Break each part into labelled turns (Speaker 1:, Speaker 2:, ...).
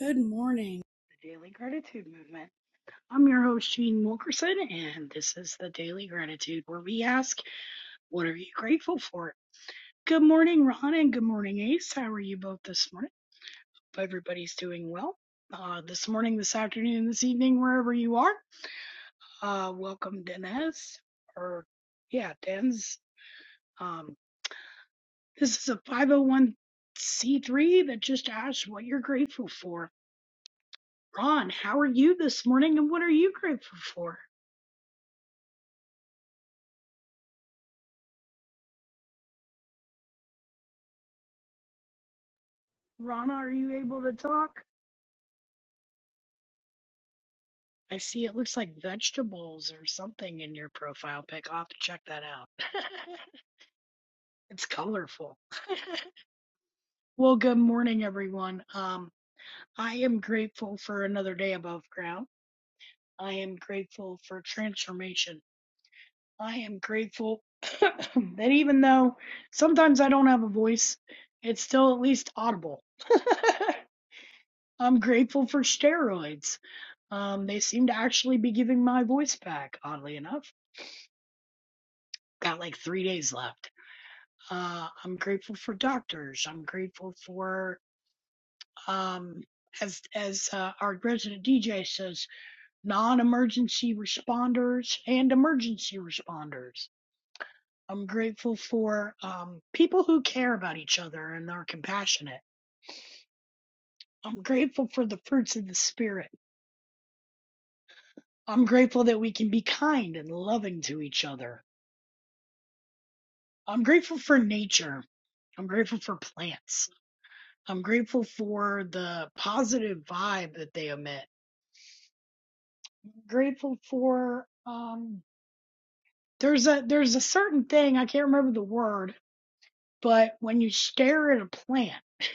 Speaker 1: Good morning, the Daily Gratitude Movement. I'm your host, Jean Wilkerson, and this is the Daily Gratitude where we ask, What are you grateful for? Good morning, Ron, and good morning, Ace. How are you both this morning? Hope everybody's doing well. Uh, this morning, this afternoon, this evening, wherever you are. Uh, welcome, Denez, or yeah, Denz. Um, this is a 501c3 that just asked, what you're grateful for. Ron, how are you this morning, and what are you grateful for? Rana, are you able to talk? I see it looks like vegetables or something in your profile pic. I'll have to check that out. it's colorful. well, good morning, everyone. Um, I am grateful for another day above ground. I am grateful for transformation. I am grateful that even though sometimes I don't have a voice, it's still at least audible. I'm grateful for steroids. Um, they seem to actually be giving my voice back, oddly enough. Got like three days left. Uh, I'm grateful for doctors. I'm grateful for, um, as as uh, our resident DJ says, non-emergency responders and emergency responders. I'm grateful for um, people who care about each other and are compassionate. I'm grateful for the fruits of the spirit. I'm grateful that we can be kind and loving to each other. I'm grateful for nature. I'm grateful for plants. I'm grateful for the positive vibe that they emit. Grateful for um there's a there's a certain thing, I can't remember the word, but when you stare at a plant,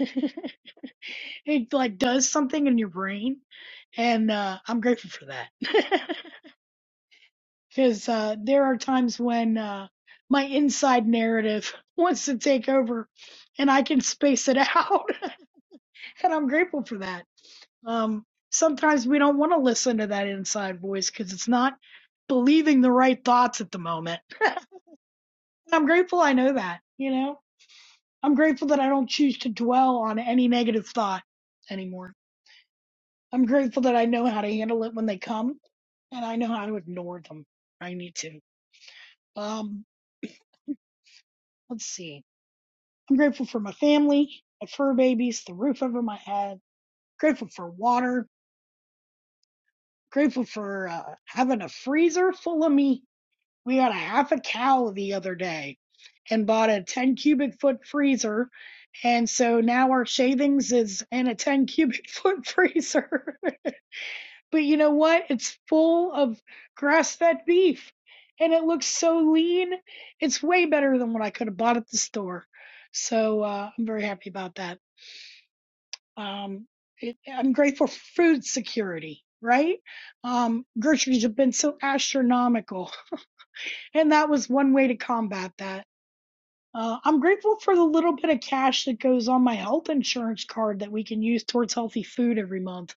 Speaker 1: it like does something in your brain and uh I'm grateful for that. Cuz uh there are times when uh my inside narrative wants to take over and I can space it out and I'm grateful for that Um, sometimes we don't want to listen to that inside voice because it's not believing the right thoughts at the moment. I'm grateful I know that, you know? I'm grateful that I don't choose to dwell on any negative thought anymore. I'm grateful that I know how to handle it when they come and I know how to ignore them. I need to. Um, let's see. I'm grateful for my family, my fur babies, the roof over my head, grateful for water, grateful for uh, having a freezer full of meat We got a half a cow the other day and bought a 10 cubic foot freezer. And so now our shavings is in a 10 cubic foot freezer. but you know what? It's full of grass fed beef and it looks so lean. It's way better than what I could have bought at the store. So uh, I'm very happy about that. Um, it, I'm grateful for food security. Right? Um, groceries have been so astronomical. And that was one way to combat that Uh, I'm grateful for the little bit of cash that goes on my health insurance card that we can use towards healthy food every month.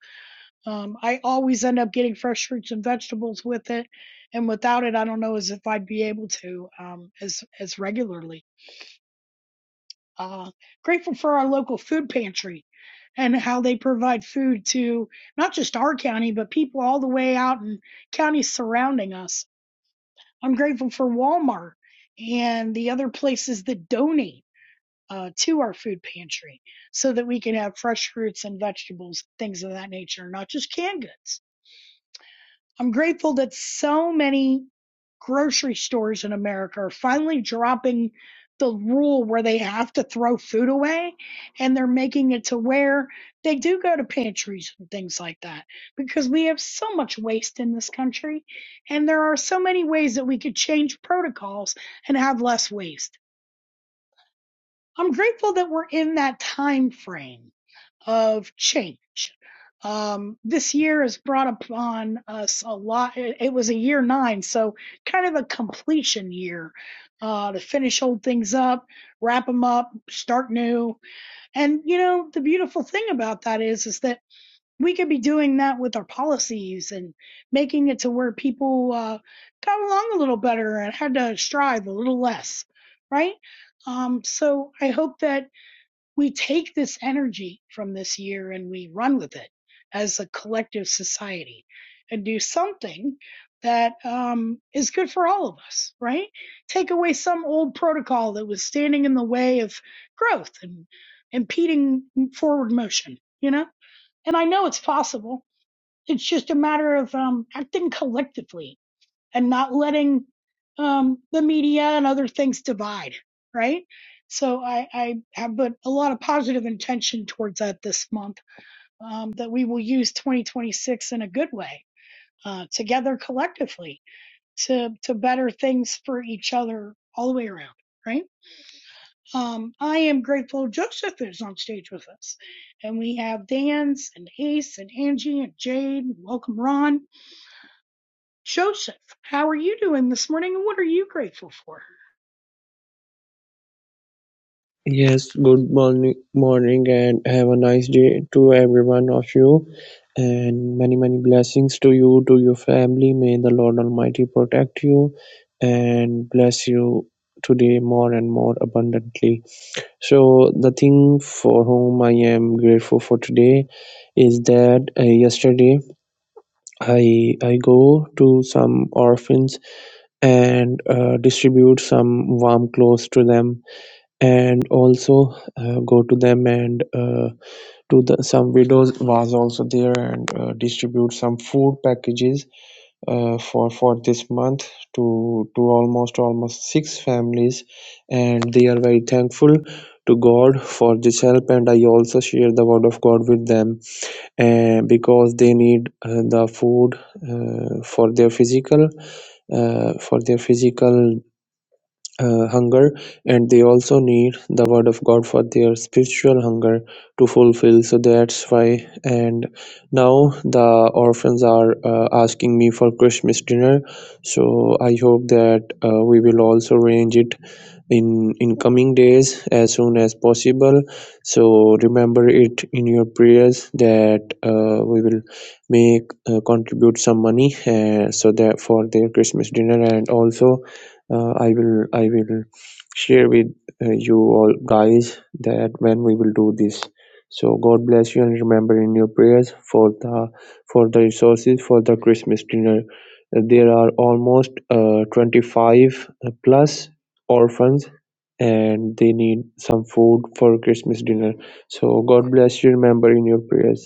Speaker 1: Um, I always end up getting fresh fruits and vegetables with it, and without it, I don't know as if I'd be able to um, as as regularly. Uh, grateful for our local food pantry and how they provide food to not just our county but people all the way out in counties surrounding us. I'm grateful for Walmart and the other places that donate uh, to our food pantry so that we can have fresh fruits and vegetables, things of that nature, not just canned goods. I'm grateful that so many grocery stores in America are finally dropping the rule where they have to throw food away and they're making it to where they do go to pantries and things like that because we have so much waste in this country and there are so many ways that we could change protocols and have less waste. I'm grateful that we're in that time frame of change. Um, this year has brought upon us a lot. It, it was a year nine, so kind of a completion year uh, to finish old things up, wrap them up, start new. And you know, the beautiful thing about that is, is that we could be doing that with our policies and making it to where people uh, got along a little better and had to strive a little less, right? Um, so I hope that we take this energy from this year and we run with it as a collective society and do something that um, is good for all of us, right? Take away some old protocol that was standing in the way of growth and impeding forward motion, you know? And I know it's possible. It's just a matter of um, acting collectively and not letting um, the media and other things divide, right? So I, I have put a lot of positive intention towards that this month um, that we will use 2026 in a good way uh, together collectively to to better things for each other all the way around, right? Um, I am grateful Joseph is on stage with us, and we have Dan's and Ace and Angie and Jade. Welcome, Ron. Joseph, how are you doing this morning, and what are you grateful for?
Speaker 2: Yes, good morning, morning, and have a nice day to every one of you. And many, many blessings to you, to your family. May the Lord Almighty protect you and bless you today more and more abundantly. So, the thing for whom I am grateful for today is that uh, yesterday I I go to some orphans and uh, distribute some warm clothes to them and also uh, go to them and uh, to the some widows was also there and uh, distribute some food packages uh, for for this month to to almost almost six families and they are very thankful to god for this help and i also share the word of god with them and because they need uh, the food uh, for their physical uh, for their physical uh, hunger and they also need the word of god for their spiritual hunger to fulfill so that's why and now the orphans are uh, asking me for christmas dinner so i hope that uh, we will also arrange it in in coming days as soon as possible so remember it in your prayers that uh, we will make uh, contribute some money uh, so that for their christmas dinner and also uh, i will i will share with uh, you all guys that when we will do this so god bless you and remember in your prayers for the for the resources for the christmas dinner Uh, there are almost uh, 25 plus orphans and they need some food for Christmas dinner. So God bless you. Remember in your prayers.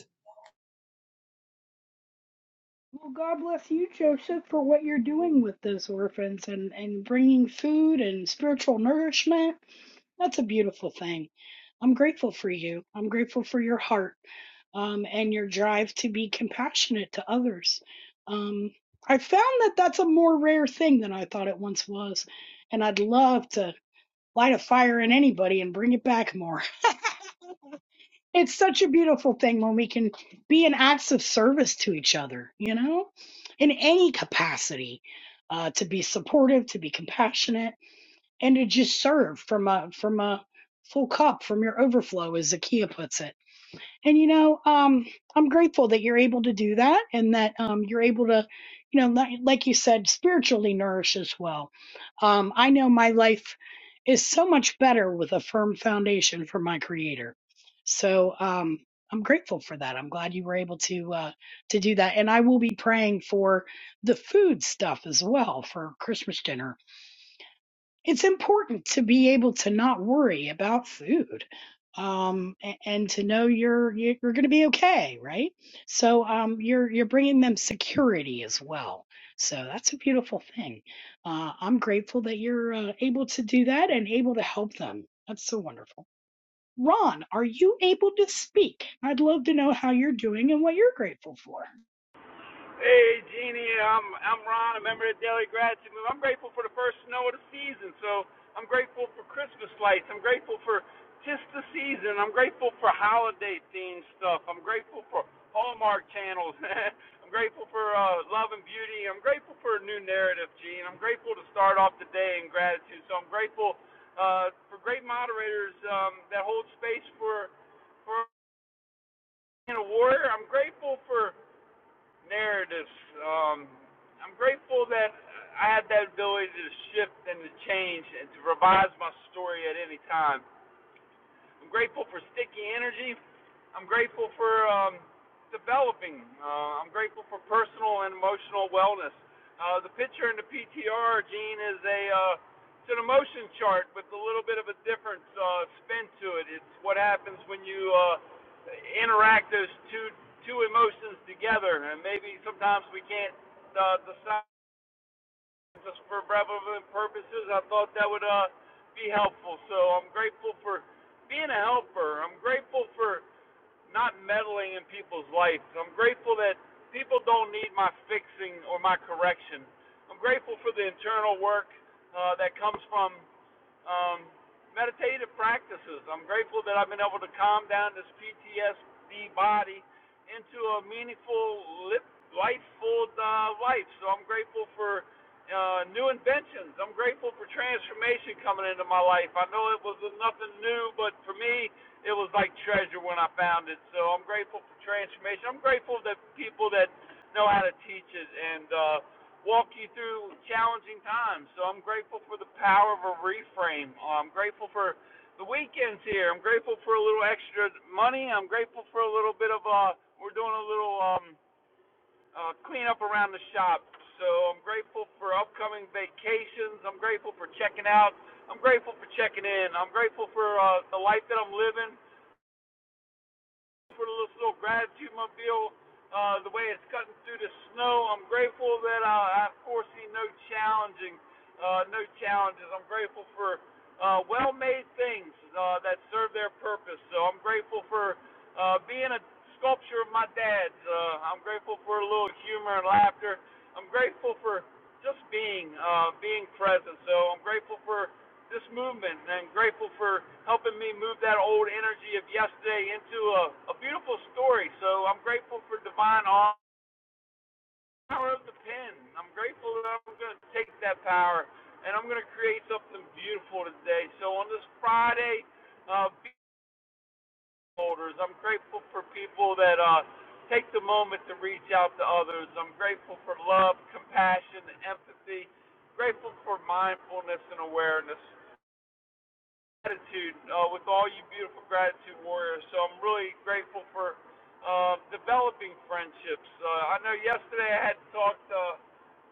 Speaker 1: Well, God bless you, Joseph, for what you're doing with those orphans and, and bringing food and spiritual nourishment. That's a beautiful thing. I'm grateful for you. I'm grateful for your heart um, and your drive to be compassionate to others. Um, I found that that's a more rare thing than I thought it once was. And I'd love to light a fire in anybody and bring it back more it's such a beautiful thing when we can be in acts of service to each other, you know, in any capacity, uh, to be supportive, to be compassionate, and to just serve from a from a full cup, from your overflow, as Zakia puts it. And you know, um, I'm grateful that you're able to do that and that um, you're able to, you know, like, like you said, spiritually nourish as well. Um, I know my life is so much better with a firm foundation from my Creator. So um, I'm grateful for that. I'm glad you were able to uh, to do that. And I will be praying for the food stuff as well for Christmas dinner it's important to be able to not worry about food um a- and to know you're you're going to be okay right so um you're you're bringing them security as well so that's a beautiful thing uh i'm grateful that you're uh, able to do that and able to help them that's so wonderful ron are you able to speak i'd love to know how you're doing and what you're grateful for
Speaker 3: Hey Jeannie, I'm I'm Ron, a member of the Daily Gratitude Movement. I'm grateful for the first snow of the season, so I'm grateful for Christmas lights. I'm grateful for just the season. I'm grateful for holiday themed stuff. I'm grateful for Hallmark channels. I'm grateful for uh, love and beauty. I'm grateful for a new narrative, Gene. I'm grateful to start off the day in gratitude. So I'm grateful uh, for great moderators um, that hold space for for a warrior. I'm grateful for narratives. Um, I'm grateful that I had that ability to shift and to change and to revise my story at any time. I'm grateful for sticky energy. I'm grateful for um, developing. Uh, I'm grateful for personal and emotional wellness. Uh, the picture in the PTR, Gene, is a uh, it's an emotion chart with a little bit of a different uh, spin to it. It's what happens when you uh, interact those two two emotions together, and maybe sometimes we can't uh, decide just for relevant purposes. I thought that would uh, be helpful. So I'm grateful for being a helper. I'm grateful for not meddling in people's lives. I'm grateful that people don't need my fixing or my correction. I'm grateful for the internal work uh, that comes from um, meditative practices. I'm grateful that I've been able to calm down this PTSD body into a meaningful, lip, life-full uh, life. So I'm grateful for uh, new inventions. I'm grateful for transformation coming into my life. I know it was nothing new, but for me, it was like treasure when I found it. So I'm grateful for transformation. I'm grateful that people that know how to teach it and. Uh, walk you through challenging times. So I'm grateful for the power of a reframe. Uh, I'm grateful for the weekends here. I'm grateful for a little extra money. I'm grateful for a little bit of uh we're doing a little um uh cleanup around the shop. So I'm grateful for upcoming vacations. I'm grateful for checking out. I'm grateful for checking in. I'm grateful for uh the life that I'm living for this little gratitude mobile, uh, the way it's cutting through the snow. I'm grateful that I, I foresee no challenging, uh, no challenges. I'm grateful for uh, well-made things uh, that serve their purpose. So I'm grateful for uh, being a sculpture of my dad's. Uh, I'm grateful for a little humor and laughter. I'm grateful for just being, uh, being present. So I'm grateful for this movement, and I'm grateful for helping me move that old energy of yesterday into a, a beautiful story. So I'm grateful for divine awe- power of the pen. I'm grateful that I'm going to take that power and I'm going to create something beautiful today. So on this Friday, uh, be holders, I'm grateful for people that uh, take the moment to reach out to others. I'm grateful for love, compassion, empathy. Grateful for mindfulness and awareness. gratitude uh, with all you beautiful gratitude warriors. So I'm really grateful for um, developing friendships. Uh, I know yesterday I had talked. Uh,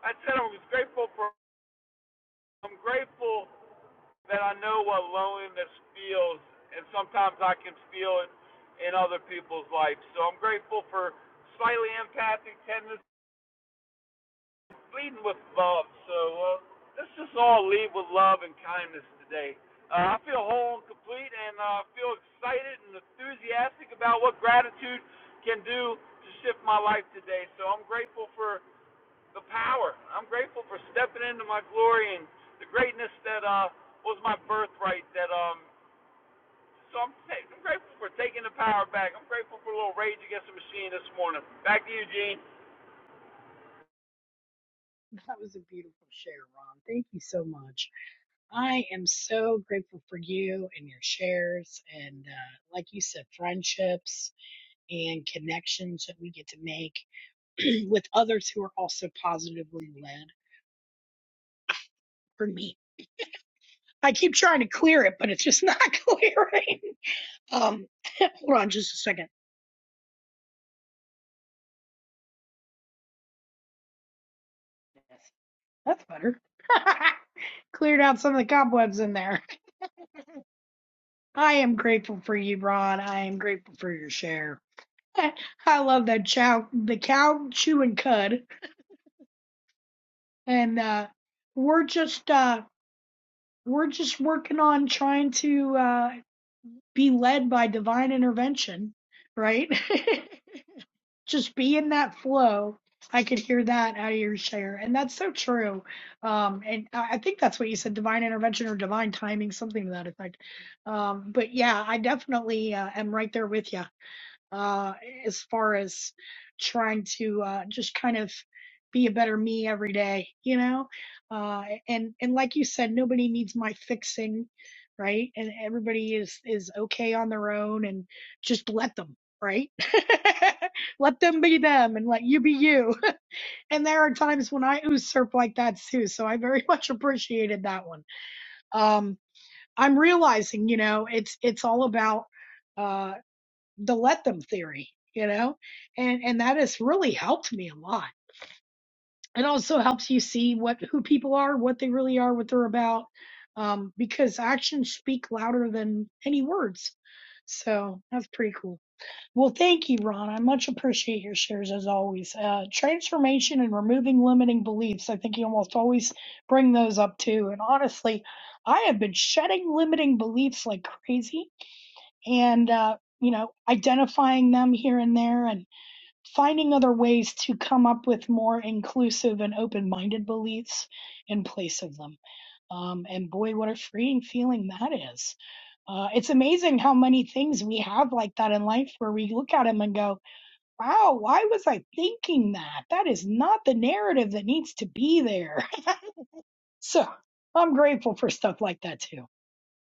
Speaker 3: I said I was grateful for. I'm grateful that I know what loneliness feels, and sometimes I can feel it in other people's lives. So I'm grateful for slightly empathic tendencies leading with love. So uh, let's just all lead with love and kindness today. Uh, I feel whole and complete, and uh, I uh, feel excited and enthusiastic about what gratitude can do to shift my life today. So I'm grateful for the power. I'm grateful for stepping into my glory and the greatness that uh, was my birthright. That um, so I'm, I'm grateful for taking the power back. I'm grateful for a little rage against the machine this morning. Back to you, Gene.
Speaker 1: that was a beautiful share ron thank you so much I am so grateful for you and your shares, and uh, like you said, friendships and connections that we get to make with others who are also positively led. For me, I keep trying to clear it, but it's just not clearing. Um, hold on just a second. Yes, That's better. Cleared out some of the cobwebs in there. I am grateful for you, Ron. I am grateful for your share. I love that chow, the cow chewing cud. and uh, we're just uh, we're just working on trying to uh, be led by divine intervention, right? just be in that flow. I could hear that out of your share, and that's so true. Um, and I I think that's what you said: divine intervention or divine timing, something to that effect. Um, but yeah, I definitely uh, am right there with you uh, as far as trying to uh, just kind of be a better me every day, you know. Uh, and and like you said, nobody needs my fixing, right? And everybody is is okay on their own, and just let them, right? let them be them, and let you be you. and there are times when I usurp like that too, so I very much appreciated that one. Um, I'm realizing, you know, it's it's all about. uh, the let them theory, you know, and and that has really helped me a lot. It also helps you see what who people are, what they really are, what they're about, um, because actions speak louder than any words. So that's pretty cool. Well, thank you, Ron. I much appreciate your shares as always. Uh, transformation and removing limiting beliefs. I think you almost always bring those up too. And honestly, I have been shedding limiting beliefs like crazy and uh, you know identifying them here and there and finding other ways to come up with more inclusive and open-minded beliefs in place of them um, and boy what a freeing feeling that is uh, it's amazing how many things we have like that in life where we look at them and go wow why was i thinking that that is not the narrative that needs to be there so i'm grateful for stuff like that too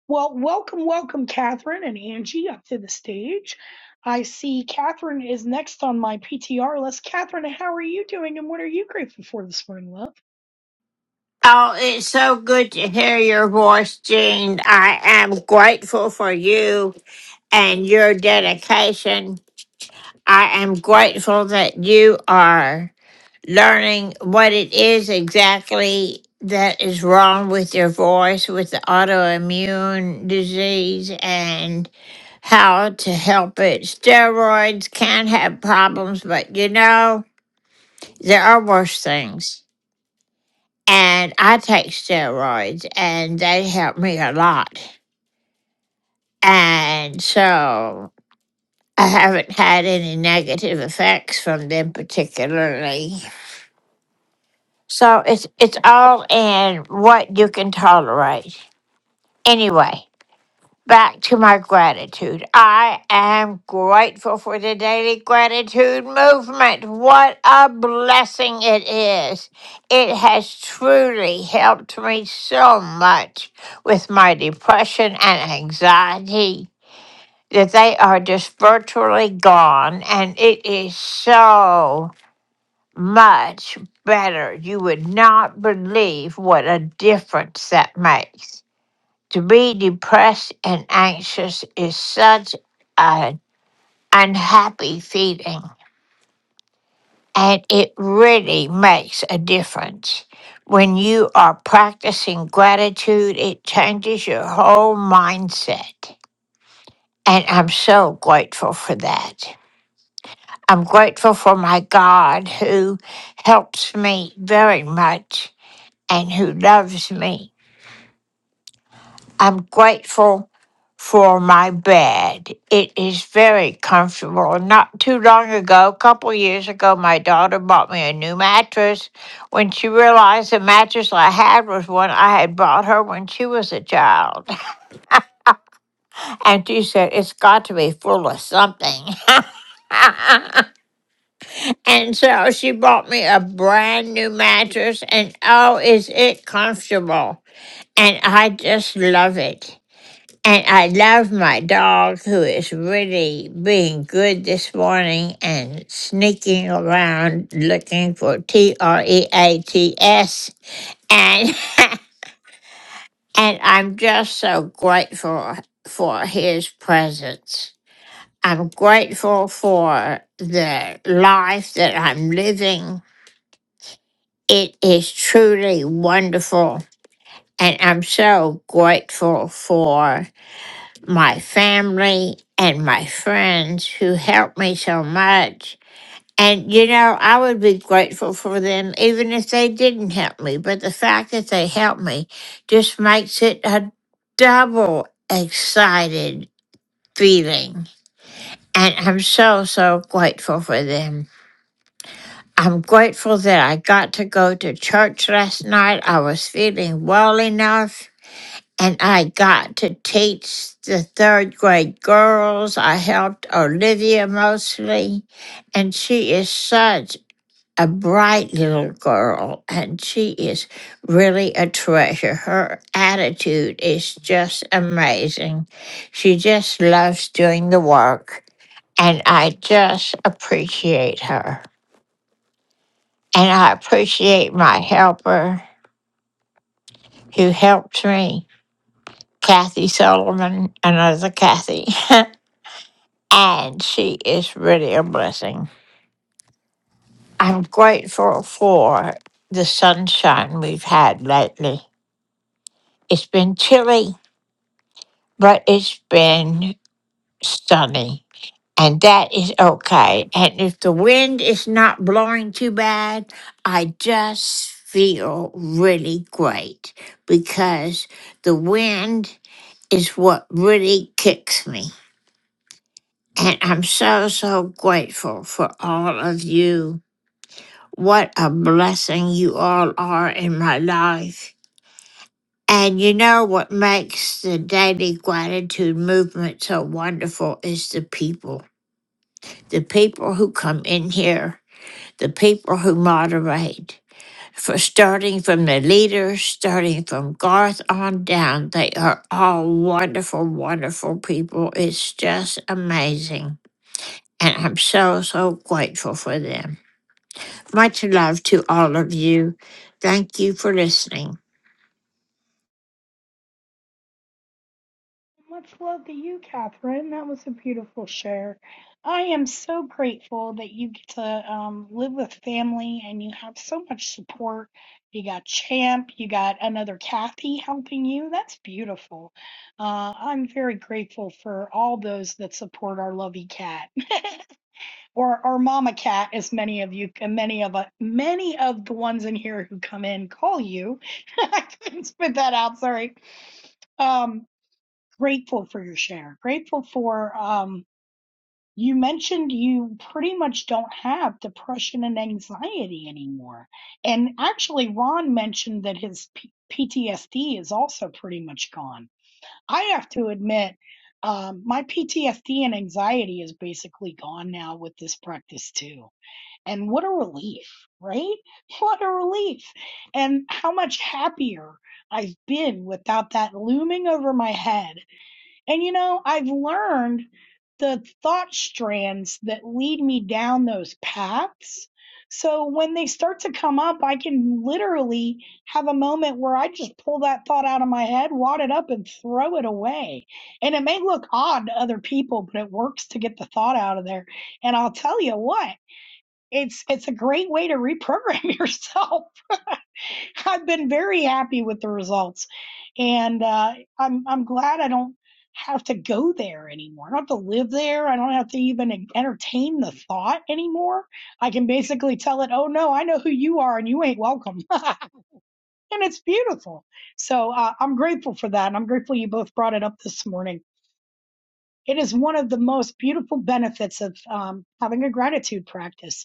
Speaker 1: well, welcome, welcome, Catherine and Angie up to the stage. I see Catherine is next on my PTR list. Catherine, how are you doing and what are you grateful for this morning, love?
Speaker 4: Oh, it's so good to hear your voice, Jean. I am grateful for you and your dedication. I am grateful that you are learning what it is exactly that is wrong with your voice with the autoimmune disease and how to help it. Steroids can have problems, but you know, there are worse things and I take steroids, and they help me a lot. And so I haven't had any negative effects from them particularly. So it's it's all in what you can tolerate. Anyway, back to my gratitude. I am grateful for the daily gratitude movement. What a blessing it is. It has truly helped me so much with my depression and anxiety that they are just virtually gone, and it is so much better. You would not believe what a difference that makes. To be depressed and anxious is such an unhappy feeling, and it really makes a difference. When you are practicing gratitude, it changes your whole mindset. And I'm so grateful for that. I'm grateful for my God who helps me very much and who loves me. I'm grateful for my bed. It is very comfortable. Not too long ago, a couple years ago, my daughter bought me a new mattress. When she realized the mattress I had was one I had bought her when she was a child, and she said, It's got to be full of something. and so she bought me a brand new mattress, and oh, is it comfortable! And I just love it. And I love my dog who is really being good this morning and sneaking around looking for T R E A T S. And and I'm just so grateful for his presence. I'm grateful for the life that I'm living. It is truly wonderful. And I'm so grateful for my family and my friends who helped me so much. And, you know, I would be grateful for them even if they didn't help me. But the fact that they helped me just makes it a double excited feeling. And I'm so, so grateful for them. I'm grateful that I got to go to church last night. I was feeling well enough and I got to teach the third grade girls. I helped Olivia mostly, and she is such a bright little girl, and she is really a treasure. Her attitude is just amazing. She just loves doing the work, and I just appreciate her. And I appreciate my helper who helped me, Kathy Solomon, another Kathy. and she is really a blessing. I'm grateful for the sunshine we've had lately. It's been chilly, but it's been sunny, and that is okay. And if the wind is not blowing too bad, I just feel really great because the wind is what really kicks me. And I'm so, so grateful for all of you What a blessing you all are in my life. And you know what makes the daily gratitude movement so wonderful is the people. The people who come in here, the people who moderate. For starting from the leaders, starting from Garth on down, they are all wonderful, wonderful people. It's just amazing. And I'm so, so grateful for them. Much love to all of you. Thank you for listening.
Speaker 1: Much love to you, Catherine. That was a beautiful share. I am so grateful that you get to um, live with family and you have so much support. You got Champ, you got another Kathy helping you. That's beautiful. Uh, I'm very grateful for all those that support our lovey cat. or or mama cat as many of you many of uh, many of the ones in here who come in call you i couldn't spit that out sorry um grateful for your share grateful for um you mentioned you pretty much don't have depression and anxiety anymore and actually ron mentioned that his P- ptsd is also pretty much gone i have to admit um, my ptsd and anxiety is basically gone now with this practice too and what a relief, right? What a relief. And how much happier I've been without that looming over my head. And you know, I've learned the thought strands that lead me down those paths. So when they start to come up, I can literally have a moment where I just pull that thought out of my head, wad it up, and throw it away. And it may look odd to other people, but it works to get the thought out of there. And I'll tell you what it's it's a great way to reprogram yourself. I've been very happy with the results, and uh, I'm I'm glad I don't have to go there anymore. I don't have to live there. I don't have to even entertain the thought anymore. I can basically tell it, "Oh no, I know who you are, and you ain't welcome." and it's beautiful. So uh, I'm grateful for that, and I'm grateful you both brought it up this morning. It is one of the most beautiful benefits of um, having a gratitude practice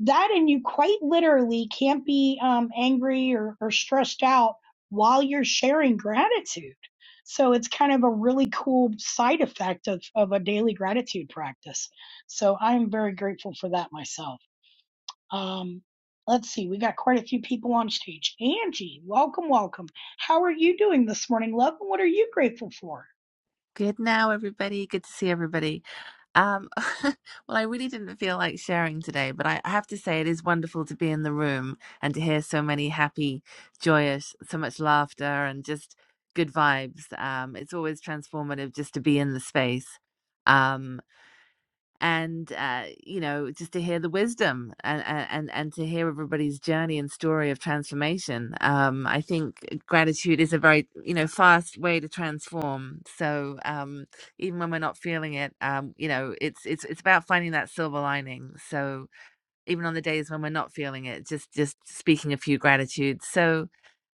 Speaker 1: that and you quite literally can't be um, angry or, or stressed out while you're sharing gratitude. So it's kind of a really cool side effect of, of a daily gratitude practice. So I'm very grateful for that myself. Um, let's see, we got quite a few people on stage. Angie, welcome, welcome. How are you doing this morning, love? And what are you grateful for?
Speaker 5: Good now, everybody. Good to see everybody. Um, well, I really didn't feel like sharing today, but I I have to say it is wonderful to be in the room and to hear so many happy, joyous, so much laughter and just good vibes. Um, it's always transformative just to be in the space. Um and uh, you know just to hear the wisdom and and and to hear everybody's journey and story of transformation um i think gratitude is a very you know fast way to transform so um even when we're not feeling it um you know it's it's it's about finding that silver lining so even on the days when we're not feeling it just just speaking a few gratitudes so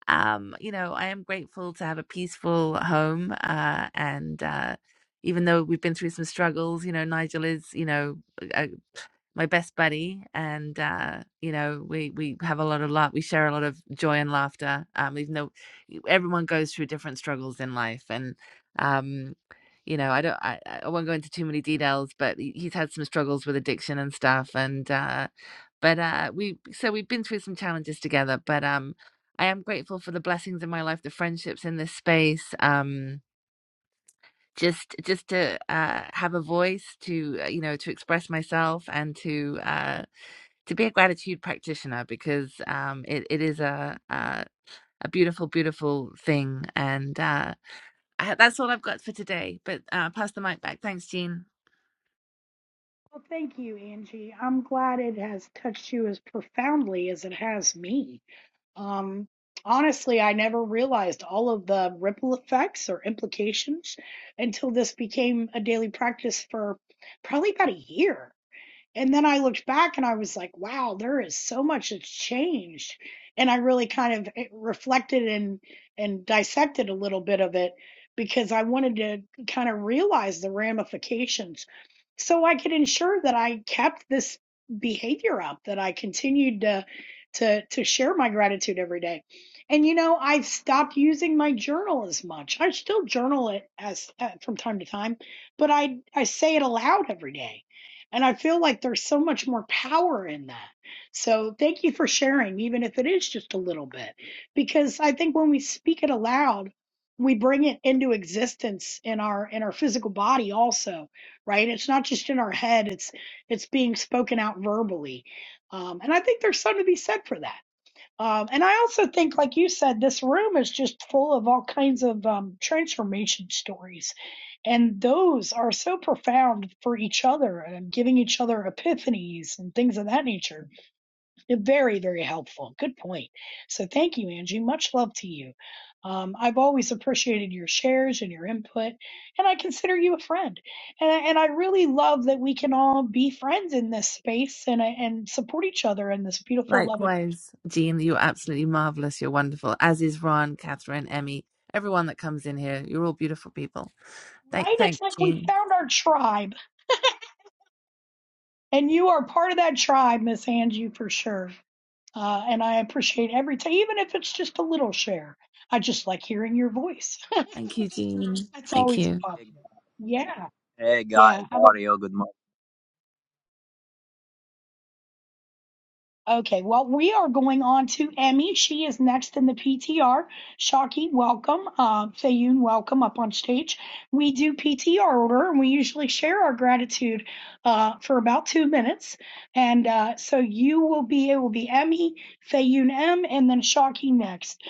Speaker 5: um, you know, I am grateful to have a peaceful home. Uh, and uh, even though we've been through some struggles, you know, Nigel is, you know, a, my best buddy and uh you know we we have a lot of love we share a lot of joy and laughter um even though e, everyone goes through different struggles in life and um you know i don't i, I won't go into too many details but he- he's had some struggles with addiction and stuff and uh but uh we so we've been through some challenges together but um i am grateful for the blessings in my life the friendships in this space um just just to uh have a voice to uh, you know to express myself and to uh to be a gratitude practitioner because um, it, it is a, a a beautiful, beautiful thing. And uh, I, that's all I've got for today. But uh, pass the mic back. Thanks, Jean.
Speaker 1: Well, thank you, Angie. I'm glad it has touched you as profoundly as it has me. Um, honestly, I never realized all of the ripple effects or implications until this became a daily practice for probably about a year. And then I looked back and I was like, wow, there is so much that's changed. And I really kind of eh, reflected and and dissected a little bit of it because I wanted to kind of realize the ramifications so I could ensure that I kept this behavior up, that I continued to to to share my gratitude every day. And you know, I've stopped using my journal as much. I still journal it as uh, from time to time, but I I say it aloud every day and I feel like there's so much more power in that. So thank you for sharing, even if it is just a little bit, because I think when we speak it aloud, we bring it into existence in our in our physical body also, right? It's not just in our head; it's it's being spoken out verbally, um, and I think there's something to be said for that. Um, and I also think, like you said, this room is just full of all kinds of um, transformation stories and those are so profound for each other and giving each other epiphanies and things of that nature. They're very, very helpful. Good point. So thank you, Angie. Much love to you. Um, I've always appreciated your shares and your input, and I consider you a friend. And I, and I really love that we can all be friends in this space and and support each other in this beautiful, loving.
Speaker 5: Likewise, Jean, you're absolutely marvelous. You're wonderful, as is Ron, Catherine, Emmy, everyone that comes in here. You're all beautiful people. Thank,
Speaker 1: Right? It's
Speaker 5: thank
Speaker 1: like we
Speaker 5: Jean.
Speaker 1: found our tribe, and you are part of that tribe, Miss Angie, for sure. Uh, and I appreciate every time, even if it's just a little share. I just like hearing your voice.
Speaker 5: Thank you, Jean.
Speaker 1: That's
Speaker 5: Thank
Speaker 1: always a
Speaker 5: you.
Speaker 6: Hey,
Speaker 1: positive. Yeah.
Speaker 6: hey guys,
Speaker 1: Yeah. Have
Speaker 6: how
Speaker 1: a
Speaker 6: are you? Good morning.
Speaker 1: Okay, well, we are going on to Emmy. She is next in the PTR. Shaki, welcome. Uh, Fayun, welcome up on stage. We do PTR order, and we usually share our gratitude uh, for about two minutes. And uh, so you will be, it will be Emmy, Fayun M, and then Shaki next.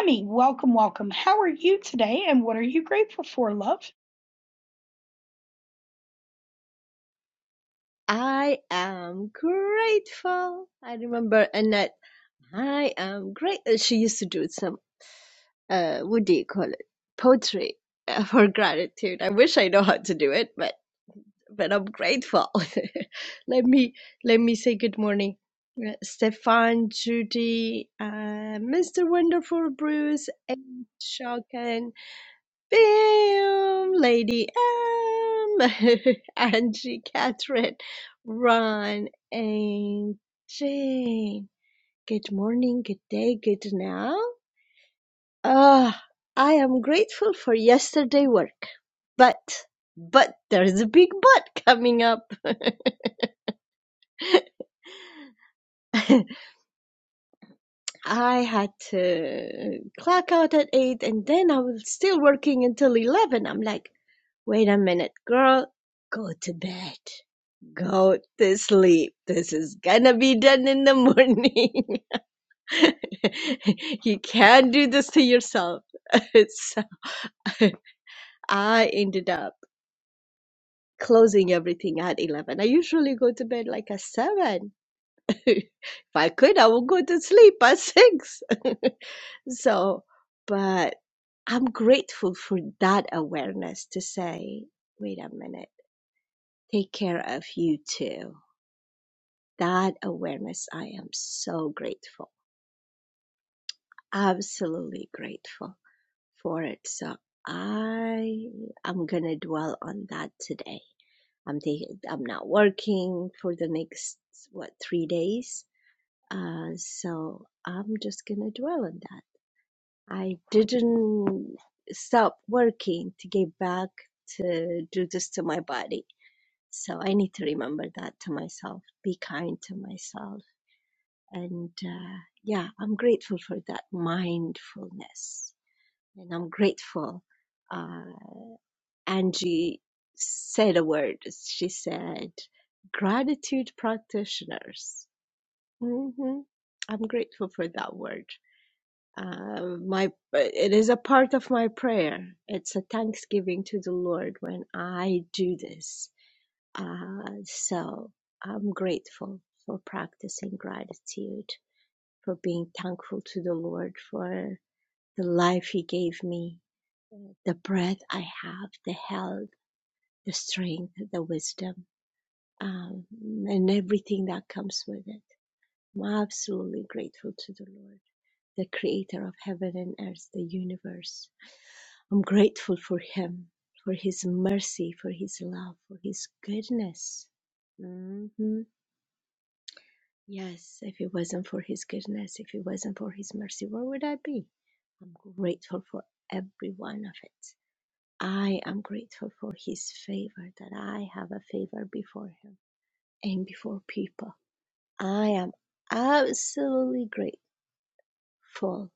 Speaker 1: Emmy, welcome, welcome. How are you today, and what are you grateful for, love?
Speaker 7: I am grateful. I remember Annette. I am great. uh, She used to do some, uh, what do you call it? Poetry uh, for gratitude. I wish I know how to do it, but but I'm grateful. let me let me say good morning, uh, Stefan, Judy, uh, Mr. Wonderful, Bruce, and Shaken. Bam, Lady M, Angie, Catherine, Ron, and Jane. Good morning, good day, good now. Ah, I am grateful for yesterday work, but but there's a big but coming up. I had to clock out at eight and then I was still working until 11. I'm like, wait a minute, girl, go to bed. Go to sleep. This is gonna be done in the morning. you can't do this to yourself. so I ended up closing everything at 11. I usually go to bed like at 7 if I could, I would go to sleep at six. so, but I'm grateful for that awareness to say, wait a minute, take care of you too. That awareness, I am so grateful, absolutely grateful for it. So I am gonna dwell on that today. I'm taking, I'm not working for the next what three days, uh, so I'm just gonna dwell on that I didn't stop working to get back to do this to my body. So I need to remember that to myself, be kind to myself. And uh, yeah, I'm grateful for that mindfulness. And I'm grateful. Uh, Angie said a word. She said, gratitude practitioners. hmm I'm grateful for that word. Uh, my it is a part of my prayer. It's a thanksgiving to the Lord when I do this. Uh, so I'm grateful for practicing gratitude, for being thankful to the Lord for the life He gave me, the breath I have, the health, the strength, the wisdom, um, and everything that comes with it. I'm absolutely grateful to the Lord, the creator of heaven and earth, the universe. I'm grateful for Him, for His mercy, for His love, for His goodness. hmm Yes, if it wasn't for His goodness, if it wasn't for His mercy, where would I be? I'm grateful for every one of it. I am grateful for His favor, that I have a favor before Him and before people. I am absolutely grateful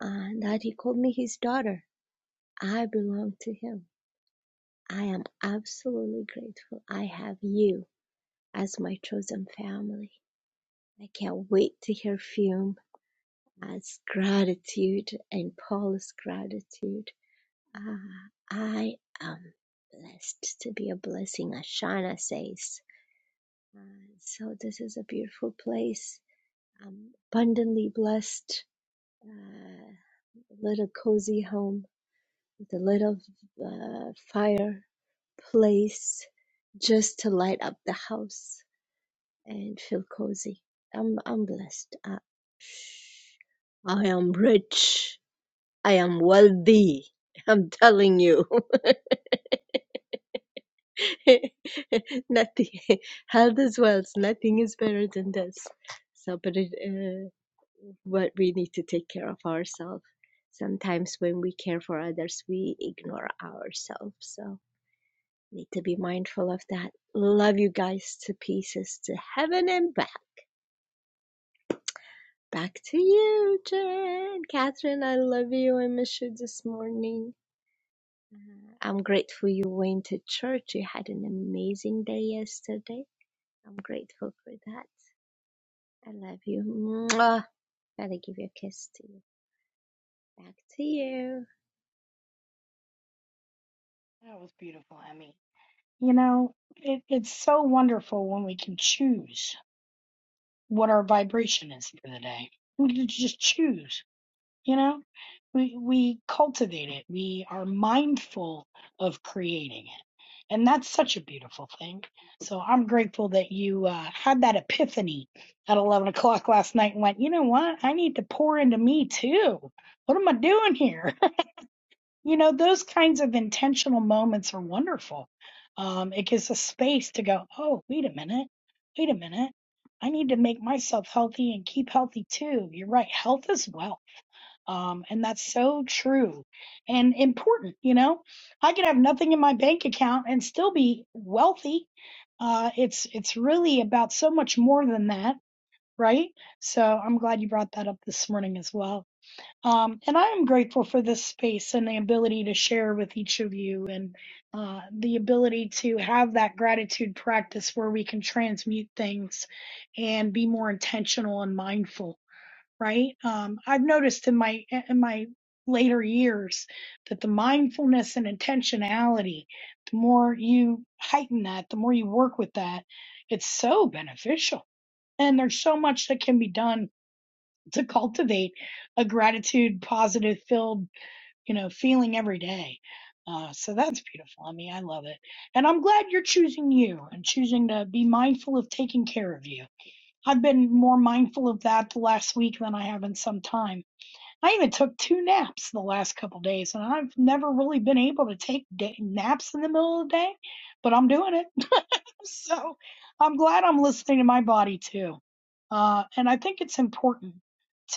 Speaker 7: and that He called me His daughter. I belong to Him. I am absolutely grateful I have you as my chosen family. I can't wait to hear Fume as gratitude and Paul's gratitude. Ah, I am blessed to be a blessing, as Shana says. Uh, so this is a beautiful place. I'm abundantly blessed. Uh, a little cozy home with a little uh, fireplace just to light up the house and feel cozy. I'm I'm blessed. I, I am rich. I am wealthy. I'm telling you, nothing. Health is wealth. Nothing is better than this. So, but it, uh, what we need to take care of ourselves. Sometimes when we care for others, we ignore ourselves. So need to be mindful of that. Love you guys to pieces, to heaven and back. Back to you, Jen. Catherine, I love you. I miss you this morning. Uh, I'm grateful you went to church. You had an amazing day yesterday. I'm grateful for that. I love you. Mwah. Gotta give you a kiss to you. Back to you.
Speaker 1: That was beautiful, Emmy. You know, it, it's so wonderful when we can choose. what our vibration is for the day. We can just choose, you know? We we cultivate it. We are mindful of creating it. And that's such a beautiful thing. So I'm grateful that you uh, had that epiphany at 11 o'clock last night and went, you know what? I need to pour into me too. What am I doing here? You know, those kinds of intentional moments are wonderful. Um, it gives us space to go, oh, wait a minute, wait a minute. I need to make myself healthy and keep healthy too. You're right. Health is wealth. Um, and that's so true and important. You know, I could have nothing in my bank account and still be wealthy. Uh, it's, it's really about so much more than that, right? So I'm glad you brought that up this morning as well. Um, and I am grateful for this space and the ability to share with each of you and uh, the ability to have that gratitude practice where we can transmute things and be more intentional and mindful, right? Um, I've noticed in my in my later years that the mindfulness and intentionality, the more you heighten that, the more you work with that, it's so beneficial. And there's so much that can be done to cultivate a gratitude positive filled you know feeling every day uh, so that's beautiful i mean i love it and i'm glad you're choosing you and choosing to be mindful of taking care of you i've been more mindful of that the last week than i have in some time i even took two naps the last couple of days and i've never really been able to take day- naps in the middle of the day but i'm doing it so I'm glad I'm listening to my body too. Uh, and I think it's important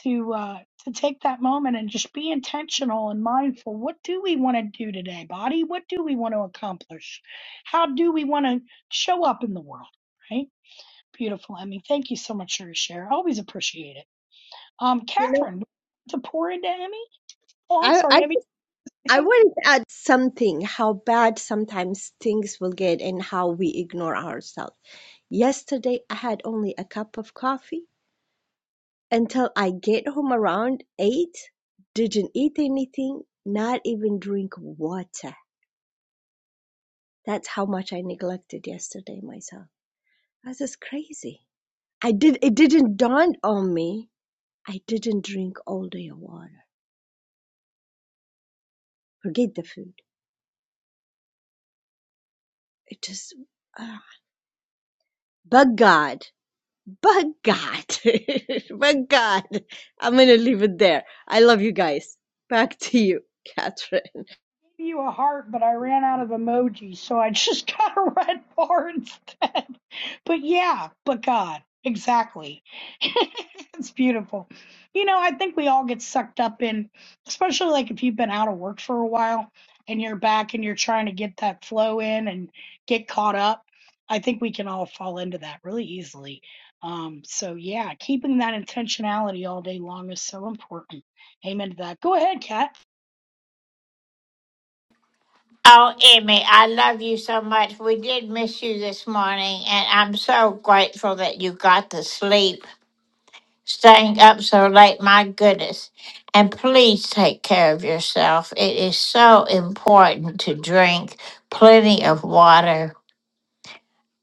Speaker 1: to uh, to take that moment and just be intentional and mindful. What do we want to do today, body? What do we want to accomplish? How do we want to show up in the world? Right? Beautiful, Emmy. Thank you so much for your share. I always appreciate it. Um,
Speaker 7: You know,
Speaker 1: Catherine, would you like to pour into Emmy. Oh, I'm
Speaker 7: I,
Speaker 1: sorry,
Speaker 7: I,
Speaker 1: Emmy.
Speaker 7: I wanted to add something how bad sometimes things will get and how we ignore ourselves. Yesterday, I had only a cup of coffee until I get home around eight, didn't eat anything, not even drink water. That's how much I neglected yesterday myself. I was just crazy. I did it didn't dawn on me. I didn't drink all day of water. Forget the food. It just uh, but God. But God. but God. I'm gonna leave it there. I love you guys. Back to you, Catherine.
Speaker 1: gave you a heart, but I ran out of emojis, so I just got a red bar instead. But yeah, but God, exactly. it's beautiful. You know, I think we all get sucked up in, especially like if you've been out of work for a while and you're back and you're trying to get that flow in and get caught up. I think we can all fall into that really easily. Um, so yeah, keeping that intentionality all day long is so important. Amen to that. Go ahead, Kat.
Speaker 4: Oh, Emmy, I love you so much. We did miss you this morning, and I'm so grateful that you got to sleep, staying up so late. My goodness. And please take care of yourself. It is so important to drink plenty of water.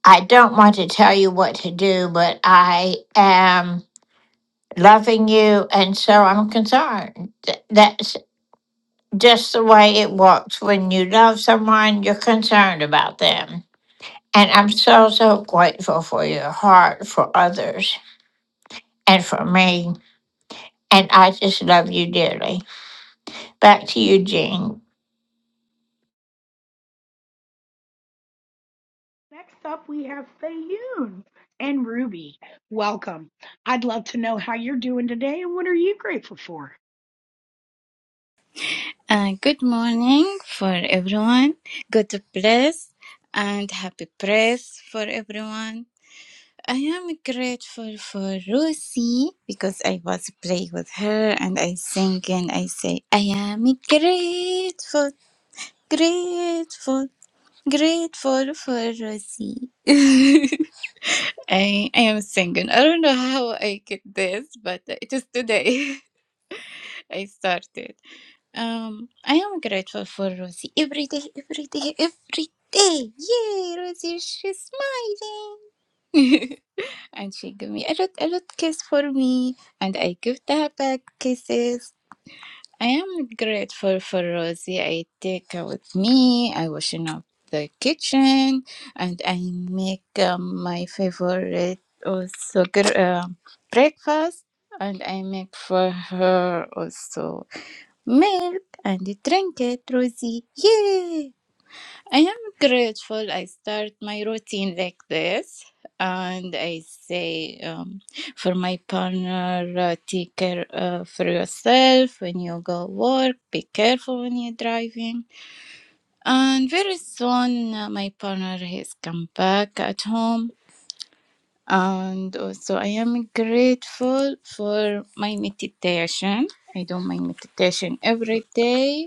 Speaker 4: I don't want to tell you what to do, but I am loving you, and so I'm concerned. That, just the way it works when you love someone, you're concerned about them. And I'm so, so grateful for your heart for others and for me. And I just love you dearly. Back to you, Jean.
Speaker 1: Next up, we have Fayoun and Ruby. Welcome. I'd love to know how you're doing today and what are you grateful for?
Speaker 8: Uh, good morning for everyone. God bless and happy praise for everyone. I am grateful for Rosie because I was playing with her and I sing and I say, I am grateful, grateful, grateful for Rosie. I, I am singing. I don't know how I get this, but it is today I started. Um, I am grateful for Rosie every day, every day, every day. Yay, Rosie, she's smiling. And she give me a lot, a lot kiss for me, and I give her back kisses. I am grateful for Rosie. I take her with me. I washing up the kitchen, and I make um, my favorite also gr- um breakfast, and I make for her also Milk and drink it, Rosie. Yay! I am grateful I start my routine like this. And I say um, for my partner, uh, take care uh, for yourself when you go work. Be careful when you're driving. And very soon, uh, my partner has come back at home. And also, I am grateful for my meditation. I do my meditation every day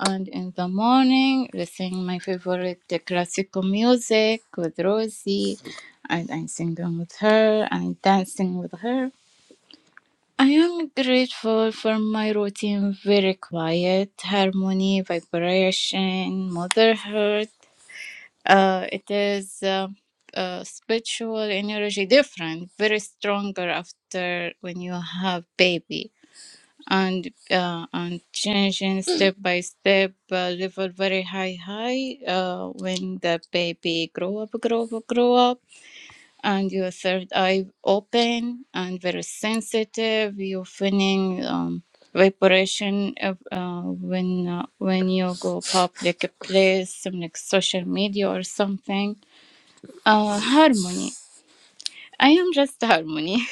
Speaker 8: and in the morning, I sing my favorite uh, classical music with Rosie, and I'm singing with her and dancing with her. I am grateful for my routine, very quiet, harmony, vibration, motherhood. Uh, it is uh, uh, spiritual energy different, very stronger after when you have baby and uh, and changing step by step uh, level very high high uh, when the baby grow up grow up grow up and your third eye open and very sensitive you're feeling um, vibration of, uh, when uh, when you go public place some like social media or something uh, harmony i am just harmony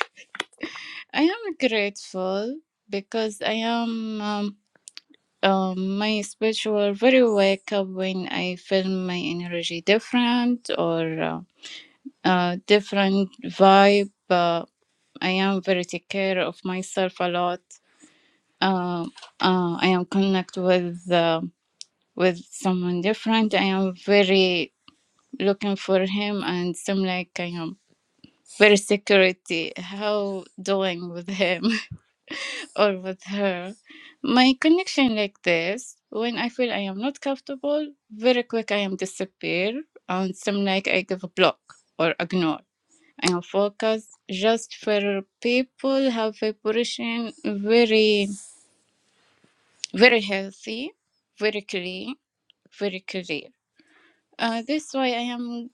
Speaker 8: i am grateful because i am um, Um, my speech were very wake up when I feel my energy different or uh, uh, different vibe. Uh, I am very take care of myself a lot. Uh, uh, I am connect with uh, with someone different. I am very looking for him and seem like I am very security. How doing with him? or with her. My connection like this, when I feel I am not comfortable, very quick I am disappear and some like I give a block or ignore. I am focused just for people have vibration very very healthy, very clear, very clear. Uh, this why I am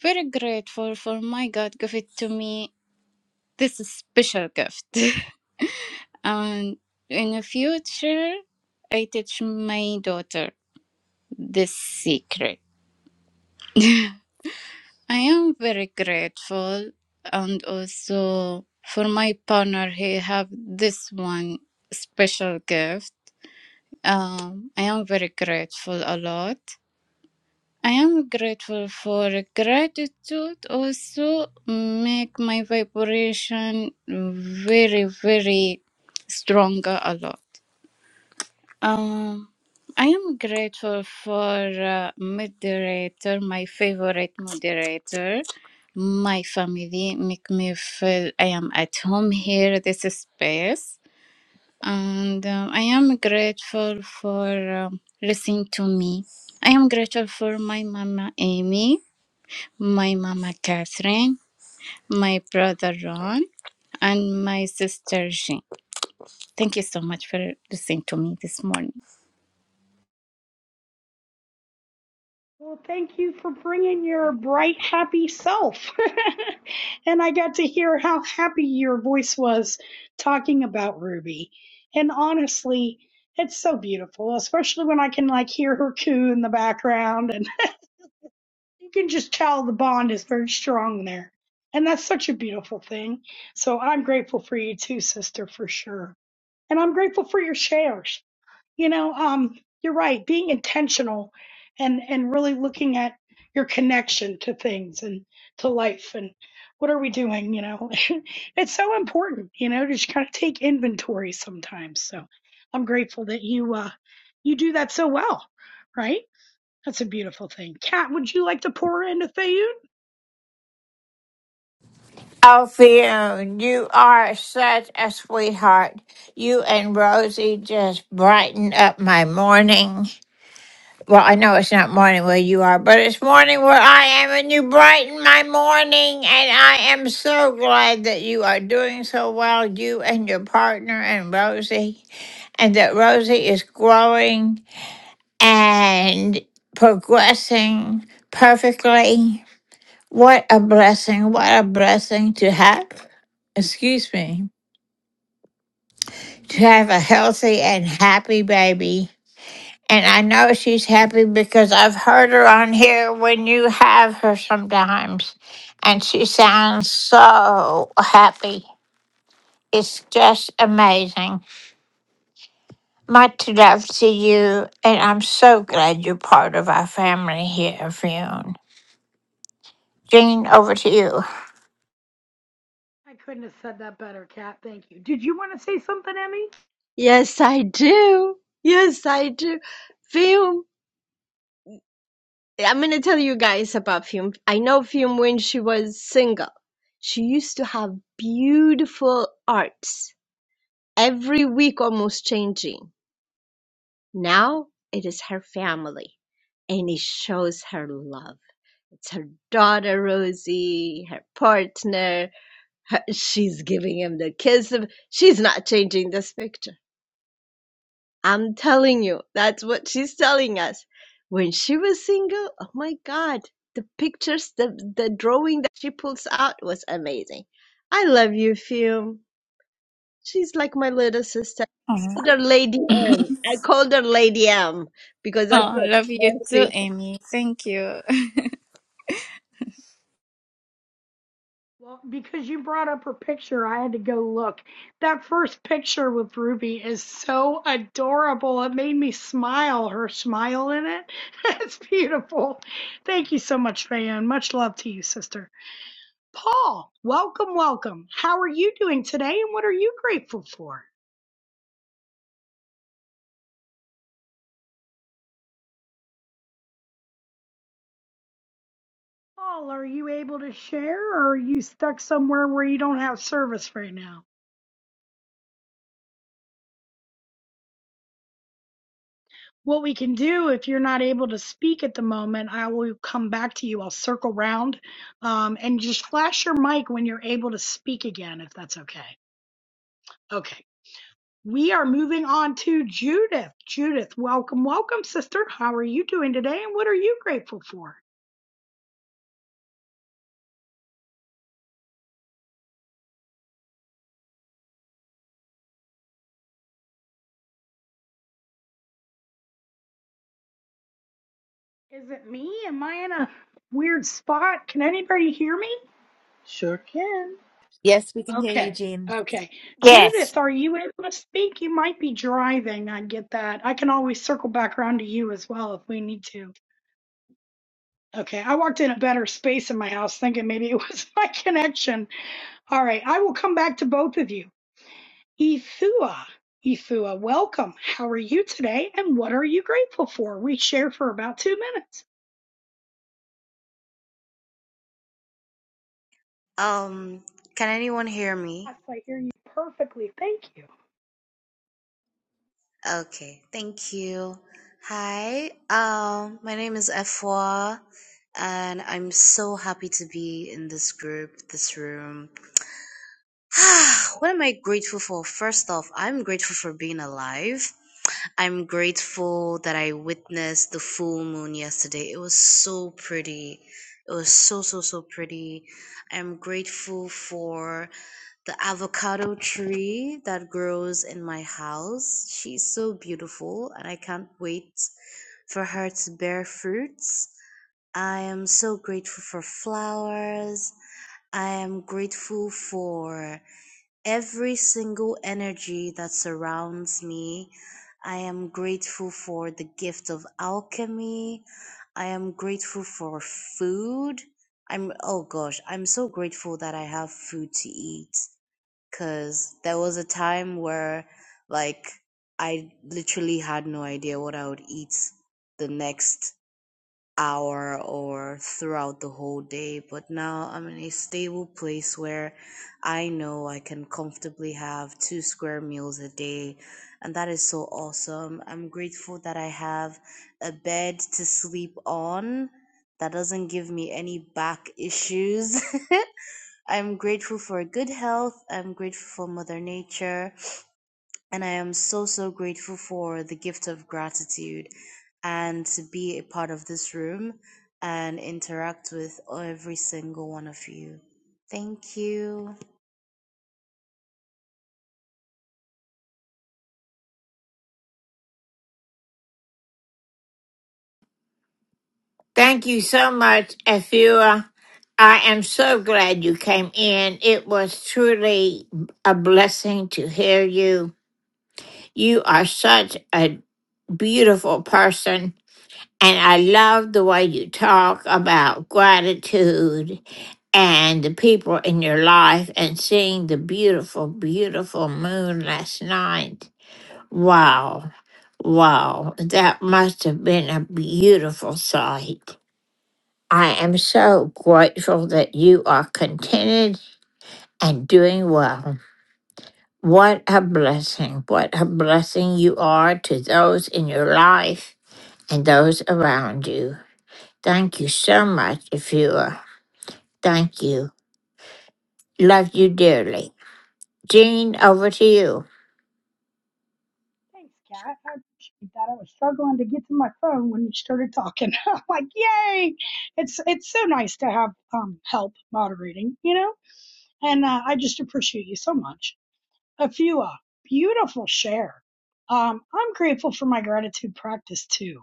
Speaker 8: very grateful for my God give it to me this special gift. And in the future, I teach my daughter this secret. I am very grateful and also for my partner, he have this one special gift. Um, I am very grateful a lot. I am grateful for gratitude also make my vibration very, very stronger a lot. Um, I am grateful for uh, moderator, my favorite moderator, my family make me feel I am at home here, this space, and um, I am grateful for um, listening to me. I am grateful for my mama Amy, my mama Catherine, my brother Ron, and my sister Jean. Thank you so much for listening to me this morning.
Speaker 1: Well, thank you for bringing your bright, happy self. and I got to hear how happy your voice was talking about Ruby. And honestly, it's so beautiful, especially when I can like hear her coo in the background you can just tell the bond is very strong there. And that's such a beautiful thing. So I'm grateful for you too, sister, for sure. And I'm grateful for your shares. You know, um, you're right, being intentional and, and really looking at your connection to things and to life and what are we doing, you know? it's so important, you know, to just kind of take inventory sometimes. So I'm grateful that you uh you do that so well, right? That's a beautiful thing. Kat, would you like to pour into Thayun?
Speaker 4: Oh, Fiona, you are such a sweetheart. You and Rosie just brighten up my morning. Well, I know it's not morning where you are, but it's morning where I am, and you brighten my morning. And I am so glad that you are doing so well, you and your partner and Rosie, and that Rosie is growing and progressing perfectly. What a blessing! What a blessing to have, excuse me, to have a healthy and happy baby. And I know she's happy because I've heard her on here when you have her sometimes. And she sounds so happy. It's just amazing. Much love to you. And I'm so glad you're part of our family here, Fionn. Jean, over to you.
Speaker 1: I couldn't have said that better, Kat. Thank you. Did you want to say something, Emmy?
Speaker 7: Yes, I do. Yes, I do. Film. I'm gonna tell you guys about Film. I know Film when she was single. She used to have beautiful arts every week, almost changing. Now it is her family, and it shows her love. It's her daughter Rosie, her partner. Her, she's giving him the kiss. Of, she's not changing this picture I'm telling you, that's what she's telling us. When she was single, oh my God, the pictures, the, the drawing that she pulls out was amazing. I love you, Fium. She's like my little sister. I called
Speaker 8: Mhm.
Speaker 7: her Lady M. I called her Lady M because I
Speaker 8: Oh, love you too,
Speaker 7: thought
Speaker 8: Amy. Thank you.
Speaker 1: Well, because you brought up her picture, I had to go look. That first picture with Ruby is so adorable. It made me smile. Her smile in it. it's beautiful. Thank you so much, Fayon. Much love to you, sister. Paul, welcome, welcome. How are you doing today and what are you grateful for? Paul, are you able to share or are you stuck somewhere where you don't have service right now? What we can do if you're not able to speak at the moment, I will come back to you. I'll circle round um, and just flash your mic when you're able to speak again, if that's okay. Okay. We are moving on to Judith. Judith, welcome, welcome, sister. How are you doing today and what are you grateful for? Is it me? Am I in a weird spot? Can anybody hear me?
Speaker 9: Sure can.
Speaker 5: Yes, we can hear you,
Speaker 1: Okay.
Speaker 5: Jean.
Speaker 1: Okay.
Speaker 4: Yes.
Speaker 1: Judith, are you able to speak? You might be driving. I get that. I can always circle back around to you as well if we need to. Okay. I walked in a better space in my house thinking maybe it was my connection. All right. I will come back to both of you. Ethua, Ethua, welcome. How are you today and what are you grateful for? We share for about two minutes.
Speaker 10: Um, can anyone hear me?
Speaker 1: Yes, I hear you perfectly. Thank you.
Speaker 10: Okay, thank you. Hi, um, my name is Efwa, and I'm so happy to be in this group, this room. what am I grateful for? First off, I'm grateful for being alive. I'm grateful that I witnessed the full moon yesterday. It was so pretty. It was so, so, so pretty. I'm grateful for the avocado tree that grows in my house. She's so beautiful, and I can't wait for her to bear fruits. I am so grateful for flowers. I am grateful for every single energy that surrounds me. I am grateful for the gift of alchemy. I am grateful for food. I'm, oh gosh, I'm so grateful that I have food to eat. Cause there was a time where like I literally had no idea what I would eat the next hour or throughout the whole day, but now I'm in a stable place where I know I can comfortably have two square meals a day, and that is so awesome. I'm grateful that I have a bed to sleep on that doesn't give me any back issues. I'm grateful for good health. I'm grateful for Mother Nature. And I am so, so grateful for the gift of gratitude and to be a part of this room and interact with every single one of you. Thank you.
Speaker 4: Thank you so much, Afua. I am so glad you came in. It was truly a blessing to hear you. You are such a beautiful person. And I love the way you talk about gratitude and the people in your life and seeing the beautiful, beautiful moon last night. Wow. Wow. That must have been a beautiful sight. I am so grateful that you are contented and doing well. What a blessing. What a blessing you are to those in your life and those around you. Thank you so much, Afua. Thank you. Love you dearly. Jean, over to you.
Speaker 1: Thanks, Kat. I appreciate that. I was struggling to get to my phone when you started talking. I'm like, yay! It's it's so nice to have um help moderating, you know. And uh, I just appreciate you so much. A few uh, beautiful share. Um, I'm grateful for my gratitude practice too,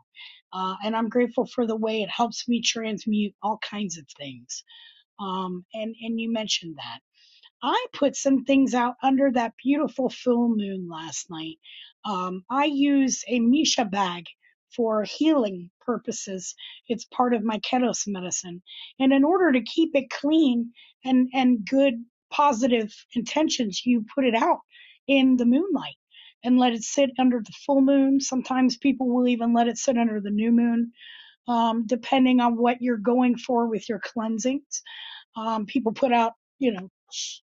Speaker 1: uh, and I'm grateful for the way it helps me transmute all kinds of things. Um, and and you mentioned that. I put some things out under that beautiful full moon last night. Um, I use a Misha bag for healing purposes. It's part of my Ketos medicine. And in order to keep it clean and, and good positive intentions, you put it out in the moonlight and let it sit under the full moon. Sometimes people will even let it sit under the new moon, um, depending on what you're going for with your cleansings. Um, people put out, you know,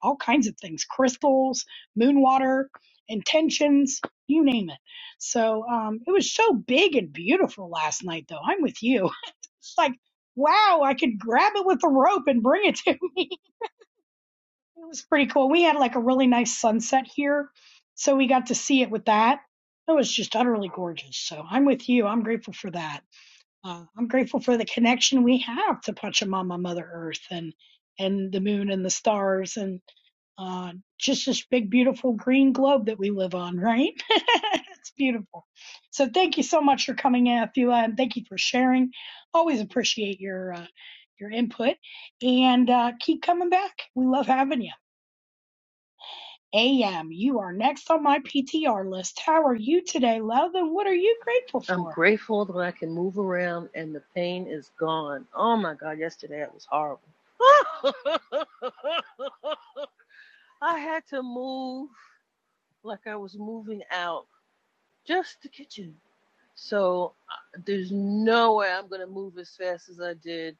Speaker 1: all kinds of things crystals moon water intentions you name it so um it was so big and beautiful last night though i'm with you it's like wow i could grab it with a rope and bring it to me it was pretty cool we had like a really nice sunset here so we got to see it with that it was just utterly gorgeous so i'm with you i'm grateful for that uh, I'm grateful for the connection we have to Pachamama, Mother Earth, and and the moon and the stars, and uh, just this big, beautiful green globe that we live on. Right? it's beautiful. So thank you so much for coming in, Athula, and thank you for sharing. Always appreciate your uh, your input, and uh, keep coming back. We love having you. AM, you are next on my PTR list. How are you today, love? And what are you grateful
Speaker 9: I'm
Speaker 1: for?
Speaker 9: great. Um, and the pain. Oh, yesterday it was horrible. I had to move like I was moving out just the kitchen. So uh, there's no way I'm going to move as fast as I did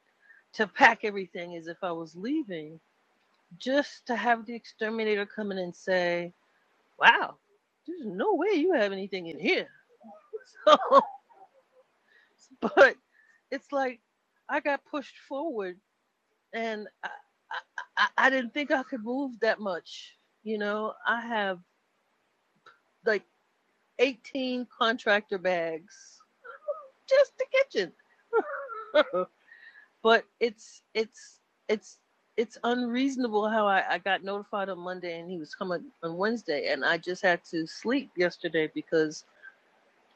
Speaker 9: to pack everything as if I was leaving. Just to have the exterminator come in and say, wow, there's no way you have anything in here. So, but it's like I got pushed forward and I, I, I, didn't think I could move that much. You know, I have like 18 contractor bags, just the kitchen. but it's it's it's it's unreasonable how I, I got notified on Monday and he was coming on Wednesday, and I just had to sleep yesterday because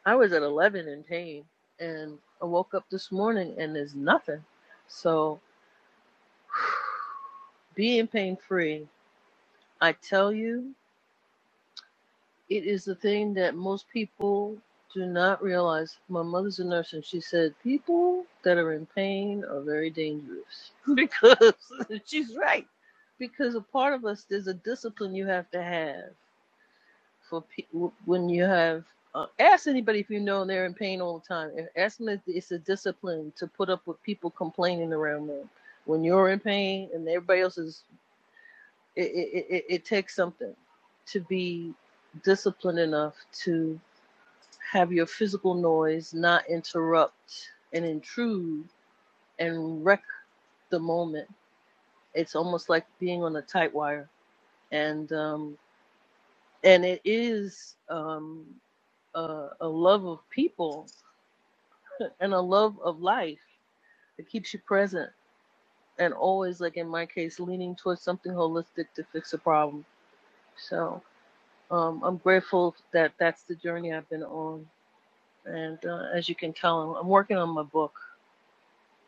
Speaker 9: I was at 11 in pain, and I woke up this morning and there's nothing. So being pain free, I tell you, It is the thing that most people do not realize. My mother's a nurse, and she said people that are in pain are very dangerous because she's right. Because a part of us, there's a discipline you have to have for pe- w- when you have. Uh, ask anybody if you know they're in pain all the time. And ask them if it's a discipline to put up with people complaining around them. When you're in pain and everybody else is, it, it, it, it takes something to be disciplined enough to have your physical noise not interrupt and intrude and wreck the moment. It's almost like being on a tight wire, and um, and it is um, a, a love of people and a love of life that keeps you present and always, like in my case, leaning towards something holistic to fix a problem. So um, I'm grateful that that's the journey I've been on, and uh, as you can tell, I'm, I'm working on my book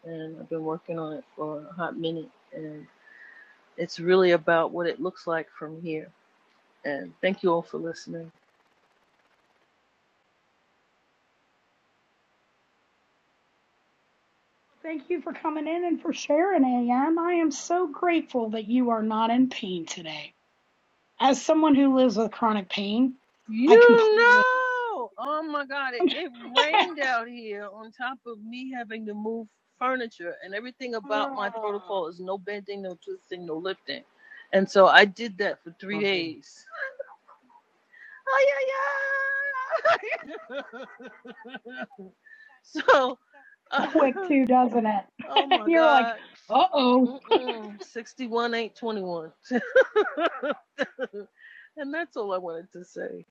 Speaker 9: and I've been working on it for a hot minute. And it's really about what it looks like from here. And thank you all for listening.
Speaker 1: Thank you for coming in and for sharing, AM. I am so grateful that you are not in pain today. As someone who lives with chronic pain,
Speaker 9: You
Speaker 1: I completely
Speaker 9: know, oh my God, it, it rained out here on top of me having to move furniture, and everything about my
Speaker 1: Ah,
Speaker 9: protocol is no bending, no twisting, no lifting. And so I did that for three
Speaker 1: right.
Speaker 9: days. Oh, yeah, yeah. So,
Speaker 1: So quick too, doesn't it?
Speaker 9: oh
Speaker 1: and
Speaker 9: my
Speaker 1: you're like,
Speaker 9: God.
Speaker 1: uh oh.
Speaker 9: Mm-mm. 61 ain't 21. And that's all I wanted to say.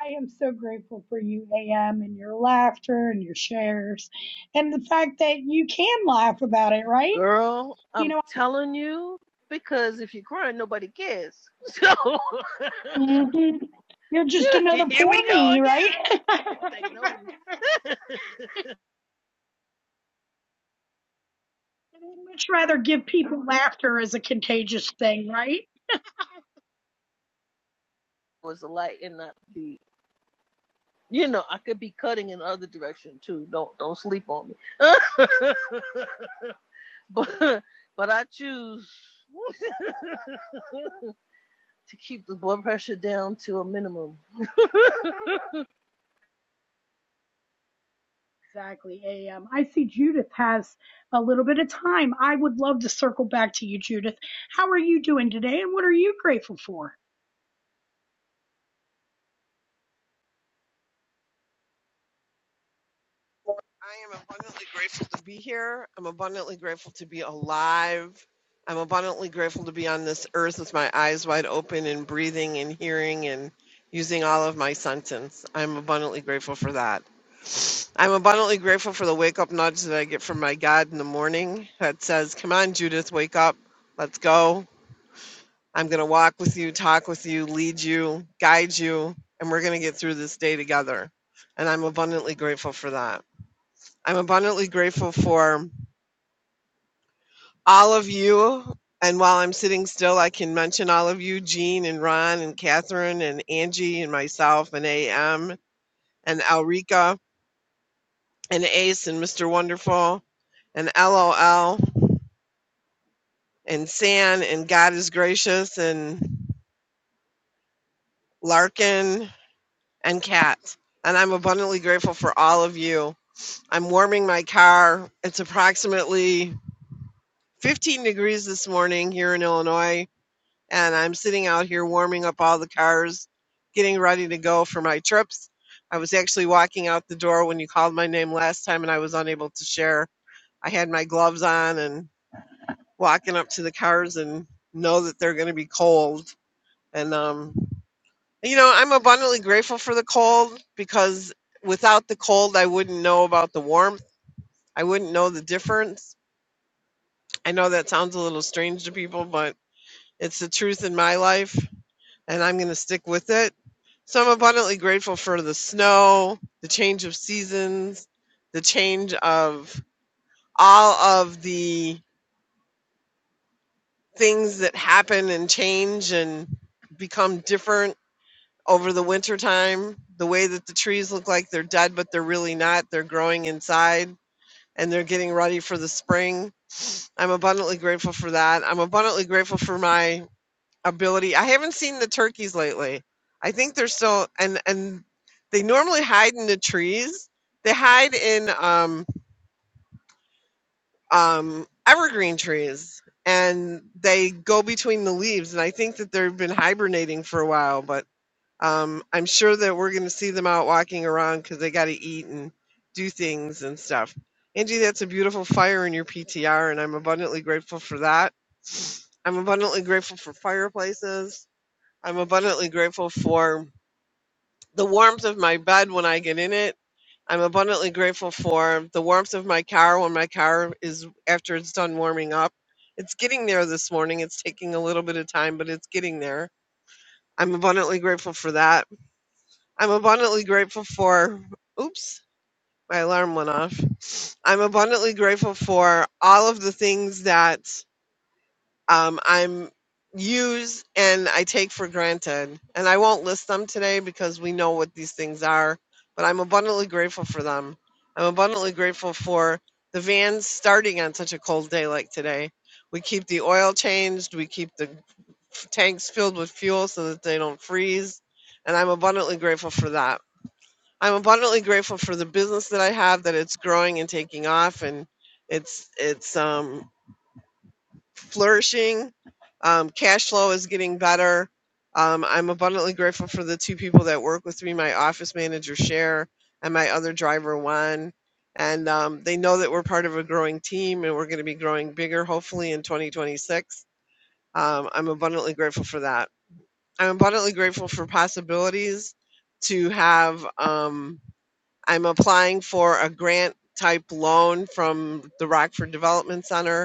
Speaker 1: I am so grateful for you, AM, and your laughter and your shares, and the fact that you can laugh about it, right?
Speaker 9: Girl,
Speaker 1: You
Speaker 9: I'm
Speaker 1: know,
Speaker 9: telling you, because if you're crying, nobody cares. So
Speaker 1: Mhm. You're just another
Speaker 9: here we
Speaker 1: poor
Speaker 9: go
Speaker 1: me, right?
Speaker 9: again. If they know you
Speaker 1: I'd much rather give people laughter as a contagious thing, right?
Speaker 9: was the light and not the you know, I could be cutting in the other direction too. Don't don't sleep on me. but but I choose to keep the blood pressure down to a minimum
Speaker 1: Exactly, AM. I see Judith has a little bit of time. I would love to circle back to you, Judith. How are you doing today and what are you grateful for?
Speaker 11: I am abundantly grateful to be here. I'm abundantly grateful to be alive. I'm abundantly grateful to be on this earth with my eyes wide open and breathing and hearing and using all of my sentence. I'm abundantly grateful for that. I'm abundantly grateful for the wake up nudge that I get from my God in the morning that says, Come on, Judith, wake up. Let's go. I'm going to walk with you, talk with you, lead you, guide you, and we're going to get through this day together. And I'm abundantly grateful for that. I'm abundantly grateful for all of you. And while I'm sitting still, I can mention all of you Jean and Ron and Catherine and Angie and myself and AM and Alrika and Ace and Mr. Wonderful and LOL and San and God is Gracious and Larkin and Kat. And I'm abundantly grateful for all of you. I'm warming my car. It's approximately 15 degrees this morning here in Illinois and I'm sitting out here warming up all the cars, getting ready to go for my trips. I was actually walking out the door when you called my name last time and I was unable to share. I had my gloves on and walking up to the cars and know that they're going to be cold. And, um, you know, I'm abundantly grateful for the cold because without the cold, I wouldn't know about the warmth. I wouldn't know the difference. I know that sounds a little strange to people, but it's the truth in my life. and I'm going to stick with it. So I'm abundantly grateful for the snow, the change of seasons, the change of all of the things that happen and change and become different over the winter time. The way that the trees look like they're dead, but they're really not. They're growing inside and they're getting ready for the spring. I'm abundantly grateful for that. I'm abundantly grateful for my ability. I haven't seen the turkeys lately. I think they're still and and they normally hide in the trees. They hide in um um evergreen trees and they go between the leaves and I think that they've been hibernating for a while, but um I'm sure that we're going to see them out walking around cuz they got to eat and do things and stuff. Angie, that's a beautiful fire in your PTR and I'm abundantly grateful for that. I'm abundantly grateful for fireplaces. I'm abundantly grateful for the warmth of my bed when I get in it. I'm abundantly grateful for the warmth of my car when my car is after it's done warming up. It's getting there this morning. It's taking a little bit of time, but it's getting there. I'm abundantly grateful for that. I'm abundantly grateful for oops, my alarm went off. I'm abundantly grateful for all of the things that um, I'm use and I take for granted. And I won't list them today because we know what these things are, but I'm abundantly grateful for them. I'm abundantly grateful for the vans starting on such a cold day like today. We keep the oil changed, we keep the f- tanks filled with fuel so that they don't freeze, and I'm abundantly grateful for that. I'm abundantly grateful for the business that I have that it's growing and taking off and it's it's um flourishing. Um, cash flow is getting better. Um, I'm abundantly grateful for the two people that work with me my office manager, Cher, and my other driver, Juan. And um, they know that we're part of a growing team and we're going to be growing bigger, hopefully, in 2026. Um, I'm abundantly grateful for that. I'm abundantly grateful for possibilities to have. Um, I'm applying for a grant type loan from the Rockford Development Center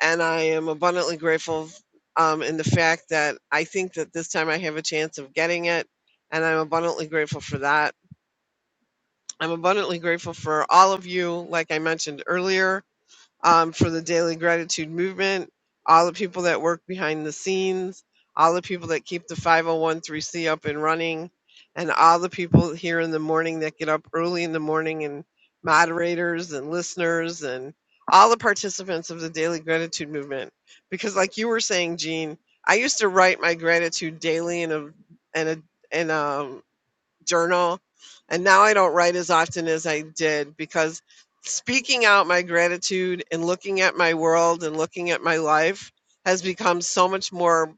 Speaker 11: and I am abundantly grateful um, in the fact that I think that this time I have a chance of getting it, and I'm abundantly grateful for that. I'm abundantly grateful for all of you, like I mentioned earlier um, for the daily gratitude movement, all the people that work behind the scenes, all the people that keep the 5013C up and running, and all the people here in the morning that get up early in the morning, and moderators and listeners, and all the participants of the daily gratitude movement. Because, like you were saying, Gene, I used to write my gratitude daily in a in a in a journal. And now I don't write as often as I did because speaking out my gratitude and looking at my world and looking at my life has become so much more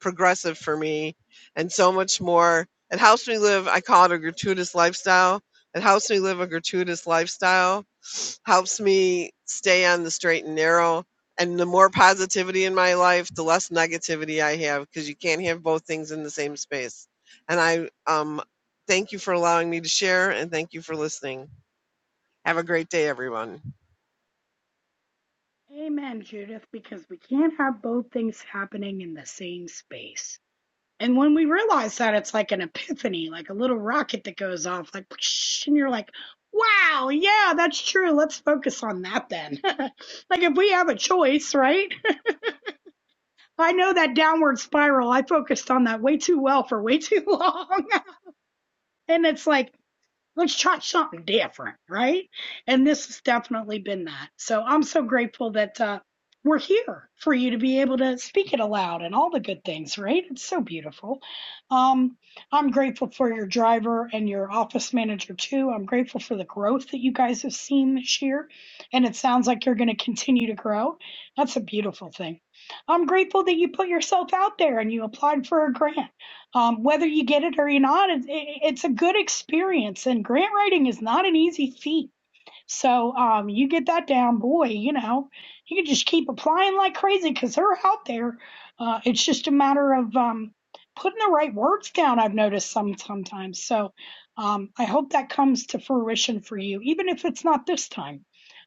Speaker 11: progressive for me and so much more. It helps me live, I call it a gratuitous lifestyle. It helps me live a gratuitous lifestyle helps me stay on the straight and narrow. And the more positivity in my life, the less negativity I have because you can't have both things in the same space. And I um, thank you for allowing me to share and thank you for listening. Have a great day, everyone.
Speaker 1: Amen, Judith, because we can't have both things happening in the same space. And when we realize that, it's like an epiphany, like a little rocket that goes off, like, and you're like, wow, yeah, that's true. Let's focus on that then. like, if we have a choice, right? I know that downward spiral, I focused on that way too well for way too long. and it's like, let's try something different, right? And this has definitely been that. So I'm so grateful that uh, we're here for you to be able to speak it aloud and all the good things, right? It's so beautiful. Um, I'm grateful for your driver and your office manager too. I'm grateful for the growth that you guys have seen this year, and it sounds like you're going to continue to grow. That's a beautiful thing. I'm grateful that you put yourself out there and you applied for a grant. Um, whether you get it or you're not, it's, it, it's a good experience. And grant writing is not an easy feat. So um, you get that down, boy. You know, you can just keep applying like crazy because they're out there. Uh, it's just a matter of um, putting the right words down. I've noticed some sometimes. So um, I hope that comes to fruition for you, even if it's not this time.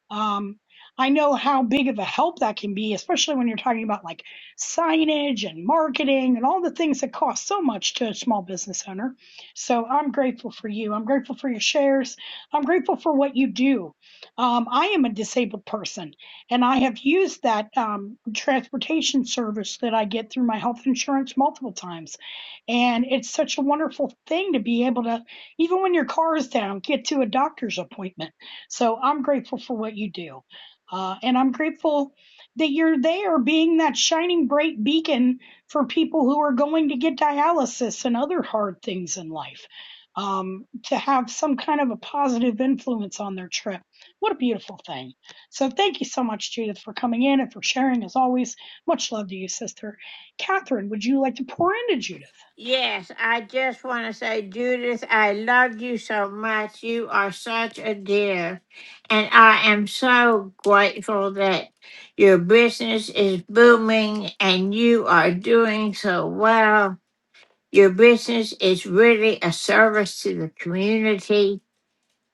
Speaker 1: Um, I know how big of a help that can be, especially when you're talking about like signage and marketing and all the things that cost so much to a small business owner. So I'm grateful for you. I'm grateful for your shares. I'm grateful for what you do. Um, I am a disabled person, and I have used that um, transportation service that I get through my health insurance multiple times. And it's such a wonderful thing to be able to, even when your car is down, get to a doctor's appointment. So I'm grateful for what you do. Uh, and I'm grateful that you're there being that shining bright beacon for people who are going to get dialysis and other hard things in life um, to have some kind of a positive influence on their trip. What a beautiful thing. So thank you so much, Judith, for coming in and for sharing as always. Much love to you, sister. Catherine, would you like to pour into Judith?
Speaker 4: Yes, I just want to say, Judith, I love you so much. You are such a dear. And I am so grateful that your business is booming and you are doing so well. Your business is really a service to the community.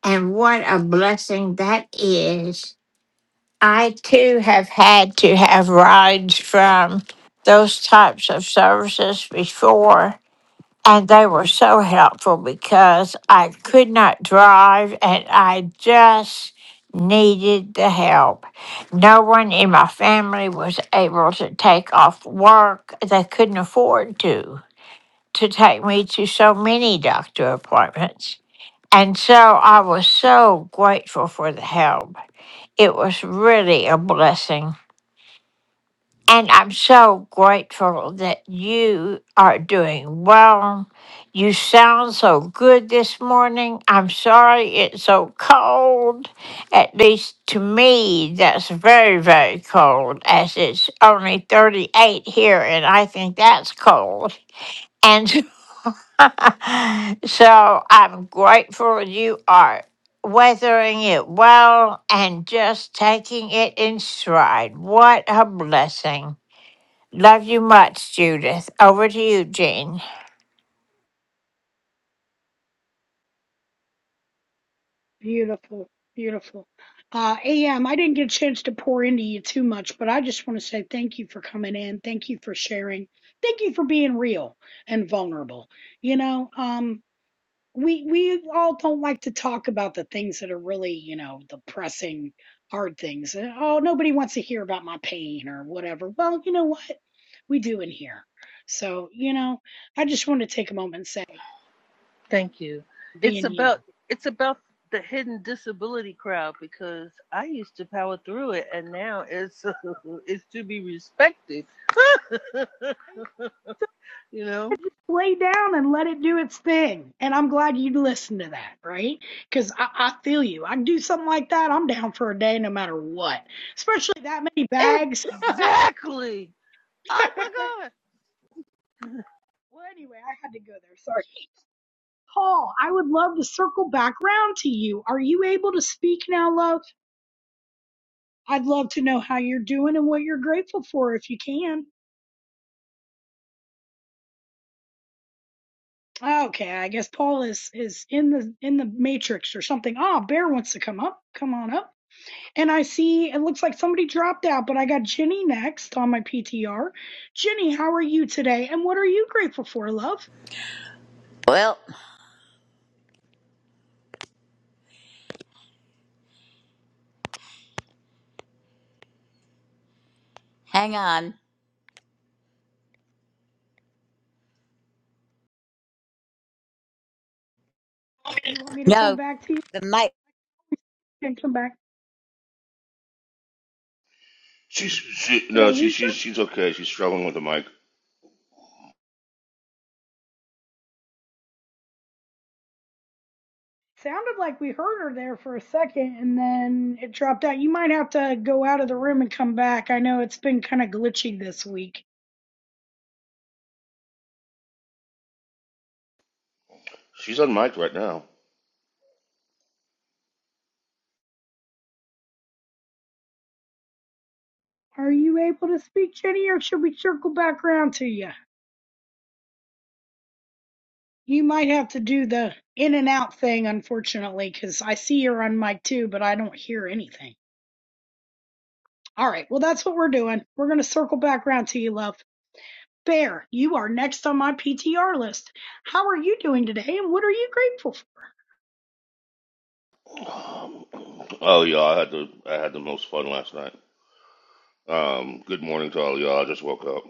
Speaker 4: And what a blessing that is. I too have had to have rides from those types of services before, and they were so helpful because I could not drive and I just needed the help. No one in my family was able to take off work, they couldn't afford to. To take me to so many doctor appointments. And so I was so grateful for the help. It was really a blessing. And I'm so grateful that you are doing well. You sound so good this morning. I'm sorry it's so cold. At least to me, that's very, very cold, as it's only 38 here, and I think that's cold. And so I'm grateful you are weathering it well and just taking it in stride. What a blessing. Love you much, Judith. Over to you, Jean.
Speaker 1: Beautiful, beautiful. Uh, AM, I didn't get a chance to pour into you too much, but I just want to say thank you for coming in. Thank you for sharing. Thank you for being real and vulnerable. You know, um, we we all don't like to talk about the things that are really you know the pressing hard things Uh, oh nobody wants to hear about my pain or whatever well you know what we do in here so you know i just want to take a moment and say
Speaker 9: Thank you. It's
Speaker 1: being you
Speaker 9: about it's about the hidden disability crowd because I used to power through it and now it's it's to be respected, you
Speaker 1: so I
Speaker 9: know.
Speaker 1: just lay down and let it do its thing and i'm glad you listened to that right because I, I feel you i do something like that i'm down for a day no matter what especially that many bags well
Speaker 9: Exactly. Oh my god.
Speaker 1: anyway i had to go there sorry Paul, I would love to circle back round to you. Are you able to speak now, love? I'd love to know how you're doing and what you're grateful for if you can. Okay, I guess Paul is is in the in the matrix or something. Ah, Bear wants to come up. Come on up. And I see it looks like somebody dropped out, but I got Jenny next on my PTR. Jenny, how are you today? And what are you grateful for, love?
Speaker 12: Well, hang on.
Speaker 1: You want me to come
Speaker 12: No,
Speaker 1: back to you
Speaker 12: the mic.
Speaker 1: and come back?
Speaker 13: She's
Speaker 1: Oh,
Speaker 13: she
Speaker 1: Did I
Speaker 13: no, she
Speaker 1: lose you?
Speaker 13: she's she's okay. She's struggling with the mic.
Speaker 1: Sounded like we heard her there for a second and then it dropped out. You might have to go out of the room and come back. I know it's been kind of glitchy this week.
Speaker 13: She's on mic right now.
Speaker 1: Are you able to speak, Jenny, or should we circle back around to you? You might have to do the in and out thing, unfortunately, because I see you're on mic too, but I don't hear anything. All right, well, that's what we're doing. We're going to circle back around to you, love. Bear, you are next on my PTR list. How are you doing today and what are you grateful for?
Speaker 13: Um, oh y'all, I had the I had the most fun last night. Um, good morning to all y'all. I just woke up.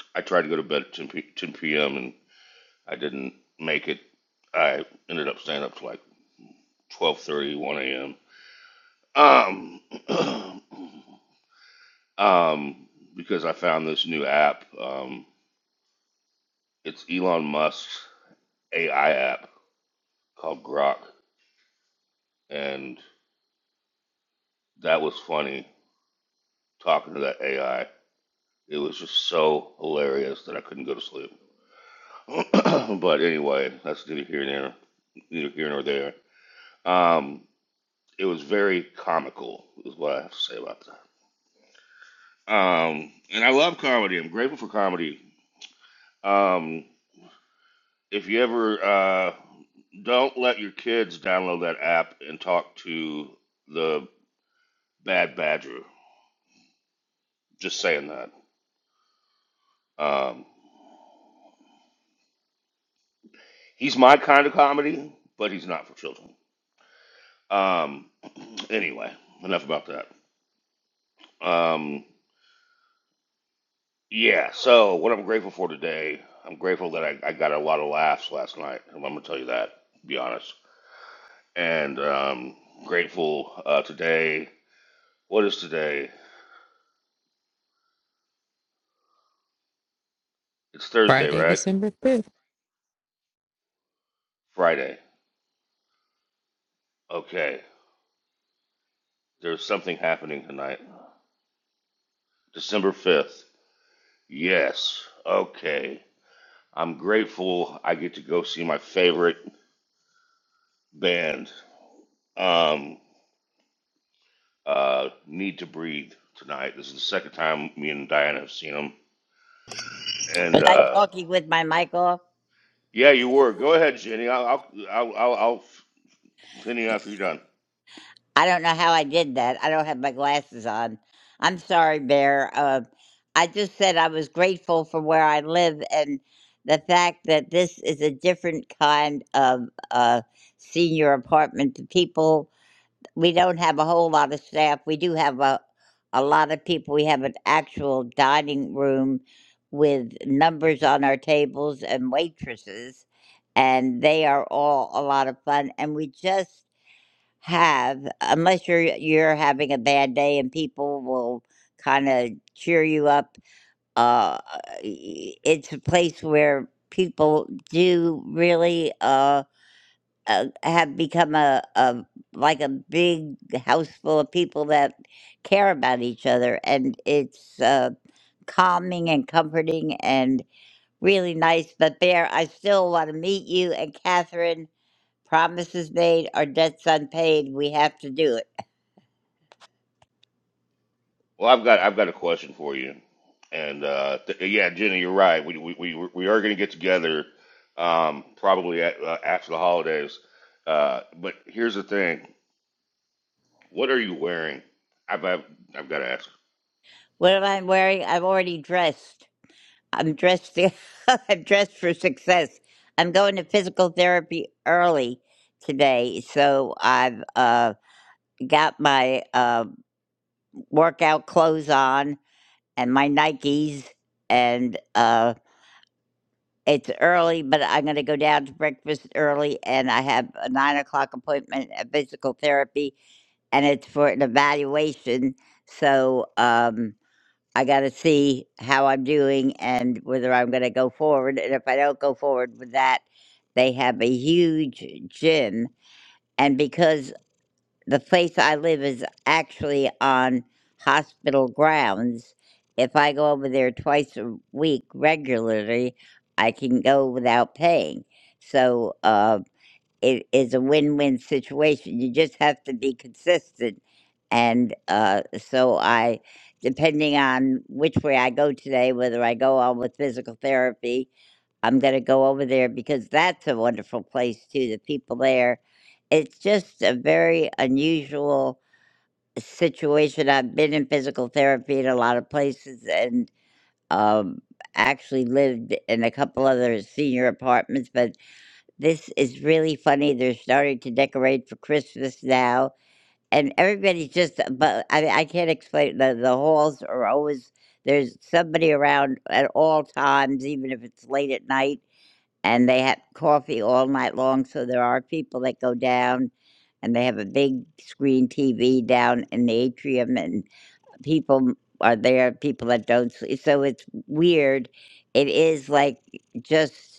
Speaker 13: I tried to go to bed at 10, 10 p.m. and I didn't make it. I ended up staying up to like 12:30, 1 a.m. Um, um, because I found this new app. Um, it's Elon Musk's AI app called Grok, and That was funny talking to that AI. It was just so hilarious that I couldn't go to sleep. but anyway, that's neither here nor neither here nor there. Um, it was very comical, is what I have to say about that. Um, and I love comedy. I'm grateful for comedy. Um, if you ever uh, don't let your kids download that app and talk to the bad badger, just saying that. Um, He's my kind of comedy, but he's not for children. Um, anyway, enough about that. Um, yeah, so what I'm grateful for today, I'm grateful that I, I got a lot of laughs last night. I'm going to tell you that, to be honest. And um, grateful uh, today. What is today? It's Thursday,
Speaker 14: Friday,
Speaker 13: right?
Speaker 14: December 5th.
Speaker 13: Friday. Okay. There's something happening tonight. December 5th. Yes. Okay. I'm grateful I get to go see my favorite band Um, uh, Need to Breathe tonight. This is the second time me and Diana have seen him. And
Speaker 12: Was I
Speaker 13: uh,
Speaker 12: talking with my mic off?
Speaker 13: yeah, you were. Go ahead, Jenny. I'll I'll I'll, I'll, I'll continue after you're done.
Speaker 12: I don't know how I did that. I don't have my glasses on. I'm sorry, Bear. Uh, I just said I was grateful for where I live and the fact that this is a different kind of uh, senior apartment to people we don't have a whole lot of staff. We do have a, a lot of people. We have an actual dining room with numbers on our tables and waitresses, and they are all a lot of fun. And we just have, unless you're you're having a bad day and people will kind of cheer you up. Uh, it's a place where people do really. Uh, uh, have become a, a like a big house full of people that care about each other and it's uh, calming and comforting and really nice but bear i still want to meet you and catherine promises made our debts unpaid we have to do it
Speaker 13: Well, I've got I've got a question for you. And uh, th- yeah, Jenny, you're right. We we we, we are going to get together um, probably at, uh, after the holidays. Uh, but here's the thing: what are you wearing? I've I've, I've got to ask.
Speaker 12: what am i wearing i'm already dressed i'm dressed i'm dressed for success i'm going to physical therapy early today so i've uh got my um workout clothes on and my Nikes. And uh, it's early, but I'm going to go down to breakfast early. And I have a nine o'clock appointment at physical therapy, and it's for an evaluation. So um, I got to see how I'm doing and whether I'm going to go forward. And if I don't go forward with that, they have a huge gym. And because the place I live is actually on hospital grounds. If I go over there twice a week regularly, I can go without paying. So, uh, it is a win-win situation. You just have to be consistent. And uh, so I, depending on which way I go today, whether I go on with physical therapy, I'm going to go over there because that's a wonderful place too. The people there, it's just a very unusual situation. I've been in physical therapy in a lot of places and um, actually lived in a couple other senior apartments, but this is really funny. They're starting to decorate for Christmas now, and everybody's just. But I, I can't explain. The the halls are always there's somebody around at all times, even if it's late at night, and they have coffee all night long. So there are people that go down, and they have a big screen TV down in the atrium, and people are there. People that don't sleep, so it's weird. It is like just.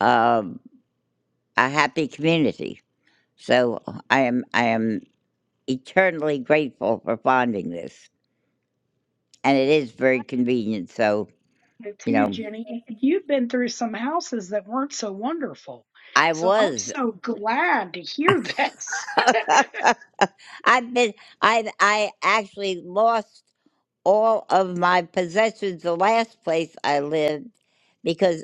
Speaker 12: Um, a happy community so I am I am eternally grateful for finding this, and it is very convenient. So you
Speaker 1: too,
Speaker 12: know,
Speaker 1: Jenny. And you've been through some houses that weren't so wonderful.
Speaker 12: I
Speaker 1: So I'm
Speaker 12: was
Speaker 1: so glad to hear this.
Speaker 12: I've been I I actually lost all of my possessions the last place I lived because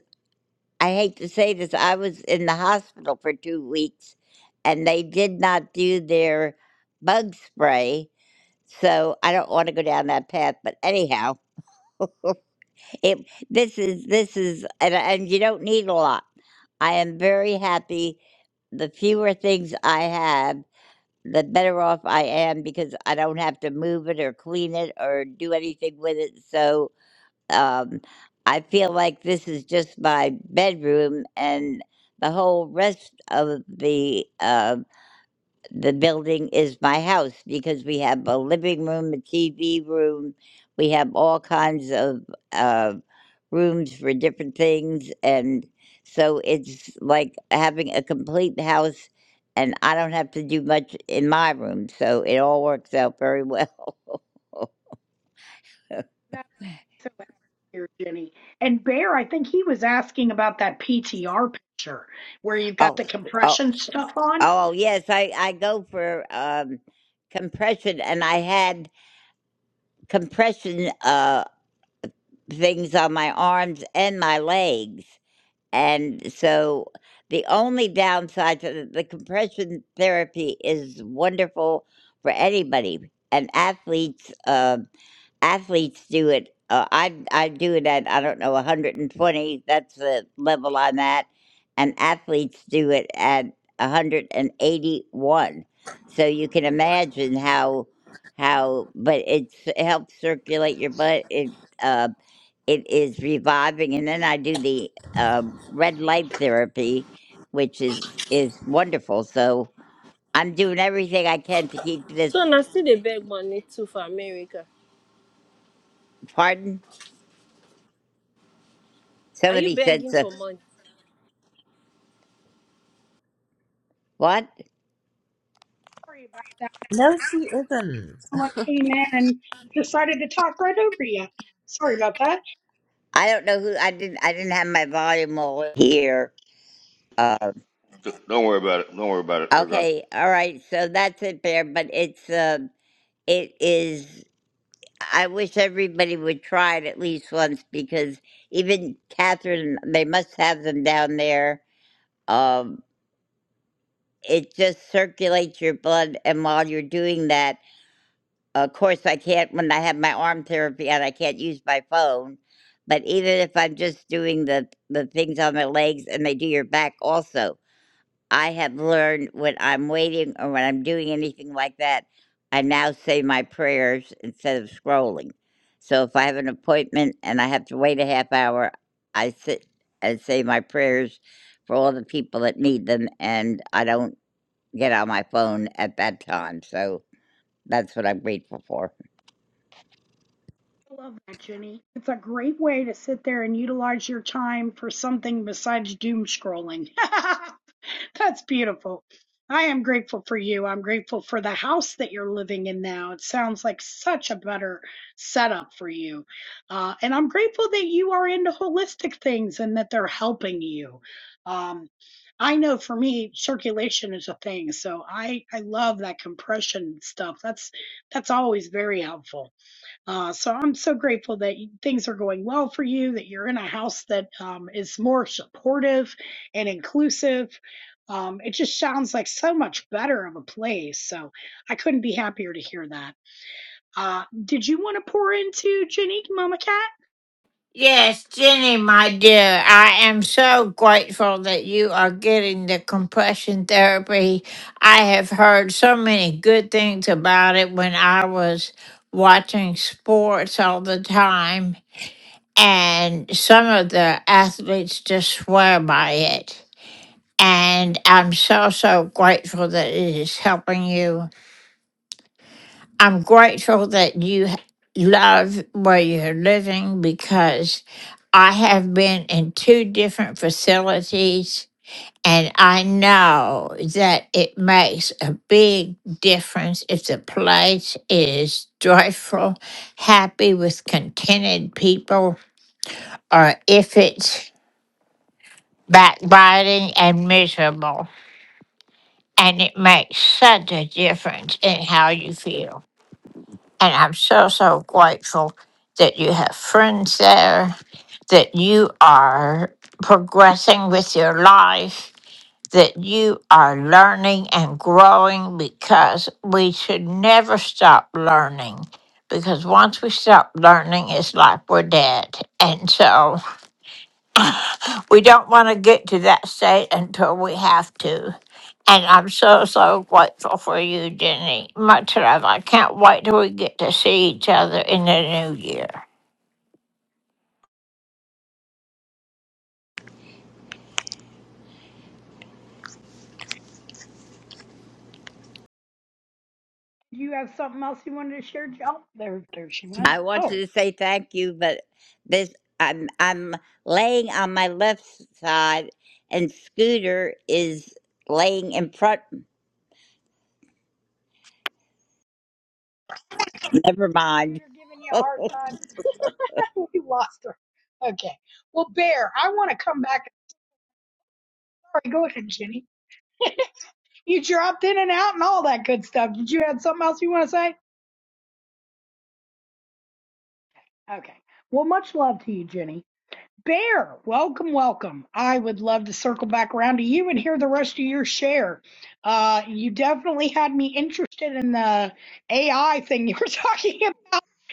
Speaker 12: I hate to say this I was in the hospital for two weeks, and they did not do their bug spray. So I don't want to go down that path, but anyhow. it this is this is and, and you don't need a lot i am very happy the fewer things i have the better off i am because i don't have to move it or clean it or do anything with it so um i feel like this is just my bedroom and the whole rest of the um the building is my house because we have a living room, a TV room, we have all kinds of uh, rooms for different things, and so it's like having a complete house. And I don't have to do much in my room, so it all works out very well.
Speaker 1: That makes me so happy to hear, Jenny. And Bear, I think he was asking about that PTR picture where you've got
Speaker 12: oh,
Speaker 1: the
Speaker 12: oh,
Speaker 1: compression stuff on.
Speaker 12: oh, yes, I I go for um, compression, and I had compression uh, things on my arms and my legs And so the only downside to the, the compression therapy is wonderful for anybody and athletes. Uh, athletes do it. Uh, I I do it at I don't know 120. That's the level I'm at, and athletes do it at 181. So you can imagine how how, but it's, it helps circulate your blood. It uh, it is reviving, and then I do the um, red light therapy, which is is wonderful. So I'm doing everything I can to keep this.
Speaker 15: So now still they beg money too for America.
Speaker 12: Pardon?
Speaker 15: Are you
Speaker 12: Somebody said
Speaker 15: begging
Speaker 12: so.
Speaker 15: for money?
Speaker 12: What?
Speaker 1: Sorry about that.
Speaker 5: No, she isn't.
Speaker 1: I came in and decided to talk right over you. Sorry about that.
Speaker 12: I don't know who I didn't I didn't have my volume all here. Uh,
Speaker 13: D- Don't worry about it. Don't worry about it. They're gonna
Speaker 12: okay, all right. So that's it there, but it's uh, it is. I wish everybody would try it at least once because even Catherine, they must have them down there. Um, it just circulates your blood, and while you're doing that, of course, I can't when I have my arm therapy and I can't use my phone. But even if I'm just doing the the things on my legs, and they do your back also I have learned when I'm waiting or when I'm doing anything like that, I now say my prayers instead of scrolling. So if I have an appointment and I have to wait a half hour, I sit and say my prayers for all the people that need them, and I don't get on my phone at that time. So that's what I'm grateful for.
Speaker 1: I love that, Jenny. It's a great way to sit there and utilize your time for something besides doom scrolling. That's beautiful. I am grateful for you. I'm grateful for the house that you're living in now. It sounds like such a better setup for you. Uh, and I'm grateful that you are into holistic things and that they're helping you. Um, I know for me, circulation is a thing. So I, I love that compression stuff. That's that's always very helpful. Uh, so I'm so grateful that you- things are going well for you, that you're in a house that um, is more supportive and inclusive. Um, it just sounds like so much better of a place. So I couldn't be happier to hear that. Uh, did you want to pour into Jenny, Mama Cat?
Speaker 4: Yes, Jenny, my dear, I am so grateful that you are getting the compression therapy. I have heard so many good things about it when I was watching sports all the time, and some of the athletes just swear by it. And I'm so, so grateful that it is helping you. I'm grateful that you h- love where you're living because I have been in two different facilities and I know that it makes a big difference if the place is joyful, happy with contented people, or if it's backbiting and miserable. And it makes such a difference in how you feel. And I'm so, so grateful that you have friends there, that you are progressing with your life, that you are learning and growing because we should never stop learning. Because once we stop learning, it's like we're dead. And so we don't want to get to that state until we have to. And I'm so, so grateful for you, Jenny. Much love. I can't wait till we get to see each other in the new year.
Speaker 1: Do You have something else you wanted to share? Jo- Oh, there, there she went.
Speaker 12: I wanted
Speaker 1: Oh,
Speaker 12: to say thank you, but this I'm I'm laying on my left side, and Scooter is laying in front. Never mind.
Speaker 1: computer giving you a hard time. we lost her. Okay. Well, Bear, I want to come back. Sorry, go ahead, Jenny. You dropped in and out and all that good stuff. Did you have something else you want to say? Okay. Well, much love to you, Jenny. Bear, welcome, welcome. I would love to circle back around to you and hear the rest of your share. Uh, you definitely had me interested in the AI thing you were talking about,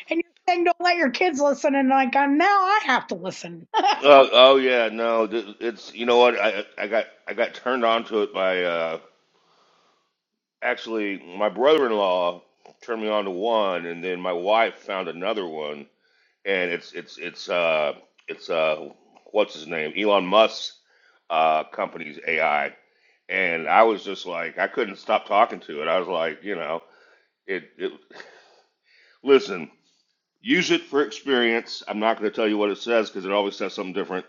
Speaker 1: and you're saying don't let your kids listen, and like uh, now I have to listen.
Speaker 13: Oh, oh yeah, no, th- it's you know what I I got I got turned on to it by uh, actually my brother-in-law turned me on to one, and then my wife found another one, and it's it's it's uh it's uh what's his name Elon Musk's uh company's AI, and I was just like I couldn't stop talking to it. I was like you know it it listen. Use it for experience. I'm not going to tell you what it says because it always says something different.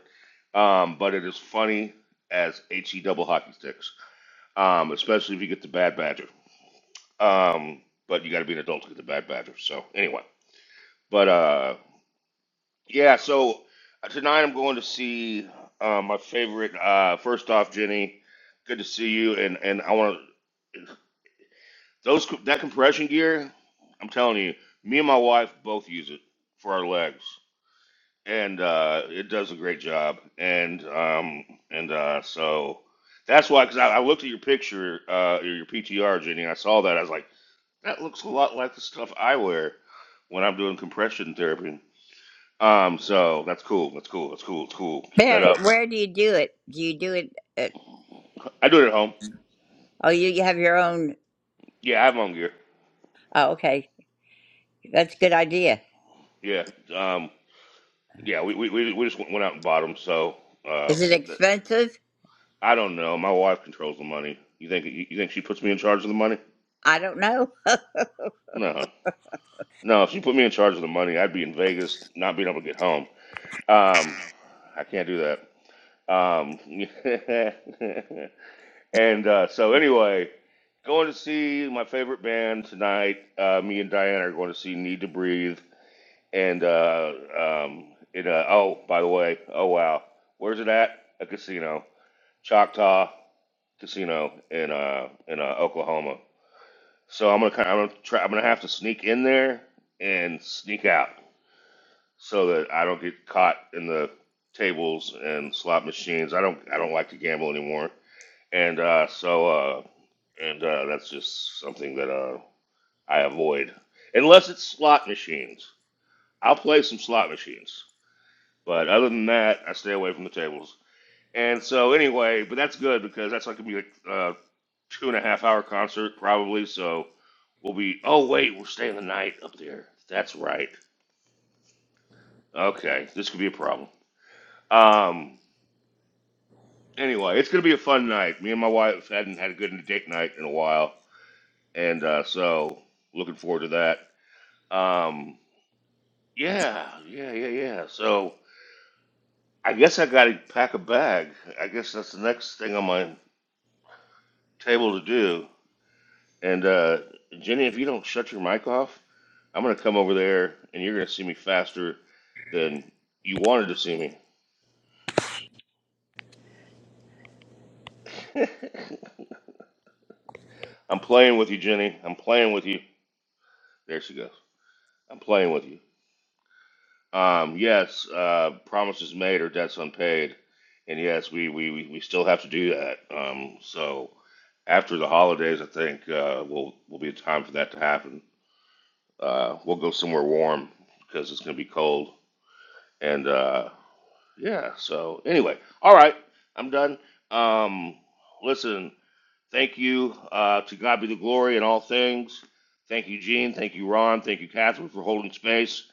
Speaker 13: Um, but it is funny as he double hockey sticks, um, especially if you get the bad badger. Um, but you got to be an adult to get the bad badger. So anyway, but uh, yeah. So uh, tonight I'm going to see uh, my favorite. Uh, first off, Jenny, good to see you. And and I want to those that compression gear. I'm telling you, me and my wife both use it for our legs. and uh, it does a great job. And um, and uh, so that's why, because I, I looked at your picture, uh, your PTR, Jenny, and I saw that. I was like, that looks a lot like the stuff I wear when I'm doing compression therapy. Um, so that's cool. That's cool. That's cool. It's cool. Keep that
Speaker 12: Where
Speaker 13: up.
Speaker 12: where do you do it? Do you do it? At,
Speaker 13: I do it at home.
Speaker 12: oh, you you have your own.
Speaker 13: Yeah, I have my own gear.
Speaker 12: Oh, okay, that's a good idea.
Speaker 13: Yeah. Um, yeah. We we we we just went out and bought them. So uh,
Speaker 12: Is it
Speaker 13: th-
Speaker 12: expensive?
Speaker 13: I don't know. My wife controls the money. You think you think she puts me in charge of the money?
Speaker 12: I don't know.
Speaker 13: No. No, if you put me in charge of the money, I'd be in Vegas, not being able to get home. Um, I can't do that. Um, and uh, so anyway, going to see my favorite band tonight. Uh, me and Diane are going to see Need to Breathe. And uh, um, it, uh, oh, by the way, oh wow, where's it at? A casino, Choctaw Casino in uh, in uh, Oklahoma. So I'm gonna kind of, I'm gonna try, I'm gonna have to sneak in there and sneak out. so that I don't get caught in the tables and slot machines. I don't I don't like to gamble anymore, and uh, so uh, and uh, that's just something that uh, I avoid unless it's slot machines. I'll play some slot machines, but other than that, I stay away from the tables. And so anyway, but that's good because that's like gonna be like a uh, two and a half hour concert probably. So we'll be oh wait we're staying the night up there. That's right. Okay, this could be a problem. Um, Anyway, it's gonna be a fun night. Me and my wife hadn't had a good date night in a while, and uh, so looking forward to that. Um, yeah, yeah, yeah, yeah. So I guess I gotta pack a bag. I guess that's the next thing on my table to do. And uh, Jenny, if you don't shut your mic off, I'm gonna come over there, and you're gonna see me faster than you wanted to see me. I'm playing with you, Jenny. I'm playing with you. There she goes. I'm playing with you. Um, yes, uh, promises made or debts unpaid, and yes, we we we we still have to do that. Um, so after the holidays, I think uh, will will be a time for that to happen. Uh, we'll go somewhere warm because it's going to be cold, and uh, yeah. So anyway, all right, I'm done. Um, listen. Thank you. Uh, to God be the glory in all things. Thank you, Gene. Thank you, Ron. Thank you, Catherine, for holding space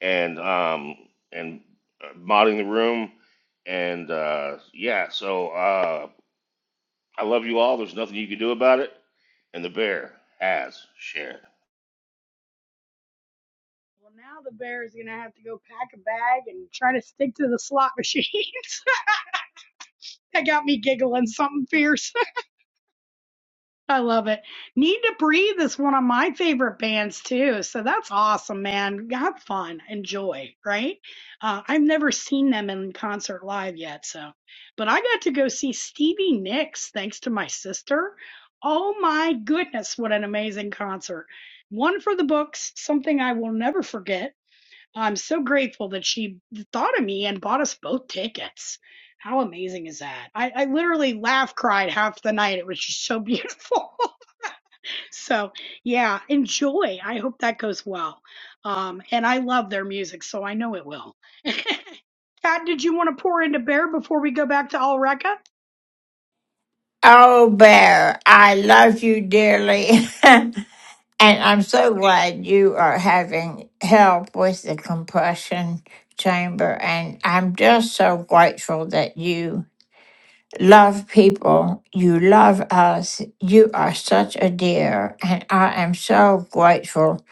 Speaker 13: and um, and uh, modding the room. And uh, yeah, so uh, I love you all. There's nothing you can do about it. And the bear has shared.
Speaker 1: Well, now the bear is gonna have to go pack a bag and try to stick to the slot machines. that got me giggling something fierce. I love it. Need to Breathe is one of my favorite bands too. So that's awesome, man. Have fun, enjoy, right? Uh, I've never seen them in concert live yet, so. But I got to go see Stevie Nicks thanks to my sister. Oh my goodness, what an amazing concert! One for the books, something I will never forget. I'm so grateful that she thought of me and bought us both tickets. How amazing is that? I, I literally laugh cried half the night. It was just so beautiful. So yeah, enjoy. I hope that goes well. Um, and I love their music, so I know it will. Kat, did you want to pour into Bear before we go back to Alreka?
Speaker 4: Oh, Bear, I love you dearly. and I'm so glad you are having help with the compression chamber. And I'm just so grateful that you. love people. You love us. You are such a dear. And I am so grateful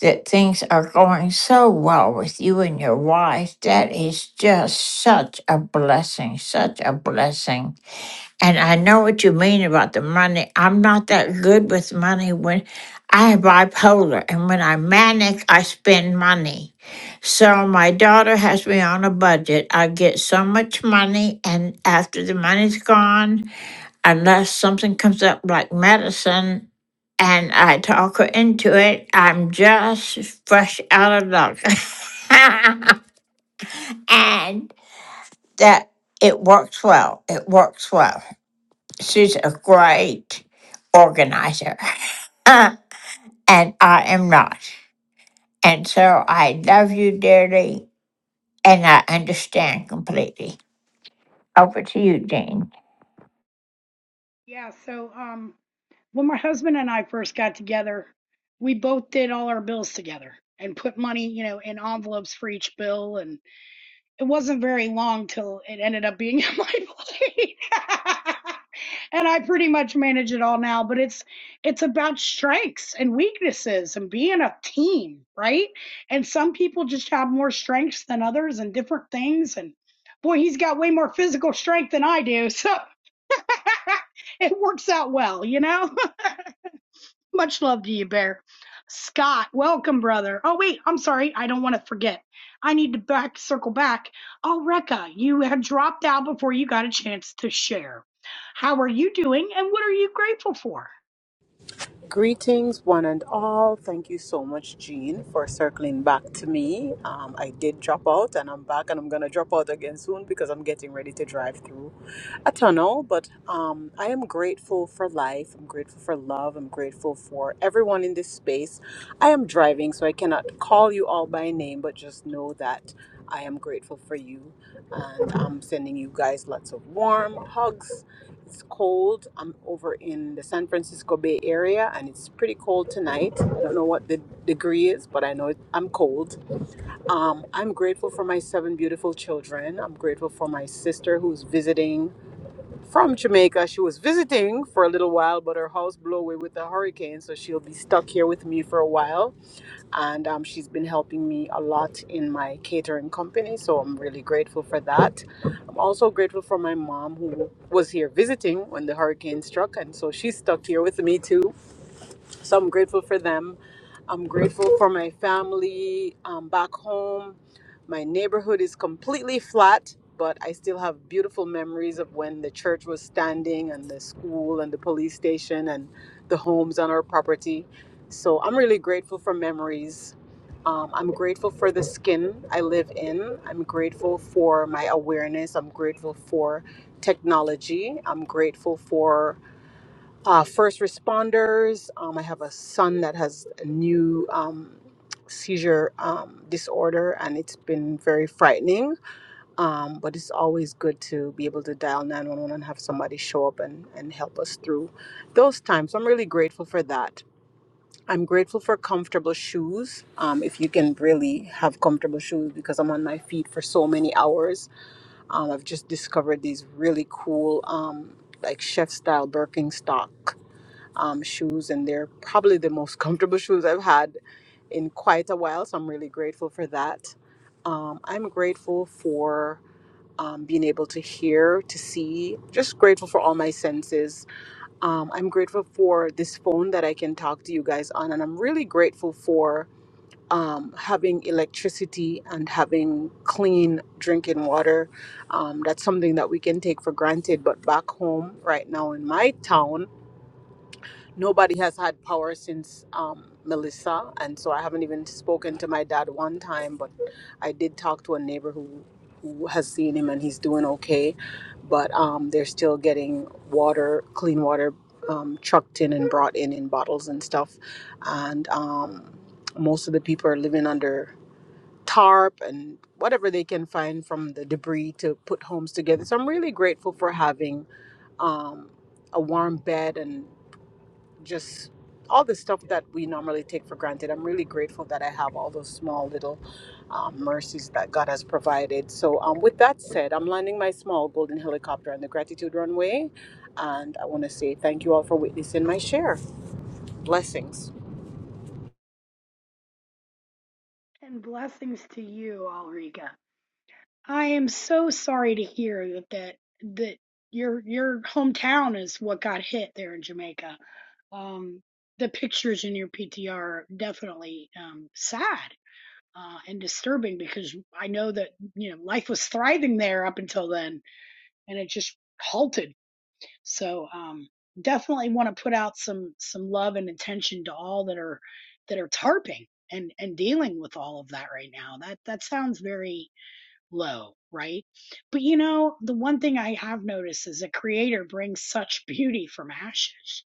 Speaker 4: that things are going so well with you and your wife. That is just such a blessing, such a blessing. And I know what you mean about the money. I'm not that good with money when I have bipolar and when I'm manic, I spend money. So my daughter has me on a budget. I get so much money, and after the money's gone, unless something comes up like medicine and I talk her into it, I'm just fresh out of luck. and that it works well. It works well. She's a great organizer, and I am not. And so I love you dearly, and I understand completely. Over to you, Dean.
Speaker 1: Yeah, so um, when my husband and I first got together, we both did all our bills together and put money, you know, in envelopes for each bill it wasn't very long till it ended up being in my plate. and I pretty much manage it all now, but it's it's about strengths and weaknesses and being a team, right? And some people just have more strengths than others and different things and boy, he's got way more physical strength than I do. So it works out well, you know? Much love to you, Bear. Scott, welcome, brother. Oh, wait, I'm sorry. I don't want to forget. I need to back circle back. Oh, Rekka, you had dropped out before you got a chance to share. How are you doing, and what are you grateful for?
Speaker 16: Greetings, one and all. Thank you so much, Jean, for circling back to me. Um, I did drop out and I'm back, and I'm going to drop out again soon because I'm getting ready to drive through a tunnel. But um, I am grateful for life. I'm grateful for love. I'm grateful for everyone in this space. I am driving, so I cannot call you all by name, but just know that I am grateful for you. And I'm sending you guys lots of warm hugs it's cold. I'm over in the San Francisco Bay Area and it's pretty cold tonight. I don't know what the degree is, but I know it, I'm cold. Um, I'm grateful for my seven beautiful children. I'm grateful for my sister who's visiting from Jamaica. She was visiting for a little while, but her house blew away with the hurricane, so she'll be stuck here with me for a while and um, she's been helping me a lot in my catering company. So I'm really grateful for that. I'm also grateful for my mom who was here visiting when the hurricane struck, and so she's stuck here with me too. So I'm grateful for them. I'm grateful for my family um, back home. My neighborhood is completely flat, but I still have beautiful memories of when the church was standing and the school and the police station and the homes on our property. So I'm really grateful for memories. Um, I'm grateful for the skin I live in. I'm grateful for my awareness. I'm grateful for technology. I'm grateful for uh, first responders. Um, I have a son that has a new um, seizure um, disorder, and it's been very frightening. Um, but it's always good to be able to dial 911 and have somebody show up and, and help us through those times. I'm really grateful for that. I'm grateful for comfortable shoes. Um, if you can really have comfortable shoes, because I'm on my feet for so many hours. Um, I've just discovered these really cool, um, like chef style Birkenstocks um, shoes, and they're probably the most comfortable shoes I've had in quite a while. So I'm really grateful for that. Um, I'm grateful for um, being able to hear, to see, just grateful for all my senses. Um, I'm grateful for this phone that I can talk to you guys on, and I'm really grateful for um, having electricity and having clean drinking water. Um, that's something that we can take for granted, but back home right now in my town, nobody has had power since um, Melissa, and so I haven't even spoken to my dad one time. But I did talk to a neighbor who who has seen him, and he's doing okay. But um, they're still getting water, clean water, um, trucked in and brought in in bottles and stuff, and um, most of the people are living under tarp and whatever they can find from the debris to put homes together. So I'm really grateful for having um, a warm bed and just all the stuff that we normally take for granted. I'm really grateful that I have all those small little um, mercies that God has provided. So, um, with that said, I'm landing my small golden helicopter on the gratitude runway. And I want to say thank you all for witnessing my share. Blessings.
Speaker 1: And blessings to you, Alrika. I am so sorry to hear that that, that your your hometown is what got hit there in Jamaica. Um, the pictures in your PTR are definitely um, sad uh, and disturbing because I know that you know life was thriving there up until then, and it just halted. So um, definitely want to put out some some love and attention to all that are that are tarping and and dealing with all of that right now. That that sounds very low, right? But you know, the one thing I have noticed is a creator brings such beauty from ashes.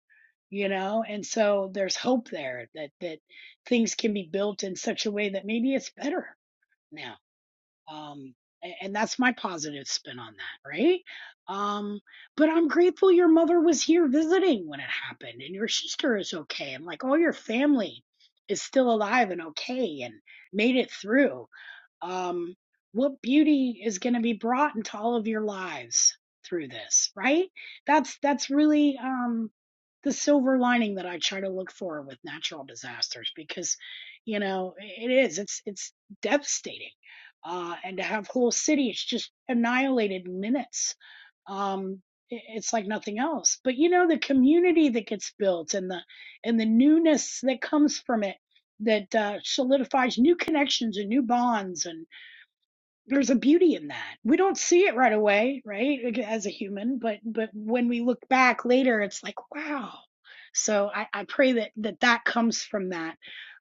Speaker 1: You know, and so there's hope there that that things can be built in such a way that maybe it's better now um a- and that's my positive spin on that right um but i'm grateful your mother was here visiting when it happened and your sister is okay and like all your family is still alive and okay and made it through um, what beauty is going to be brought into all of your lives through this right that's that's really um the silver lining that i try to look for with natural disasters because you know it is it's it's devastating uh and to have whole cities just annihilated in minutes um it's like nothing else but you know the community that gets built and the and the newness that comes from it that uh, solidifies new connections and new bonds and there's a beauty in that. We don't see it right away, right? like, As a human, but but when we look back later, it's like, wow. So I, I pray that that that comes from that.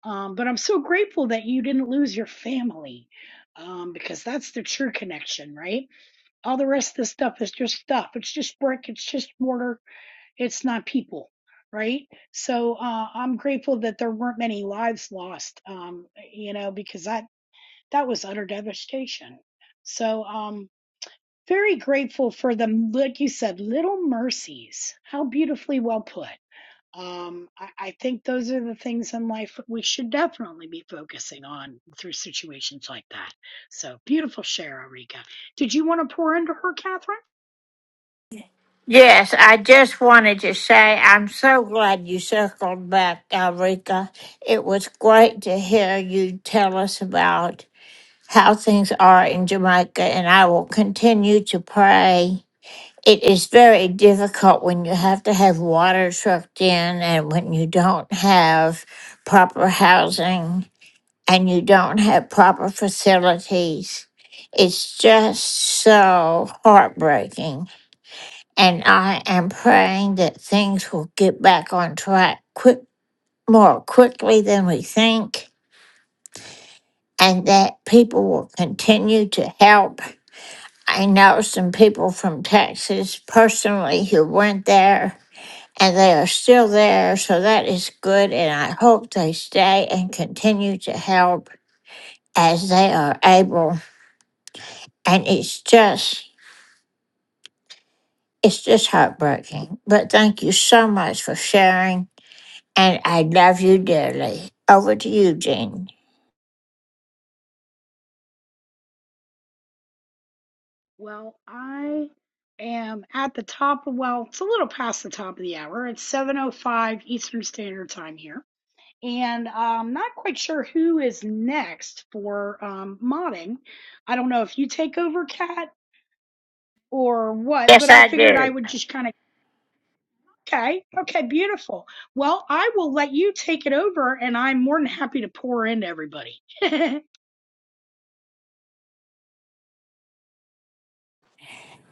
Speaker 1: Um, but I'm so grateful that you didn't lose your family, um, because that's the true connection, right? All the rest of the stuff is just stuff. It's just brick. It's just mortar. It's not people, right? So uh, I'm grateful that there weren't many lives lost, um, you know, because I, that was utter devastation. So, um, very grateful for the, like you said, little mercies. How beautifully well put. Um, I, I think those are the things in life that we should definitely be focusing on through situations like that. So, beautiful share, Rika. Did you want to pour into her, Catherine?
Speaker 4: Yes, I just wanted to say I'm so glad you circled back, Alrika. It was great to hear you tell us about how things are in Jamaica, and I will continue to pray. It is very difficult when you have to have water trucked in and when you don't have proper housing and you don't have proper facilities. It's just so heartbreaking and I am praying that things will get back on track quick, more quickly than we think, and that people will continue to help. I know some people from Texas personally who went there, and they are still there, so that is good. And I hope they stay and continue to help as they are able. And it's just, it's just heartbreaking. But thank you so much for sharing and I love you dearly. Over to you, Jean.
Speaker 1: Well, I am at the top of, well, it's a little past the top of the hour. It's 7:05 Eastern Standard Time here. And I'm not quite sure who is next for um, modding. I don't know if you take over, Kat, or what,
Speaker 4: Yes,
Speaker 1: but I
Speaker 4: I
Speaker 1: figured I
Speaker 4: do.
Speaker 1: would just kind of, okay, okay, beautiful. Well, I will let you take it over, and I'm more than happy to pour into everybody. Absolutely.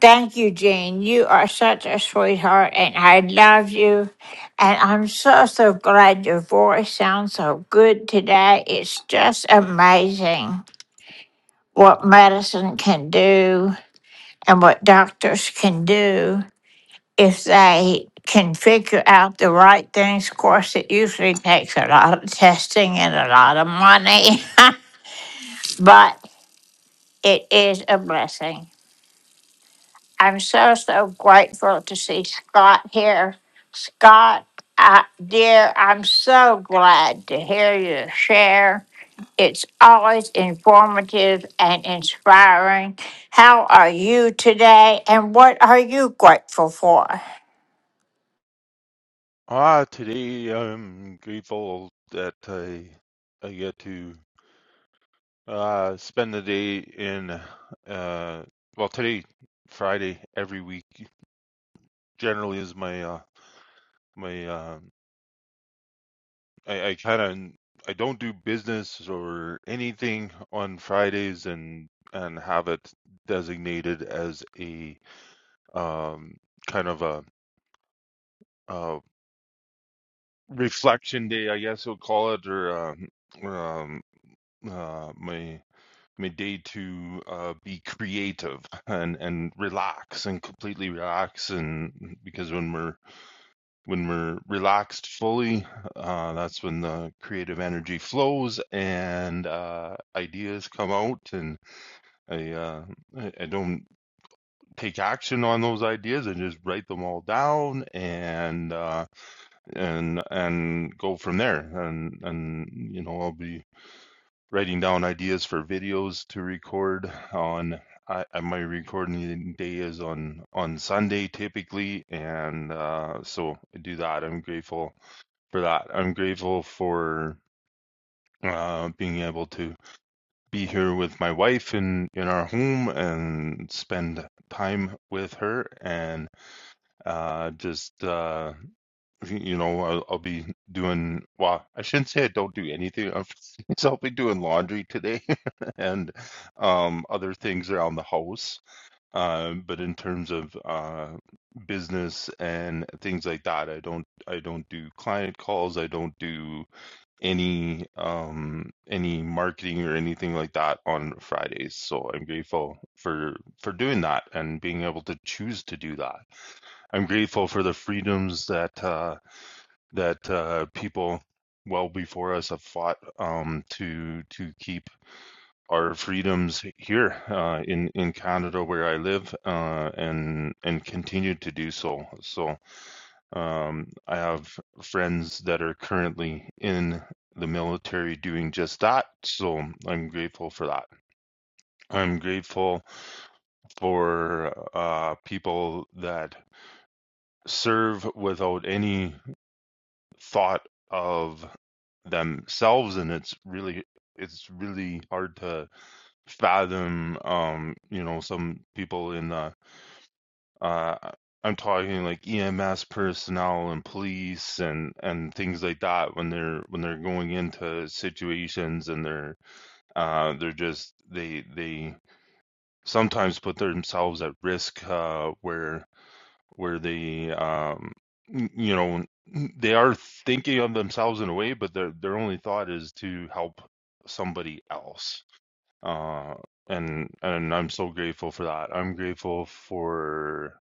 Speaker 4: Thank you, Jean. You are such a sweetheart, and I love you. And I'm so, so glad your voice sounds so good today. It's just amazing what medicine can do and what doctors can do if they can figure out the right things. Of course, it usually takes a lot of testing and a lot of money. but It is a blessing. I'm so, so grateful to see Scott here. Scott, I, dear, I'm so glad to hear you share. It's always informative and inspiring. How are you today and what are you grateful for?
Speaker 17: Ah, today I'm grateful that I I get to uh spend the day in uh well today Friday every week generally is my uh my um I, I kind of I don't do business or anything on Fridays and and have it designated as a um kind of a uh reflection day I guess you'll call it or um um uh my my day to uh, be creative and and relax and completely relax and because when we're when we're relaxed fully uh, that's when the creative energy flows and uh, ideas come out and I, uh, I I don't take action on those ideas and just write them all down and uh, and and go from there and and you know I'll be writing down ideas for videos to record on I, I my recording day is on on Sunday typically and uh so I do that. I'm grateful for that. I'm grateful for uh being able to be here with my wife in in our home and spend time with her and uh just uh, you know, I'll, I'll be doing, well, I shouldn't say I don't do anything. I'm, so I'll be doing laundry today and um, other things around the house. Uh, but in terms of uh, business and things like that, I don't, I don't do client calls. I don't do any, um, any marketing or anything like that on Fridays. So I'm grateful for, for doing that and being able to choose to do that. I'm grateful for the freedoms that, uh, that uh, people well before us have fought um, to to keep our freedoms here uh, in in Canada where I live uh, and and continue to do so. So um, I have friends that are currently in the military doing just that. So I'm grateful for that. I'm grateful for uh, people that serve without any thought of themselves and it's really it's really hard to fathom um you know some people in the uh I'm talking like EMS personnel and police and and things like that when they're when they're going into situations and they're uh they're just they they sometimes put themselves at risk uh where where they um n- you know n- they are thinking of themselves in a way but their their only thought is to help somebody else uh and and I'm so grateful for that I'm grateful for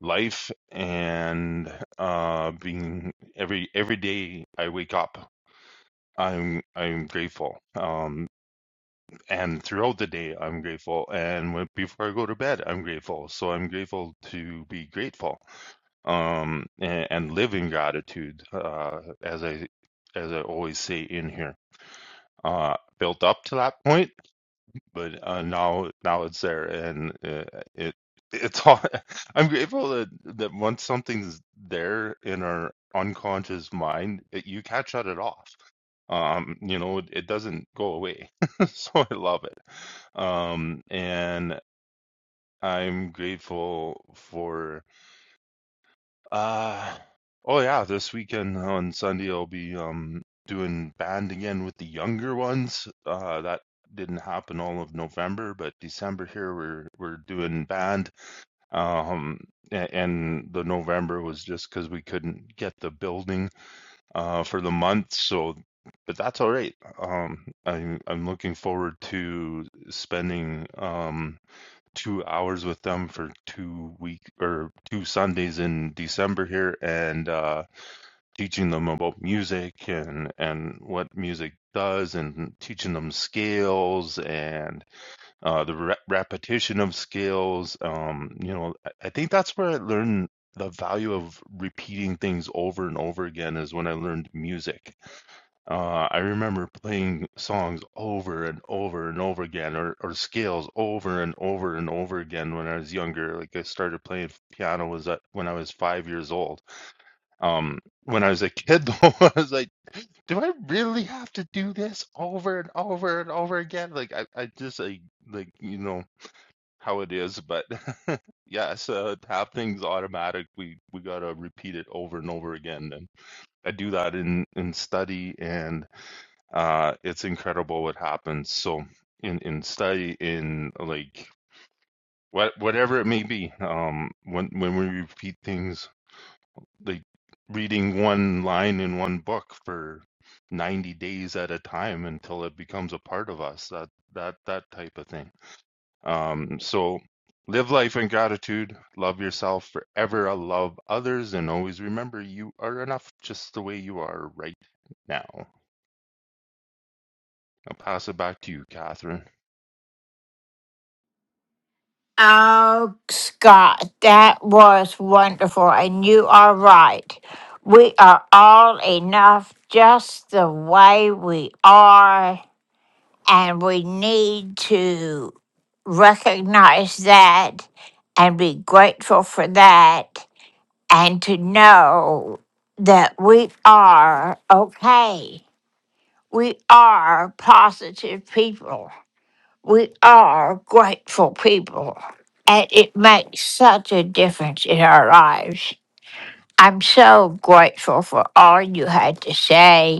Speaker 17: life and uh being every every day I wake up I'm I'm grateful um and throughout the day I'm grateful and when, before I go to bed I'm grateful so I'm grateful to be grateful um, and, and living gratitude, uh, as I as I always say in here, uh, built up to that point, but uh, now now it's there, and uh, it it's all, I'm grateful that that once something's there in our unconscious mind, it, you can't shut it off. Um, you know, it, it doesn't go away, so I love it. Um, and I'm grateful for Uh, oh yeah, this weekend on Sunday I'll be um doing band again with the younger ones. Uh, that didn't happen all of November, but December here we're we're doing band. Um, a- and the November was just because we couldn't get the building uh for the month, so but that's all right. Um, I'm I'm looking forward to spending um two hours with them for two week or two Sundays in December here, and uh, teaching them about music and and what music does, and teaching them scales and uh, the re- repetition of scales. Um, you know, I I think that's where I learned the value of repeating things over and over again is when I learned music uh, I remember playing songs over and over and over again, or, or scales over and over and over again when I was younger. Like I started playing piano was at, when I was five years old. Um, when I was a kid, though, I was like, "Do I really have to do this over and over and over again?" Like I, I just like, like you know how it is. But yes, uh, to have things automatic, we we gotta repeat it over and over again. And I do that in in study and uh, it's incredible what happens. So in in study in like what whatever it may be, um, when when we repeat things like reading one line in one book for 90 days at a time until it becomes a part of us that that that type of thing um so live life in gratitude love yourself forever uh, love others and always remember you are enough just the way you are right now i'll pass it back to you catherine
Speaker 4: Oh, Scott, that was wonderful. And you are right. We are all enough just the way we are And we need to recognize that and be grateful for that and to know that we are okay. We are positive people. We are grateful people. And it makes such a difference in our lives. I'm so grateful for all you had to say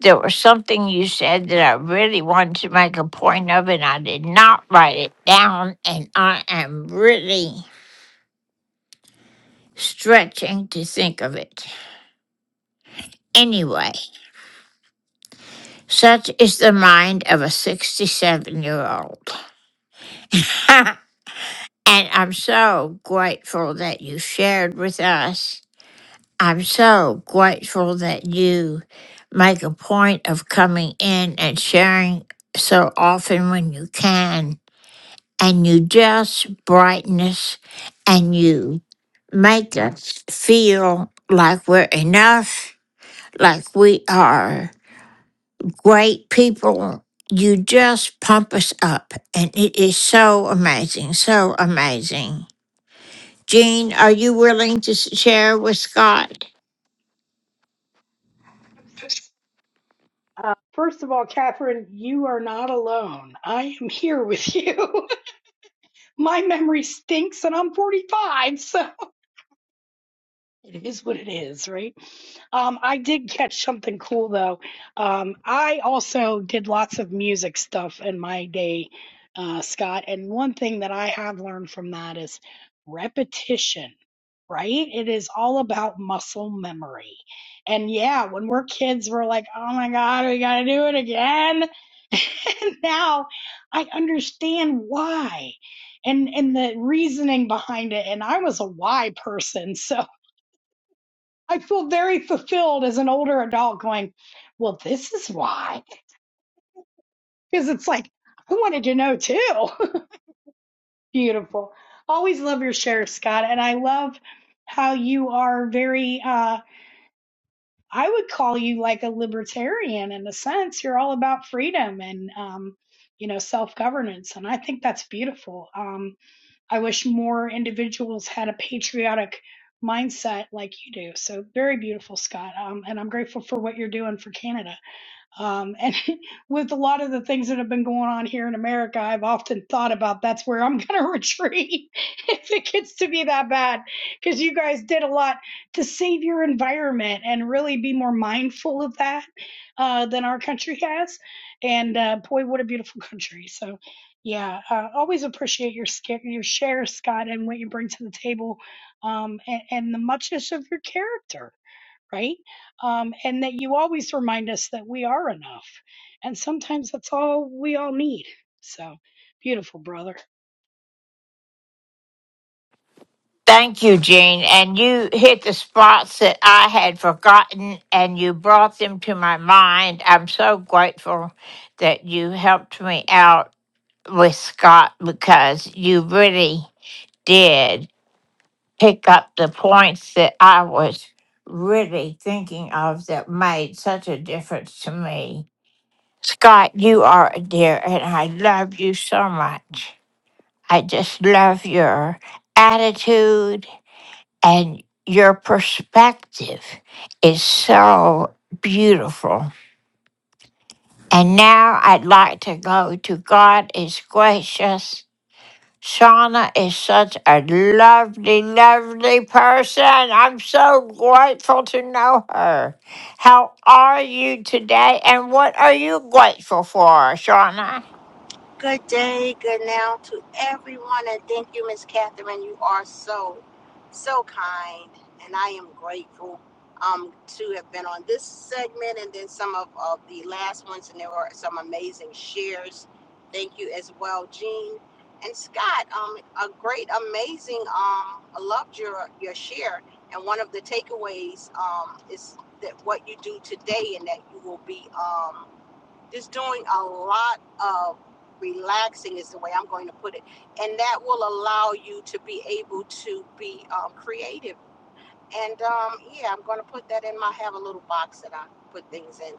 Speaker 4: there was something you said that I really wanted to make a point of, and I did not write it down, and I am really stretching to think of it. Anyway, such is the mind of a 67 year old. and I'm so grateful that you shared with us. I'm so grateful that you make a point of coming in and sharing so often when you can and you just brighten us and you make us feel like we're enough, like we are great people. You just pump us up, and it is so amazing, so amazing. Jean, are you willing to s- share with Scott?
Speaker 1: Uh, first of all, Catherine, you are not alone. I am here with you. my memory stinks and I'm 45. So it is what it is, right? Um, I did catch something cool though. Um, I also did lots of music stuff in my day, uh, Scott. And one thing that I have learned from that is repetition, right? It is all about muscle memory. And yeah, when we're kids, we're like, oh my God, we gotta do it again. and now I understand why. And, and the reasoning behind it. And I was a why person. So I feel very fulfilled as an older adult going, well, this is why. Because it's like, I wanted to know too. Beautiful. Always love your share, Scott. And I love how you are very, uh, I would call you like a libertarian in a sense. You're all about freedom and, um, you know, self governance. And I think that's beautiful. Um, I wish more individuals had a patriotic mindset like you do. So very beautiful, Scott. Um, and I'm grateful for what you're doing for Canada. Um, and with a lot of the things that have been going on here in America, I've often thought about that's where I'm going to retreat if it gets to be that bad. Because you guys did a lot to save your environment and really be more mindful of that uh, than our country has. And uh, boy, what a beautiful country. So, yeah, uh, always appreciate your, sca- your share, Scott, and what you bring to the table um, and, and the muchness of your character right? Um, and that you always remind us that we are enough. And sometimes that's all we all need. So beautiful, brother.
Speaker 4: Thank you, Jean. And you hit the spots that I had forgotten and you brought them to my mind. I'm so grateful that you helped me out with Scott because you really did pick up the points that I was really thinking of that made such a difference to me. Scott, you are a dear, and I love you so much. I just love your attitude and your perspective is so beautiful. And now I'd like to go to God is gracious Shauna is such a lovely, lovely person. I'm so grateful to know her. How are you today and what are you grateful for, Shauna?
Speaker 18: Good day, good now to everyone, and thank you, Miss Catherine. You are so, so kind, and I am grateful um, to have been on this segment and then some of, of the last ones, and there were some amazing shares. Thank you as well, Jean and Scott. Um, a great, amazing. Um, I loved your your share, and one of the takeaways um, is that what you do today, and that you will be. Um, just doing a lot of relaxing is the way I'm going to put it, and that will allow you to be able to be um, creative. And um, yeah, I'm going to put that in my have a little box that I put things in.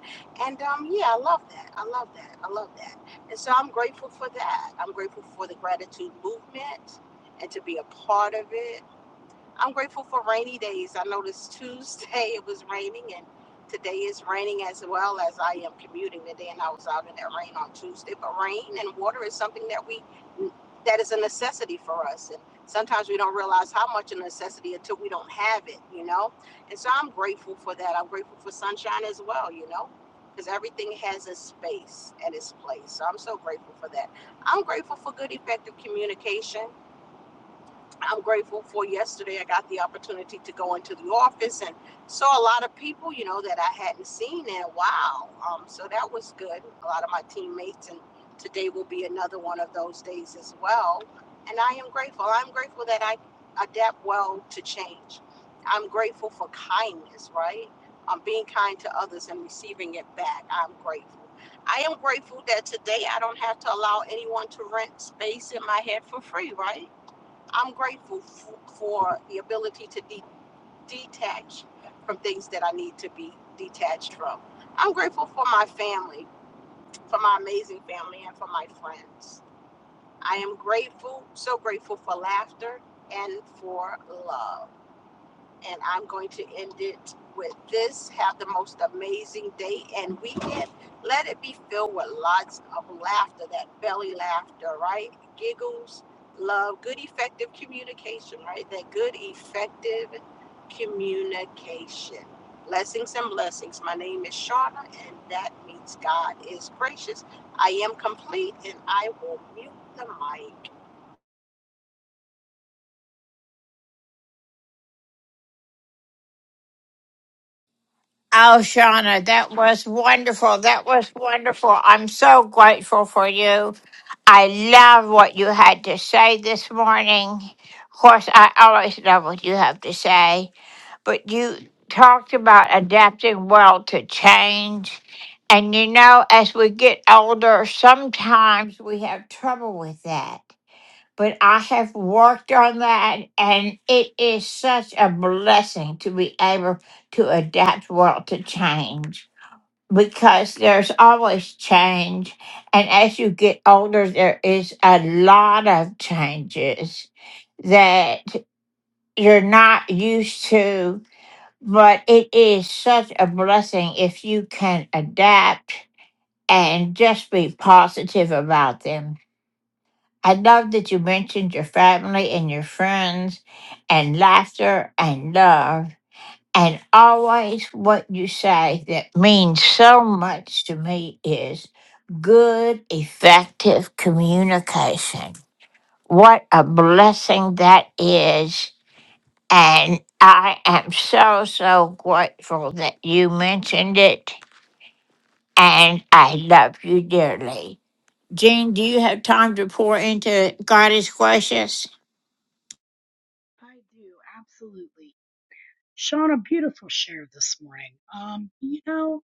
Speaker 18: And um, yeah, I love that. I love that. I love that. And so I'm grateful for that. I'm grateful for the gratitude movement and to be a part of it I'm grateful for rainy days. I noticed Tuesday it was raining, and today is raining as well as I am commuting today, and I was out in that rain on Tuesday. But rain and water is something that we that is a necessity for us, and sometimes we don't realize how much a necessity until we don't have it, you know. And so I'm grateful for that. I'm grateful for sunshine as well, you know. Because everything has a space and its place. So I'm so grateful for that. I'm grateful for good, effective communication. I'm grateful for yesterday. I got the opportunity to go into the office and saw a lot of people, you know, that I hadn't seen in a while. Um, so that was good. A lot of my teammates, and today will be another one of those days as well. And I am grateful. I'm grateful that I adapt well to change. I'm grateful for kindness, right? Um, being kind to others and receiving it back. I'm grateful. I am grateful that today I don't have to allow anyone to rent space in my head for free, right? I'm grateful f- for the ability to de- detach from things that I need to be detached from. I'm grateful for my family, for my amazing family, and for my friends. I am grateful, so grateful for laughter and for love and I'm going to end it with this. Have the most amazing day and weekend. Let it be filled with lots of laughter, that belly laughter, right? Giggles, love, good, effective communication, right? That good, effective communication. Blessings and blessings. My name is Shauna, and that means God is gracious. I am complete, and I will mute the mic.
Speaker 4: Oh, Shauna, that was wonderful. That was wonderful. I'm so grateful for you. I love what you had to say this morning. Of course, I always love what you have to say. but you talked about adapting well to change. And you know, as we get older, sometimes we have trouble with that. But I have worked on that, and it is such a blessing to be able to adapt well to change because there's always change. And as you get older, there is a lot of changes that you're not used to but it is such a blessing if you can adapt and just be positive about them. I love that you mentioned your family and your friends and laughter and love. And always what you say that means so much to me is good, effective communication. What a blessing that is and I am so, so grateful that you mentioned it. And I love you dearly. Jean, do you have time to pour into God is gracious?
Speaker 1: I do, absolutely. Sean, a beautiful share this morning. Um, you know,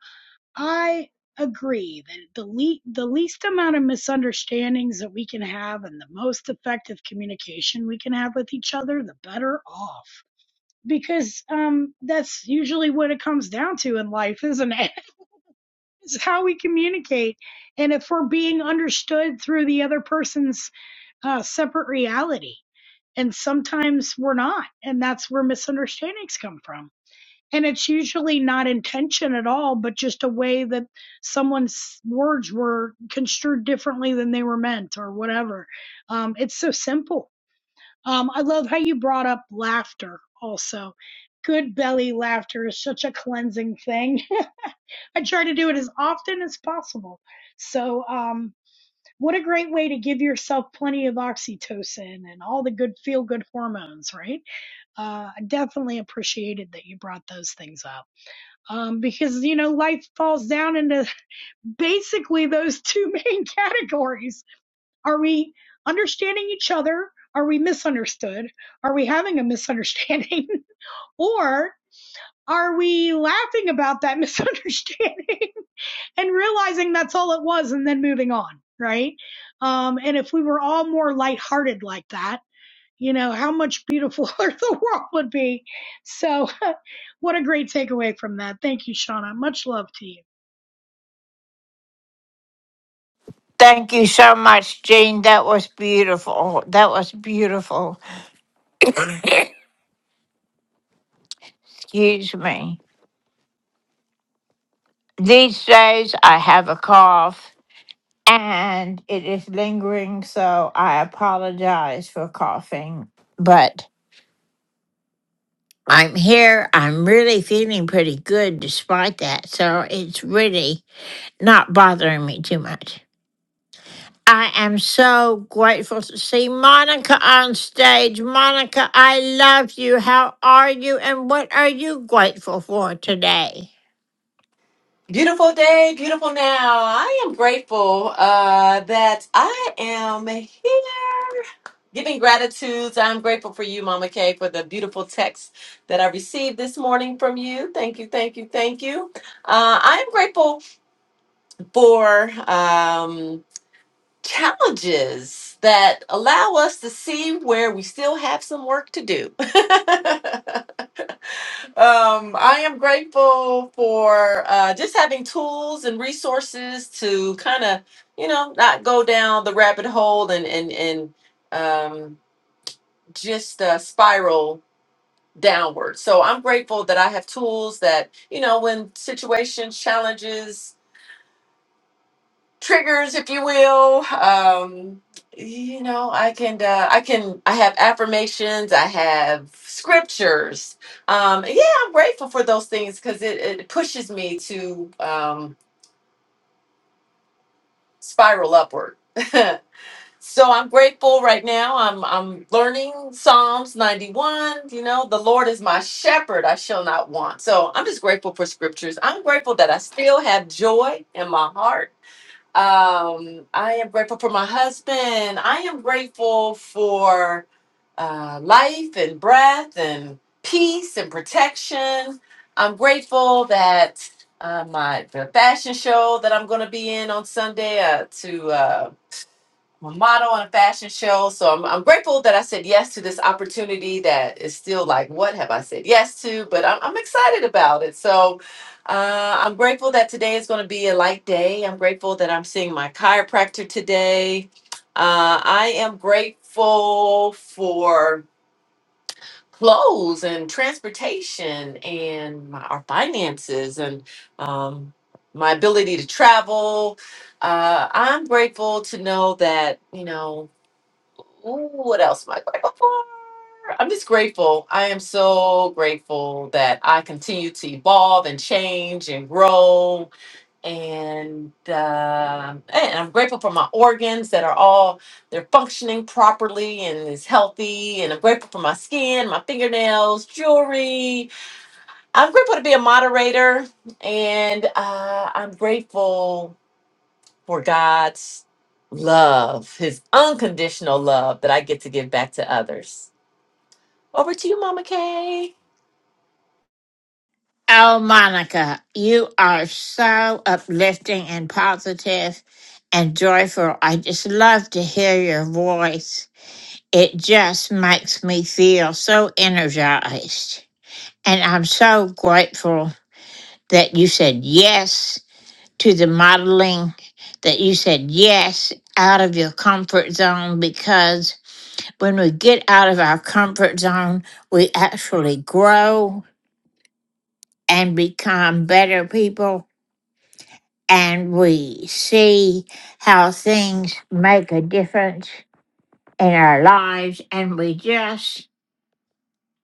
Speaker 1: I agree that the, le- the least amount of misunderstandings that we can have and the most effective communication we can have with each other, the better off because um that's usually what it comes down to in life isn't it? is how we communicate. And if we're being understood through the other person's uh, separate reality, and sometimes we're not, and that's where misunderstandings come from. And it's usually not intention at all, but just a way that someone's words were construed differently than they were meant or whatever. Um, it's so simple. Um, I love how you brought up laughter also. Good belly laughter is such a cleansing thing. I try to do it as often as possible. So, um, what a great way to give yourself plenty of oxytocin and all the good feel good hormones, right? Uh, I definitely appreciated that you brought those things up. Um, because, you know, life falls down into basically those two main categories. Are we understanding each other? Are we misunderstood? Are we having a misunderstanding? or are we laughing about that misunderstanding? and realizing that's all it was and then moving on, right? Um, and if we were all more lighthearted like that, you know, how much beautifuler the world would be. So, what a great takeaway from that. Thank you, Shauna. Much love to you.
Speaker 4: Thank you so much, Jean. That was beautiful. That was beautiful. Excuse me. These days I have a cough and it is lingering, so I apologize for coughing. But I'm here. I'm really feeling pretty good despite that. So it's really not bothering me too much. I am so grateful to see Monica on stage. Monica, I love you. How are you? And what are you grateful for today?
Speaker 19: Beautiful day, beautiful now. I am grateful uh, that I am here giving gratitudes. I'm grateful for you, Mama Kay, for the beautiful text that I received this morning from you. Thank you, thank you, thank you. Uh, I am grateful for um, challenges that allow us to see where we still have some work to do. Um, I am grateful for uh, just having tools and resources to kind of, you know, not go down the rabbit hole and and and um, just uh, spiral downward. So I'm grateful that I have tools that, you know, when situations, challenges triggers, if you will. Um, you know, I can, uh, I can, I have affirmations, I have scriptures. Um, yeah, I'm grateful for those things because it, it pushes me to um, spiral upward. so I'm grateful right now. I'm, I'm learning Psalms 91. You know, the Lord is my shepherd; I shall not want. So I'm just grateful for scriptures. I'm grateful that I still have joy in my heart. Um, I am grateful for my husband. I am grateful for uh, life and breath and peace and protection. I'm grateful that uh, my the fashion show that I'm going to be in on Sunday uh, to uh, I'm a model on a fashion show. So I'm, I'm grateful that I said yes to this opportunity that is still like, what have I said yes to? But I'm, I'm excited about it. So uh, I'm grateful that today is going to be a light day. I'm grateful that I'm seeing my chiropractor today. Uh, I am grateful for clothes and transportation and my, our finances and um, my ability to travel. Uh, I'm grateful to know that, you know, Ooh, what else am I grateful for? I'm just grateful. I am so grateful that I continue to evolve and change and grow. And uh, and I'm grateful for my organs that are all they're functioning properly and is healthy. And I'm grateful for my skin, my fingernails, jewelry. I'm grateful to be a moderator, and uh, I'm grateful for God's love, his unconditional love that I get to give back to others. Over to you, Mama Kay.
Speaker 4: Oh, Monica, you are so uplifting and positive and joyful. I just love to hear your voice. It just makes me feel so energized. And I'm so grateful that you said yes to the modeling, that you said yes out of your comfort zone, because when we get out of our comfort zone, we actually grow and become better people. And we see how things make a difference in our lives. And we just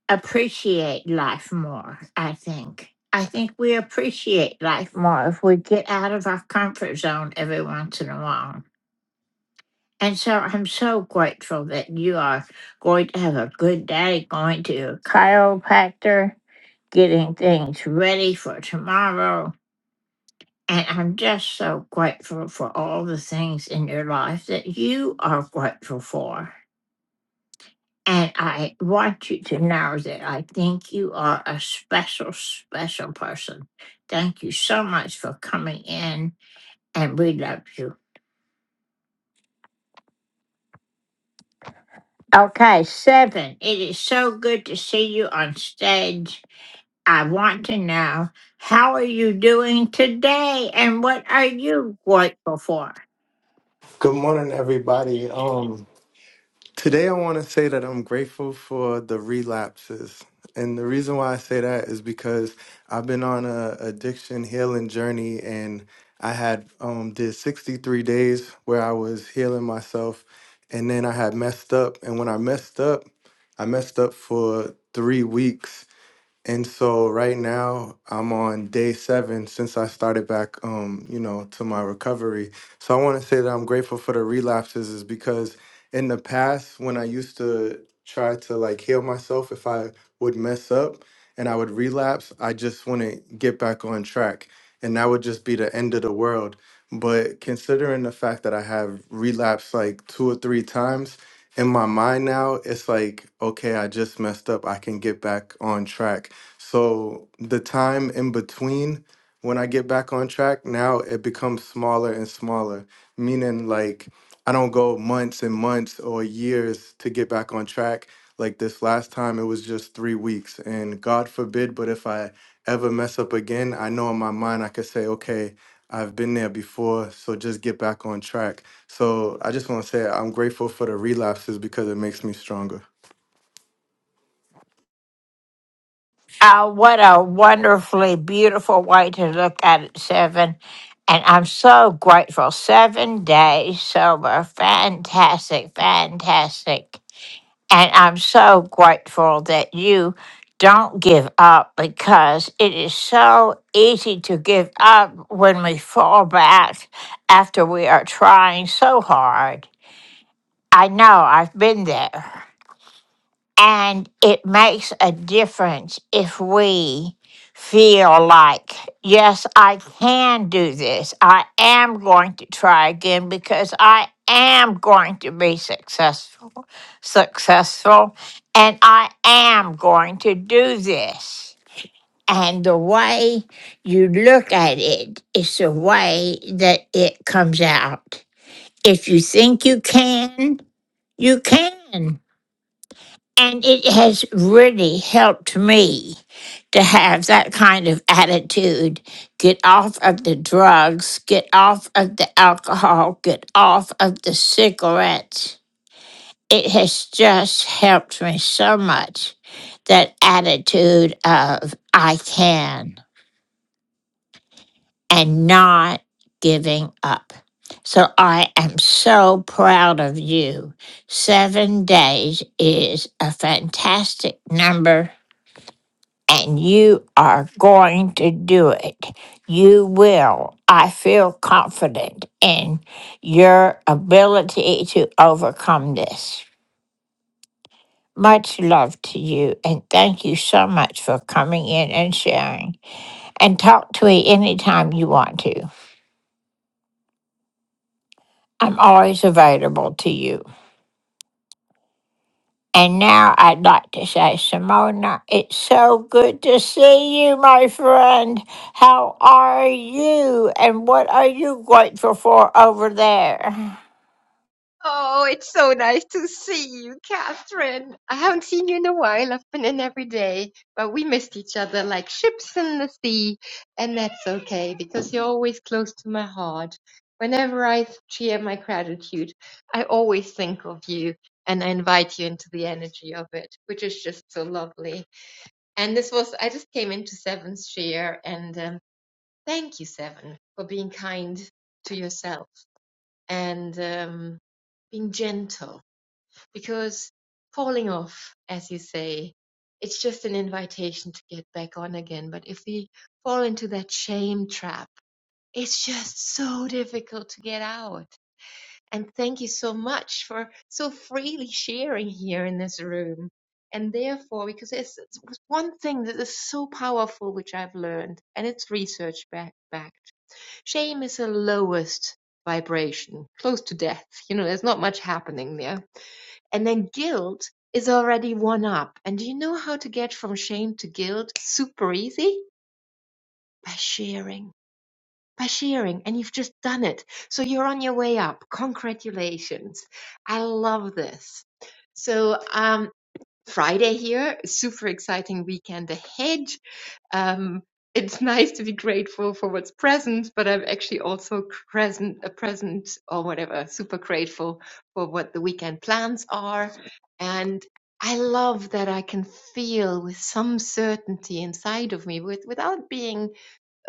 Speaker 4: appreciate life more, I think. I think we appreciate life more if we get out of our comfort zone every once in a while. And so I'm so grateful that you are going to have a good day, going to a chiropractor, getting things ready for tomorrow. And I'm just so grateful for all the things in your life that you are grateful for. And I want you to know that I think you are a special, special person. Thank you so much for coming in, and we love you. Okay, seven. It is so good to see you on stage. I want to know how are you doing today, and what are you grateful for?
Speaker 20: Good morning, everybody. Um, today I want to say that I'm grateful for the relapses. And the reason why I say that is because I've been on a addiction healing journey and I had um did 63 days where I was healing myself and then I had messed up and when I messed up, I messed up for 3 weeks and so right now I'm on day seven since I started back, um, you know, to my recovery. So I want to say that I'm grateful for the relapses is because in the past when I used to try to like heal myself, if I would mess up and I would relapse, I just wouldn't get back on track. And that would just be the end of the world. But considering the fact that I have relapsed like two or three times, in my mind now, it's like, okay, I just messed up. I can get back on track so the time in between when I get back on track, now it becomes smaller and smaller, meaning like I don't go months and months or years to get back on track. Like this last time, it was just three weeks. And God forbid, but if I ever mess up again, I know in my mind I could say, okay, I've been there before, so just get back on track. So I just want to say I'm grateful for the relapses because it makes me stronger.
Speaker 4: Oh, what a wonderfully beautiful way to look at it, Seven. And I'm so grateful. Seven days sober. Fantastic, fantastic. And I'm so grateful that you don't give up because it is so easy to give up when we fall back after we are trying so hard. I know I've been there. And it makes a difference if we feel like, yes, I can do this. I am going to try again because I am going to be successful, successful, and I am going to do this. And the way you look at it is the way that it comes out. If you think you can, you can. And it has really helped me to have that kind of attitude get off of the drugs, get off of the alcohol, get off of the cigarettes. It has just helped me so much that attitude of I can and not giving up. So I am so proud of you. Seven days is a fantastic number and you are going to do it. You will. I feel confident in your ability to overcome this. Much love to you, and thank you so much for coming in and sharing. And talk to me anytime you want to. I'm always available to you. And now I'd like to say, Simona, it's so good to see you, my friend. How are you? And what are you grateful for over there?
Speaker 21: Oh, it's so nice to see you, Catherine. I haven't seen you in a while. I've been in every day, but we missed each other like ships in the sea, and that's okay because you're always close to my heart. Whenever I share my gratitude, I always think of you and I invite you into the energy of it, which is just so lovely. And this was, I just came into Seven's share, and um, thank you, Seven, for being kind to yourself and um, being gentle because falling off, as you say, it's just an invitation to get back on again. But if we fall into that shame trap, it's just so difficult to get out. And thank you so much for so freely sharing here in this room. And therefore, because it's one thing that is so powerful, which I've learned, and it's research back, backed. Shame is the lowest vibration, close to death. You know, there's not much happening there and then guilt is already one up. And do you know how to get from shame to guilt? Super easy. By sharing. By sharing. And you've just done it. So you're on your way up. Congratulations. I love this. So, um, Friday here. Super exciting weekend ahead. Um, it's nice to be grateful for what's present, but I'm actually also present, a present or whatever, super grateful for what the weekend plans are. And I love that I can feel with some certainty inside of me with, without being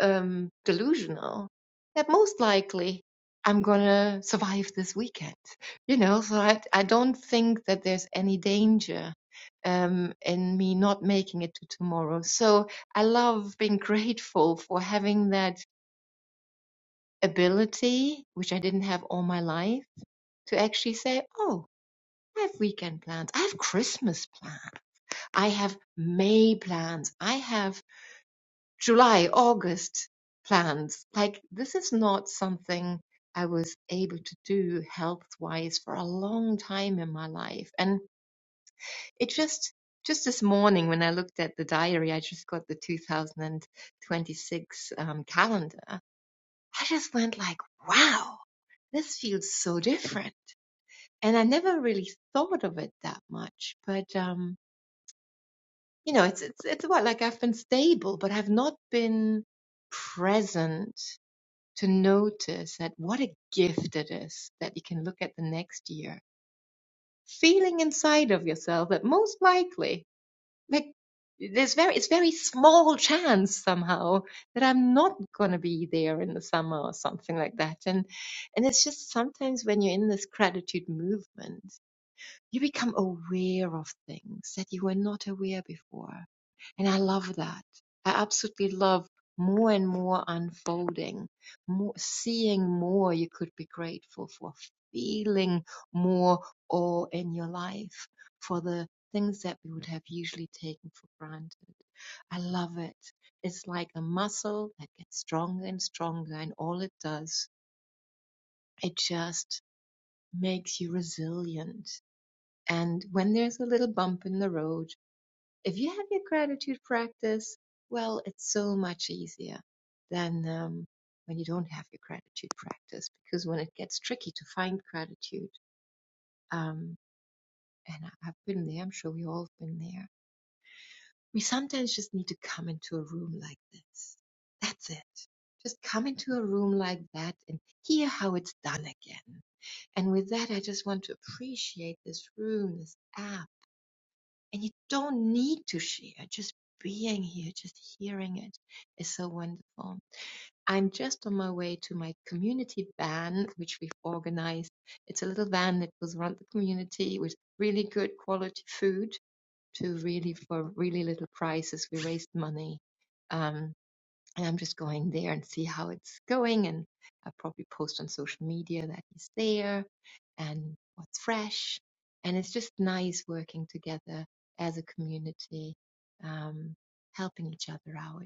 Speaker 21: um, delusional that most likely I'm gonna survive this weekend. You know, so I, I don't think that there's any danger um, in me not making it to tomorrow. So I love being grateful for having that ability, which I didn't have all my life, to actually say, oh, I have weekend plans. I have Christmas plans. I have May plans. I have July, August plans. Like, this is not something I was able to do health wise for a long time in my life. And it just, just this morning when I looked at the diary, I just got the 2026 um, calendar. I just went like, wow, this feels so different. And I never really thought of it that much, but, um, you know, it's, it's, it's what, like I've been stable, but I've not been present to notice that what a gift it is that you can look at the next year, feeling inside of yourself that most likely, like there's very it's very small chance somehow that I'm not gonna be there in the summer or something like that. And and it's just sometimes when you're in this gratitude movement you become aware of things that you were not aware before. And I love that. I absolutely love more and more unfolding, more seeing more you could be grateful for, feeling more awe in your life for the things that we would have usually taken for granted. I love it. It's like a muscle that gets stronger and stronger, and all it does, it just makes you resilient and when there's a little bump in the road, if you have your gratitude practice, well, it's so much easier than um, when you don't have your gratitude practice. Because when it gets tricky to find gratitude, um, and I- I've been there, I'm sure we all have been there, we sometimes just need to come into a room like this. That's it. Just come into a room like that and hear how it's done again. And with that, I just want to appreciate this room, this app and you don't need to share. Just being here, just hearing it is so wonderful. I'm just on my way to my community van, which we've organized. It's a little van that goes around the community with really good quality food to really, for really little prices. We raised money. Um, and I'm just going there and see how it's going. And i probably post on social media that he's there and what's fresh. And it's just nice working together as a community, um, helping each other out.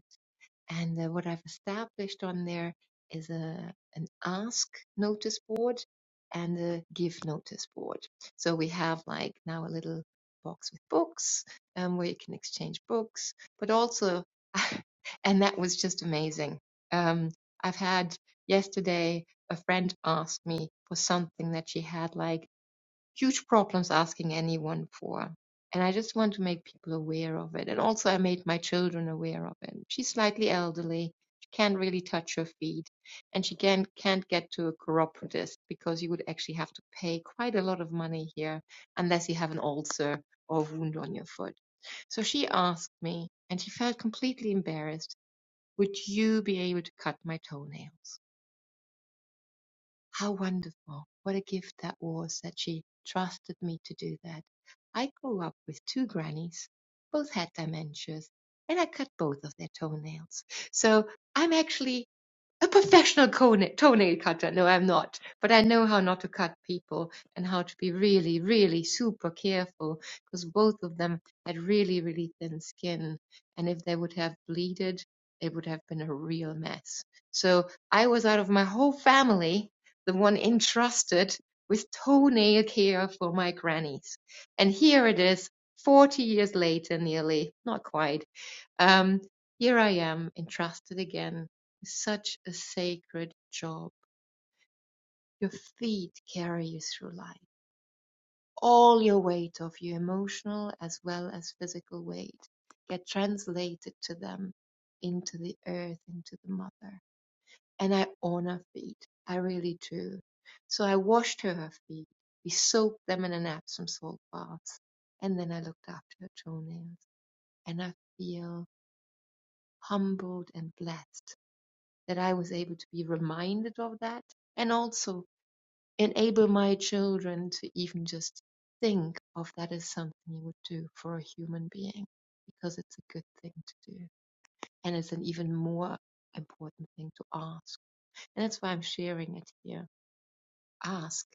Speaker 21: And uh, what I've established on there is a an ask notice board and a give notice board. So we have like now a little box with books um, where you can exchange books, but also, and that was just amazing. Um, I've had yesterday a friend asked me for something that she had like huge problems asking anyone for. And I just want to make people aware of it. And also, I made my children aware of it. She's slightly elderly. She can't really touch her feet. And she can, can't get to a chiropodist because you would actually have to pay quite a lot of money here unless you have an ulcer or a wound on your foot. So she asked me, and she felt completely embarrassed, would you be able to cut my toenails? How wonderful. What a gift that was that she trusted me to do that. I grew up with two grannies, both had dementias, and I cut both of their toenails. So I'm actually a professional toenail cutter. No, I'm not. But I know how not to cut people and how to be really, really super careful because both of them had really, really thin skin. And if they would have bleeded, it would have been a real mess. So I was out of my whole family, the one entrusted with toenail care for my grannies. And here it is, 40 years later, nearly, not quite. Um, here I am, entrusted again with such a sacred job. Your feet carry you through life. All your weight of your emotional as well as physical weight get translated to them into the earth, into the mother. And I honor feet. I really do. So I washed her, her feet. We soaked them in an Epsom salt bath. And then I looked after her toenails. And I feel humbled and blessed that I was able to be reminded of that and also enable my children to even just think of that as something you would do for a human being because it's a good thing to do and it's an even more important thing to ask. And that's why I'm sharing it here. Ask,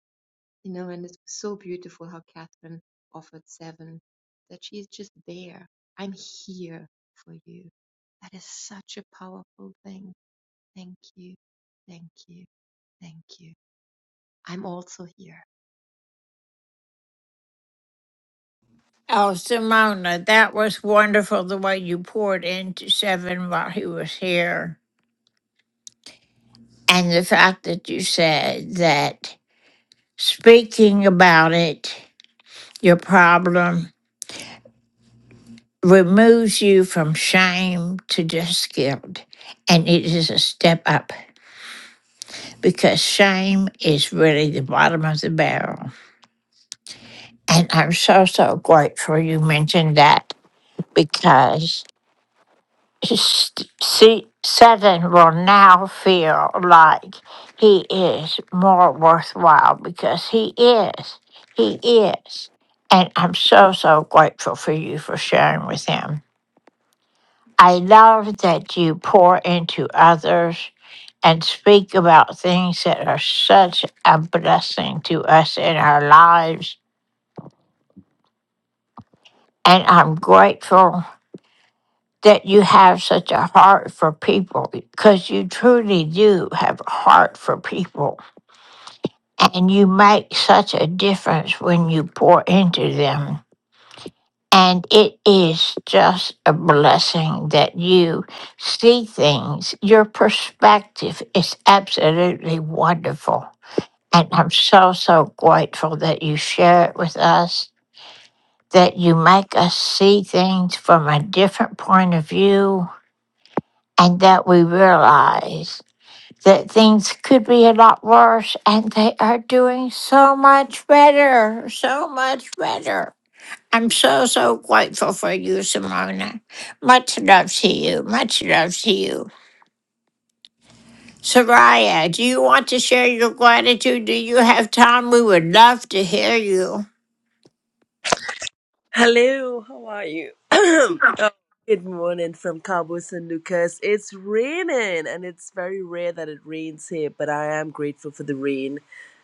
Speaker 21: you know, and it's so beautiful how Catherine offered seven that she's just there. I'm here for you. That is such a powerful thing. Thank you. Thank you. Thank you. I'm also here.
Speaker 4: Oh, Simona, that was wonderful the way you poured into Seven while he was here. And the fact that you said that speaking about it, your problem, removes you from shame to just guilt. And it is a step up because shame is really the bottom of the barrel. And I'm so, so grateful you mentioned that because s- see, Satan will now feel like he is more worthwhile because he is. He is. And I'm so, so grateful for you for sharing with him. I love that you pour into others and speak about things that are such a blessing to us in our lives. And I'm grateful that you have such a heart for people because you truly do have a heart for people. And you make such a difference when you pour into them. And it is just a blessing that you see things. Your perspective is absolutely wonderful. And I'm so, so grateful that you share it with us, that you make us see things from a different point of view, and that we realize that things could be a lot worse and they are doing so much better, so much better. I'm so, so grateful for you, Simona. Much love to you. Much love to you. Soraya, do you want to share your gratitude? Do you have time? We would love to hear you.
Speaker 22: Hello, how are you? oh, good morning from Cabo San Lucas. It's raining, and it's very rare that it rains here, but I am grateful for the rain,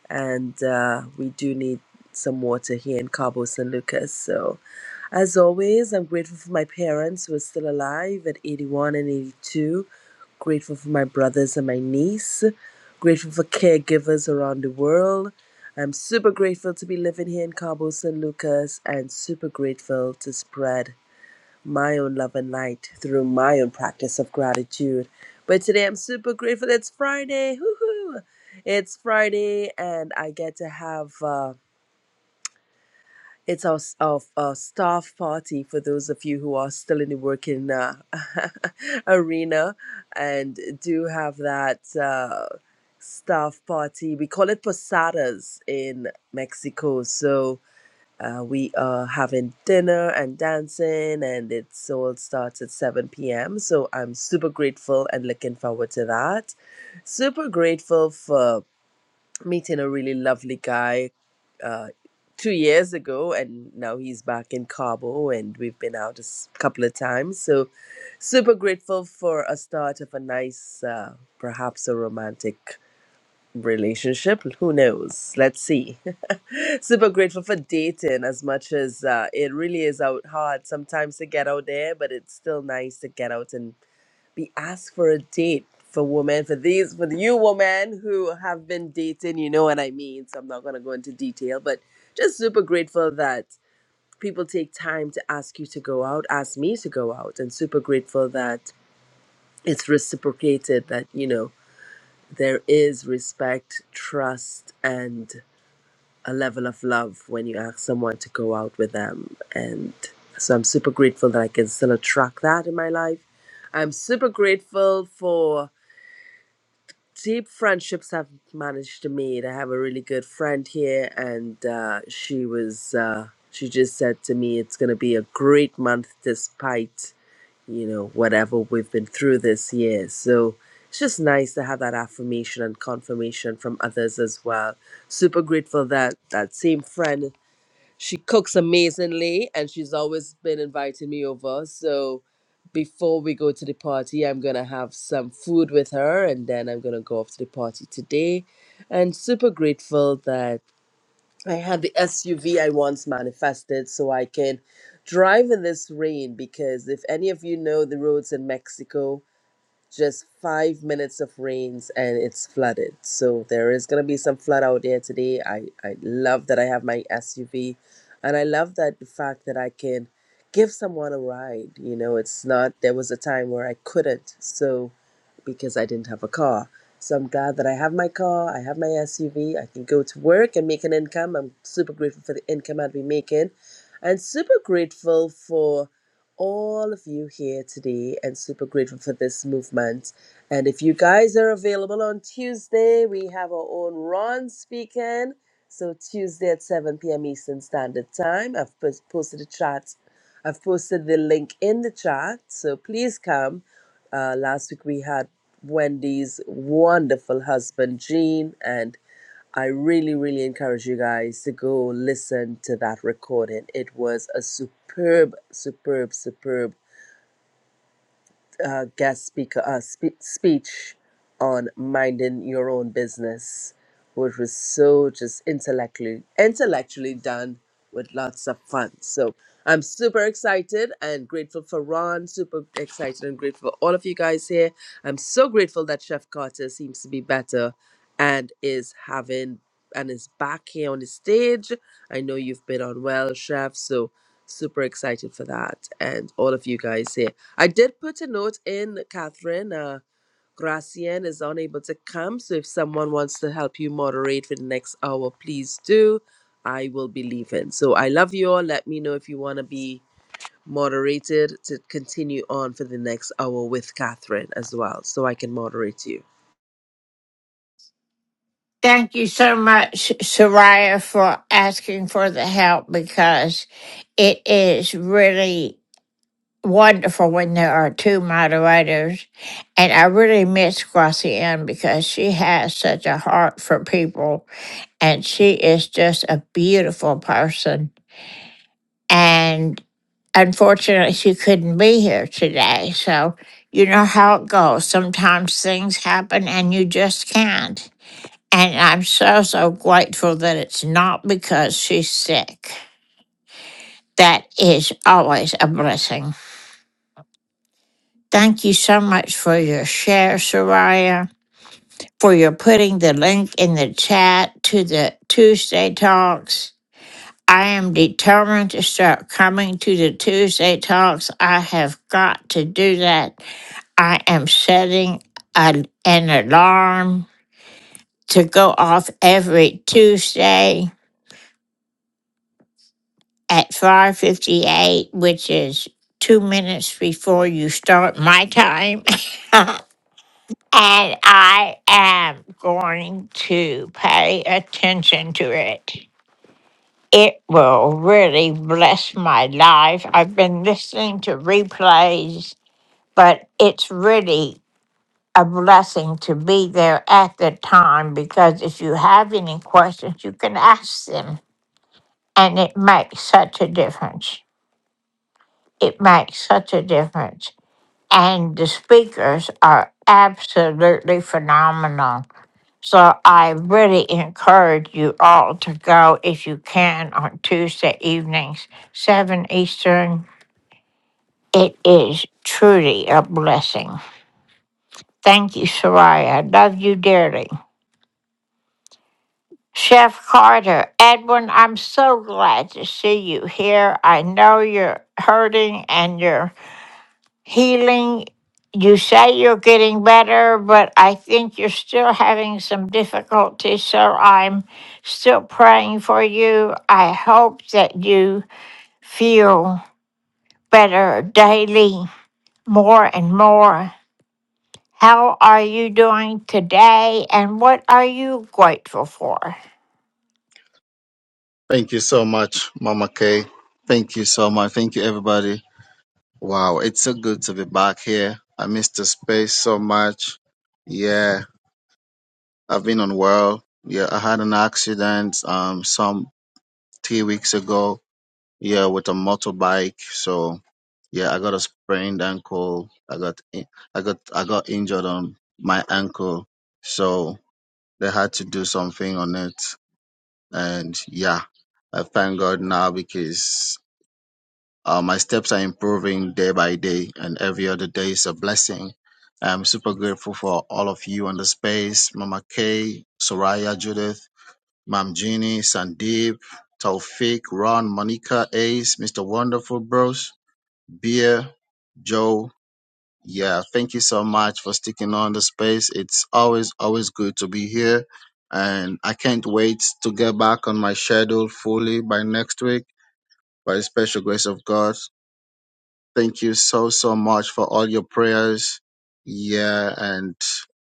Speaker 22: and uh, we do need some water here in Cabo San Lucas. So. As always, I'm grateful for my parents who are still alive at 81 and 82. Grateful for my brothers and my niece. Grateful for caregivers around the world. I'm super grateful to be living here in Cabo San Lucas and super grateful to spread my own love and light through my own practice of gratitude. But today I'm super grateful it's Friday. Hoo-hoo. It's Friday and I get to have. uh, it's our, s- our, our staff party for those of you who are still in the working uh, arena and do have that uh, staff party. We call it posadas in Mexico. So uh, we are having dinner and dancing, and it all starts at 7 p.m. So I'm super grateful and looking forward to that. Super grateful for meeting a really lovely guy uh, two years ago, and now he's back in Cabo, and we've been out a s- couple of times. So, super grateful for a start of a nice, uh, perhaps a romantic relationship. Who knows? Let's see. super grateful for dating as much as uh, it really is out hard sometimes to get out there, but it's still nice to get out and be asked for a date for women for these for you women who have been dating you know what i mean so i'm not going to go into detail but just super grateful that people take time to ask you to go out ask me to go out and super grateful that it's reciprocated that you know there is respect trust and a level of love when you ask someone to go out with them and so i'm super grateful that i can still attract that in my life i'm super grateful for deep friendships I've managed to meet. I have a really good friend here, and uh, she was uh, she just said to me, "It's going to be a great month, despite you know whatever we've been through this year." So it's just nice to have that affirmation and confirmation from others as well. Super grateful that that same friend she cooks amazingly and she's always been inviting me over so before we go to the party i'm gonna have some food with her and then i'm gonna go off to the party today and super grateful that i had the suv i once manifested so i can drive in this rain because if any of you know the roads in mexico just five minutes of rains and it's flooded. So there is going to be some flood out there today. I, I love that I have my SUV and I love that the fact that I can give someone a ride. You know, it's not, there was a time where I couldn't. So, because I didn't have a car. So I'm glad that I have my car, I have my SUV, I can go to work and make an income. I'm super grateful for the income I've been making and super grateful for all of you here today and super grateful for this movement. And if you guys are available on Tuesday, we have our own Ron speaking. So Tuesday at 7 p.m. Eastern Standard Time. I've pos- posted a chat. I've posted the link in the chat. So please come uh, last week we had Wendy's wonderful husband, Gene, and I really, really encourage you guys to go listen to that recording. It was a superb, superb, superb uh, guest speaker uh, spe- speech on minding your own business, which was so just intellectually intellectually done with lots of fun. So I'm super excited and grateful for Ron. Super excited and grateful for all of you guys here. I'm so grateful that Chef Carter seems to be better and is having and is back here on the stage. I know you've been on well, Chef. So super excited for that and all of you guys here. I did put a note in, Catherine. Uh, Gracien is unable to come, so if someone wants to help you moderate for the next hour, please do. I will be leaving. So I love you all. Let me know if you want to be moderated to continue on for the next hour with Catherine as well, so I can moderate you.
Speaker 4: Thank you so much, Soraya, for asking for the help because it is really wonderful when there are two moderators. And I really miss Gracianne because she has such a heart for people and she is just a beautiful person. And unfortunately, she couldn't be here today. So, you know how it goes. Sometimes things happen and you just can't. And I'm so, so grateful that it's not because she's sick. That is always a blessing. Thank you so much for your share, Soraya, for your putting the link in the chat to the Tuesday talks I am determined to start coming to the Tuesday talks. I have got to do that. I am setting an, an alarm to go off every Tuesday at 5:58, which is 2 minutes before you start my time. and I am going to pay attention to it. It will really bless my life. I've been listening to replays, but it's really a blessing to be there at the time because if you have any questions, you can ask them. And it makes such a difference. It makes such a difference. And the speakers are absolutely phenomenal. So I really encourage you all to go if you can on Tuesday evenings, 7 Eastern. It is truly a blessing. Thank you, Soraya. I love you dearly. Chef Carter, Edwin, I'm so glad to see you here. I know you're hurting and you're healing. You say you're getting better, but I think you're still having some difficulty, so I'm still praying for you. I hope that you feel better daily, more and more. How are you doing today and what are you grateful for?
Speaker 23: Thank you so much, Mama Kay. Thank you so much. Thank you, everybody. Wow, it's so good to be back here. I missed the space so much. Yeah, I've been unwell. Yeah, I had an accident um some three weeks ago. Yeah, with a motorbike. So yeah, I got a sprained ankle. I got in- I got I got injured on my ankle. So they had to do something on it. And yeah, I thank God now because Uh, my steps are improving day by day, and every other day is a blessing. I'm super grateful for all of you on the space Mama Kay, Soraya, Judith, Mam Jeannie, Sandeep, Taufik, Ron, Monica, Ace, Mr. Wonderful Bros, Beer, Joe. Yeah, thank you so much for sticking on the space. It's always, always good to be here. And I can't wait to get back on my schedule fully by next week by the special grace of God. Thank you so, so much for all your prayers. Yeah, and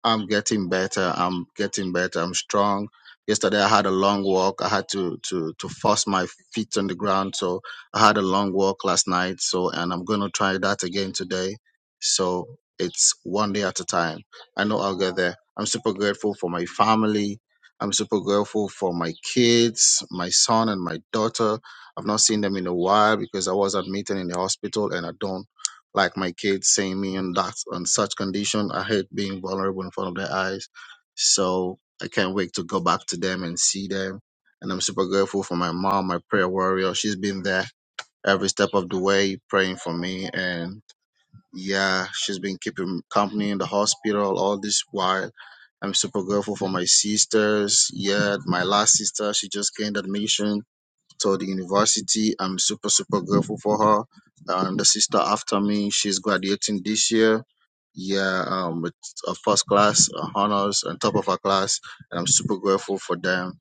Speaker 23: I'm getting better. I'm getting better. I'm strong. Yesterday I had a long walk. I had to to to force my feet on the ground. So I had a long walk last night. So and I'm gonna try that again today. So it's one day at a time. I know I'll get there. I'm super grateful for my family. I'm super grateful for my kids, my son and my daughter. I've not seen them in a while because I was admitted in the hospital and I don't like my kids seeing me in that on such condition. I hate being vulnerable in front of their eyes. So I can't wait to go back to them and see them. And I'm super grateful for my mom, my prayer warrior. She's been there every step of the way praying for me. And yeah, she's been keeping company in the hospital all this while. I'm super grateful for my sisters. Yeah, my last sister, she just gained admission to the university. I'm super, super grateful for her. And the sister after me, she's graduating this year. Yeah, um, with a first class uh, honors on top of her class, and I'm super grateful for them.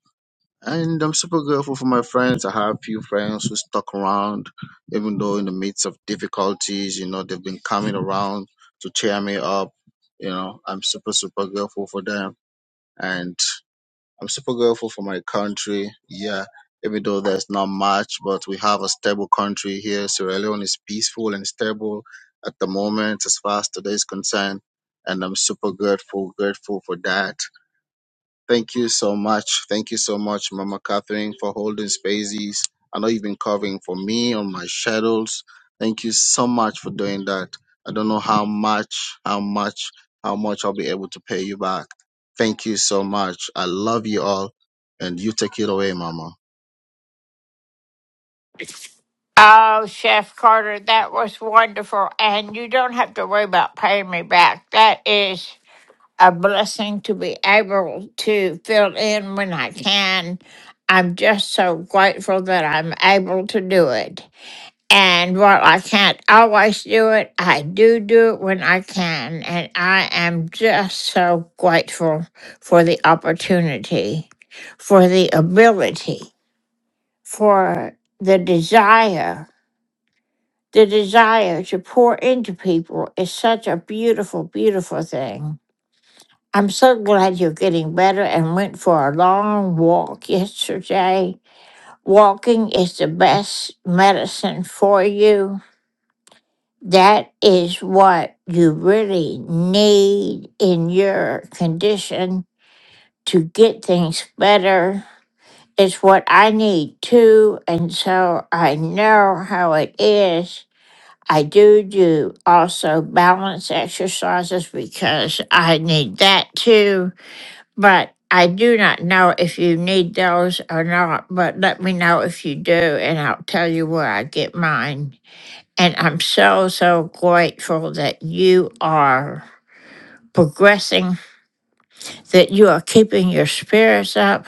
Speaker 23: And I'm super grateful for my friends. I have few friends who stuck around, even though in the midst of difficulties, you know, they've been coming around to cheer me up. You know, I'm super, super grateful for them. And I'm super grateful for my country. Yeah, even though there's not much, but we have a stable country here. Sierra Leone is peaceful and stable at the moment, as far as today is concerned. And I'm super grateful, grateful for that. Thank you so much. Thank you so much, Mama Catherine, for holding spaces. I know you've been covering for me on my shadows. Thank you so much for doing that. I don't know how much, how much, how much I'll be able to pay you back. Thank you so much. I love you all. And you take it away, Mama.
Speaker 4: Oh, Chef Carter, that was wonderful. And you don't have to worry about paying me back. That is a blessing to be able to fill in when I can. I'm just so grateful that I'm able to do it. And while I can't always do it, I do do it when I can. And I am just so grateful for the opportunity, for the ability, for the desire. The desire to pour into people is such a beautiful, beautiful thing. I'm so glad you're getting better and went for a long walk yesterday. Walking is the best medicine for you That is what you really need in your condition to get things better. It's what I need too. And so I know how it is. I do do also balance exercises because I need that too. But I do not know if you need those or not. But let me know if you do, and I'll tell you where I get mine. And I'm so, so grateful that you are progressing, that you are keeping your spirits up,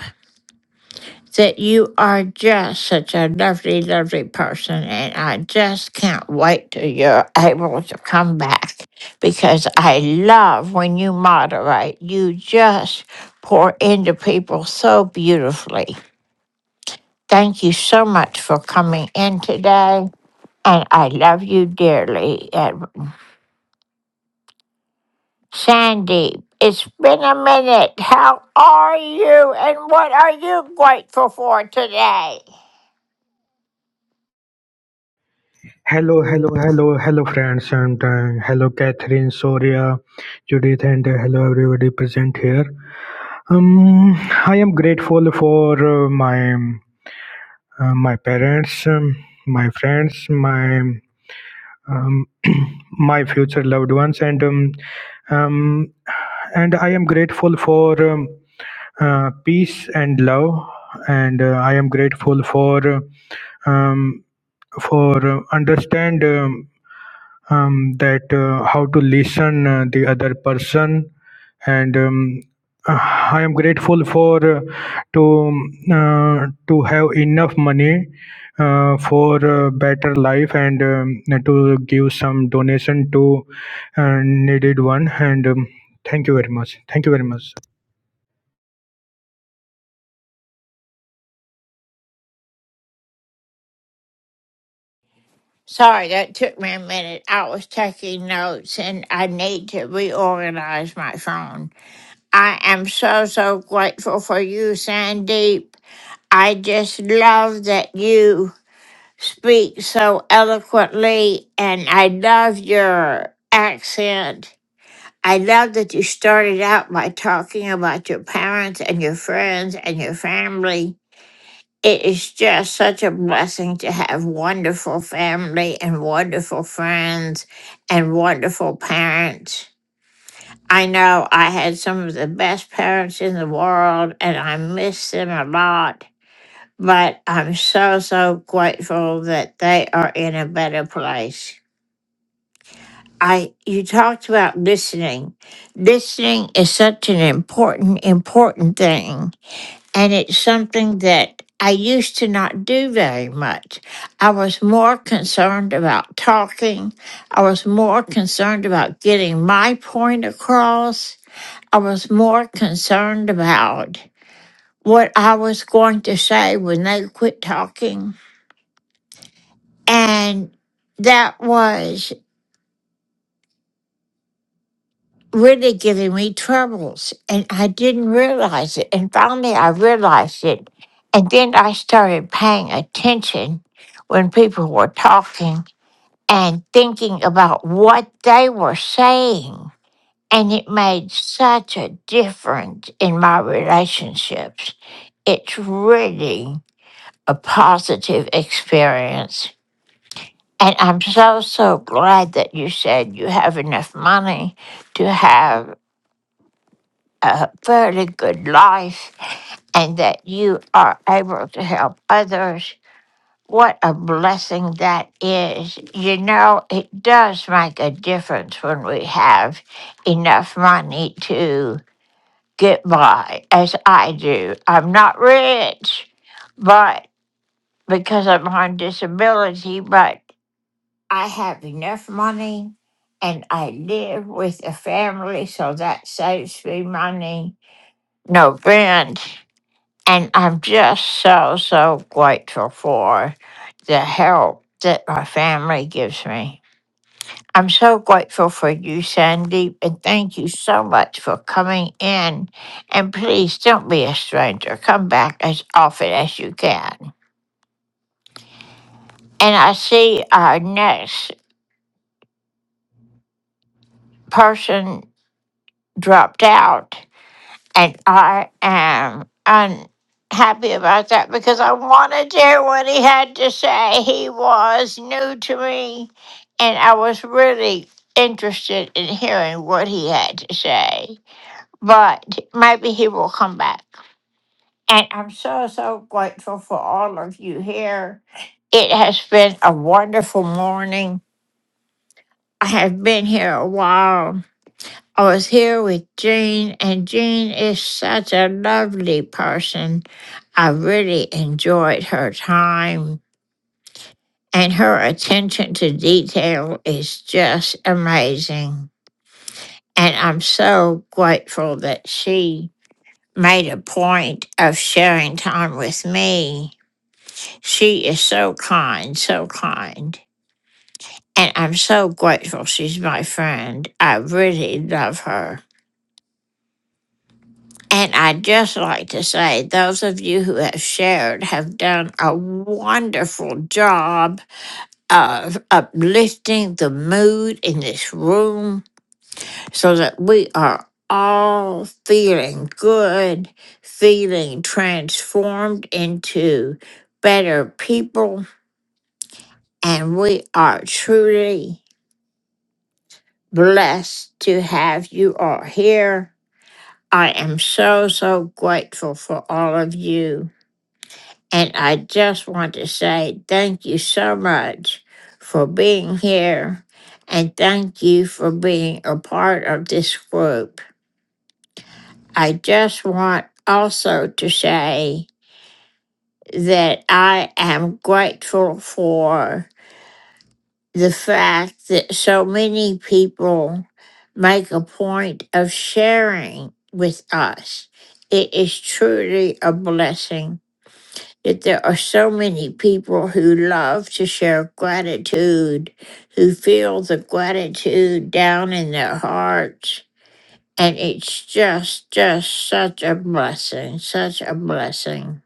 Speaker 4: that you are just such a lovely, lovely person. And I just can't wait till you're able to come back because I love when you moderate. You just pour into people so beautifully. Thank you so much for coming in today. And I love you dearly. And Sandy, it's been a minute. How are you and what are you grateful for today?
Speaker 24: Hello, hello, hello, hello, friends. Sometime, hello, Catherine, Soria, Judith, and uh, hello, everybody present here. Um, I am grateful for uh, my uh, my parents, um, my friends, my um, my future loved ones, and um, um, and I am grateful for um, uh, peace and love, and uh, I am grateful for uh, um, for uh, understand. um, um, that uh, how to listen uh, the other person and um, uh, i am grateful for uh, to uh, to have enough money uh, for a better life and um, to give some donation to uh, needed one and um, thank you very much thank you very much
Speaker 4: Sorry, that took me a minute. I was taking notes and I need to reorganize my phone. I am so, so grateful for you, Sandeep. I just love that you speak so eloquently and I love your accent. I love that you started out by talking about your parents and your friends and your family. It is just such a blessing to have wonderful family and wonderful friends and wonderful parents. I know I had some of the best parents in the world and I miss them a lot, but I'm so, so grateful that they are in a better place. I you talked about listening. Listening is such an important important thing and it's something that I used to not do very much. I was more concerned about talking. I was more concerned about getting my point across. I was more concerned about what I was going to say when they quit talking. And that was really giving me troubles and I didn't realize it. And finally I realized it. And then I started paying attention when people were talking and thinking about what they were saying. And it made such a difference in my relationships. It's really a positive experience. And I'm so, so glad that you said you have enough money to have a fairly good life and that you are able to help others. What a blessing that is. You know, it does make a difference when we have enough money to get by, as I do. I'm not rich, but because I'm on disability, but I have enough money and I live with a family, so that saves me money. No rent. And I'm just so, so grateful for the help that my family gives me. I'm so grateful for you, Sandeep, and thank you so much for coming in. And please don't be a stranger. Come back as often as you can. And I see our next person dropped out. And I am unhappy about that because I wanted to hear what he had to say. He was new to me, and I was really interested in hearing what he had to say. But maybe he will come back. And I'm so, so grateful for all of you here. It has been a wonderful morning. I have been here a while I was here with Jean, and Jean is such a lovely person. I really enjoyed her time, and her attention to detail is just amazing. And I'm so grateful that she made a point of sharing time with me. She is so kind, so kind. And I'm so grateful she's my friend. I really love her. And I'd just like to say, those of you who have shared have done a wonderful job of uplifting the mood in this room so that we are all feeling good, feeling transformed into better people. And we are truly blessed to have you all here. I am so, so grateful for all of you. And I just want to say thank you so much for being here and thank you for being a part of this group. I just want also to say that I am grateful for the fact that so many people make a point of sharing with us. It is truly a blessing that there are so many people who love to share gratitude, who feel the gratitude down in their hearts. And it's just, just such a blessing, such a blessing.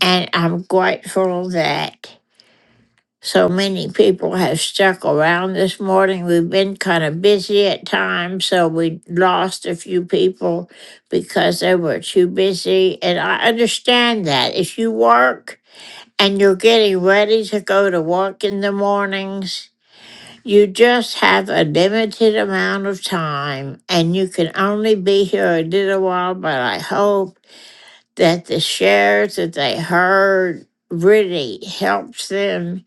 Speaker 4: And I'm grateful that so many people have stuck around this morning. We've been kind of busy at times, so we lost a few people because they were too busy. And I understand that. If you work, and you're getting ready to go to work in the mornings, you just have a limited amount of time and you can only be here a little while. But I hope that the shares that they heard really helps them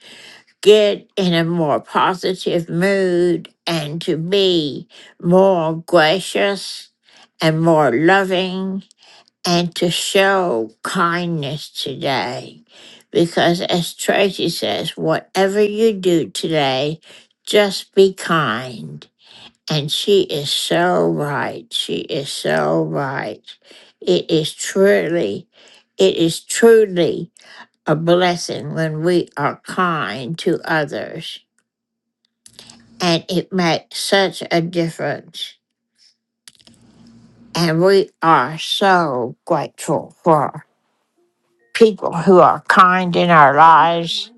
Speaker 4: get in a more positive mood and to be more gracious and more loving and to show kindness today. Because as Tracy says, whatever you do today, just be kind. And she is so right. She is so right. It is truly, it is truly a blessing when we are kind to others. And it makes such a difference. And we are so grateful for people who are kind in our lives.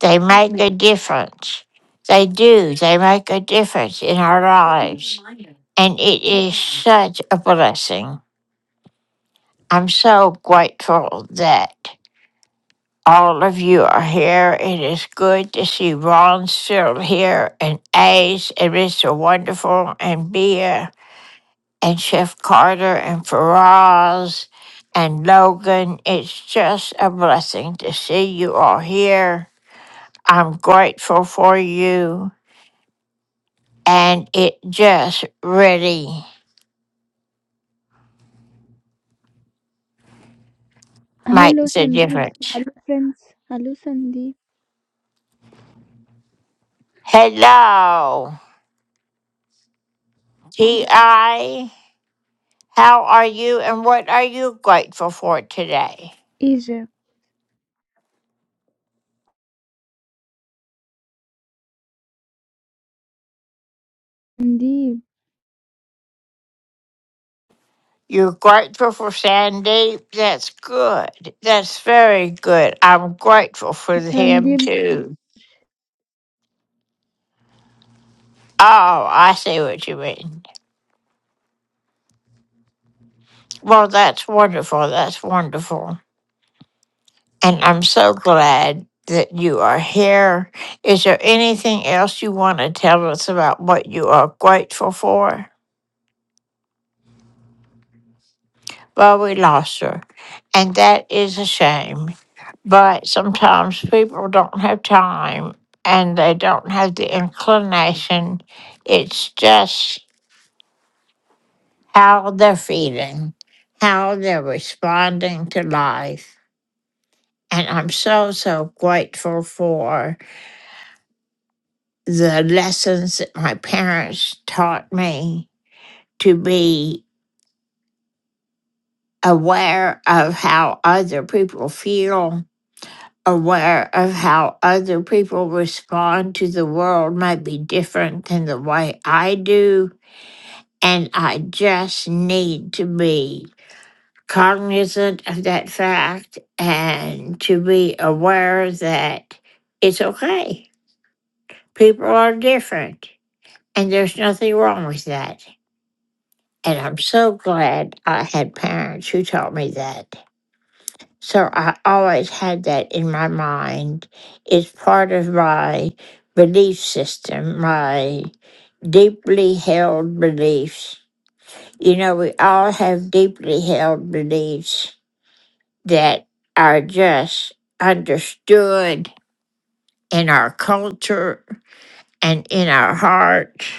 Speaker 4: They make a difference. They do. They make a difference in our lives. And it is such a blessing. I'm so grateful that all of you are here. It is good to see Ron still here and Ace and Mr. Wonderful and Bea and Chef Carter and Faraz and Logan. It's just a blessing to see you all here. I'm grateful for you, and it just really
Speaker 25: Hello
Speaker 4: makes a
Speaker 25: Sandeep.
Speaker 4: difference.
Speaker 25: Hello friends. Hello Sandeep.
Speaker 4: Hello, T.I. How are you, and what are you grateful for today?
Speaker 25: Asia. Sandeep.
Speaker 4: You're grateful for Sandy? That's good. That's very good. I'm grateful for him
Speaker 25: Sandeep.
Speaker 4: too. Oh, I see what you mean. Well, that's wonderful. That's wonderful. And I'm so glad that you are here. Is there anything else you want to tell us about what you are grateful for? Well, we lost her, and that is a shame. But sometimes people don't have time and they don't have the inclination. It's just how they're feeling, how they're responding to life. And I'm so, so grateful for the lessons that my parents taught me to be aware of how other people feel, aware of how other people respond to the world may be different than the way I do. And I just need to be cognizant of that fact and to be aware that it's okay. People are different And there's nothing wrong with that. And I'm so glad I had parents who taught me that. So I always had that in my mind. It's part of my belief system, my deeply held beliefs. You know, we all have deeply held beliefs that are just understood in our culture and in our heart.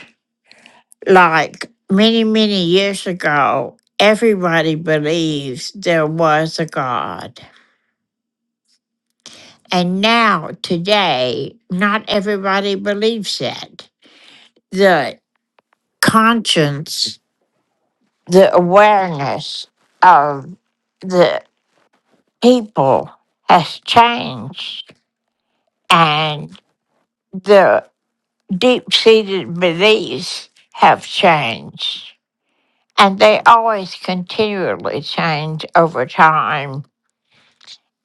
Speaker 4: like many, many years ago, everybody believes there was a God. And now, today, not everybody believes it. The conscience, the awareness of the people has changed, and the deep seated beliefs have changed. And they always continually change over time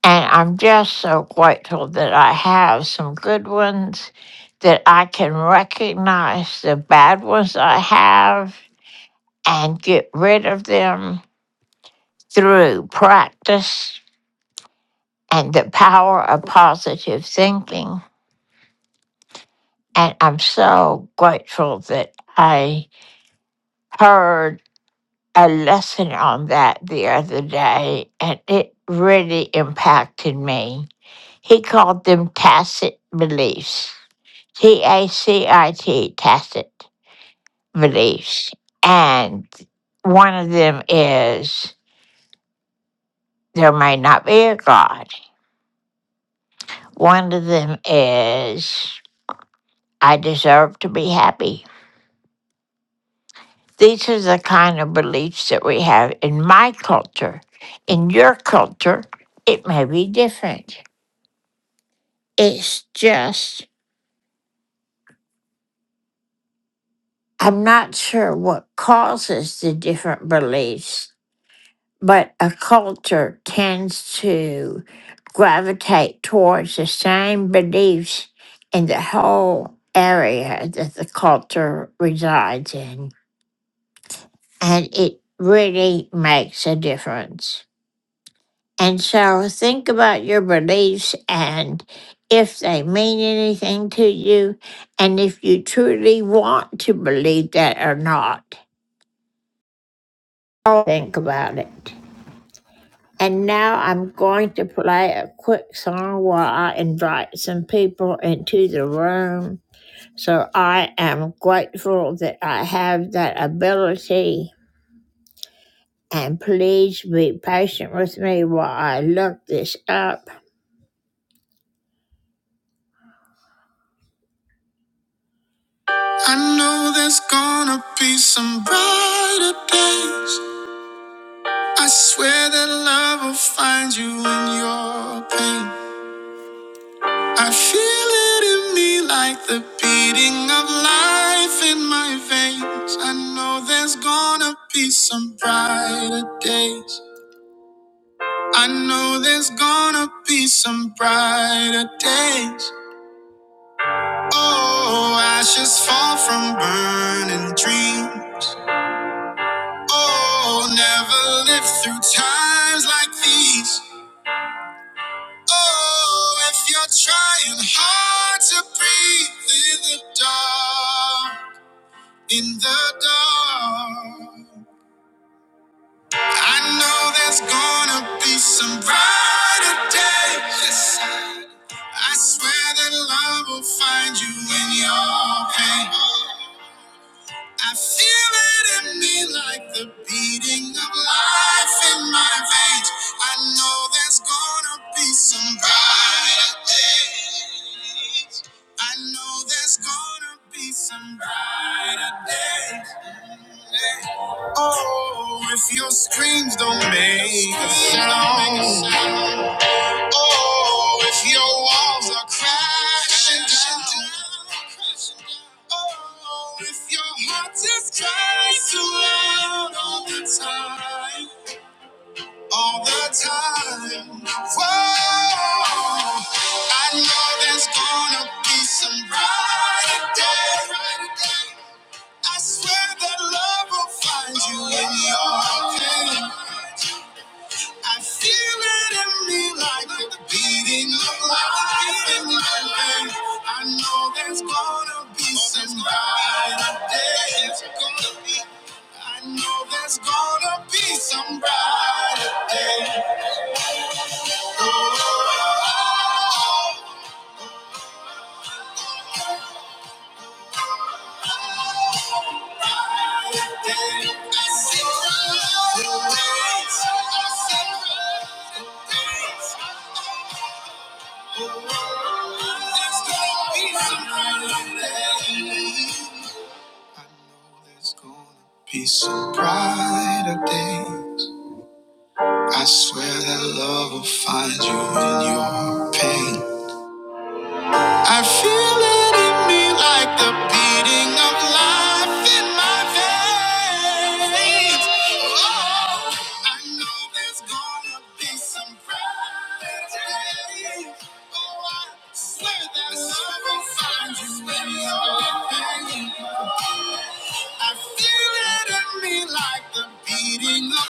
Speaker 4: And I'm just so grateful that I have some good ones, that I can recognize the bad ones I have and get rid of them through practice and the power of positive thinking. And I'm so grateful that I heard a lesson on that the other day, and it really impacted me. He called them tacit beliefs TACIT tacit beliefs. And one of them is there may not be a God. One of them is I deserve to be happy. These are the kind of beliefs that we have in my culture. In your culture, it may be different. It's just, I'm not sure what causes the different beliefs but a culture tends to gravitate towards the same beliefs in the whole area that the culture resides in. And it really makes a difference. And so think about your beliefs and if they mean anything to you, and if you truly want to believe that or not. Think about it. And now I'm going to play a quick song while I invite some people into the room. So I am grateful that I have that ability. And please be patient with me while I look this up. I know there's gonna be some brighter days. I swear that love will find you in your pain. I feel it in me like the beating of life in my veins. I know there's gonna be some brighter days. I know there's gonna be some brighter days. Oh, ashes fall from burning dreams. Oh, never live through times like these. Oh, if you're trying hard to breathe in the dark. In the dark, I know there's gonna be some brighter day. Yes. I swear that love will find you in your pain. I feel it in me like the beating of life in my veins. I know there's gonna be some brighter days. I know there's gonna be some brighter days. Oh, if your screams don't make a sound. Oh, if your walls are crashing down. Oh, if your heart just cries too loud all the time, all the time. Whoa, I know there's gonna be some brighter day. I swear that love will find you in your pain. I feel it in me like the beating of life in my veins. I know there's gonna be some brighter days. Gonna be, I know there's gonna be some brighter days. Oh, oh, oh, brighter days. I see brighter days. I see brighter days. There's gonna be some brighter days. I know there's gonna be some brighter days. I swear that love will find you in your pain. I feel it in me like the beating of life in my veins. Oh, I know there's gonna be some bright day. Oh, I swear that love will find you when you're in pain. I feel it in me like the beating of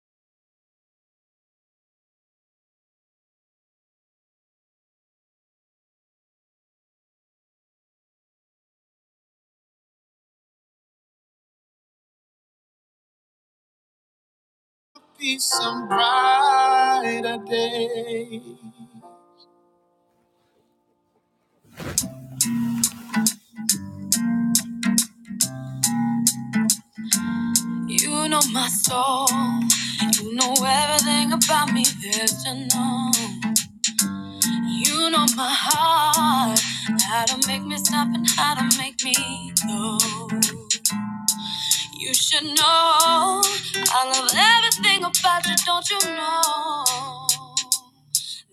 Speaker 4: be some brighter day. You know my soul. You know everything about me there's to know. You know my heart. How to make me stop and how to make me go. You should know. I love everything about you, don't you know?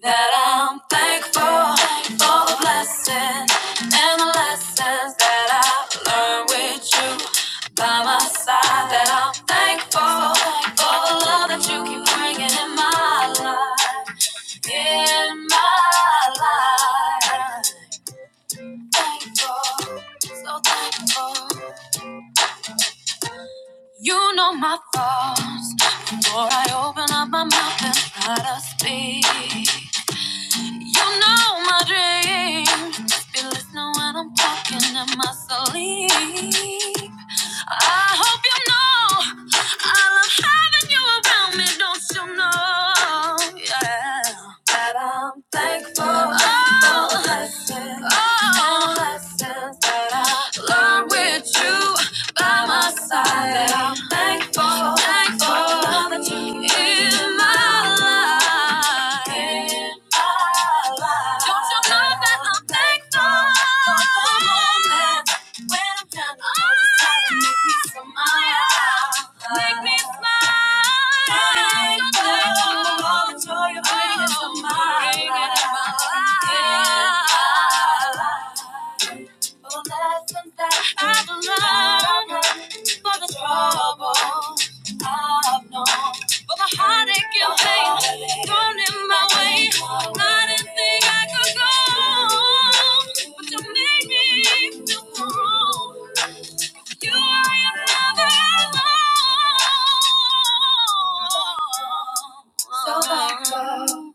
Speaker 4: That I'm thankful for the blessings and the lessons that I've learned with you by my side. That I'm thankful for the love that you keep bringing in my life, in my life. Thankful, so thankful. You know my thoughts before I open up my mouth and try to speak. You know my dreams. Be listening when I'm talking in my sleep. I hope you know I love having you around me. Don't you know? Yeah. That I'm thankful oh. for the blessings, oh. and lessons that I learned with you by my side. That I'm thankful, thankful for the you in my life. Don't you love that I'm thankful for the moments when I'm down to make me smile? Make me smile. Thankful for all the joy you're bringing my life. For lessons that I've learned, for the trouble I've known. All the heartache and pain thrown in my way. I didn't think I could go, but you made me feel wrong. You are another alone. So thankful.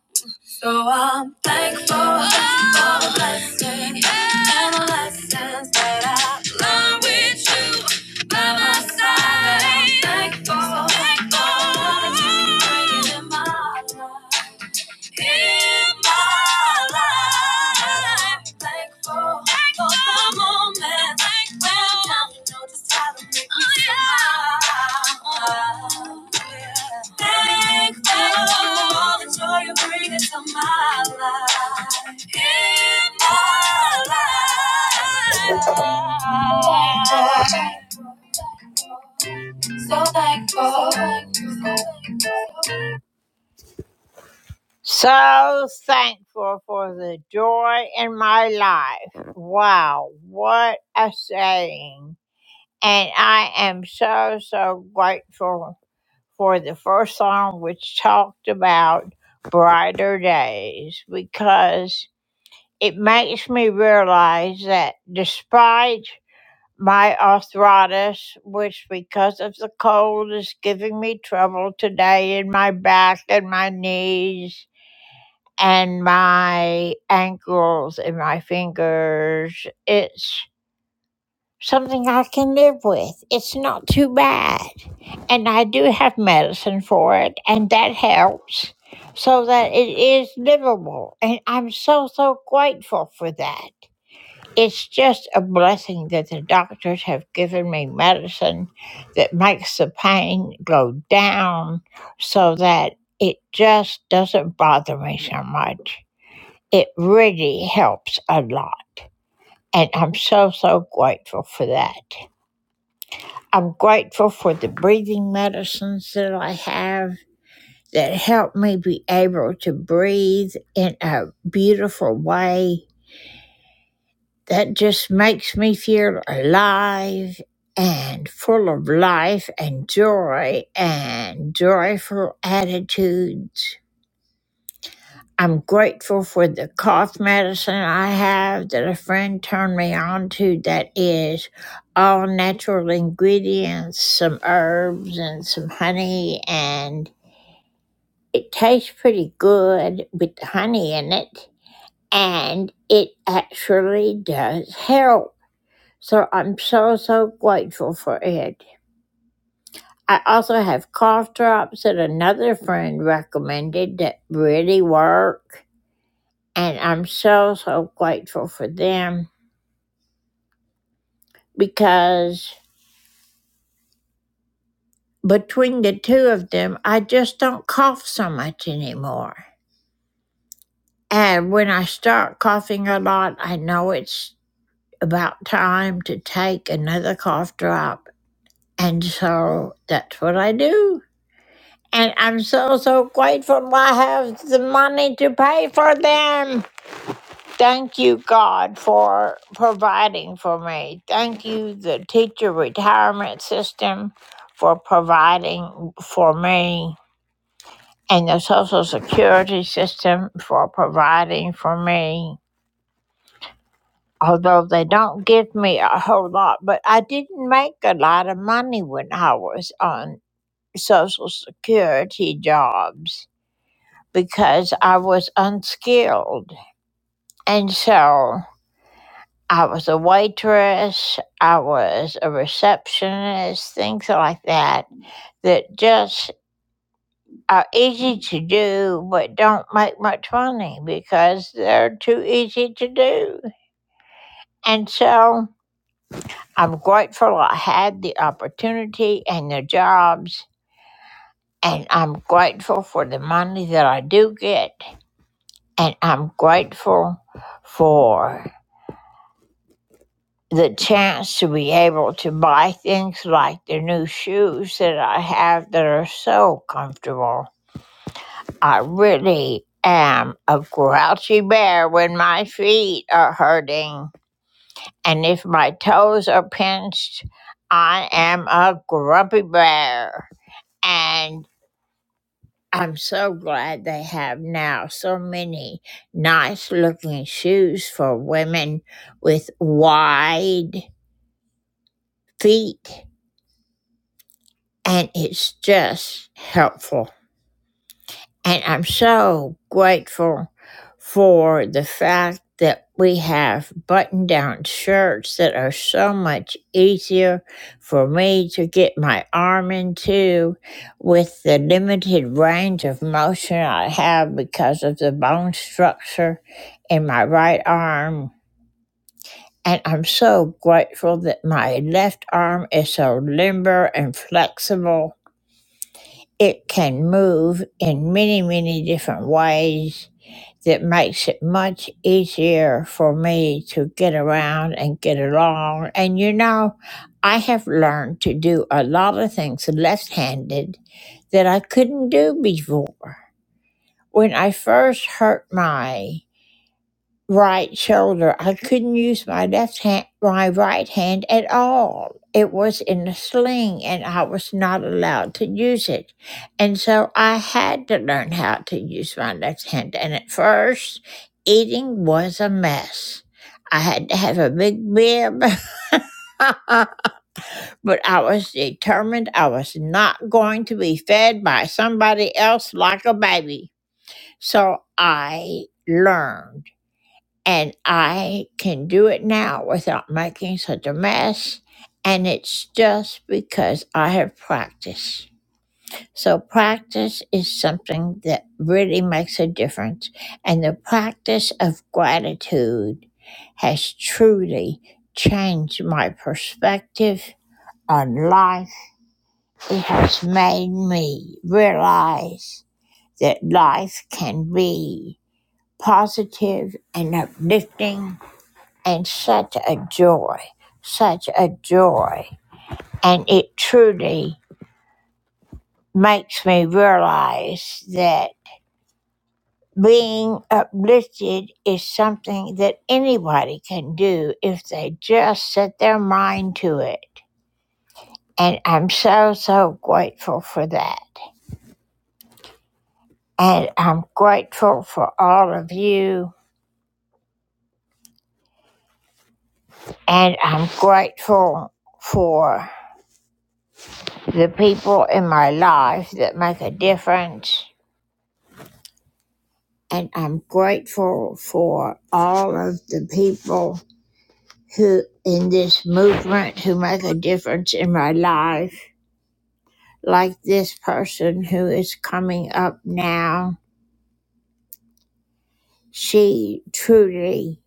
Speaker 4: So I'm thankful for the blessing and the lessons that I learned with you by my side. I'm thankful, thankful for the time you're bringing in my life in my life. Thankful, thankful for the moment. Thankful. When i you know just how to make me smile. Thankful for all the joy you bring into my life. In my life. So thankful. So thankful. So thankful for the joy in my life. Wow, what a saying. And I am so, so grateful for the first song which talked about brighter days because it makes me realize that despite my arthritis, which because of the cold is giving me trouble today in my back and my knees and my ankles and my fingers. It's something I can live with. It's not too bad. And I do have medicine for it, and that helps so that it is livable. And I'm so, so grateful for that. It's just a blessing that the doctors have given me medicine that makes the pain go down so that it just doesn't bother me so much. It really helps a lot. And I'm so, so grateful for that. I'm grateful for the breathing medicines that I have that help me be able to breathe in a beautiful way that just makes me feel alive and full of life and joy and joyful attitudes. I'm grateful for the cough medicine I have that a friend turned me on to that is all natural ingredients, some herbs and some honey, and it tastes pretty good with the honey in it, and it actually does help. So I'm so, so grateful for it. I also have cough drops that another friend recommended that really work And I'm so, so grateful for them because between the two of them, I just don't cough so much anymore. And when I start coughing a lot, I know it's about time to take another cough drop. And so that's what I do. And I'm so, so grateful I have the money to pay for them. Thank you, God, for providing for me. Thank you, the teacher retirement system, for providing for me, and the Social Security system for providing for me. Although they don't give me a whole lot, but I didn't make a lot of money when I was on Social Security jobs because I was unskilled. And so. I was a waitress, I was a receptionist, things like that, that just are easy to do but don't make much money because they're too easy to do. And so I'm grateful I had the opportunity and the jobs, and I'm grateful for the money that I do get, and I'm grateful for the chance to be able to buy things like the new shoes that I have that are so comfortable. I really am a grouchy bear when my feet are hurting. And if my toes are pinched, I am a grumpy bear. And I'm so glad they have now so many nice looking shoes for women with wide feet and it's just helpful. And I'm so grateful for the fact that we have button down shirts that are so much easier for me to get my arm into with the limited range of motion I have because of the bone structure in my right arm. And I'm so grateful that my left arm is so limber and flexible it can move in many, many different ways that makes it much easier for me to get around and get along. And you know, I have learned to do a lot of things left handed that I couldn't do before. When I first hurt my right shoulder. I couldn't use my left hand, my right hand at all. It was in a sling and I was not allowed to use it. And so I had to learn how to use my left hand. And at first, eating was a mess. I had to have a big bib, but I was determined I was not going to be fed by somebody else like a baby. So I learned and I can do it now without making such a mess. And it's just because I have practice. So, practice is something that really makes a difference. And the practice of gratitude has truly changed my perspective on life. It has made me realize that life can be positive and uplifting and such a joy, such a joy. And it truly makes me realize that being uplifted is something that anybody can do if they just set their mind to it. And I'm so, so grateful for that. And I'm grateful for all of you. And I'm grateful for the people in my life that make a difference and I'm grateful for all of the people who in this movement who make a difference in my life, like this person who is coming up now. She truly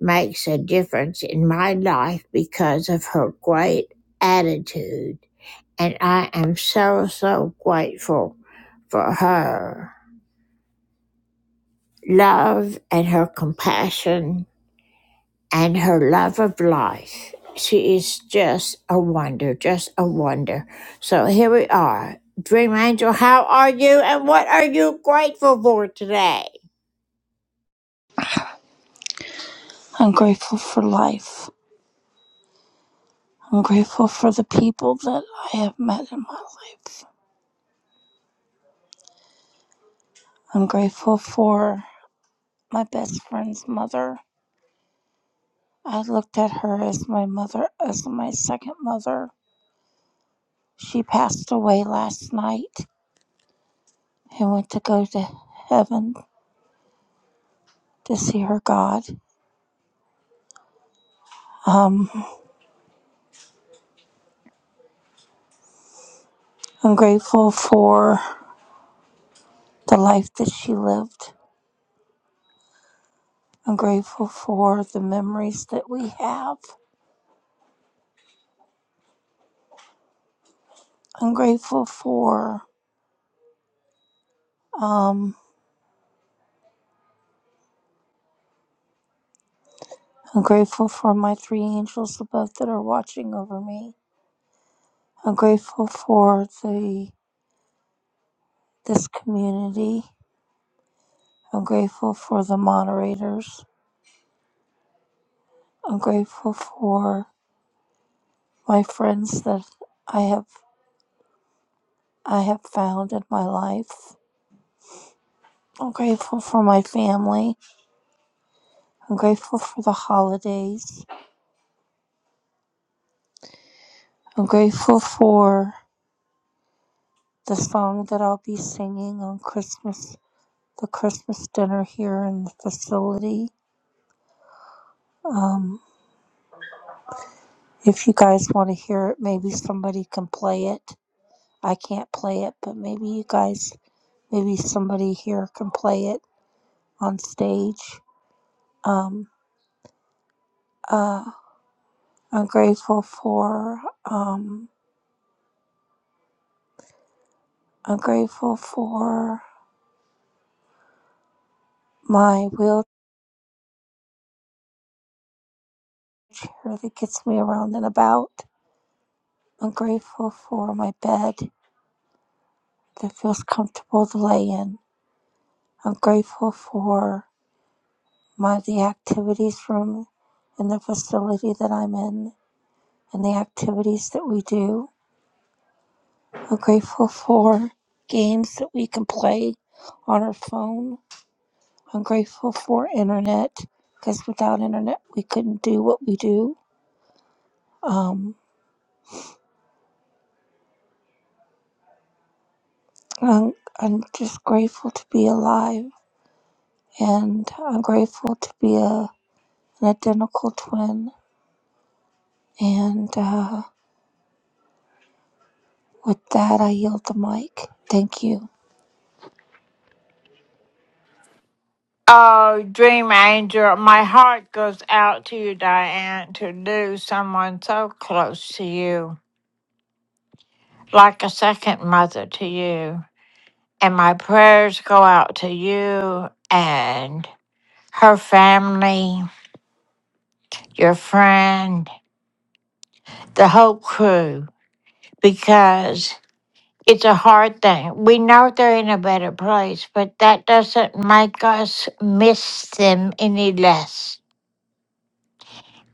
Speaker 4: makes a difference in my life because of her great attitude. And I am so, so grateful for her love and her compassion and her love of life. She is just a wonder, just a wonder. So here we are. Dream Angel, how are you and what are you grateful for today?
Speaker 26: I'm grateful for life. I'm grateful for the people that I have met in my life. I'm grateful for my best friend's mother. I looked at her as my mother, as my second mother. She passed away last night. I went to go to heaven to see her God. Um, I'm grateful for the life that she lived. I'm grateful for the memories that we have. I'm grateful for. Um, I'm grateful for my three angels above that are watching over me. I'm grateful for the this community. I'm grateful for the moderators. I'm grateful for my friends that I have I have found in my life. I'm grateful for my family. I'm grateful for the holidays. I'm grateful for the song that I'll be singing on Christmas, the Christmas dinner here in the facility. Um. If you guys want to hear it, maybe somebody can play it. I can't play it, but maybe you guys, maybe somebody here can play it on stage. Um, uh, I'm grateful for, um, I'm grateful for my wheelchair that gets me around and about. I'm grateful for my bed that feels comfortable to lay in. I'm grateful for my the activities room in the facility that I'm in. and the activities that we do. I'm grateful for games that we can play on our phone. I'm grateful for internet because without internet, we couldn't do what we do. Um, I'm, I'm just grateful to be alive and I'm grateful to be a, an identical twin. And uh, with that, I yield the mic. Thank you.
Speaker 4: Oh, Dream Angel, my heart goes out to you, Diane, to lose someone so close to you, like a second mother to you. And my prayers go out to you and her family, your friend, the whole crew. because it's a hard thing. We know they're in a better place, but that doesn't make us miss them any less.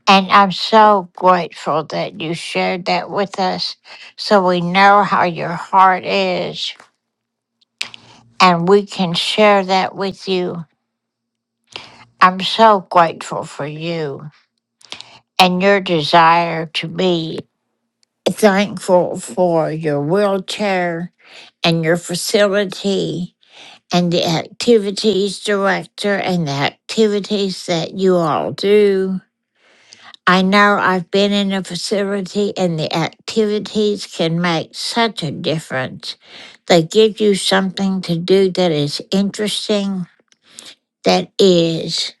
Speaker 4: And I'm so grateful that you shared that with us so we know how your heart is and we can share that with you. I'm so grateful for you and your desire to be thankful for your wheelchair and your facility and the activities director and the activities that you all do. I know I've been in a facility and the activities can make such a difference. They give you something to do that is interesting, that is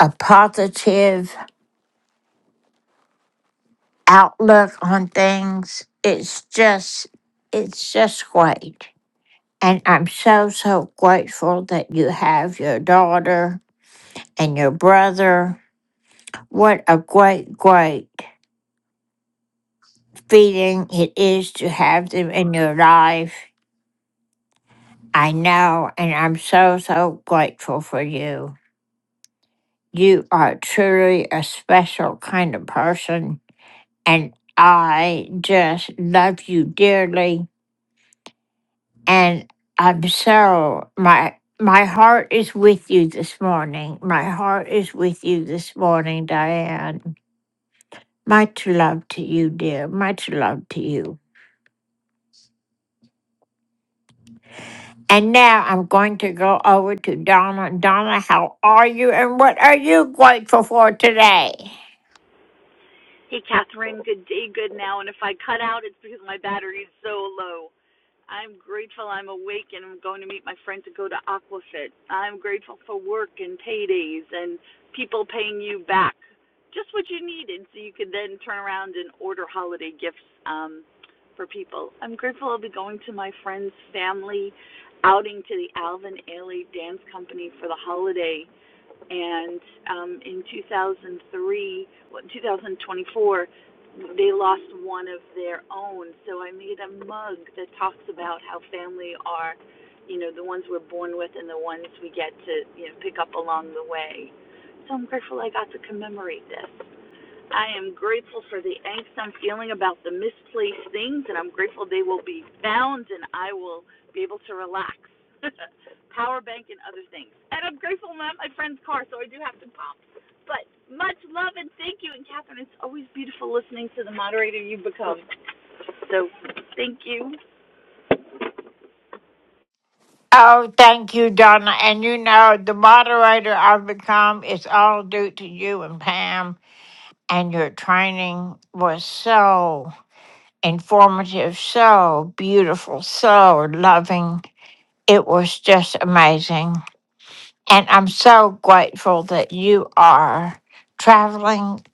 Speaker 4: a positive outlook on things. It's just, it's just great. And I'm so, so grateful that you have your daughter and your brother What a great, great feeling it is to have them in your life. I know, and I'm so, so grateful for you. You are truly a special kind of person, and I just love you dearly. And I'm so, my, my heart is with you this morning. My heart is with you this morning, Diane. Much love to you, dear. Much love to you. And now I'm going to go over to Donna. Donna, how are you and what are you grateful for today?
Speaker 27: Hey, Catherine. Good day, good now. And if I cut out, it's because my battery is so low. I'm grateful I'm awake and I'm going to meet my friend to go to Aquafit. I'm grateful for work and paydays and people paying you back just what you needed so you could then turn around and order holiday gifts um, for people. I'm grateful I'll be going to my friend's family outing to the Alvin Ailey Dance Company for the holiday and um, in 2003, well, 2024, they lost one of their own. So I made a mug that talks about how family are, you know, the ones we're born with and the ones we get to, you know, pick up along the way. So I'm grateful I got to commemorate this. I am grateful for the angst I'm feeling about the misplaced things, and I'm grateful they will be found and I will be able to relax. Power bank and other things. And I'm grateful I'm at my friend's car, so I do have to pop. But much love and thank you. And Catherine, it's always beautiful listening to the moderator you become. So thank you.
Speaker 4: Oh, thank you, Donna. And you know, the moderator I've become is all due to you and Pam. And your training was so informative, so beautiful, so loving. It was just amazing. And I'm so grateful that you are traveling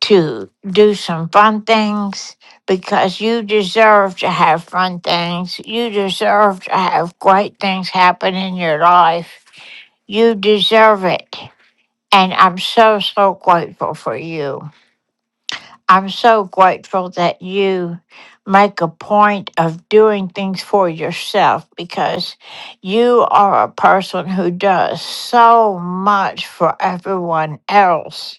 Speaker 4: to do some fun things because you deserve to have fun things. You deserve to have great things happen in your life. You deserve it. And I'm so, so grateful for you. I'm so grateful that you make a point of doing things for yourself because you are a person who does so much for everyone else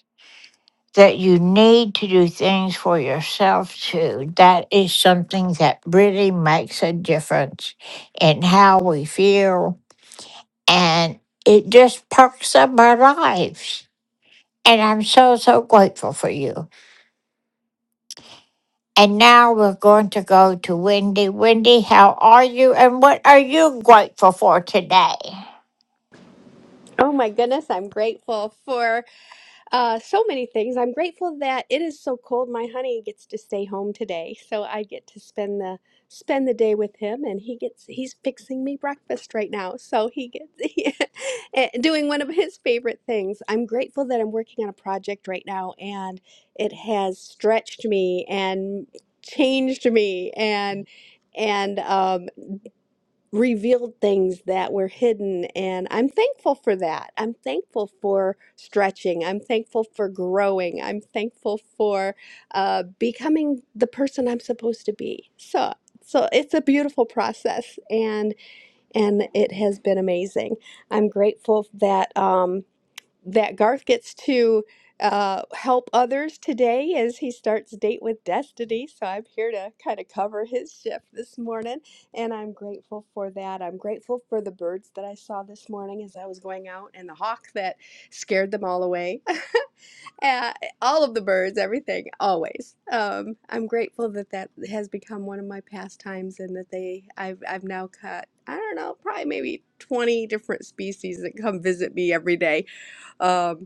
Speaker 4: that you need to do things for yourself too. That is something that really makes a difference in how we feel and it just perks up our lives. And I'm so, so grateful for you. And now we're going to go to Wendy. Wendy, how are you and what are you grateful for today?
Speaker 28: Oh my goodness, I'm grateful for uh, so many things. I'm grateful that it is so cold. My honey gets to stay home today, so I get to spend the spend the day with him, and he gets he's fixing me breakfast right now, so he gets eh, doing one of his favorite things. I'm grateful that I'm working on a project right now, and it has stretched me and changed me and. And um, revealed things that were hidden. And I'm thankful for that. I'm thankful for stretching. I'm thankful for growing. I'm thankful for uh, becoming the person I'm supposed to be. So, so it's a beautiful process, and and it has been amazing. I'm grateful that. Um, that Garth gets to uh, help others today as he starts Date with Destiny. So I'm here to kind of cover his shift this morning, and I'm grateful for that. I'm grateful for the birds that I saw this morning as I was going out, and the hawk that scared them all away. Uh, all of the birds, everything, always. Um, I'm grateful that that has become one of my pastimes, and that they I've I've now cut. I don't know, probably maybe 20 different species that come visit me every day Um.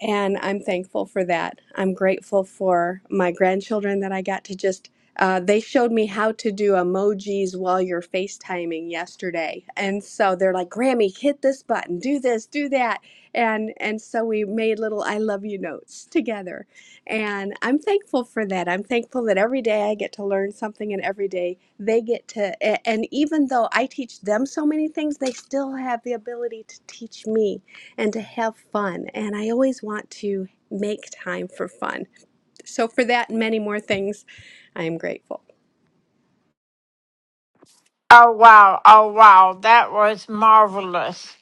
Speaker 28: And I'm thankful for that. I'm grateful for my grandchildren that I got to just uh, they showed me how to do emojis while you're FaceTiming yesterday. And so they're like, Grammy, hit this button, do this, do that. And and so we made little I love you notes together. And I'm thankful for that. I'm thankful that every day I get to learn something and every day they get to a- and even though I teach them so many things, they still have the ability to teach me and to have fun. And I always want to make time for fun. So for that and many more things, I am grateful.
Speaker 4: Oh, wow. Oh, wow. That was marvelous.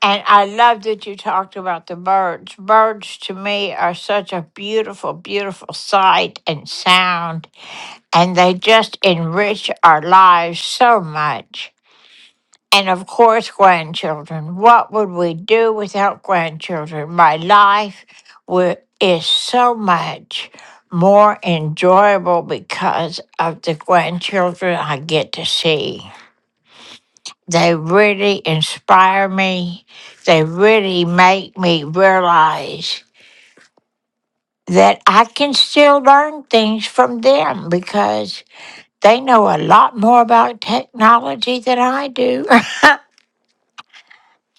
Speaker 4: And I love that you talked about the birds. Birds to me are such a beautiful, beautiful sight and sound. and they just enrich our lives so much. And of course, grandchildren. What would we do without grandchildren? My life wi- is so much more enjoyable because of the grandchildren I get to see. They really inspire me. They really make me realize that I can still learn things from them because They know a lot more about technology than I do.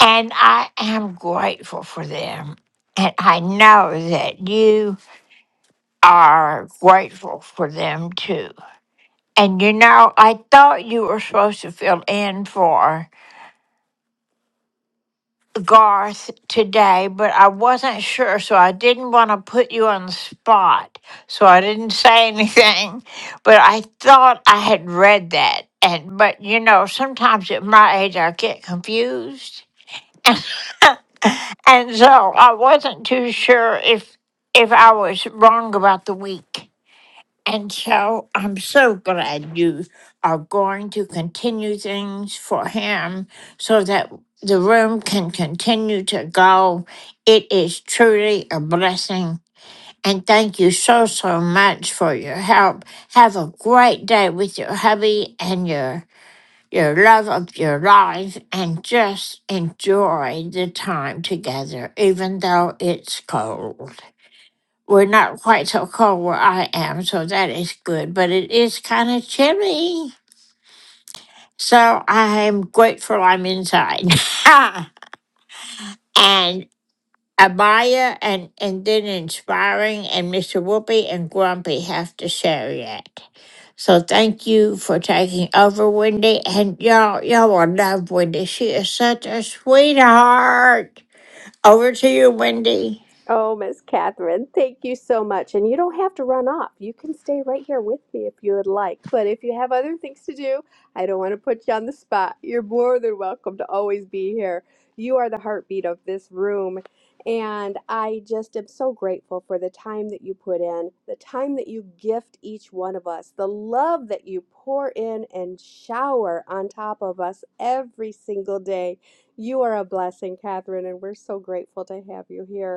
Speaker 4: and I am grateful for them. And I know that you are grateful for them too. And you know, I thought you were supposed to fill in for Garth today, but I wasn't sure, so I didn't want to put you on the spot. So I didn't say anything, but I thought I had read that. And but you know, sometimes at my age I get confused. And so I wasn't too sure if if I was wrong about the week. And so I'm so glad you are going to continue things for him so that the room can continue to go. It is truly a blessing. And thank you so, so much for your help. Have a great day with your hubby and your your love of your life and just enjoy the time together, even though it's cold. We're not quite so cold where I am, so that is good, but it is kind of chilly. So I'm grateful I'm inside. and Amaya and, and then Inspiring and Mr. Whoopi and Grumpy have to share yet. So thank you for taking over, Wendy. And y'all, y'all will love Wendy. She is such a sweetheart. Over to you, Wendy.
Speaker 28: Oh, Miss Catherine, thank you so much. And you don't have to run off. You can stay right here with me if you would like. But if you have other things to do, I don't want to put you on the spot. You're more than welcome to always be here. You are the heartbeat of this room. And I just am so grateful for the time that you put in, the time that you gift each one of us, the love that you pour in and shower on top of us every single day. You are a blessing, Catherine, and we're so grateful to have you here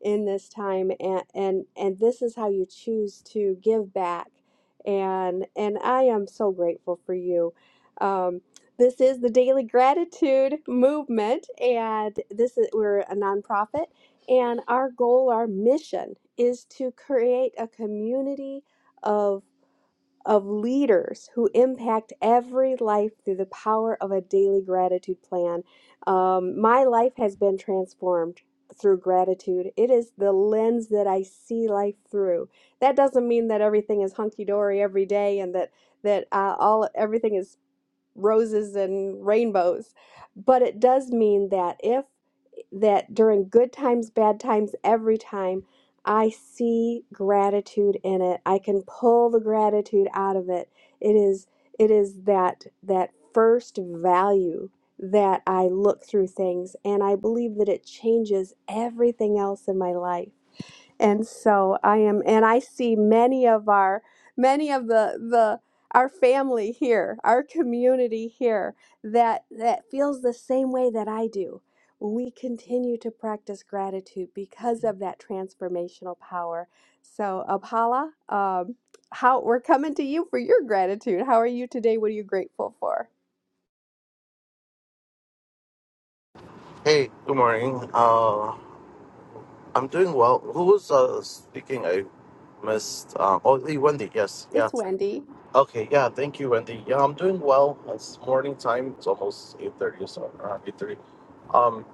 Speaker 28: in this time and and and this is how you choose to give back and and I am so grateful for you. Um, this is the Daily Gratitude Movement, and this is we're a nonprofit, and our goal, our mission, is to create a community of of leaders who impact every life through the power of a daily gratitude plan. Um, my life has been transformed through gratitude. It is the lens that I see life through. That doesn't mean that everything is hunky dory every day and that that uh, all everything is roses and rainbows, but it does mean that if that during good times, bad times, every time, I see gratitude in it. I can pull the gratitude out of it. It is it is that that first value that I look through things and I believe that it changes everything else in my life. And so I am, and I see many of our, many of the, the, our family here, our community here that, that feels the same way that I do. We continue to practice gratitude because of that transformational power. So, Apala, um, how we're coming to you for your gratitude. How are you today? What are you grateful for?
Speaker 29: Hey, good morning. Uh, I'm doing well. Who was uh, speaking? I missed. Um, oh, hey, Wendy. Yes, yeah.
Speaker 28: It's Wendy.
Speaker 29: Okay, yeah. Thank you, Wendy. Yeah, I'm doing well. It's morning time. It's almost eight thirty, so around eight thirty. Um,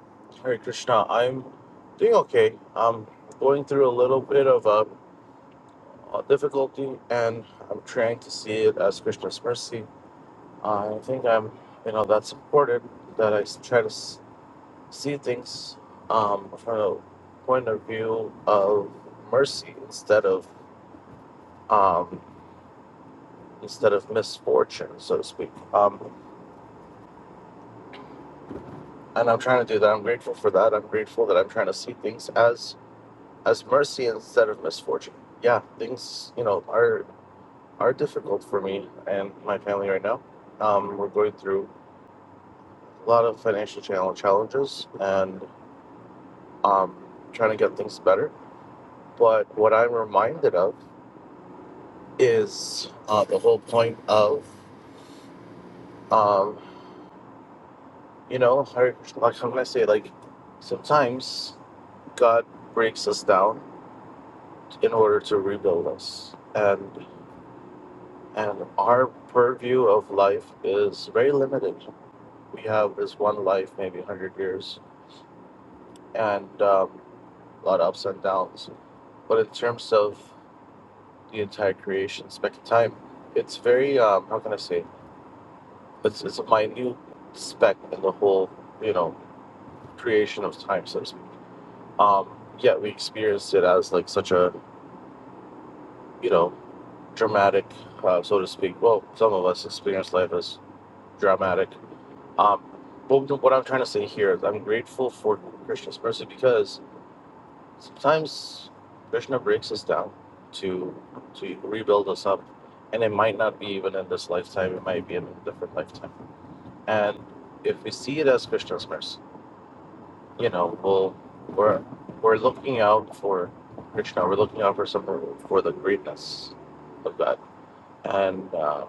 Speaker 29: Hare Krishna. I'm doing okay. I'm going through a little bit of a, uh difficulty, and I'm trying to see it as Krishna's mercy. I think I'm, you know, that's important that I s- try to. s- see things um, from a point of view of mercy instead of um, instead of misfortune, so to speak. Um, and I'm trying to do that. I'm grateful for that. I'm grateful that I'm trying to see things as as mercy instead of misfortune. Yeah, things you know are are difficult for me and my family right now. Um, we're going through a lot of financial channel challenges and um, trying to get things better. But what I'm reminded of is uh, the whole point of, um, you know, her, like, how can I say, like, sometimes God breaks us down in order to rebuild us. And, and our purview of life is very limited. We have this one life, maybe 100 years, and um, a lot of ups and downs. But in terms of the entire creation speck of time, it's very, um, how can I say, it's, it's a minute speck in the whole, you know, creation of time, so to speak. Um, yet we experienced it as like such a, you know, dramatic, uh, so to speak. Well, some of us experience life as dramatic. Um, but what I'm trying to say here is I'm grateful for Krishna's mercy because sometimes Krishna breaks us down to to rebuild us up, and it might not be even in this lifetime. It might be in a different lifetime. And if we see it as Krishna's mercy you know, we'll, we're we're looking out for Krishna. We're looking out for some for the greatness of God, and uh,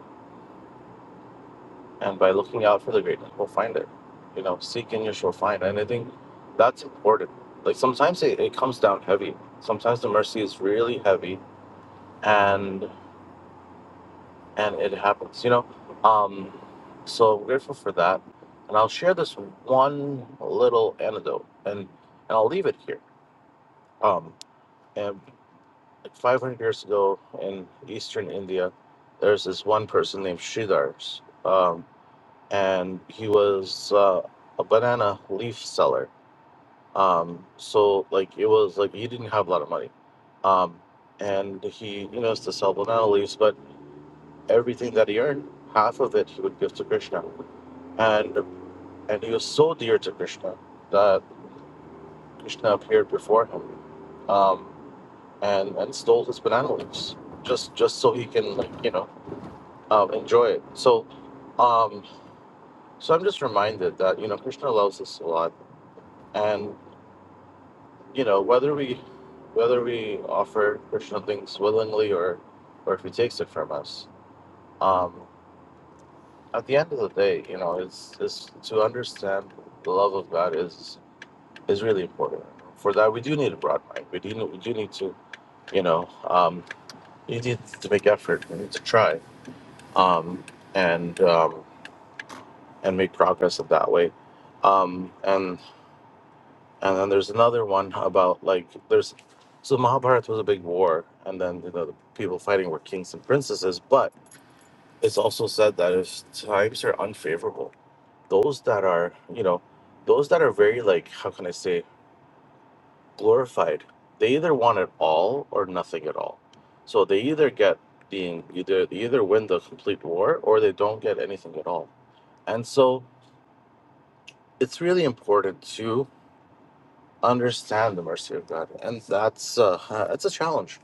Speaker 29: and by looking out for the greatness, we'll find it. You know, seek and you shall find. And I think that's important. Like sometimes it, it comes down heavy. Sometimes the mercy is really heavy, and and it happens. You know, um, so grateful for that. And I'll share this one little anecdote, and and I'll leave it here. Um, and. Like 500 years ago in eastern India, there's this one person named Sridhar, um, and he was uh, a banana leaf seller. Um, so, like, it was like he didn't have a lot of money. Um, and he, you know, used to sell banana leaves, but everything that he earned, half of it he would give to Krishna. And, and he was so dear to Krishna that Krishna appeared before him um, and, and stole his banana leaves just, just so he can, like, you know. um, enjoy it. So, um, so I'm just reminded that you know Krishna loves us a lot, and you know whether we whether we offer Krishna things willingly or or if he takes it from us, um, at the end of the day, you know, it's, it's to understand the love of God is is really important. For that, we do need a broad mind. We do we do need to you know um, you need to make effort. We need to try um, and um, and make progress in that way. Um, and And then there's another one about like there's so Mahabharata was a big war, and then you know the people fighting were kings and princesses. But it's also said that if times are unfavorable, those that are you know those that are very like how can I say glorified, they either want it all or nothing at all. So they either get being either they either win the complete war or they don't get anything at all. And so it's really important too understand the mercy of God, and that's uh, uh, it's a challenge.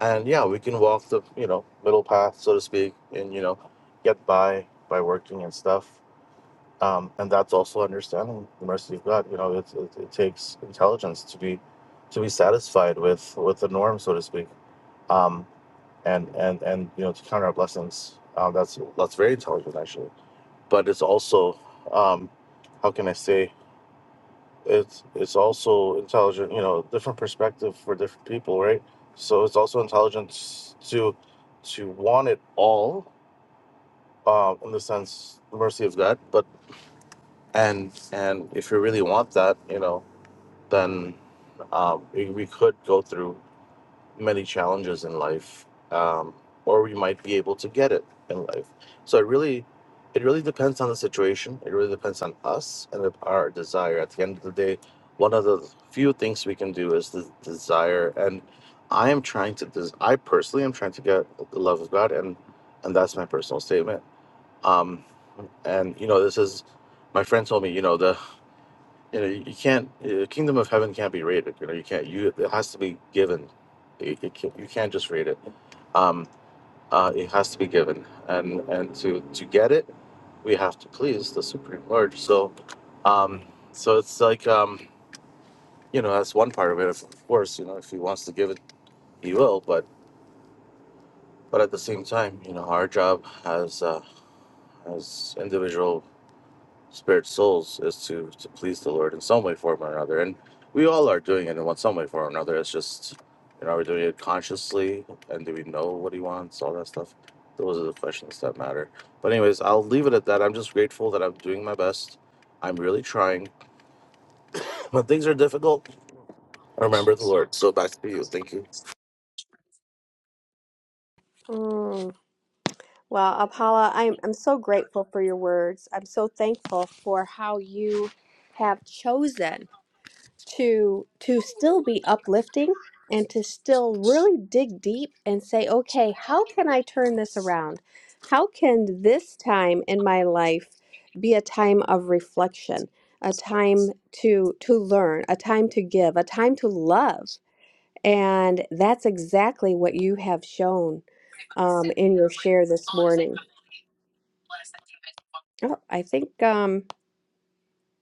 Speaker 29: And yeah, we can walk the you know middle path, so to speak, and you know get by by working and stuff. Um, and that's also understanding the mercy of God. You know, it, it, it takes intelligence to be to be satisfied with with the norm, so to speak. Um, and and and you know to count our blessings. Um, that's that's very intelligent actually. But it's also um, how can I say? it's it's also intelligent you know different perspective for different people right so it's also intelligence to to want it all um in the sense the mercy of god but and and if you really want that you know then um we, we could go through many challenges in life, um, or we might be able to get it in life. So it really, it really depends on the situation. It really depends on us and our desire. At the end of the day, one of the few things we can do is the desire. And I am trying to. Des- I personally am trying to get the love of God, and and that's my personal statement. Um, and you know, this is my friend told me. You know, the you know you you can't the kingdom of heaven can't be rated you know you can't you it has to be given it, it can, you can't just rate it um uh it has to be given and and to to get it we have to please the supreme lord so um so it's like um you know that's one part of it of course you know if he wants to give it he will but but at the same time you know our job as uh as individual spirit souls is to to please the Lord in some way, form, or another. And we all are doing it in one some way, form, or another. It's just you know, are we doing it consciously, and do we know what He wants? All that stuff. Those are the questions that matter. But anyways, I'll leave it at that. I'm just grateful that I'm doing my best. I'm really trying. When things are difficult, I remember the Lord. So back to you. Thank you.
Speaker 28: Well, Apala, I'm, I'm so grateful for your words. I'm so thankful for how you have chosen to to still be uplifting and to still really dig deep and say, okay, how can I turn this around? How can this time in my life be a time of reflection, a time to to learn, a time to give, a time to love? And that's exactly what you have shown um, in your share this morning. Oh, I think um,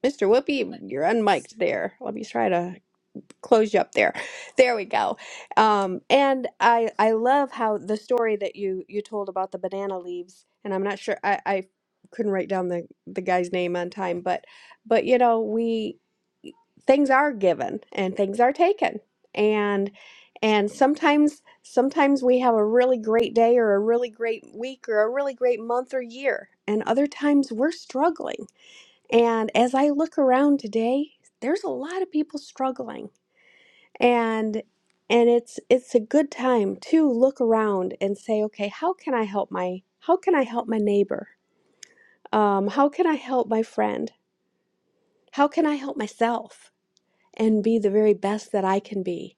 Speaker 28: Mr. Whoopi, you're unmiked there. Let me try to close you up there. There we go. Um, and I I love how the story that you you told about the banana leaves, and I'm not sure I, I couldn't write down the the guy's name on time, but but you know we things are given and things are taken, and and sometimes sometimes we have a really great day or a really great week or a really great month or year, and other times we're struggling and as I look around today, there's a lot of people struggling. And and it's it's a good time to look around and say, okay, how can I help my how can I help my neighbor? Um, how can I help my friend? How can I help myself and be the very best that I can be?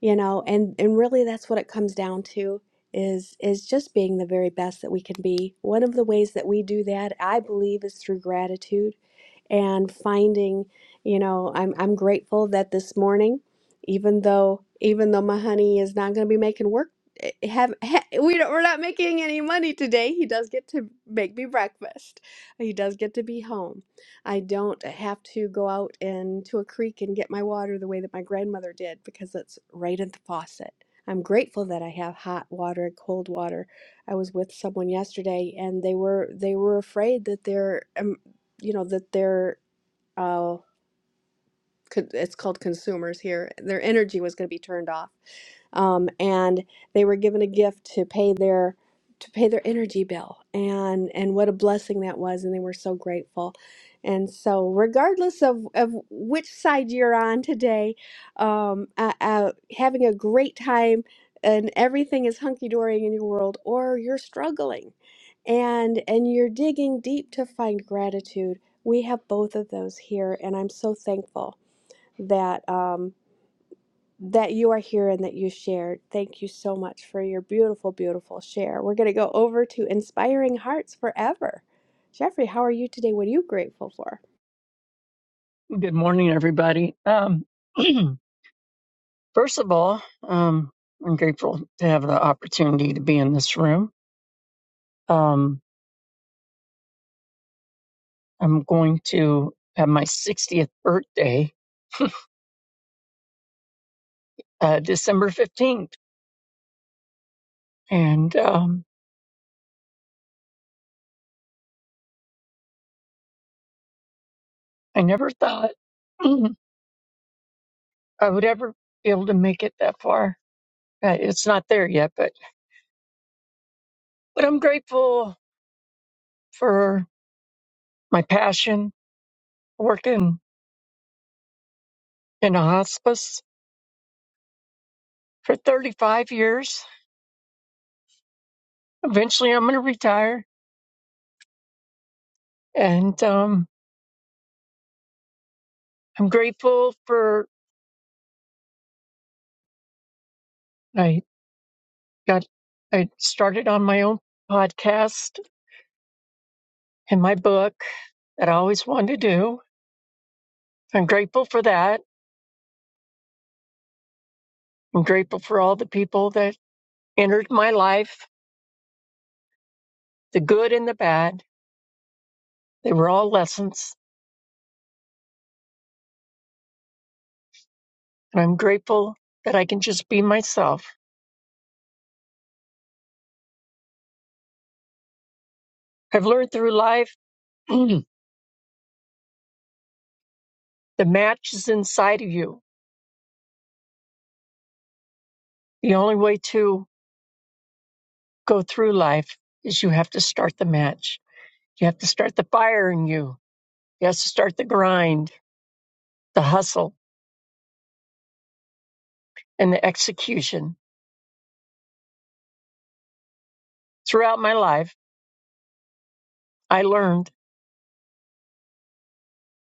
Speaker 28: You know, and and really that's what it comes down to is is just being the very best that we can be. One of the ways that we do that, I believe, is through gratitude and finding you know i'm i'm grateful that this morning even though even though my honey is not going to be making work eh, eh, have, ha we don't, we're not making any money today he does get to make me breakfast he does get to be home i don't have to go out into a creek and get my water the way that my grandmother did because it's right at the faucet i'm grateful that i have hot water and cold water i was with someone yesterday and they were they were afraid that their um, you know that they're uh, con- it's called consumers here their energy was going to be turned off um, and they were given a gift to pay their to pay their energy bill and and what a blessing that was and they were so grateful and so regardless of, of which side you're on today um, uh, uh, having a great time and everything is hunky-dory in your world or you're struggling and and you're digging deep to find gratitude we have both of those here and i'm so thankful that um, that you are here and that you shared. Thank you so much for your beautiful, beautiful share. We're going to go over to Inspiring Hearts Forever. Jeffrey, how are you today? What are you grateful for?
Speaker 30: Good morning, everybody. Um, first of all, um, I'm grateful to have the opportunity to be in this room. Um, I'm going to have my 60th birthday uh, December 15th, and um, I never thought I would ever be able to make it that far. Uh, It's not there yet, but but I'm grateful for my passion working in a hospice for 35 years. Eventually, I'm going to retire and um, I'm grateful for I got I started on my own podcast and my book that I always wanted to do. I'm grateful for that. I'm grateful for all the people that entered my life, the good and the bad. They were all lessons, and I'm grateful that I can just be myself. I've learned through life the match is inside of you. The only way to go through life is you have to start the match. You have to start the fire in you You have to start the grind, the hustle, and the execution. Throughout my life, I learned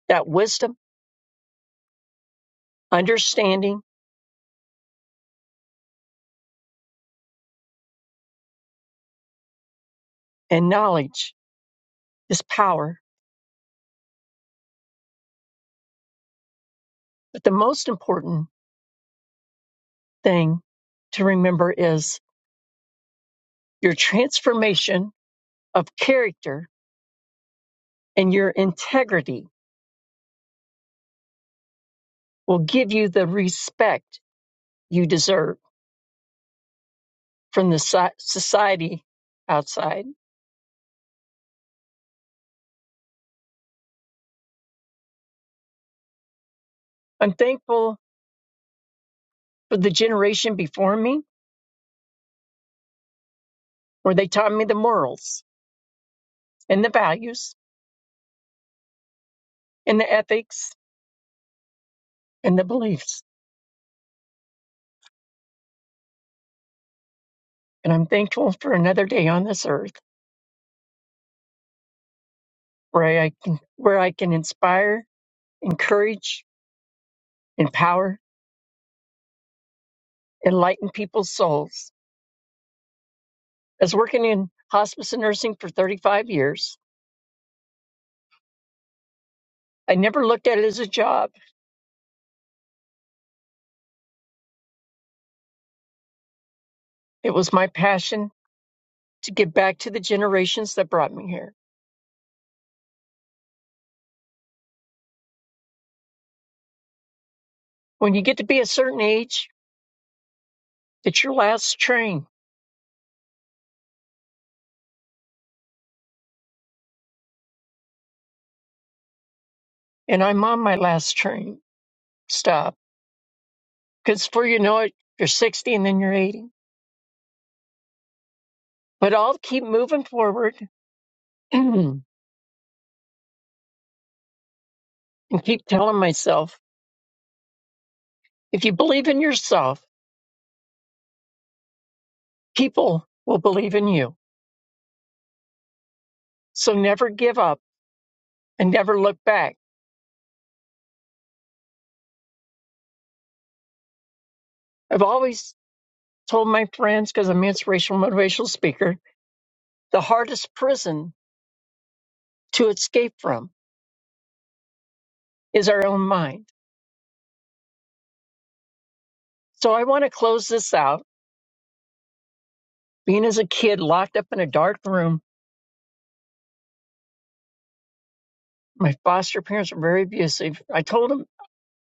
Speaker 30: that wisdom, understanding, and knowledge is power. But the most important thing to remember is your transformation of character and your integrity will give you the respect you deserve from the so- society outside. I'm thankful for the generation before me where they taught me the morals and the values and the ethics and the beliefs. And I'm thankful for another day on this earth where I can where I can inspire, encourage, empower, enlighten people's souls. As working in hospice and nursing for 35 years, I never looked at it as a job. It was my passion to give back to the generations that brought me here. When you get to be a certain age, it's your last train, and I'm on my last train stop. Because before you know it, you're 60 and then you're 80 But I'll keep moving forward and keep telling myself if you believe in yourself, people will believe in you. So never give up and never look back. I've always told my friends, because I'm an inspirational motivational speaker, the hardest prison to escape from is our own mind. So I want to close this out. Being as a kid locked up in a dark room, my foster parents were very abusive. I told them,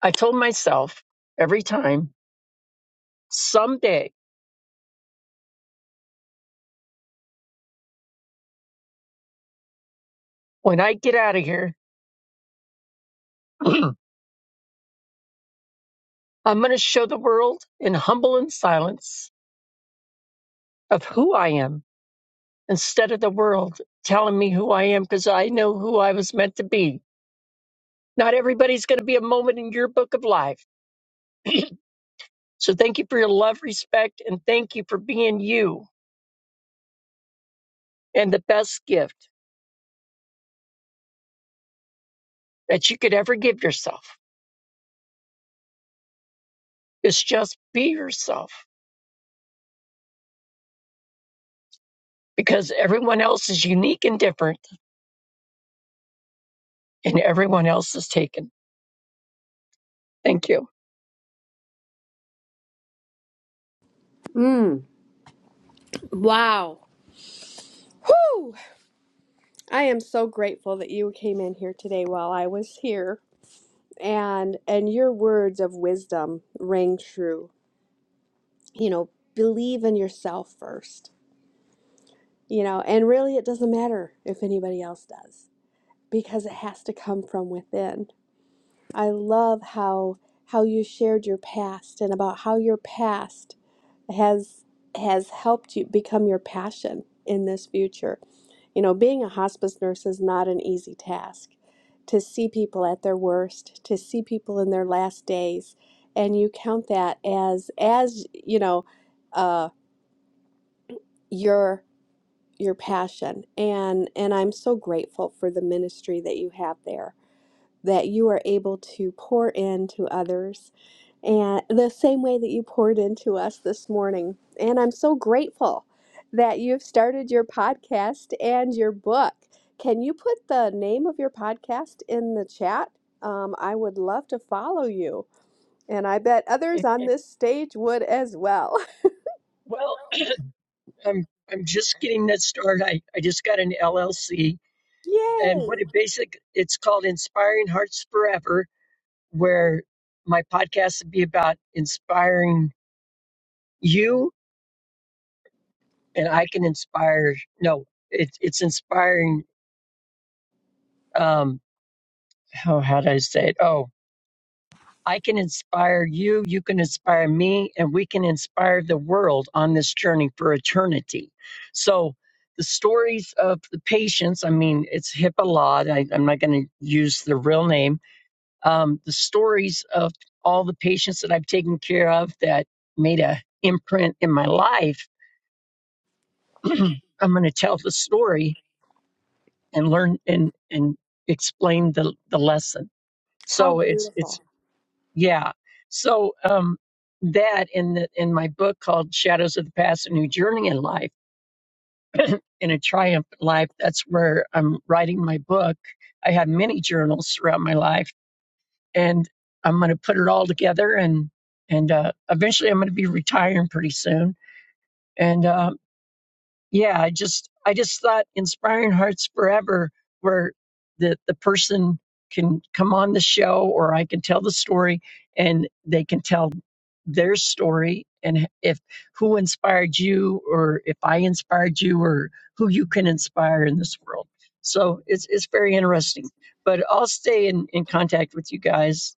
Speaker 30: I told myself every time, someday when I get out of here, I'm going to show the world in humble and silence of who I am instead of the world telling me who I am because I know who I was meant to be. Not everybody's going to be a moment in your book of life. So thank you for your love, respect, and thank you for being you. And the best gift that you could ever give yourself is just be yourself because everyone else is unique and different and everyone else is taken. Thank you.
Speaker 28: Wow. Whew. I am so grateful that you came in here today while I was here and and your words of wisdom rang true. You know, believe in yourself first. You know, and really it doesn't matter if anybody else does because it has to come from within. I love how how you shared your past and about how your past has has helped you become your passion in this future. You know, being a hospice nurse is not an easy task. To see people at their worst, to see people in their last days, and you count that as as you know uh, your your passion. And and I'm so grateful for the ministry that you have there that you are able to pour into others and the same way that you poured into us this morning. And I'm so grateful that you've started your podcast and your book. Can you put the name of your podcast in the chat? Um, I would love to follow you, and I bet others on this stage would as well.
Speaker 30: Well, I'm I'm just getting that started. I, I just got an LLC and
Speaker 28: Yay!
Speaker 30: what it basic it's called Inspiring Hearts Forever, where my podcast would be about inspiring you and I can inspire no, it's it's inspiring um how how did I say it? Oh I can inspire you, you can inspire me, and we can inspire the world on this journey for eternity. So, the stories of the patients, I mean, it's Hippolyte, I, I'm not going to use the real name. Um, the stories of all the patients that I've taken care of that made a imprint in my life, I'm going to tell the story and learn and, and explain the, the lesson. So, it's, it's
Speaker 28: Beautiful.
Speaker 30: yeah. So um, that in the in my book called Shadows of the Past: A New Journey in Life in a Triumphant Life. That's where I'm writing my book. I have many journals throughout my life, and I'm going to put it all together. and And uh, eventually, I'm going to be retiring pretty soon. And uh, yeah i just i just thought inspiring hearts forever where the the person can come on the show or i can tell the story and they can tell their story and if who inspired you or if i inspired you or who you can inspire in this world so it's it's very interesting but i'll stay in in contact with you guys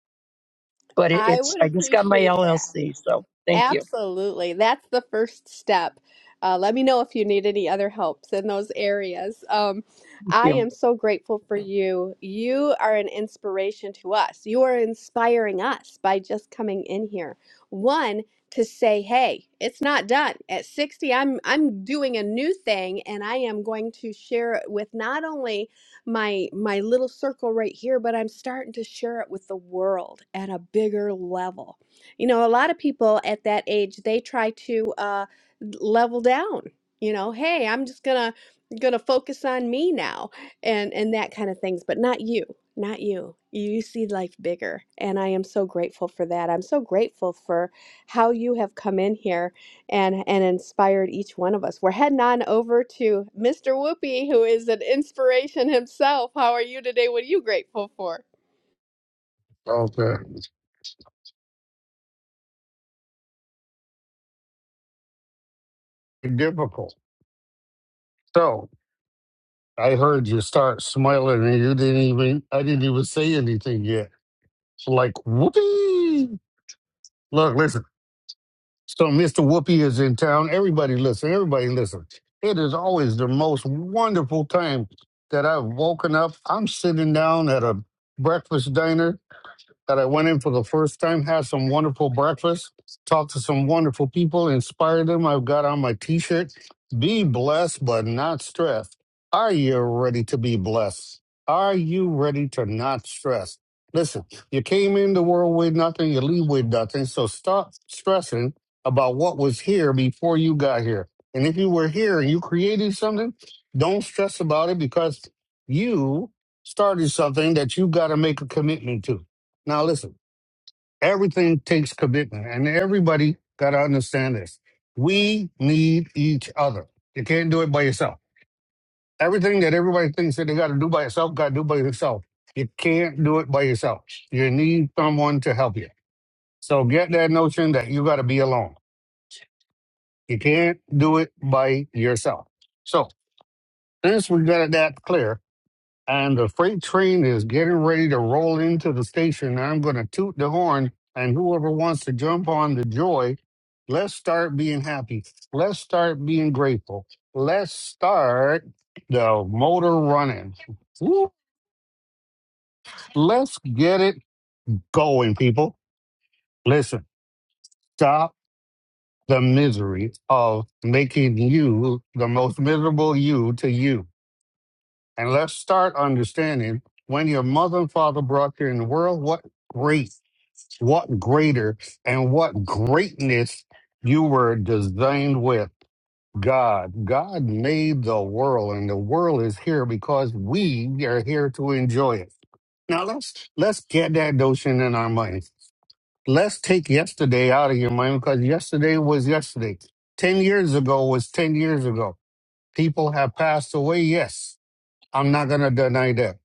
Speaker 30: but it,
Speaker 28: I
Speaker 30: it's
Speaker 28: would
Speaker 30: i just got my
Speaker 28: appreciate that.
Speaker 30: llc so thank you
Speaker 28: Absolutely. That's the first step. Uh, let me know if you need any other helps in those areas. Um,
Speaker 30: thank
Speaker 28: I
Speaker 30: you
Speaker 28: am so grateful for you. You are an inspiration to us. You are inspiring us by just coming in here. One, to say, hey, it's not done. At 60, I'm I'm doing a new thing and I am going to share it with not only my my little circle right here, but I'm starting to share it with the world at a bigger level you know, a lot of people at that age, they try to uh, level down. You know, hey, I'm just gonna gonna focus on me now, and and that kind of things. But not you, not you. You see life bigger, and I am so grateful for that. I'm so grateful for how you have come in here and and inspired each one of us. We're heading on over to Mr. Whoopi, who is an inspiration himself. How are you today? What are you grateful for?
Speaker 31: Okay. Difficult. So I heard you start smiling and you didn't even I didn't even say anything yet. It's like whoopee. Look, listen. So Mr. Whoopi is in town. Everybody listen, everybody listen. It is always the most wonderful time that I've woken up. I'm sitting down at a breakfast diner that I went in for the first time, had some wonderful breakfast, talked to some wonderful people, inspired them. I've got on my t shirt, be blessed but not stressed. Are you ready to be blessed? Are you ready to not stress? Listen, you came in the world with nothing, you leave with nothing. So stop stressing about what was here before you got here. And if you were here and you created something, don't stress about it because you started something that you got to make a commitment to. Now listen, everything takes commitment, and everybody got to understand this. We need each other. You can't do it by yourself. Everything that everybody thinks that they got to do by yourself, got to do by yourself. You can't do it by yourself. You need someone to help you. So get that notion that you got to be alone. You can't do it by yourself. So since we got that clear, and the freight train is getting ready to roll into the station. I'm going to toot the horn, and whoever wants to jump on the joy, let's start being happy. Let's start being grateful. Let's start the motor running. Woo! Let's get it going, people. Listen, stop the misery of making you the most miserable you to you. And let's start understanding when your mother and father brought you in the world, what great what greater and what greatness you were designed with. God, God made the world and the world is here because we are here to enjoy it. Now let's let's get that notion in our minds. Let's take yesterday out of your mind because yesterday was yesterday. 10 years ago was 10 years ago. People have passed away, yes. I'm not going to deny that.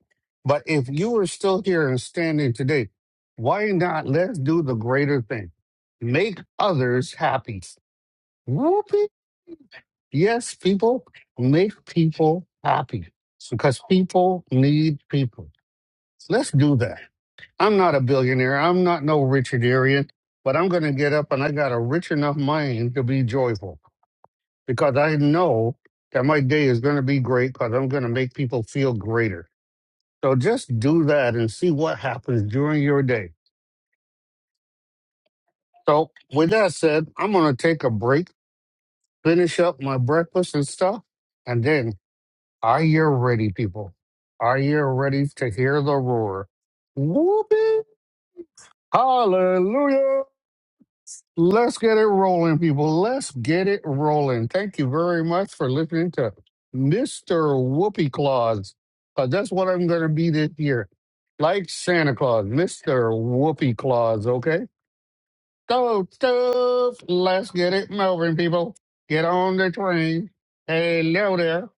Speaker 31: But if you are still here and standing today, why not let's do the greater thing? Make others happy. Whoopee. Yes, people, make people happy because people need people. Let's do that. I'm not a billionaire. I'm not no Richardarian, but I'm going to get up and I got a rich enough mind to be joyful because I know that my day is going to be great because I'm going to make people feel greater. So just do that and see what happens during your day. So with that said, I'm gonna take a break, finish up my breakfast and stuff, and then are you ready, people? Are you ready to hear the roar? Whoopee! Hallelujah! Let's get it rolling, people. Let's get it rolling. Thank you very much for listening to Mr. Whoopee Claus. 'cause that's what I'm gonna be this year. Like Santa Claus, Mr. Whoopee Claus, okay? Go stuff. Let's get it moving, people. Get on the train. Hello there.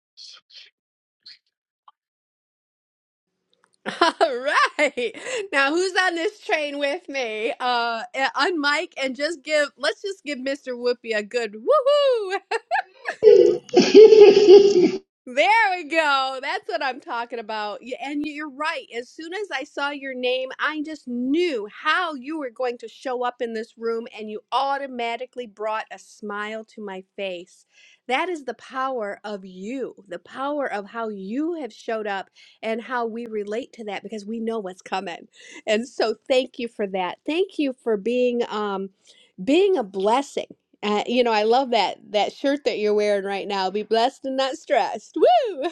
Speaker 28: All right. Now, who's on this train with me? Uh, uh, unmic and just give, let's just give Mr. Whoopi a good woohoo. There we go. That's what I'm talking about. Y- And you're right. As soon as I saw your name, I just knew how you were going to show up in this room, and you automatically brought a smile to my face. That is the power of you, the power of how you have showed up and how we relate to that because we know what's coming. And so, thank you for that. Thank you for being. Um, being a blessing. Uh, you know, I love that that shirt that you're wearing right now. Be blessed and not stressed. Woo!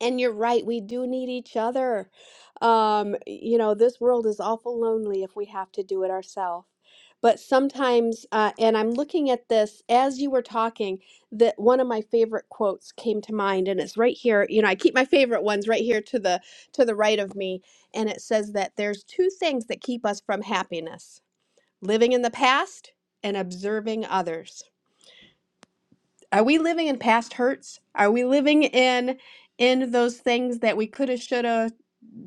Speaker 28: And you're right, we do need each other. Um, you know, this world is awful lonely if we have to do it ourselves. But sometimes, uh, and I'm looking at this as you were talking, that one of my favorite quotes came to mind, and it's right here. You know, I keep my favorite ones right here to the to the right of me, and it says that there's two things that keep us from happiness living in the past and observing others are we living in past hurts are we living in in those things that we coulda shoulda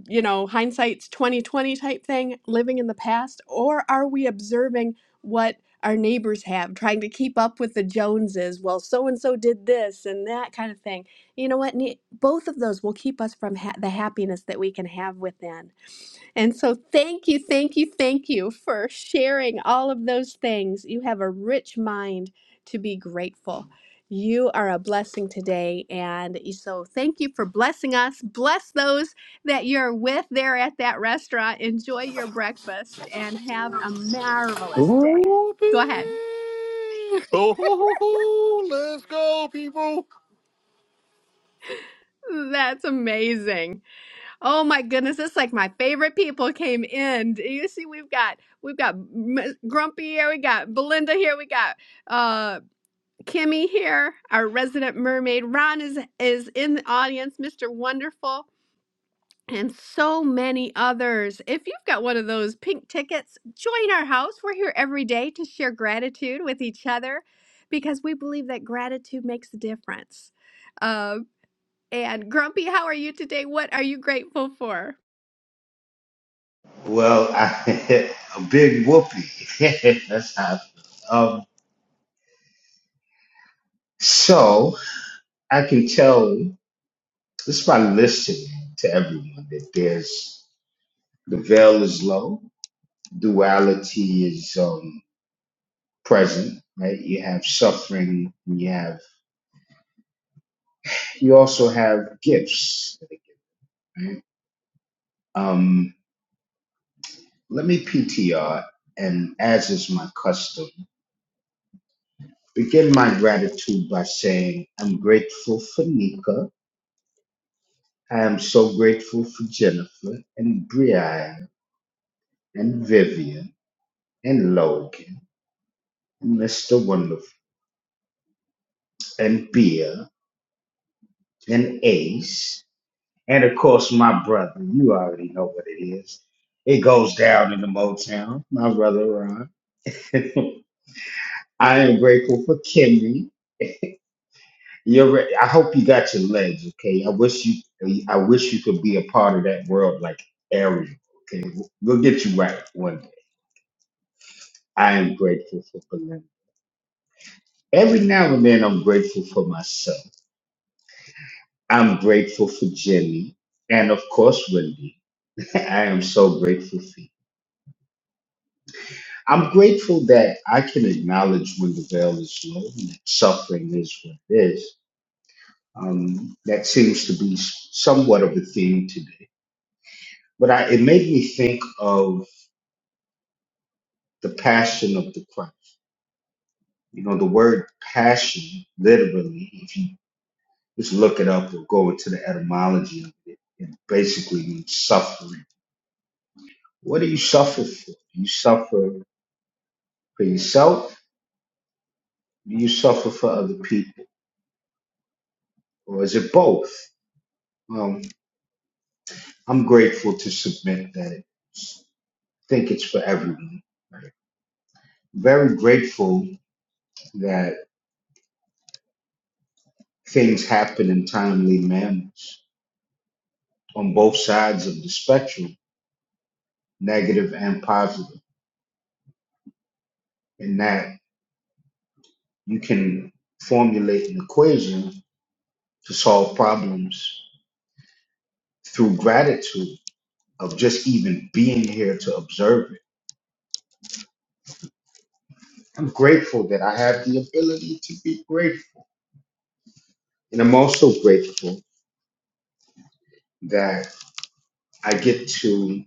Speaker 28: you know hindsight's 2020 type thing living in the past or are we observing what our neighbors have trying to keep up with the joneses well so and so did this and that kind of thing you know what Ne- both of those will keep us from ha- the happiness that we can have within and so, thank you, thank you, thank you for sharing all of those things. You have a rich mind to be grateful. You are a blessing today. And so, thank you for blessing us. Bless those that you're with there at that restaurant. Enjoy your breakfast and have a marvelous day.
Speaker 31: Whoopee.
Speaker 28: Go ahead.
Speaker 31: Oh, let's go, people.
Speaker 28: That's amazing. Oh my goodness, it's like my favorite people came in. Do You see, we've got we've got M- Grumpy here, we got Belinda here, we got uh Kimmy here, our resident mermaid. Ron is is in the audience, Mr. Wonderful, and so many others. If you've got one of those pink tickets, join our house. We're here every day to share gratitude with each other because we believe that gratitude makes a difference. Uh, and Grumpy, how are you today? What are you grateful for?
Speaker 32: Well, I, a big whoopee. That's how. I feel. Um, so I can tell just by listening to everyone that there's the veil is low, duality is um, present. Right, you have suffering, and you have you also have gifts. Right? Um, let me PTR, and as is my custom, begin my gratitude by saying I'm grateful for Nika. I am so grateful for Jennifer and Brian and Vivian and Logan and Mr. Wonderful and Bea and Ace and of course my brother. You already know what it is. It goes down in the Motown. My brother Ron. I am grateful for Kimmy. You're re- I hope you got your legs, okay? I wish you I wish you could be a part of that world like Ariel. Okay, we'll get you right one day. I am grateful for Belinda. Every now and then, I'm grateful for myself. I'm grateful for Jenny and, of course, Wendy. I am so grateful for you. I'm grateful that I can acknowledge when the veil is low and that suffering is what it is. Um, that seems to be somewhat of a theme today. But I, it made me think of the passion of the Christ. You know, the word passion, literally, if you just look it up or go into the etymology of it, it basically means suffering What do you suffer for? Do you suffer for yourself? Do you suffer for other people? Or is it both? Um, I'm grateful to submit that it's, I think it's for everyone. Right? Very grateful that things happen in timely manners on both sides of the spectrum, negative and positive, and that you can formulate an equation to solve problems through gratitude of just even being here to observe it I'm grateful that I have the ability to be grateful. And I'm also grateful that I get to,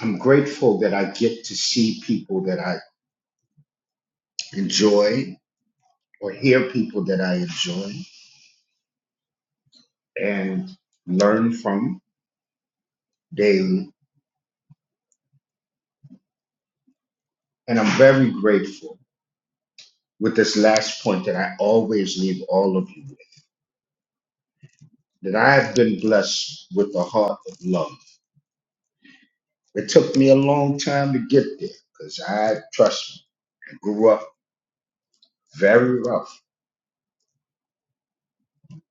Speaker 32: I'm grateful that I get to see people that I enjoy or hear people that I enjoy and learn from daily. And I'm very grateful with this last point that I always leave all of you with, that I have been blessed with a heart of love. It took me a long time to get there because I, trust me, I grew up very rough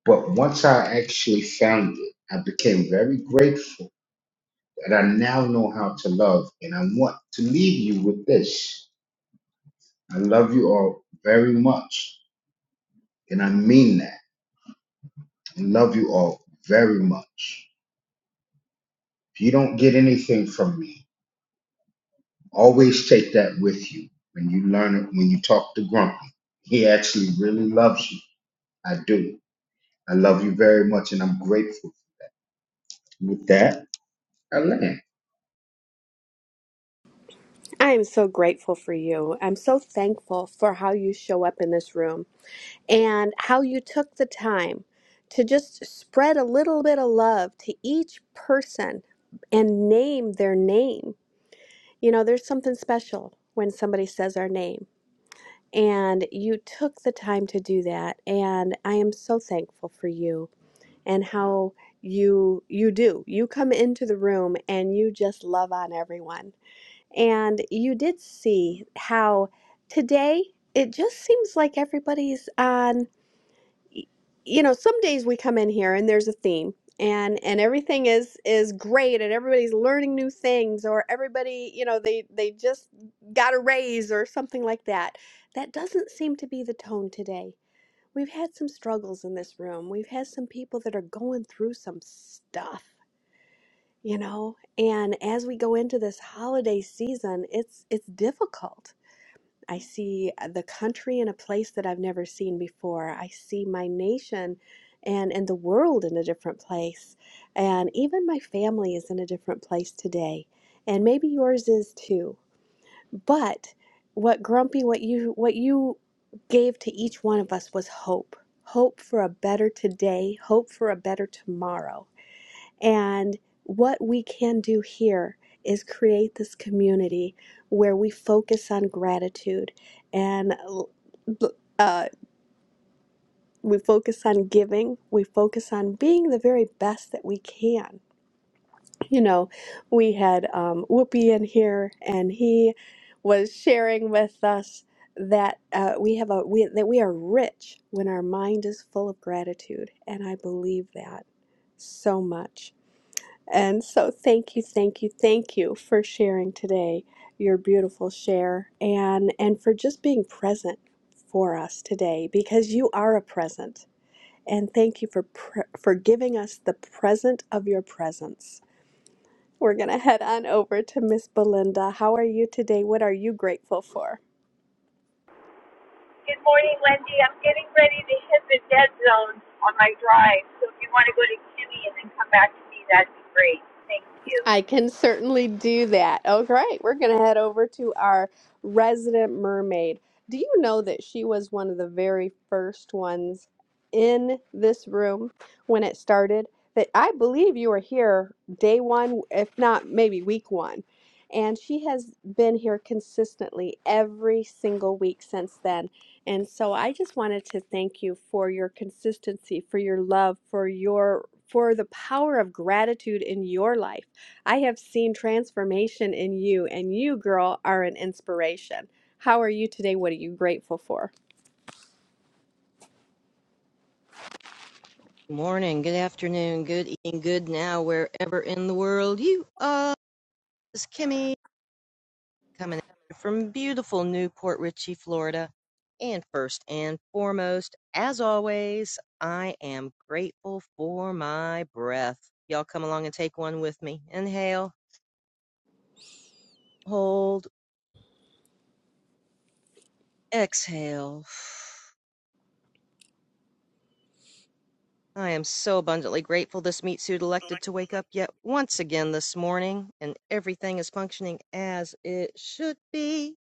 Speaker 32: But once I actually found it, I became very grateful that I now know how to love. And I want to leave you with this I love you all very much. And I mean that. I love you all very much. If you don't get anything from me, always take that with you when you learn it, when you talk to Grumpy. He actually really loves you. I do. I love you very much, and I'm grateful. With that, I land.
Speaker 28: I am so grateful for you. I'm so thankful for how you show up in this room and how you took the time to just spread a little bit of love to each person and name their name. You know, there's something special when somebody says our name, and you took the time to do that. And I am so thankful for you and how you you do you come into the room and you just love on everyone and you did see how today it just seems like everybody's on, you know, some days we come in here and there's a theme and and everything is is great and everybody's learning new things or everybody, you know, they they just got a raise or something like that. That doesn't seem to be the tone today. We've had some struggles in this room. We've had some people that are going through some stuff you know and as we go into this holiday season it's it's difficult i see uh, the country in a place that i've never seen before i see my nation and and the world in a different place and even my family is in a different place today and maybe yours is too but what grumpy what you what you gave to each one of us was hope hope for a better today hope for a better tomorrow and what we can do here is create this community where we focus on gratitude and uh, we focus on giving, we focus on being the very best that we can. You know, we had um, Whoopi in here, and he was sharing with us that uh, we have a we, that we are rich when our mind is full of gratitude, and I believe that so much. And so, thank you, thank you, thank you for sharing today your beautiful share and, and for just being present for us today because you are a present. And thank you for, pre- for giving us the present of your presence. We're going to head on over to Miss Belinda. How are you today? What are you grateful for?
Speaker 33: Good morning, Wendy. I'm getting ready to hit the dead zone on my drive. So if you want to go to Kimmy and then come back to me, that'd be great. Thank you.
Speaker 28: I can certainly do that. Oh, great. We're going to head over to our resident mermaid. Do you know that she was one of the very first ones in this room when it started? That I believe you were here day one, if not maybe week one. And she has been here consistently every single week since then. And so I just wanted to thank you for your consistency, for your love, for your for the power of gratitude in your life I have seen transformation in you, and you, girl, are an inspiration. How are you today? What are you grateful for?
Speaker 34: Good morning, good afternoon, good evening, good now, wherever in the world you are. This is Kimmy coming at you from beautiful Newport Richey, Florida. And first and foremost, as always, I am grateful for my breath. Y'all come along and take one with me. Inhale, hold, exhale. I am so abundantly grateful this meat suit elected to wake up yet once again this morning, and everything is functioning as it should be.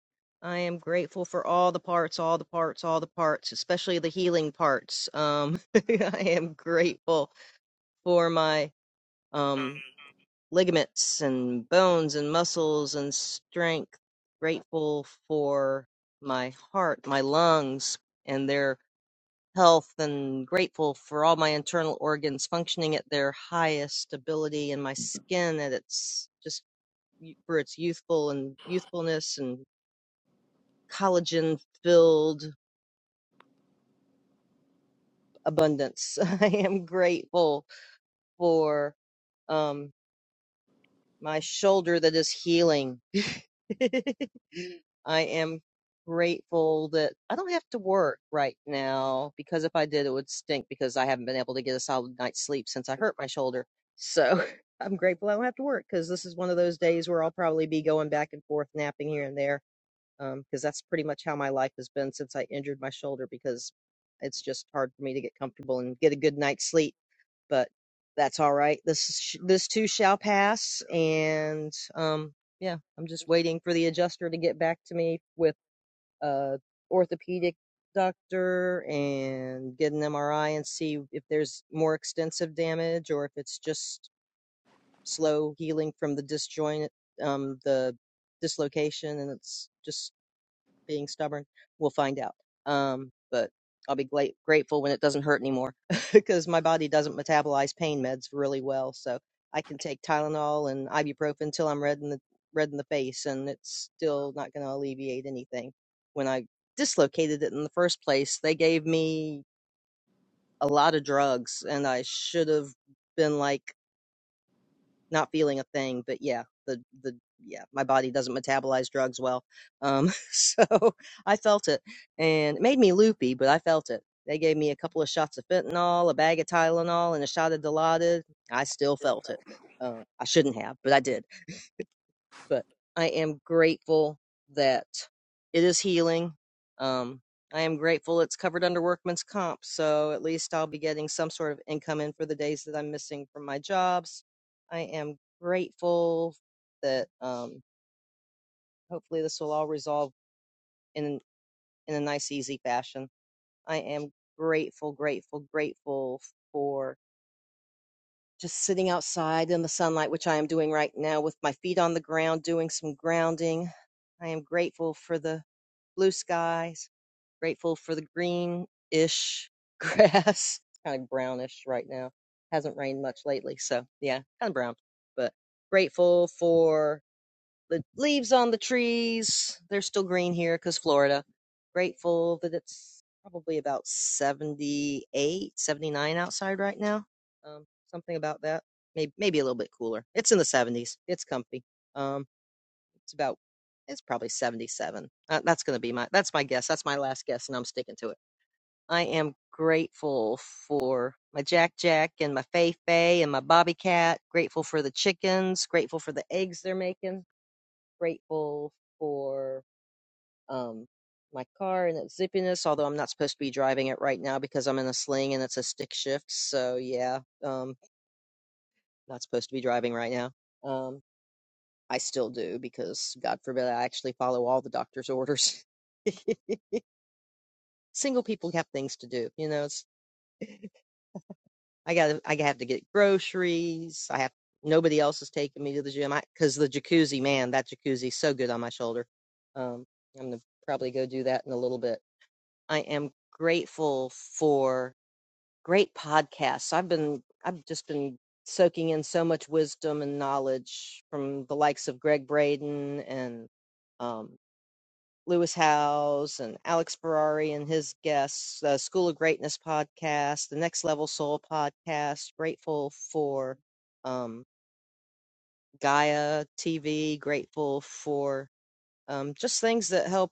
Speaker 34: I am grateful for all the parts, all the parts, all the parts, especially the healing parts. Um, I am grateful for my um, ligaments and bones and muscles and strength. Grateful for my heart, my lungs, and their health and grateful for all my internal organs functioning at their highest ability and my skin at its just y- for its youthful and youthfulness and collagen filled abundance. I am grateful for um my shoulder that is healing. I am grateful that I don't have to work right now because if I did, it would stink because I haven't been able to get a solid night's sleep since I hurt my shoulder. So I'm grateful I don't have to work because this is one of those days where I'll probably be going back and forth, napping here and there, um, because that's pretty much how my life has been since I injured my shoulder because it's just hard for me to get comfortable and get a good night's sleep but that's all right. This is this too shall pass, and um, yeah, I'm just waiting for the adjuster to get back to me with a orthopedic doctor and get an MRI and see if there's more extensive damage or if it's just slow healing from the disjoint, um, the dislocation, and it's just being stubborn. We'll find out. Um, but I'll be gla- grateful when it doesn't hurt anymore because my body doesn't metabolize pain meds really well. So I can take Tylenol and ibuprofen till I'm red in the red in the face, and it's still not going to alleviate anything. When I dislocated it in the first place, they gave me a lot of drugs, and I should have been like not feeling a thing but yeah the the yeah my body doesn't metabolize drugs well um so i felt it and it made me loopy but i felt it they gave me a couple of shots of fentanyl a bag of tylenol and a shot of dilaudid i still felt it um, i shouldn't have but i did but I am grateful that it is healing. Um, I am grateful it's covered under workman's comp, so at least I'll be getting some sort of income in for the days that I'm missing from my jobs. I am grateful that um, hopefully this will all resolve in in a nice, easy fashion. I am grateful, grateful, grateful for. just sitting outside in the sunlight, which I am doing right now with my feet on the ground, doing some grounding. I am grateful for the blue skies, grateful for the green ish grass. It's kind of brownish right now. Hasn't rained much lately. So, yeah, kind of brown, but grateful for the leaves on the trees they're still green here because florida grateful that it's probably about 78, 79 outside right now um, something about that maybe, maybe a little bit cooler it's in the 70s it's comfy um, it's about it's probably 77 uh, that's going to be my that's my guess that's my last guess and i'm sticking to it i am grateful for my jack jack and my fei fei and my bobby cat grateful for the chickens grateful for the eggs they're making grateful for um, my car and its zippiness, although I'm not supposed to be driving it right now because I'm in a sling and it's a stick shift. So, yeah, um, not supposed to be driving right now. Um, I still do because, God forbid, I actually follow all the doctor's orders. Single people have things to do. You know, it's, I got I have to get groceries. I have nobody else is taking me to the gym because the jacuzzi, man, that jacuzzi's so good on my shoulder. Um, I'm gonna probably go do that in a little bit I am grateful for great podcasts. So, I've been I've just been soaking in so much wisdom and knowledge from the likes of Greg Braden and um, Lewis Howes and Alex Ferrari and his guests, the School of Greatness podcast, the Next Level Soul podcast. Grateful for um, Gaia TV. Grateful for um, just things that help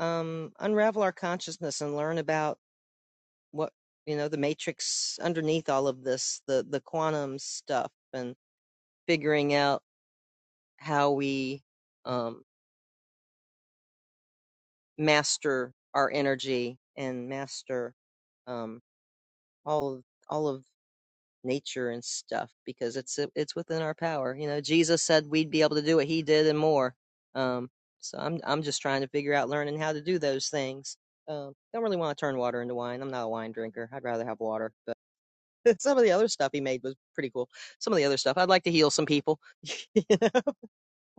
Speaker 34: um, unravel our consciousness and learn about what you know the matrix underneath all of this the the quantum stuff and figuring out how we um master our energy and master um all of all of nature and stuff because it's it's within our power you know jesus said we'd be able to do what he did and more um so i'm i'm just trying to figure out learning how to do those things um don't really want to turn water into wine i'm not a wine drinker i'd rather have water Some of the other stuff he made was pretty cool. Some of the other stuff, I'd like to heal some people. you know?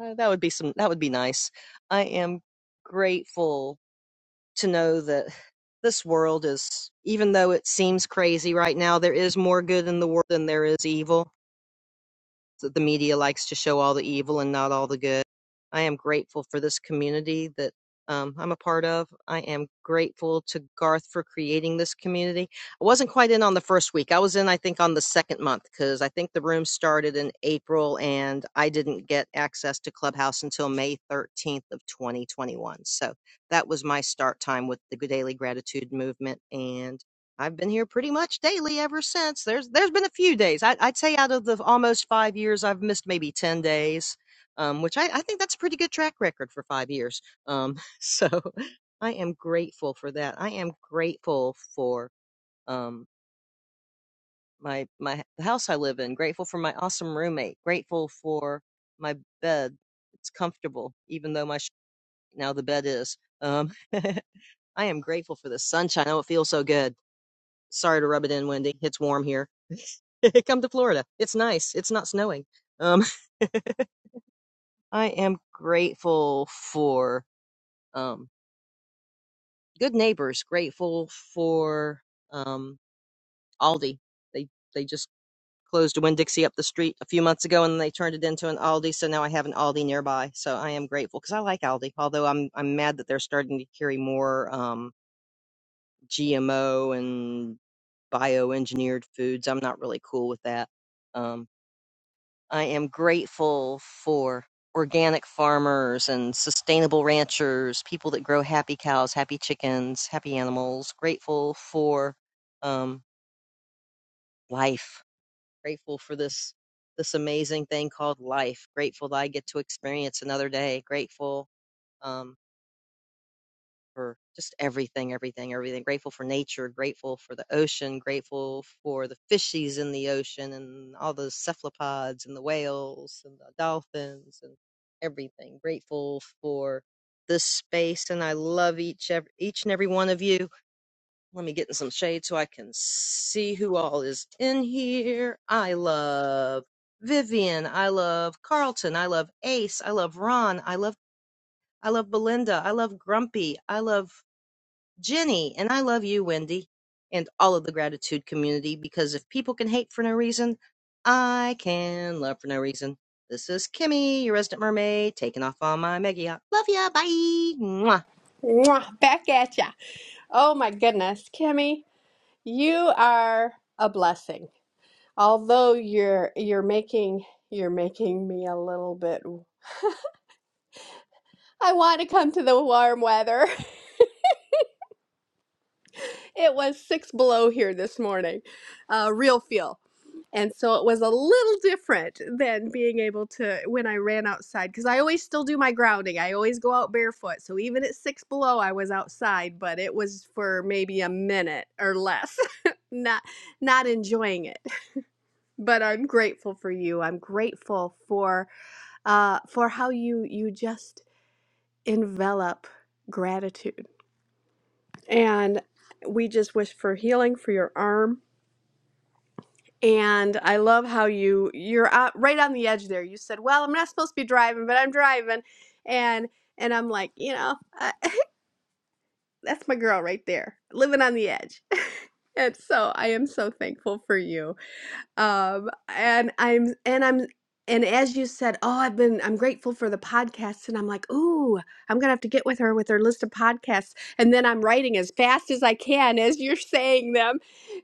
Speaker 34: Uh, That would be some. That would be nice. I am grateful to know that this world is, even though it seems crazy right now, there is more good in the world than there is evil the media likes to show all the evil and not all the good. I am grateful for this community that um, I'm a part of. I am grateful to Garth for creating this community. I wasn't quite in on the first week. I was in, I think, on the second month because I think the room started in April and I didn't get access to Clubhouse until May 13th of 2021. So that was my start time with the Daily Gratitude Movement. And I've been here pretty much daily ever since. There's there's been a few days. I, I'd say out of the almost five years, I've missed maybe ten days, um, which I, I think that's a pretty good track record for five years. Um, so I am grateful for that. I am grateful for um, my my the house I live in. Grateful for my awesome roommate. Grateful for my bed. It's comfortable, even though my sh- now the bed is. Um, I am grateful for the sunshine. Oh, it feels so good. Sorry to rub it in, Wendy. It's warm here Come to Florida. It's nice. It's not snowing. Um, I am grateful for um, good neighbors. Grateful for um, Aldi. They they just closed a Winn Dixie up the street a few months ago, and they turned it into an Aldi. So now I have an Aldi nearby. So I am grateful because I like Aldi. Although I'm I'm mad that they're starting to carry more um, GMO and bioengineered foods. I'm not really cool with that. Um. I am grateful for organic farmers and sustainable ranchers, people that grow happy cows, happy chickens, happy animals. Grateful for um, life. Grateful for this this amazing thing called life. Grateful that I get to experience another day. Grateful. um, for just everything, everything, everything. Grateful for nature, grateful for the ocean, grateful for the fishies in the ocean and all those cephalopods and the whales and the dolphins and everything. Grateful for this space, and I love each ev- each and every one of you. Let me get in some shade so I can see who all is in here. I love Vivian. I love Carlton. I love Ace. I love Ron. I love I love Belinda. I love Grumpy. I love Jenny, and I love you, Wendy, and all of the gratitude community because if people can hate for no reason, I can love for no reason. This is Kimmy, your resident mermaid, taking off on my mega yacht. Love ya, bye. Mwah.
Speaker 28: Mwah, back at ya. Oh my goodness, Kimmy, you are a blessing. Although you're you're making you're making me a little bit. I want to come to the warm weather. It was six below here this morning, uh, real feel. And so it was a little different than being able to when I ran outside because I always still do my grounding. I always go out barefoot. So even at six below, I was outside, but it was for maybe a minute or less, not not enjoying it. But I'm grateful for you. I'm grateful for uh, for how you you just envelop gratitude, and we just wish for healing for your arm And I love how you you're uh, right on the edge there. You said, "Well, I'm not supposed to be driving, but I'm driving," and and I'm like, you know, I, that's my girl right there, living on the edge. and so I am so thankful for you um and i'm and i'm and as you said oh i've been i'm grateful for the podcasts and i'm like ooh i'm gonna have to get with her with her list of podcasts and then i'm writing as fast as i can as you're saying them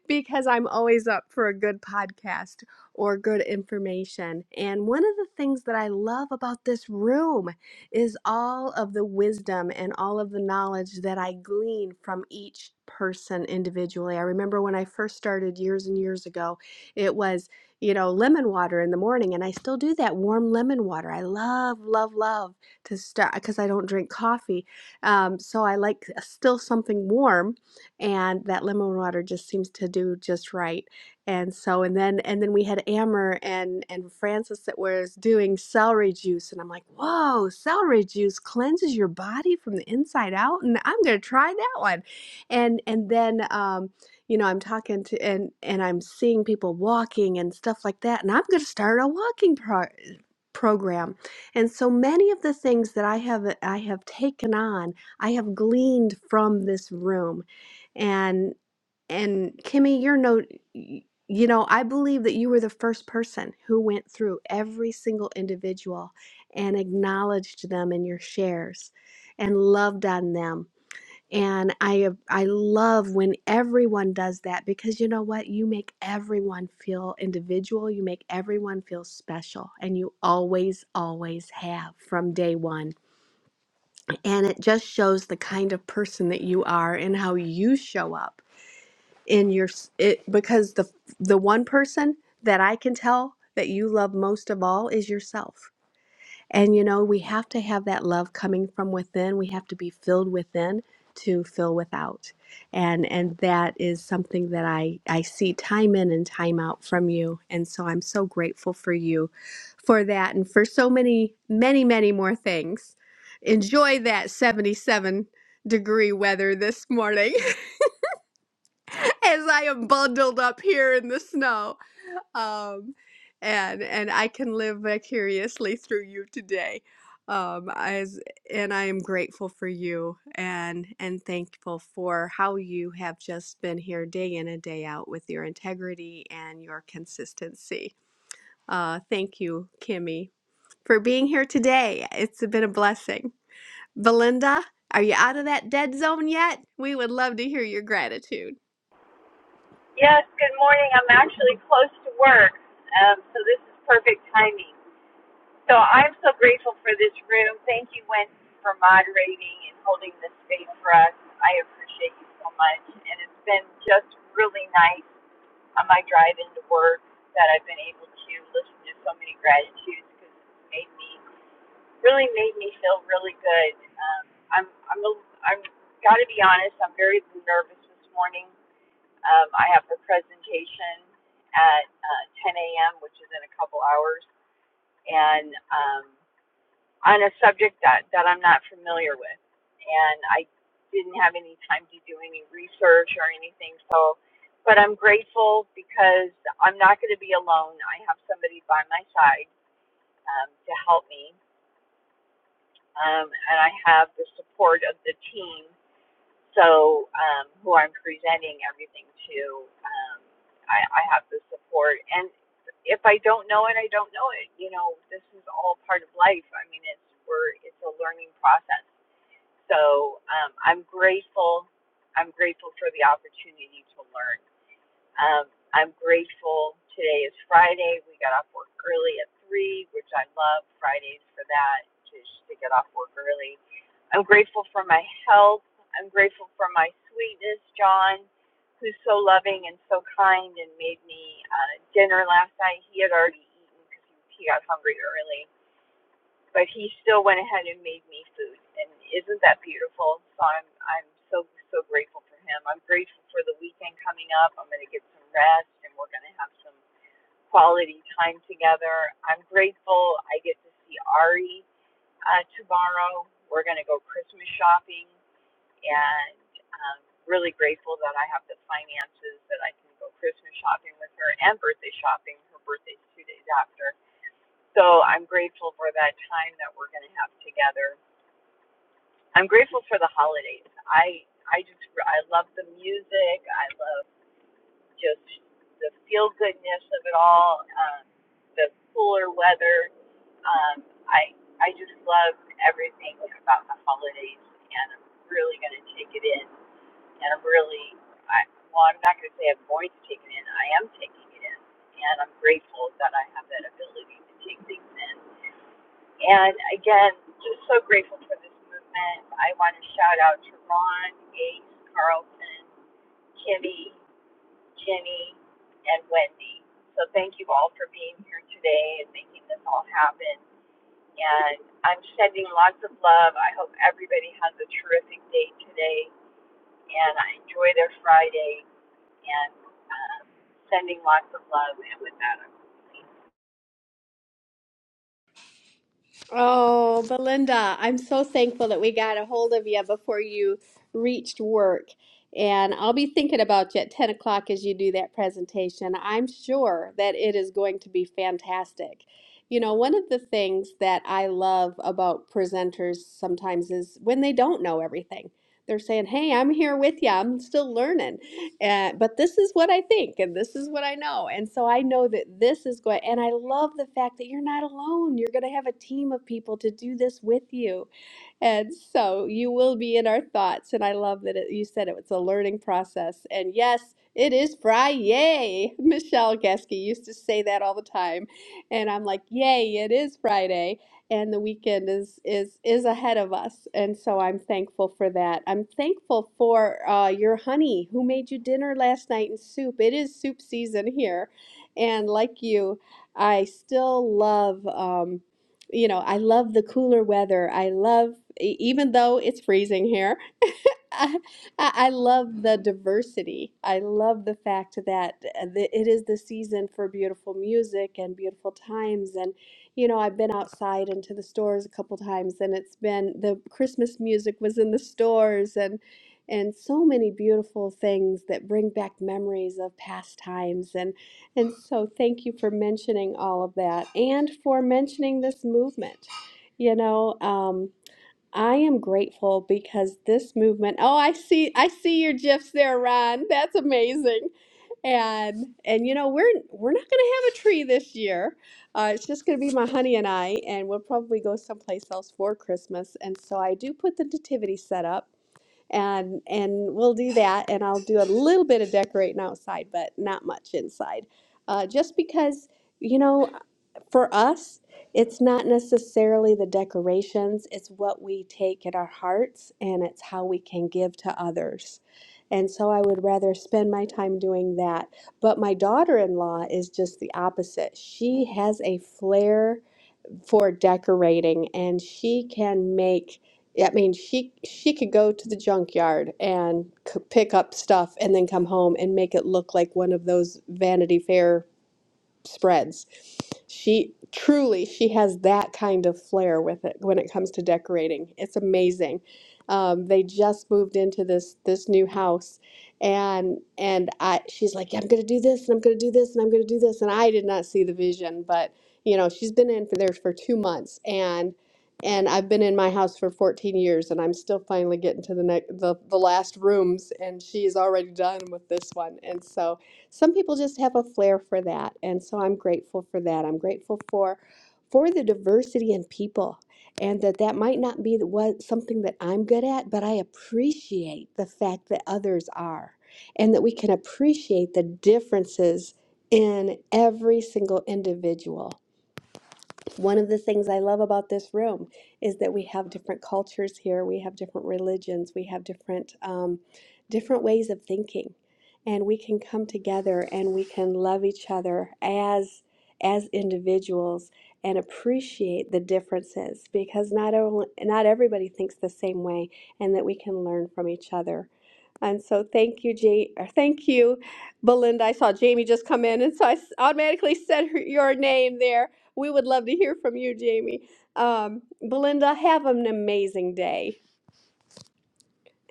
Speaker 28: because i'm always up for a good podcast or good information and one of the things that i love about this room is all of the wisdom and all of the knowledge that i glean from each person individually i remember when i first started years and years ago it was, you know, lemon water in the morning. And I still do that warm lemon water. I love, love, love to start because I don't drink coffee. Um, so I like still something warm. And that lemon water just seems to do just right. And so, and then, and then we had Amber and, and Francis that was doing celery juice. And I'm like, whoa, celery juice cleanses your body from the inside out. And I'm going to try that one and and then um, you know i'm talking to and and i'm seeing people walking and stuff like that and i'm going to start a walking pro- program and so many of the things that i have i have taken on i have gleaned from this room and and kimmy you're no y- you know i believe that you were the first person who went through every single individual and acknowledged them in your shares and loved on them and I I love when everyone does that because you know what? You make everyone feel individual, you make everyone feel special, and you always always have from day 1. And it just shows the kind of person that you are and how you show up in your s- it because the the one person that I can tell that you love most of all is yourself and you know, we have to have that love coming from within. We have to be filled within to fill without. And and that is something that I I see time in and time out from you. And so I'm so grateful for you for that and for so many many many more things. Enjoy that 77 degree weather this morning as I am bundled up here in the snow um, and and I can live vicariously through you today. Um, as and I am grateful for you and and thankful for how you have just been here day in and day out with your integrity and your consistency. Uh, thank you, Kimmy, for being here today. It's been a blessing. Belinda, are you out of that dead zone yet? We would love to hear your gratitude.
Speaker 33: Yes, good morning. I'm actually close to work, um, so this is perfect timing. So I'm so grateful for this room. Thank you, Wendy, for moderating and holding this space for us. I appreciate you so much. And it's been just really nice on my drive into work that I've been able to listen to so many gratitudes because it's made me really made me feel really good. Um, I'm I'm a, I'm got to be honest. I'm very nervous this morning. Um, I have the presentation at uh, 10 a.m., which is in a couple hours, and um, on a subject that that I'm not familiar with, and I didn't have any time to do any research or anything. So, but I'm grateful because I'm not going to be alone. I have somebody by my side um, to help me um, and I have the support of the team. So, um, who I'm presenting everything to, um, I, I have the support. And if I don't know it, I don't know it. You know, this is all part of life. I mean, it's we're it's a learning process. So, um, I'm grateful. I'm grateful for the opportunity to learn. Um, I'm grateful. Today is Friday. We got off work early at 3, which I love Fridays for that, just to get off work early. I'm grateful for my health. I'm grateful for my sweetness, John, who's so loving and so kind and made me uh, dinner last night. He had already eaten because he he got hungry early but he still went ahead and made me food and isn't that beautiful so i'm i'm so so grateful for him i'm grateful for the weekend coming up i'm going to get some rest and we're going to have some quality time together i'm grateful i get to see ari uh, tomorrow we're going to go christmas shopping and um, really grateful that i have the finances that i can go christmas shopping with her and birthday shopping her birthday's two days after so I'm grateful for that time that we're going to have together. I'm grateful for the holidays. I I just I love the music. I love just the feel goodness of it all. Um, the cooler weather. Um, I I just love everything about the holidays, and I'm really going to take it in. And I'm really I well, I'm not going to say I'm going to take it in. I am taking it in, and I'm grateful that I have that ability to take things in and again, just so grateful for this movement. I want to shout out to Ron, Ace, Carlton, Kimmy, Jenny, and Wendy. So thank you all for being here today and making this all happen. And I'm sending lots of love. I hope everybody has a terrific day today and I enjoy their Friday and um, sending lots of love. And with that, I'm complete.
Speaker 28: Oh, Belinda, I'm so thankful that we got a hold of you before you reached work. And I'll be thinking about you at 10 o'clock as you do that presentation. I'm sure that it is going to be fantastic. You know, one of the things that I love about presenters sometimes is when they don't know everything. They're saying, Hey, I'm here with you. I'm still learning and, but this is what I think and this is what I know. And so I know that this is going, and I love the fact that you're not alone. You're going to have a team of people to do this with you. And so you will be in our thoughts. And I love that it, you said it, it's a learning process. And yes, it is Friday. Michelle Geske used to say that all the time. And I'm like, yay, it is Friday and the weekend is is is ahead of us and so i'm thankful for that i'm thankful for uh, your honey who made you dinner last night and soup it is soup season here and like you i still love um, you know i love the cooler weather i love e- even though it's freezing here I, I I love the diversity. I love the fact that uh, the- it is the season for beautiful music and beautiful times. And, you know, I've been outside into the stores a couple times and it's been the Christmas music was in the stores and and so many beautiful things that bring back memories of past times and and so thank you for mentioning all of that and for mentioning this movement. You know, um, I am grateful because this movement. Oh, I see I see your gifs there, Ron. That's amazing. And and you know, we're we're not going to have a tree this year. Uh, it's just going to be my honey and I and we'll probably go someplace else for Christmas. And so I do put the nativity set up and and we'll do that and i'll do a little bit of decorating outside but not much inside uh, just because you know for us it's not necessarily the decorations it's what we take in our hearts and it's how we can give to others and so i would rather spend my time doing that but my daughter-in-law is just the opposite she has a flair for decorating and she can make I mean she she could go to the junkyard and c- pick up stuff and then come home and make it look like one of those Vanity Fair spreads. She truly she has that kind of flair with it when it comes to decorating. It's amazing. Um, they just moved into this this new house, and and I she's like "Yeah, I'm gonna do this and I'm gonna do this and I'm gonna do this and I did not see the vision, but you know she's been in for there for two months and and I've been in my house for 14 years and I'm still finally getting to the next the, the last rooms and she's already done with this one and so some people just have a flair for that and so i'm grateful for that i'm grateful for for the diversity in people and that that might not be the- what something that i'm good at but i appreciate the fact that others are and that we can appreciate the differences in every single individual one of the things I love about this room is that we have different cultures here, we have different religions, we have different um, different ways of thinking, and we can come together and we can love each other as as individuals and appreciate the differences because not only, not everybody thinks the same way, and that we can learn from each other. And so thank you, Ja- or thank you, Belinda. I saw Jamie just come in, and so I s- automatically said her, your name there. We would love to hear from you, Jamie. Um, Belinda, have an amazing day.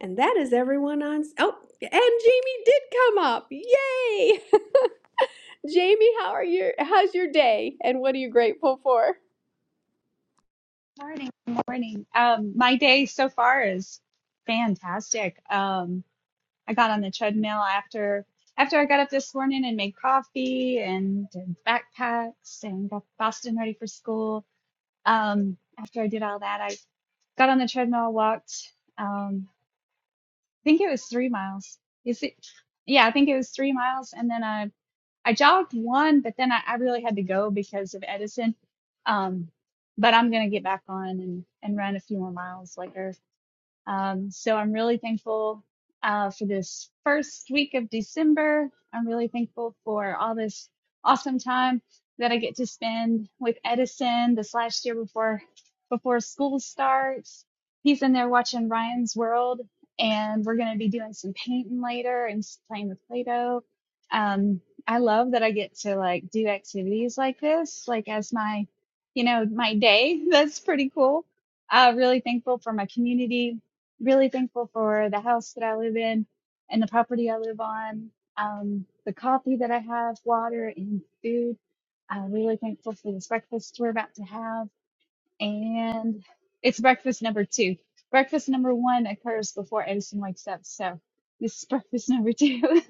Speaker 28: And that is everyone on. s- Oh, and Jamie did come up. Yay! Jamie, how are you? How's your day? And what are you grateful for?
Speaker 35: Morning, morning. Um, my day so far is fantastic. Um, I got on the treadmill after after I got up this morning and made coffee and did backpacks and got Boston ready for school. Um, after I did all that, I got on the treadmill, walked. Um, I think it was three miles. Is it? Yeah, I think it was three miles, and then I I jogged one, but then I, I really had to go because of Edison. Um, but I'm gonna get back on and, and run a few more miles later. Um, so I'm really thankful uh, for this first week of December. I'm really thankful for all this awesome time that I get to spend with Edison this last year before before school starts. He's in there watching Ryan's World, and we're going to be doing some painting later and s- playing with Play-Doh. Um, I love that I get to like do activities like this, like as my, you know, my day. That's pretty cool uh, really thankful for my community really thankful for the house that I live in and the property I live on, um, the coffee that I have, water and food. I'm really thankful for this breakfast we're about to have and it's breakfast number two. Breakfast number one occurs before Edison wakes up, so this is breakfast number two.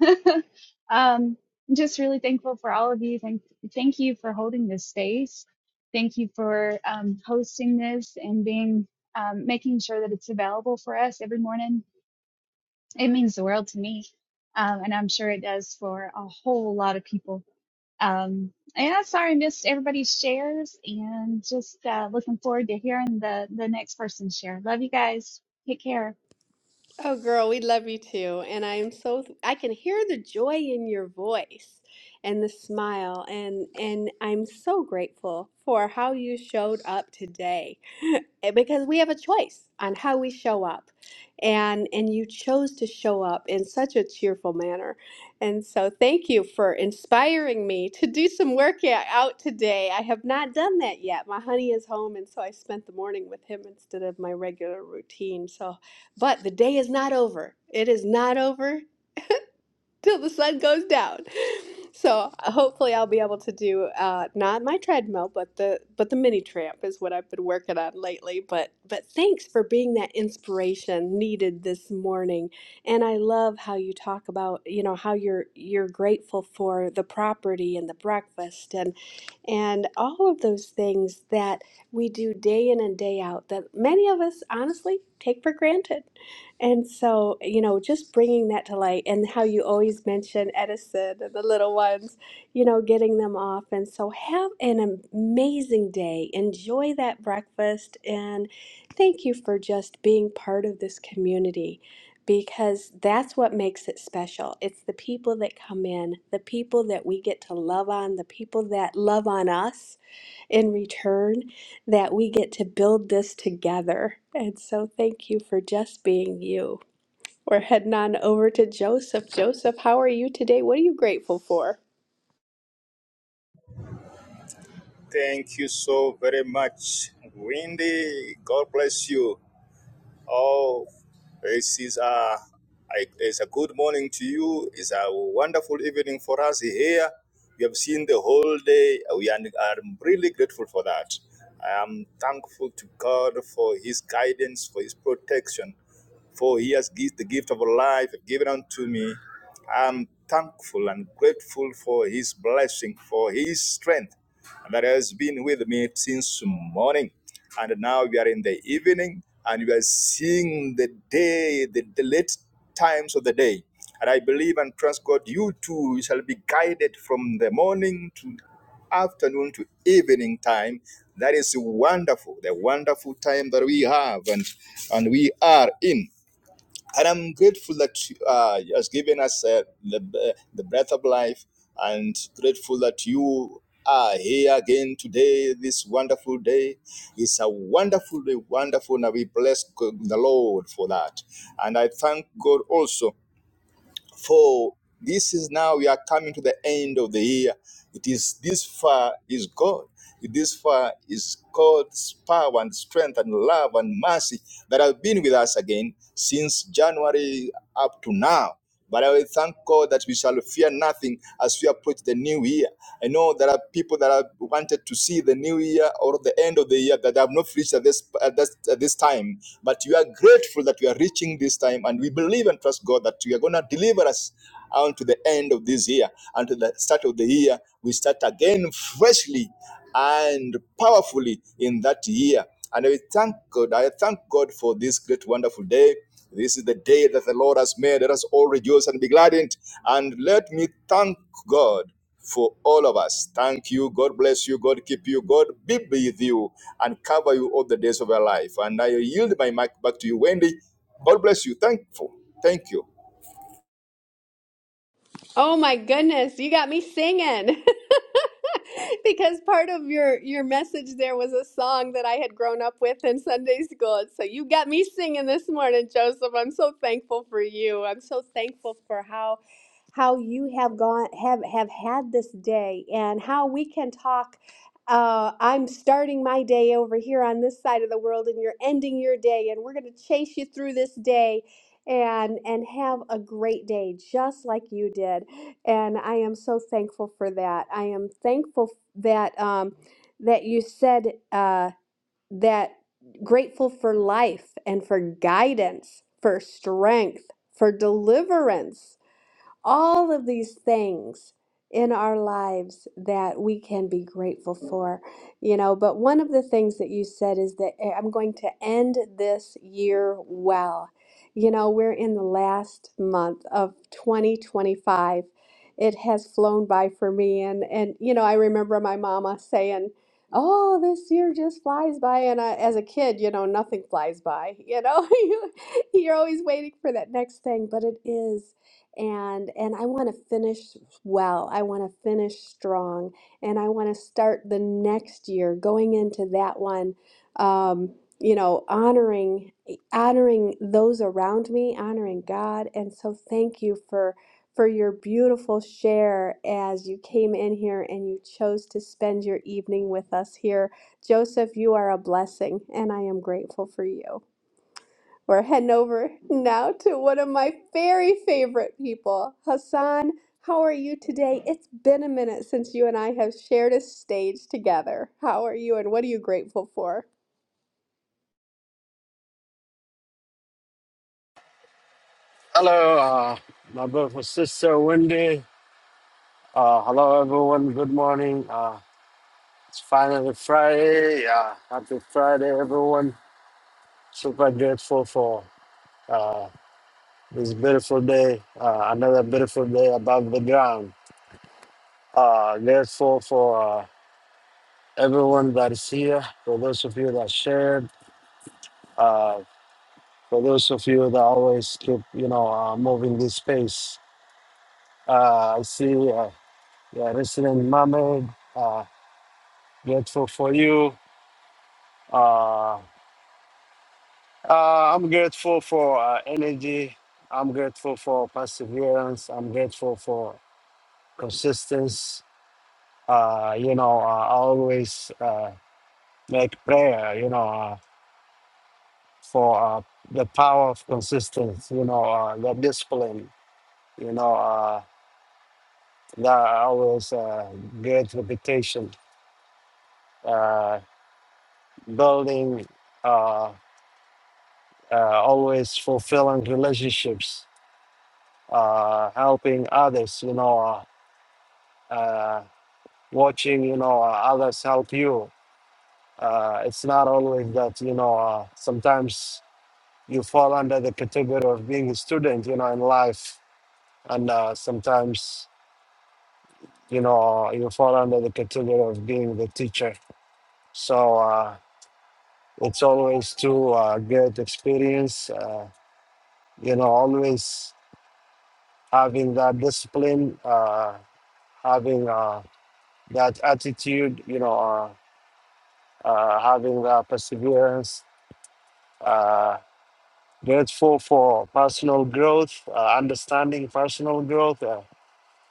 Speaker 35: um, I'm just really thankful for all of you. Thank, thank you for holding this space. Thank you for um, hosting this and being um, making sure that it's available for us every morning. It means the world to me, um, and I'm sure it does for a whole lot of people. Um, yeah, sorry I missed everybody's shares and just uh, looking forward to hearing the, the next person share. Love you guys. Take care.
Speaker 28: Oh, girl, we love you too. And I am so, I can hear the joy in your voice and the smile. And, and I'm so grateful for how you showed up today because we have a choice on how we show up. And, and you chose to show up in such a cheerful manner. And so thank you for inspiring me to do some work out today. I have not done that yet. My honey is home. And so I spent the morning with him instead of my regular routine. So but the day is not over. It is not over till the sun goes down. So uh, hopefully I'll be able to do uh, not my treadmill, but the but the mini tramp is what I've been working on lately. But but thanks for being that inspiration needed this morning. And I love how you talk about you know how you're you're grateful for the property and the breakfast and and all of those things that we do day in and day out that many of us honestly take for granted. And so, you know, just bringing that to light and how you always mention Edison and the little ones, you know, getting them off. And so, have an amazing day. Enjoy that breakfast. And thank you for just being part of this community because that's what makes it special. It's the people that come in, the people that we get to love on, the people that love on us in return, that we get to build this together. And so, thank you for just being you. We're heading on over to Joseph. Joseph, how are you today? What are you grateful for?
Speaker 36: Thank you so very much, Wendy. God bless you. Oh, this is a, it's a good morning to you. It's a wonderful evening for us here. We have seen the whole day. We are I'm really grateful for that. I am thankful to God for His guidance, for His protection. For he has given the gift of life given unto me. I'm thankful and grateful for his blessing, for his strength that has been with me since morning. And now we are in the evening and we are seeing the day, the, the late times of the day. And I believe and trust God, you too shall be guided from the morning to afternoon to evening time. That is wonderful, the wonderful time that we have and, and we are in. And I'm grateful that you uh, has given us uh, the, the breath of life and grateful that you are here again today, this wonderful day. It's a wonderful day, wonderful, and we bless the Lord for that. And I thank God also for this is now we are coming to the end of the year. It is this far is God. This far is God's power and strength and love and mercy that have been with us again since January up to now. But I will thank God that we shall fear nothing as we approach the new year. I know there are people that have wanted to see the new year or the end of the year that have not reached at this, at this, at this time. But we are grateful that we are reaching this time and we believe and trust God that we are going going to deliver us unto the end of this year, until the start of the year. We start again freshly and powerfully in that year. And I thank God. I thank God for this great, wonderful day. This is the day that the Lord has made. Let us all rejoice and be glad in it. And let me thank God for all of us. Thank you. God bless you. God keep you. God be with you and cover you all the days of your life. And I yield my mic back to you, Wendy. God bless you. Thankful. Thank you.
Speaker 28: Oh my goodness, you got me singing. because part of your your message there was a song that I had grown up with in Sunday school. And so you got me singing this morning, Joseph. I'm so thankful for you. I'm so thankful for how how you have gone have have had this day and how we can talk uh, I'm starting my day over here on this side of the world and you're ending your day and we're going to chase you through this day and and have a great day just like you did and I am so thankful for that I am thankful that um, that you said uh, that grateful for life and for guidance for strength for deliverance all of these things in our lives that we can be grateful for you know but one of the things that you said is that eh, i'm going to end this year well you know we're in the last month of 2025 it has flown by for me and and you know i remember my mama saying oh this year just flies by and I, as a kid you know nothing flies by you know you, you're always waiting for that next thing but it is and and I want to finish well. I want to finish strong, and I want to start the next year going into that one. Um, you know, honoring honoring those around me, honoring God, and so thank you for for your beautiful share as you came in here and you chose to spend your evening with us here. Joseph, you are a blessing, and I am grateful for you. We're heading over now to one of my very favorite people, Hassan. How are you today? It's been a minute since you and I have shared a stage together. How are you and what are you grateful for?
Speaker 37: Hello, uh, my beautiful sister Wendy. Uh, hello, everyone. Good morning. Uh, it's finally Friday. Uh, happy Friday, everyone. Super grateful for uh, this beautiful day. Uh, another beautiful day above the ground. Uh, grateful for uh, everyone that is here. For those of you that shared. Uh, for those of you that always keep, you know, uh, moving this space. Uh, I see uh, yeah, resident mermaid. uh, Grateful for you. Uh, uh, I'm grateful for uh, energy. I'm grateful for perseverance. I'm grateful for consistency. Uh, you know, I always uh, make prayer, you know, uh, for uh, the power of consistency, you know, uh, the discipline, you know, uh, the always uh, great reputation, uh, building, uh, uh, always fulfilling relationships uh, helping others, you know, uh, uh, watching, you know, uh, others help you. Uh, it's not always that, you know, uh, sometimes you fall under the category of being a student, you know, in life. And uh, sometimes, you know, you fall under the category of being the teacher. So uh, it's always to uh, get experience, uh, you know, always having that discipline, uh, having uh, that attitude, you know, uh, uh, having the perseverance, uh, grateful for personal growth, uh, understanding personal growth, uh,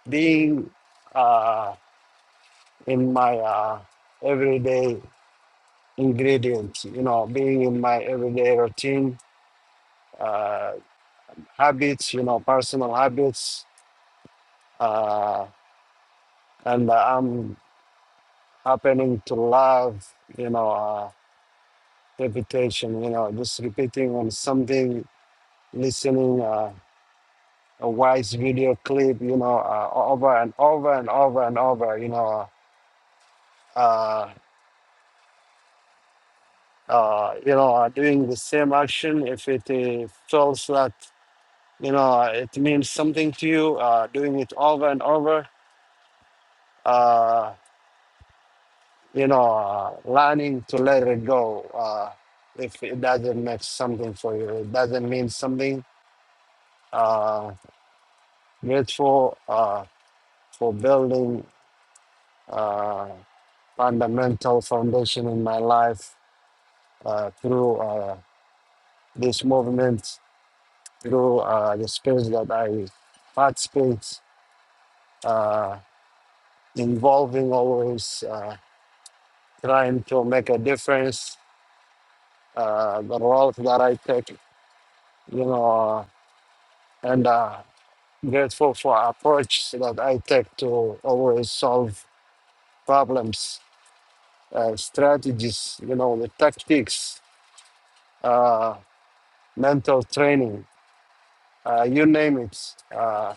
Speaker 37: being uh, in my uh, everyday ingredients, you know, being in my everyday routine, uh, habits, you know, personal habits. Uh, and uh, I'm happening to love, you know, uh, repetition, you know, just repeating on something, listening. Uh, a wise video clip, you know, uh, over and over and over and over, you know, uh, uh, you know, uh, doing the same action. If it uh, feels that, you know, it means something to you, uh, doing it over and over, uh, you know, uh, learning to let it go. Uh, if it doesn't make something for you, it doesn't mean something. Uh, grateful uh, for building uh, fundamental foundation in my life uh, through uh, this movement, through uh, the space that I participate, uh, involving always uh, trying to make a difference, uh, the role that I take, you know, and uh, grateful for approach that I take to always solve problems, uh, strategies, you know, the tactics, uh, mental training, uh, you name it. Uh,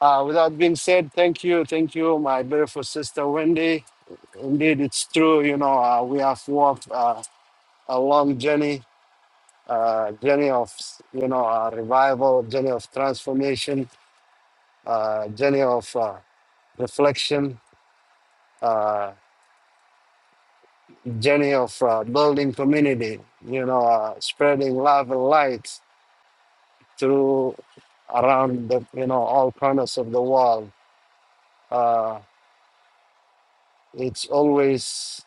Speaker 37: Uh, with that being said, thank you, thank you, my beautiful sister Wendy. Indeed, it's true. You know, uh, we have walked uh, a long journey, uh, journey of you know uh, revival, journey of transformation, uh, journey of uh, reflection, uh, journey of uh, building community. You know, uh, spreading love and light through around the you know all corners of the world. Uh, it's always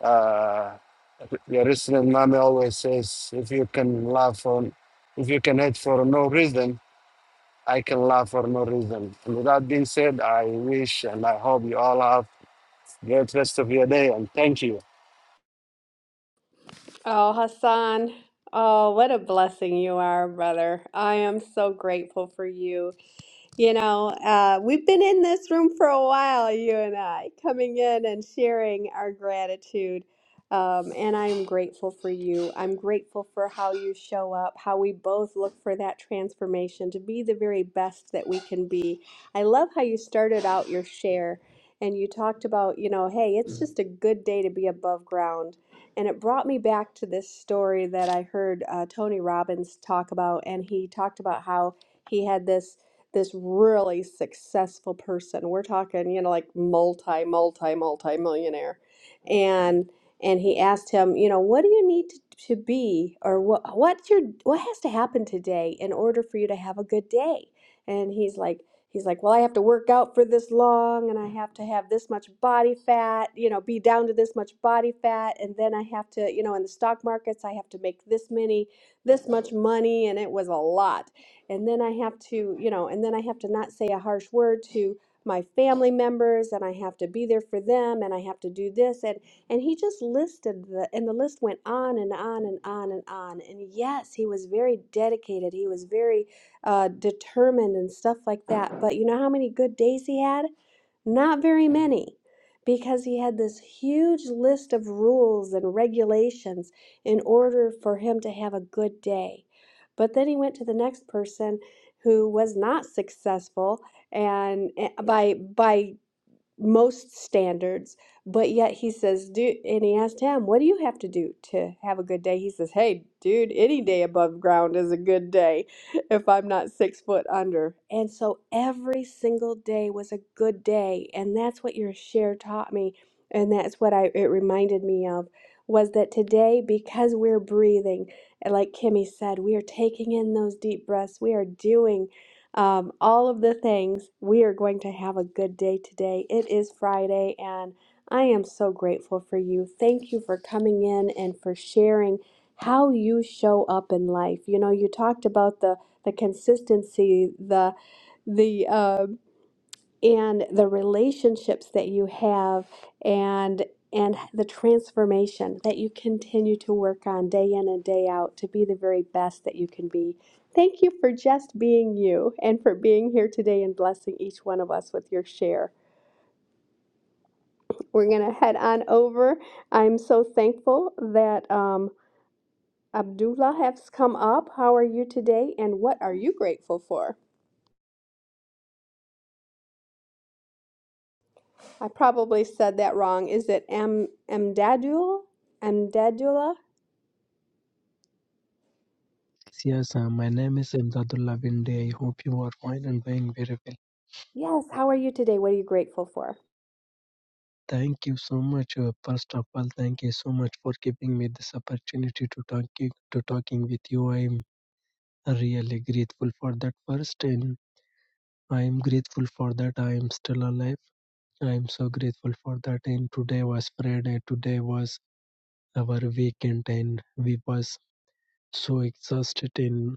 Speaker 37: Uh, Jerusalem mommy always says, if you can laugh on, if you can hate for no reason, I can laugh for no reason. And with that being said, I wish and I hope you all have a great rest of your day and thank you.
Speaker 28: Oh, Hassan. Oh, what a blessing you are, brother. I am so grateful for you. You know, uh, we've been in this room for a while, you and I, coming in and sharing our gratitude. Um, and I am grateful for you. I'm grateful for how you show up, how we both look for that transformation to be the very best that we can be. I love how you started out your share and you talked about, you know, hey, it's just a good day to be above ground. And it brought me back to this story that I heard uh, Tony Robbins talk about. And he talked about how he had this this really successful person. We're talking, you know, like multi, multi, multi millionaire. And and he asked him, you know, what do you need to, to be or what what's your what has to happen today in order for you to have a good day? And he's like he's like, "Well, I have to work out for this long and I have to have this much body fat, you know, be down to this much body fat and then I have to, you know, in the stock markets I have to make this many this much money and it was a lot and then I have to, you know, and then I have to not say a harsh word to my family members and I have to be there for them and I have to do this and and he just listed the and the list went on and on and on and on and yes he was very dedicated he was very uh, determined and stuff like that but you know how many good days he had not very many because he had this huge list of rules and regulations in order for him to have a good day but then he went to the next person who was not successful and eh, by by most standards, but yet he says, dude, and he asked him, what do you have to do to have a good day? He says, hey, dude, any day above ground is a good day if I'm not six foot under. And so every single day was a good day. And that's what your share taught me. And that's what I, it reminded me of was that today, because we're breathing, and like Kimmy said, we are taking in those deep breaths. We are doing um, all of the things. We are going to have a good day today. It is Friday, and I am so grateful for you. Thank you for coming in and for sharing how you show up in life. You know, you talked about the the consistency, the the uh, and the relationships that you have and and the transformation that you continue to work on day in and day out to be the very best that you can be. Thank you for just being you and for being here today and blessing each one of us with your share. We're going to head on over. I'm so thankful that um, Abdullah has come up. How are you today and what are you grateful for? I probably said that wrong. Is it Am- Amdadul? Amdadullah?
Speaker 38: Yes, uh, my name is Imdadullah Binde. I hope you are fine and doing very well.
Speaker 28: Yes, how are you today? What are you grateful for?
Speaker 38: Thank you so much. Uh, first of all, thank you so much for giving me this opportunity to talking to talking with you. I am really grateful for that. First, and I am grateful for that. I am still alive. I am so grateful for that. And today was Friday. Today was our weekend, and we was so exhausted. And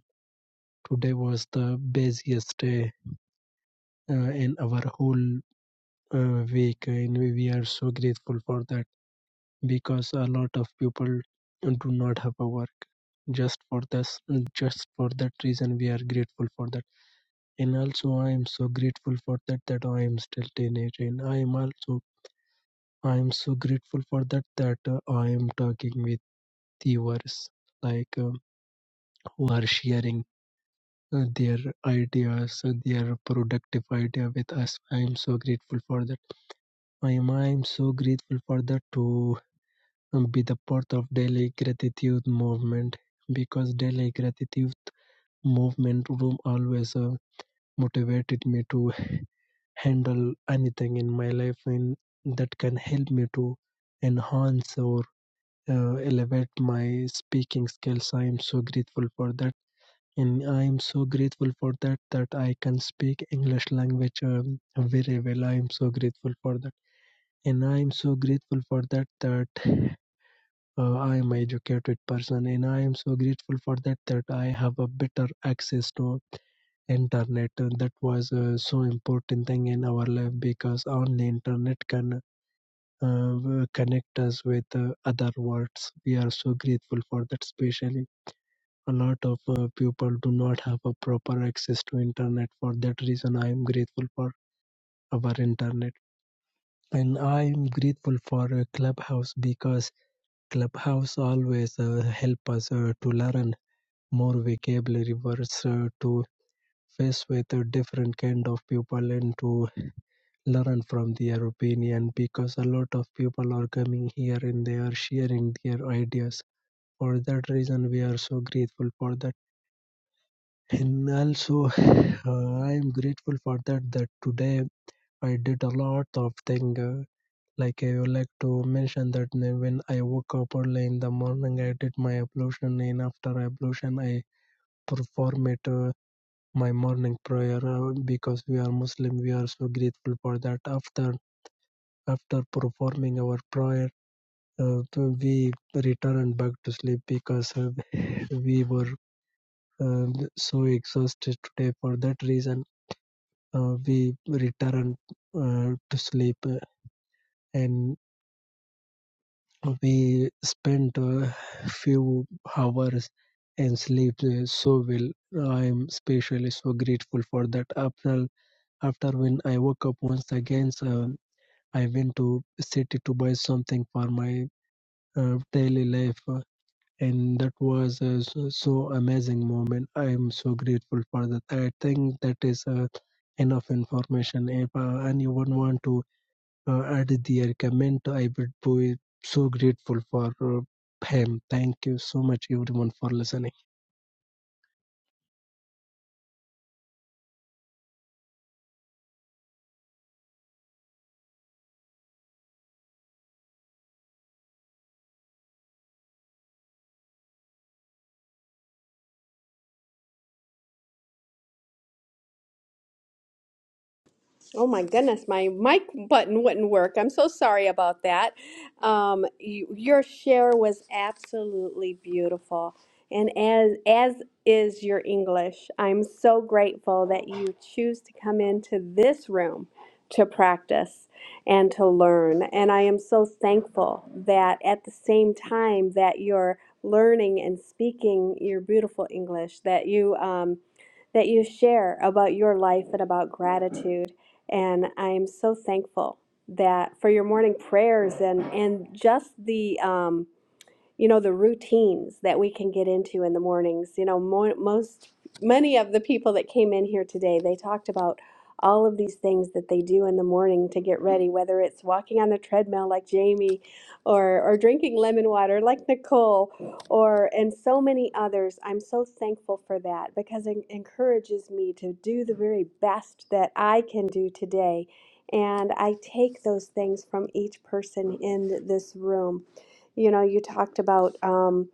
Speaker 38: today was the busiest day uh, in our whole uh, week and we we are so grateful for that because a lot of people do not have a work just for this just for that reason we are grateful for that and also i am so grateful for that that i am still teenager and i am also i am so grateful for that that uh, i am talking with viewers like um, who are sharing uh, their ideas uh, their productive idea with us i am so grateful for that i am i am so grateful for that to be the part of daily gratitude movement because daily gratitude movement room always uh, motivated me to handle anything in my life and that can help me to enhance or uh, elevate my speaking skills i am so grateful for that and i am so grateful for that that i can speak english language um, very well i am so grateful for that and i am so grateful for that that uh, I am an educated person, and I am so grateful for that that I have a better access to internet. And that was uh, so important thing in our life because only internet can uh, connect us with uh, other worlds. We are so grateful for that, especially. A lot of uh, people do not have a proper access to internet. For that reason, I am grateful for our internet and i'm grateful for uh, clubhouse because Clubhouse always uh, help us uh, to learn more vocabulary words uh, to face with a different kind of people and to learn from their opinion because a lot of people are coming here and they are sharing their ideas for that reason we are so grateful for that and also uh, i am grateful for that that today i did a lot of thing uh, Like I would like to mention that n- when I woke up early in the morning, I did my ablution, and after ablution, I perform it uh, my morning prayer uh, because we are Muslim. We are so grateful for that. After after performing our prayer, uh, we return back to sleep because uh, we were um, so exhausted today. For that reason, uh, we return uh, to sleep uh, and We spent a few hours and sleep uh, so well. I am especially so grateful for that. After, after when I woke up once again, so I went to city to buy something for my uh, daily life, uh, and that was a so, so amazing moment. I am so grateful for that. I think that is uh, enough information. If uh, anyone want to uh, added their comment. I would be so grateful for uh, him. Thank you so much, everyone, for listening.
Speaker 28: Oh my goodness, my mic button wouldn't work. I'm so sorry about that. Um, you, your share was absolutely beautiful, and as as is your English. I'm so grateful that you choose to come into this room to practice and to learn. And I am so thankful that at the same time that you're learning and speaking your beautiful English, that you um, that you share about your life and about gratitude and I'm so thankful that for your morning prayers and and just the um, you know, the routines that we can get into in the mornings. You know, mo- most, many of the people that came in here today, they talked about all of these things that they do in the morning to get ready, whether it's walking on the treadmill like Jamie or, or drinking lemon water like Nicole or, and so many others. I'm so thankful for that because it encourages me to do the very best that I can do today. And I take those things from each person in this room you know, you talked about um,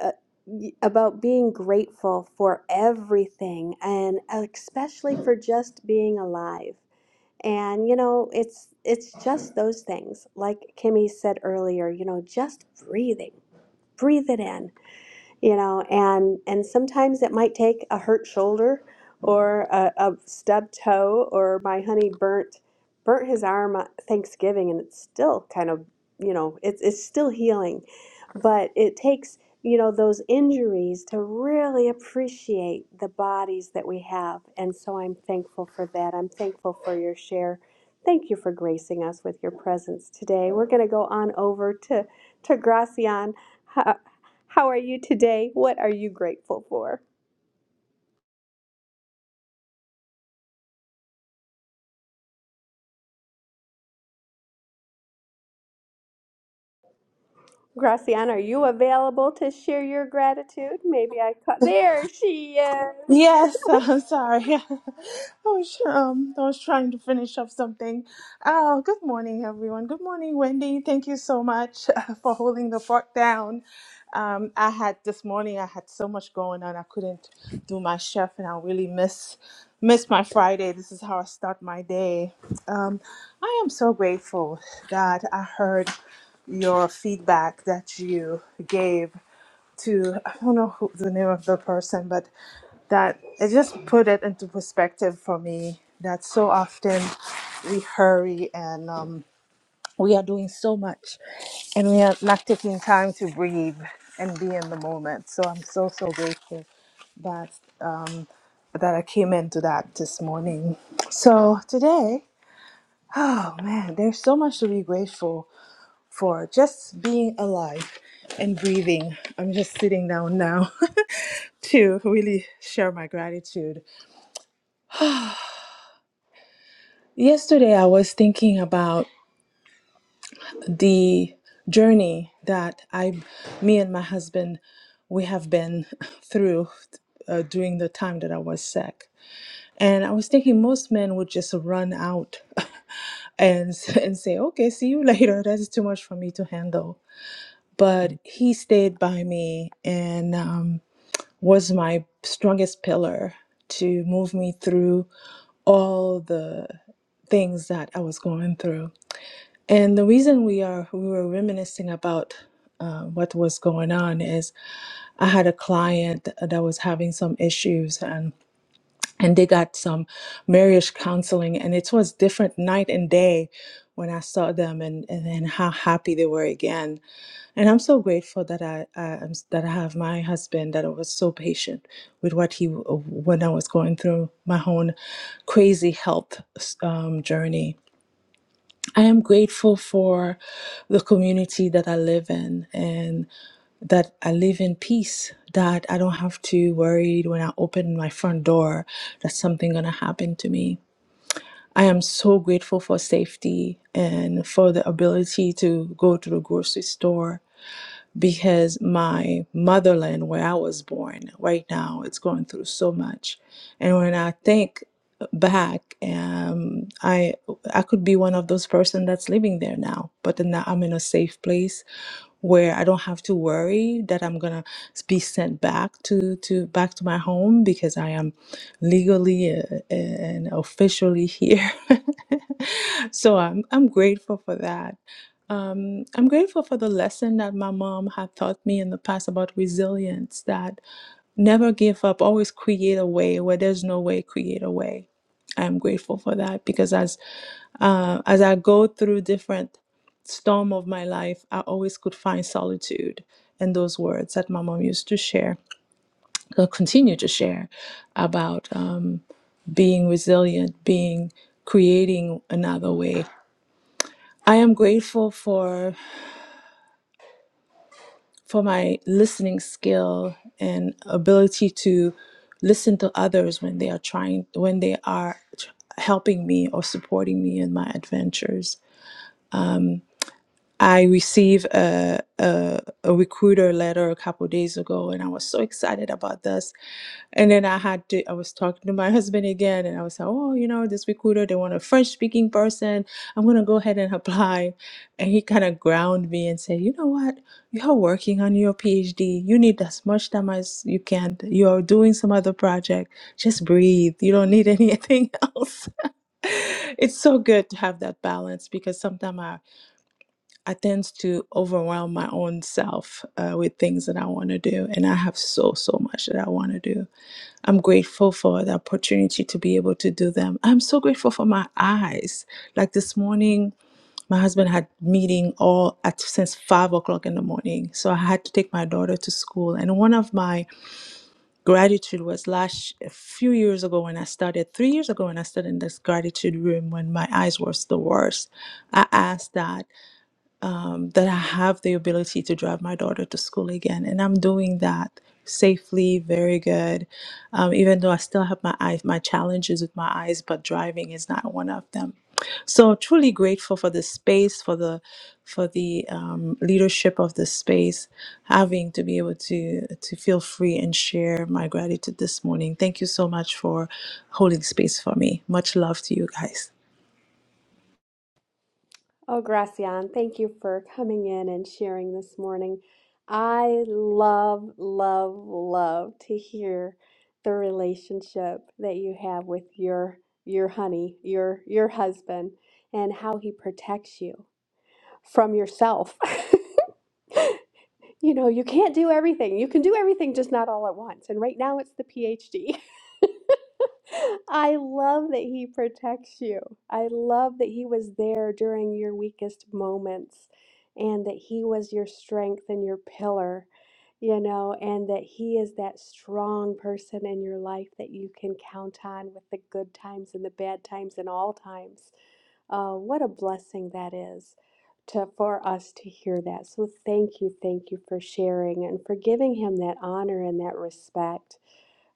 Speaker 28: uh, y- about being grateful for everything, and uh, especially for just being alive. And you know, it's it's just those things, like Kimmy said earlier. You know, just breathing, breathe it in you know and and sometimes it might take a hurt shoulder or a, a stubbed toe or my honey burnt burnt his arm on thanksgiving and it's still kind of you know it's it's still healing but it takes you know those injuries to really appreciate the bodies that we have and so i'm thankful for that i'm thankful for your share Thank you for gracing us with your presence today. We're going to go on over to, to Gracian. How, how are you today? What are you grateful for? Gracian, are you available to share your gratitude? Maybe I caught. There she is.
Speaker 39: Yes, I'm sorry. I was um, I was trying to finish up something. Oh, good morning, everyone. Good morning, Wendy. Thank you so much for holding the fort down. Um, I had this morning. I had so much going on. I couldn't do my chef, and I really miss miss my Friday. This is how I start my day. Um, I am so grateful that I heard your feedback that you gave to I don't know who the name of the person, but that it just put it into perspective for me that so often we hurry and um, we are doing so much and we are not taking time to breathe and be in the moment. So I'm so so grateful that um, that I came into that this morning. So today, oh man, there's so much to be grateful for. Just being alive and breathing. I'm just sitting down now to really share my gratitude. Yesterday, I was thinking about the journey that I, me and my husband, we have been through uh, during the time that I was sick. And I was thinking most men would just run out and, s- and say, okay, see you later. That's too much for me to handle. But he stayed by me and um, was my strongest pillar to move me through all the things that I was going through And the reason we are we were reminiscing about uh, what was going on is I had a client that was having some issues and and they got some marriage counseling and it was different night and day when I saw them and and then how happy they were again. And I'm so grateful that I, I am that I have my husband that I was so patient with what he when I was going through my own crazy health um, journey I am grateful for the community that I live in and that I live in peace, that I don't have to worry when I open my front door that something going to happen to me. I am so grateful for safety and for the ability to go to the grocery store because my motherland, where I was born, right now it's going through so much. And when I think back, um, I I could be one of those person that's living there now, but then now I'm in a safe place where I don't have to worry that I'm gonna be sent back to to back to my home because I am legally uh, and officially here. so I'm I'm grateful for that. Um, I'm grateful for the lesson that my mom had taught me in the past about resilience that never give up, always create a way where there's no way, create a way. I'm grateful for that because as uh, as I go through different storm of my life, I always could find solitude in those words that my mom used to share, uh, continue to share about um, being resilient, being creating another way. I am grateful for for my listening skill and ability to listen to others when they are trying when they are tr- helping me or supporting me in my adventures i received a, a recruiter letter a couple days ago and i was so excited about this and then I had to, I was talking to my husband again, and I was like, oh, you know, this recruiter, they want a French speaking person. I'm going to go ahead and apply. And he kind of ground me and said, you know what? You're working on your PhD. You need as much time as you can. You're doing some other project. Just breathe. You don't need anything else. it's so good to have that balance because sometimes I, I tend to overwhelm my own self uh, with things that I want to do. And I have so, so much that I want to do I'm grateful for the opportunity to be able to do them. I'm so grateful for my eyes. Like this morning, my husband had meeting all at since five o'clock in the morning, so I had to take my daughter to school. And one of my gratitude was last a few years ago when I started, three years ago when I started in this gratitude room when my eyes was the worst. I asked that um, that I have the ability to drive my daughter to school again. And I'm doing that safely, very good. Um, even though I still have my eyes, my challenges with my eyes, but driving is not one of them. So truly grateful for the space, for the for the um, leadership of the space, having to be able to to feel free and share my gratitude this morning. Thank you so much for holding space for me. Much love to you guys.
Speaker 28: Oh, Gracian, thank you for coming in and sharing this morning. I love, love, love to hear the relationship that you have with your your honey, your your husband, and how he protects you from yourself. you know, you can't do everything. You can do everything, just not all at once. And right now, it's the PhD. I love that he protects you. I love that he was there during your weakest moments and that he was your strength and your pillar, you know, and that he is that strong person in your life that you can count on with the good times and the bad times and all times. Uh, what a blessing that is. To, for us to hear that. So, thank you, thank you for sharing and for giving him that honor and that respect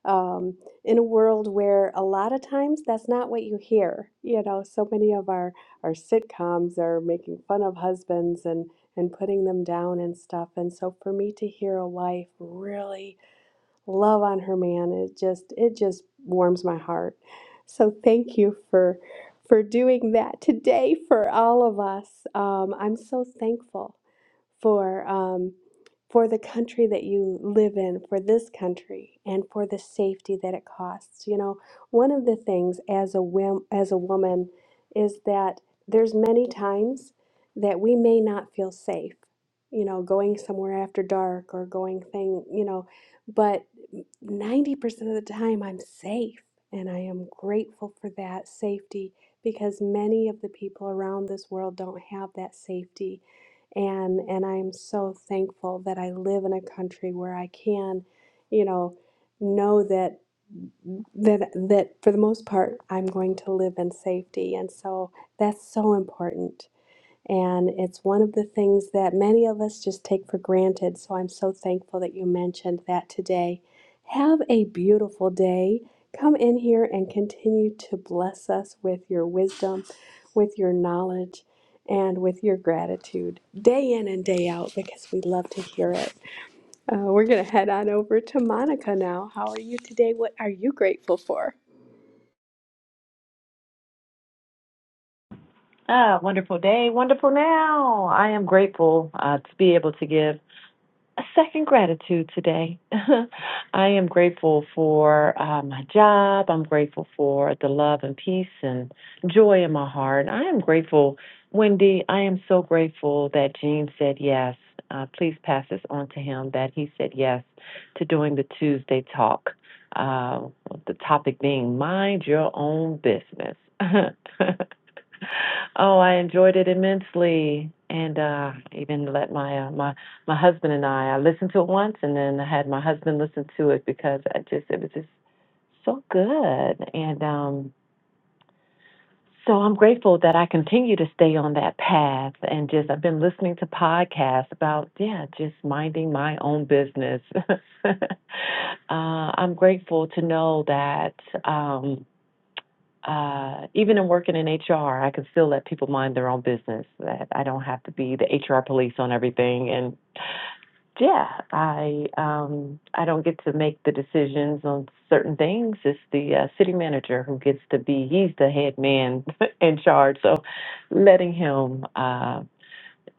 Speaker 28: um, in a world where a lot of times that's not what you hear. You know, so many of our, our sitcoms are making fun of husbands and, and putting them down and stuff. And so for me to hear a wife really love on her man it just it just warms my heart so thank you for for doing that today for all of us um, i'm so thankful for um, for the country that you live in for this country and for the safety that it costs you know one of the things as a wom- as a woman is that there's many times that we may not feel safe you know going somewhere after dark or going thing you know but 90% of the time I'm safe. And I am grateful for that safety because many of the people around this world don't have that safety. And, and I am so thankful that I live in a country where I can, you know, know that that that for the most part I'm going to live in safety. And so that's so important and it's one of the things that many of us just take for granted. So I'm so thankful that you mentioned that today. Have a beautiful day. Come in here and continue to bless us with your wisdom, with your knowledge, and with your gratitude day in and day out because we love to hear it. Uh, we're going to head on over to Monica now. How are you today? What are you grateful for?
Speaker 19: Ah, wonderful day, wonderful now. I am grateful uh, to be able to give. a second gratitude today. I am grateful for uh, my job. I'm grateful for the love and peace and joy in my heart. I am grateful, Wendy. I am so grateful that Gene said yes. Uh, please pass this on to him that he said yes to doing the Tuesday talk. Uh, the topic being mind your own business. Oh, I enjoyed it immensely, and uh, even let my uh, my my husband and I. I listened to it once, and then I had my husband listen to it because I just it was just so good, and um, so I'm grateful that I continue to stay on that path, and just I've been listening to podcasts about yeah, just minding my own business. uh, I'm grateful to know that. Um, uh, even in working in HR, I can still let people mind their own business. That I don't have to be the HR police on everything. And yeah, I um, I don't get to make the decisions on certain things. It's the uh, city manager who gets to be. He's the head man in charge. So letting him, uh,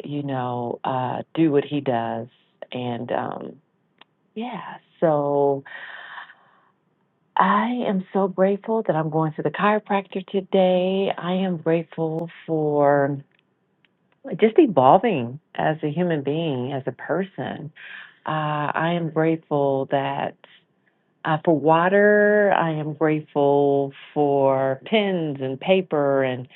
Speaker 19: you know, uh, do what he does. And um, yeah, so I am so grateful that I'm going to the chiropractor today. I am grateful for just evolving as a human being, as a person. Uh, I am grateful that uh, for water. I am grateful for pens and paper, and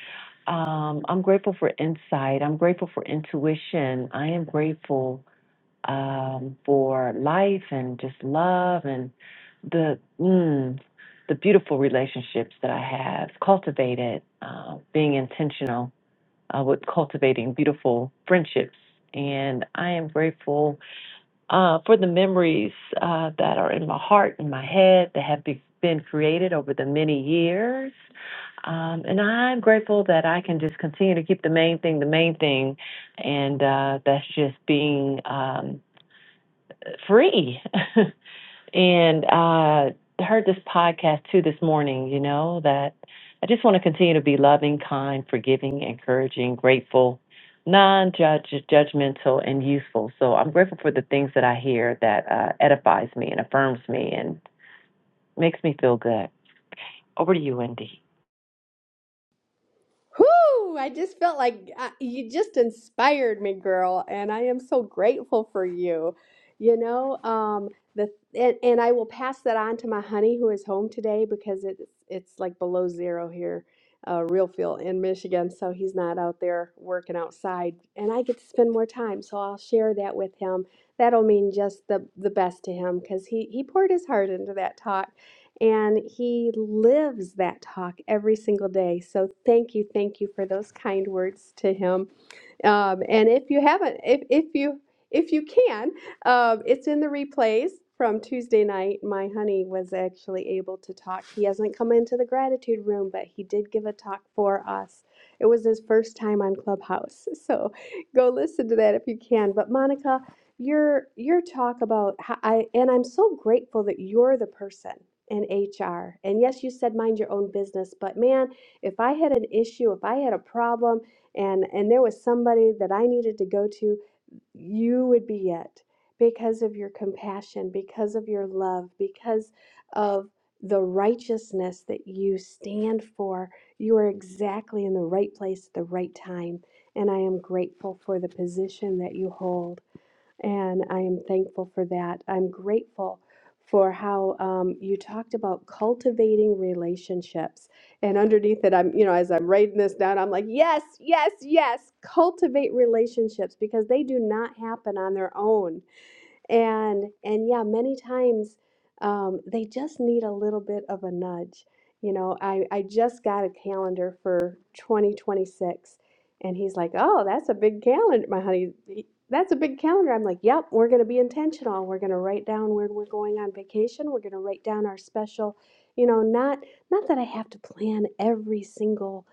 Speaker 19: um, I'm grateful for insight. I'm grateful for intuition. I am grateful um, for life and just love and the mm, the beautiful relationships that I have cultivated, uh, being intentional uh, with cultivating beautiful friendships. And I am grateful uh, for the memories uh, that are in my heart and my head that have be- been created over the many years. Um, and I'm grateful that I can just continue to keep the main thing the main thing, and uh, that's just being. Um, free. and I uh, heard this podcast too this morning, you know, that I just want to continue to be loving, kind, forgiving, encouraging, grateful, non judgmental, and useful. So I'm grateful for the things that I hear that uh, edifies me and affirms me and makes me feel good. Over to you, Wendy.
Speaker 28: Whoo! I just felt like uh, you just inspired me, girl, and I am so grateful for you. You know, um, the and, and I will pass that on to my honey who is home today because it's it's like below zero here, uh, real feel in Michigan, so he's not out there working outside, and I get to spend more time, so I'll share that with him. That'll mean just the the best to him because he he poured his heart into that talk and he lives that talk every single day. So thank you, thank you for those kind words to him. Um, and if you haven't, if, if you if you can, um, it's in the replays from Tuesday night. My honey was actually able to talk. He hasn't come into the gratitude room, but he did give a talk for us. It was his first time on Clubhouse, so go listen to that if you can. But Monica, your your talk about how I and I'm so grateful that you're the person in HR. And yes, you said mind your own business, but man, if I had an issue, if I had a problem and and there was somebody that I needed to go to, you would be it because of your compassion, because of your love, because of the righteousness that you stand for. You are exactly in the right place at the right time, and I am grateful for the position that you hold. And I am thankful for that. I'm grateful for how um, you talked about cultivating relationships. And underneath it, I'm, you know, as I'm writing this down, I'm like, yes, yes, yes, cultivate relationships because they do not happen on their own and and yeah, many times um, they just need a little bit of a nudge. You know, I, I just got a calendar for 2026, and he's like, "Oh, that's a big calendar, my honey. That's a big calendar." I'm like, "Yep, we're going to be intentional. We're going to write down where we're going on vacation. We're going to write down our special, you know, not not that I have to plan every single."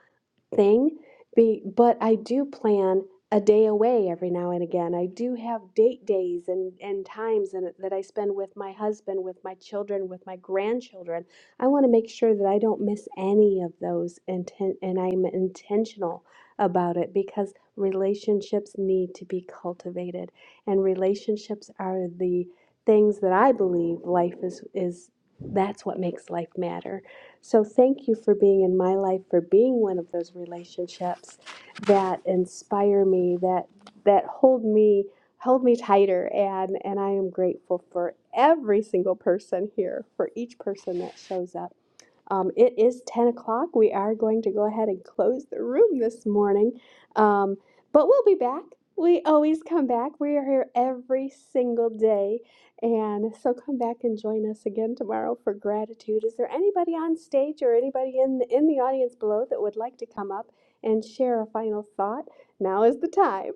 Speaker 28: thing. Be, but I do plan a day away every now and again. I do have date days and, and times and that I spend with my husband, with my children, with my grandchildren. I want to make sure that I don't miss any of those inten- and I'm intentional about it because relationships need to be cultivated and relationships are the things that I believe life is is that's what makes life matter so thank you for being in my life, for being one of those relationships that inspire me, that that hold me hold me tighter and and I am grateful for every single person here, for each person that shows up. Um, it is 10 o'clock. We are going to go ahead and close the room this morning, um, but we'll be back. We always come back. We are here every single day. And so come back and join us again tomorrow for gratitude. Is there anybody on stage or anybody in the, in the audience below that would like to come up and share a final thought? Now is the time.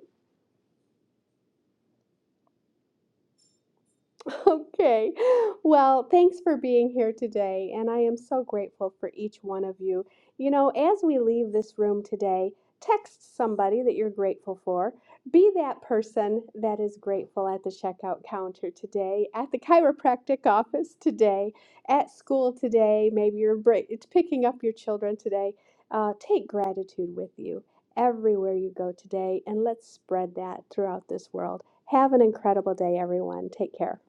Speaker 28: Okay. Well, thanks for being here today, and I am so grateful for each one of you. You know, as we leave this room today, text somebody that you're grateful for. Be that person that is grateful at the checkout counter today, at the chiropractic office today, at school today. Maybe you're bri- it's picking up your children today. Uh, take gratitude with you everywhere you go today, and let's spread that throughout this world. Have an incredible day, everyone. Take care.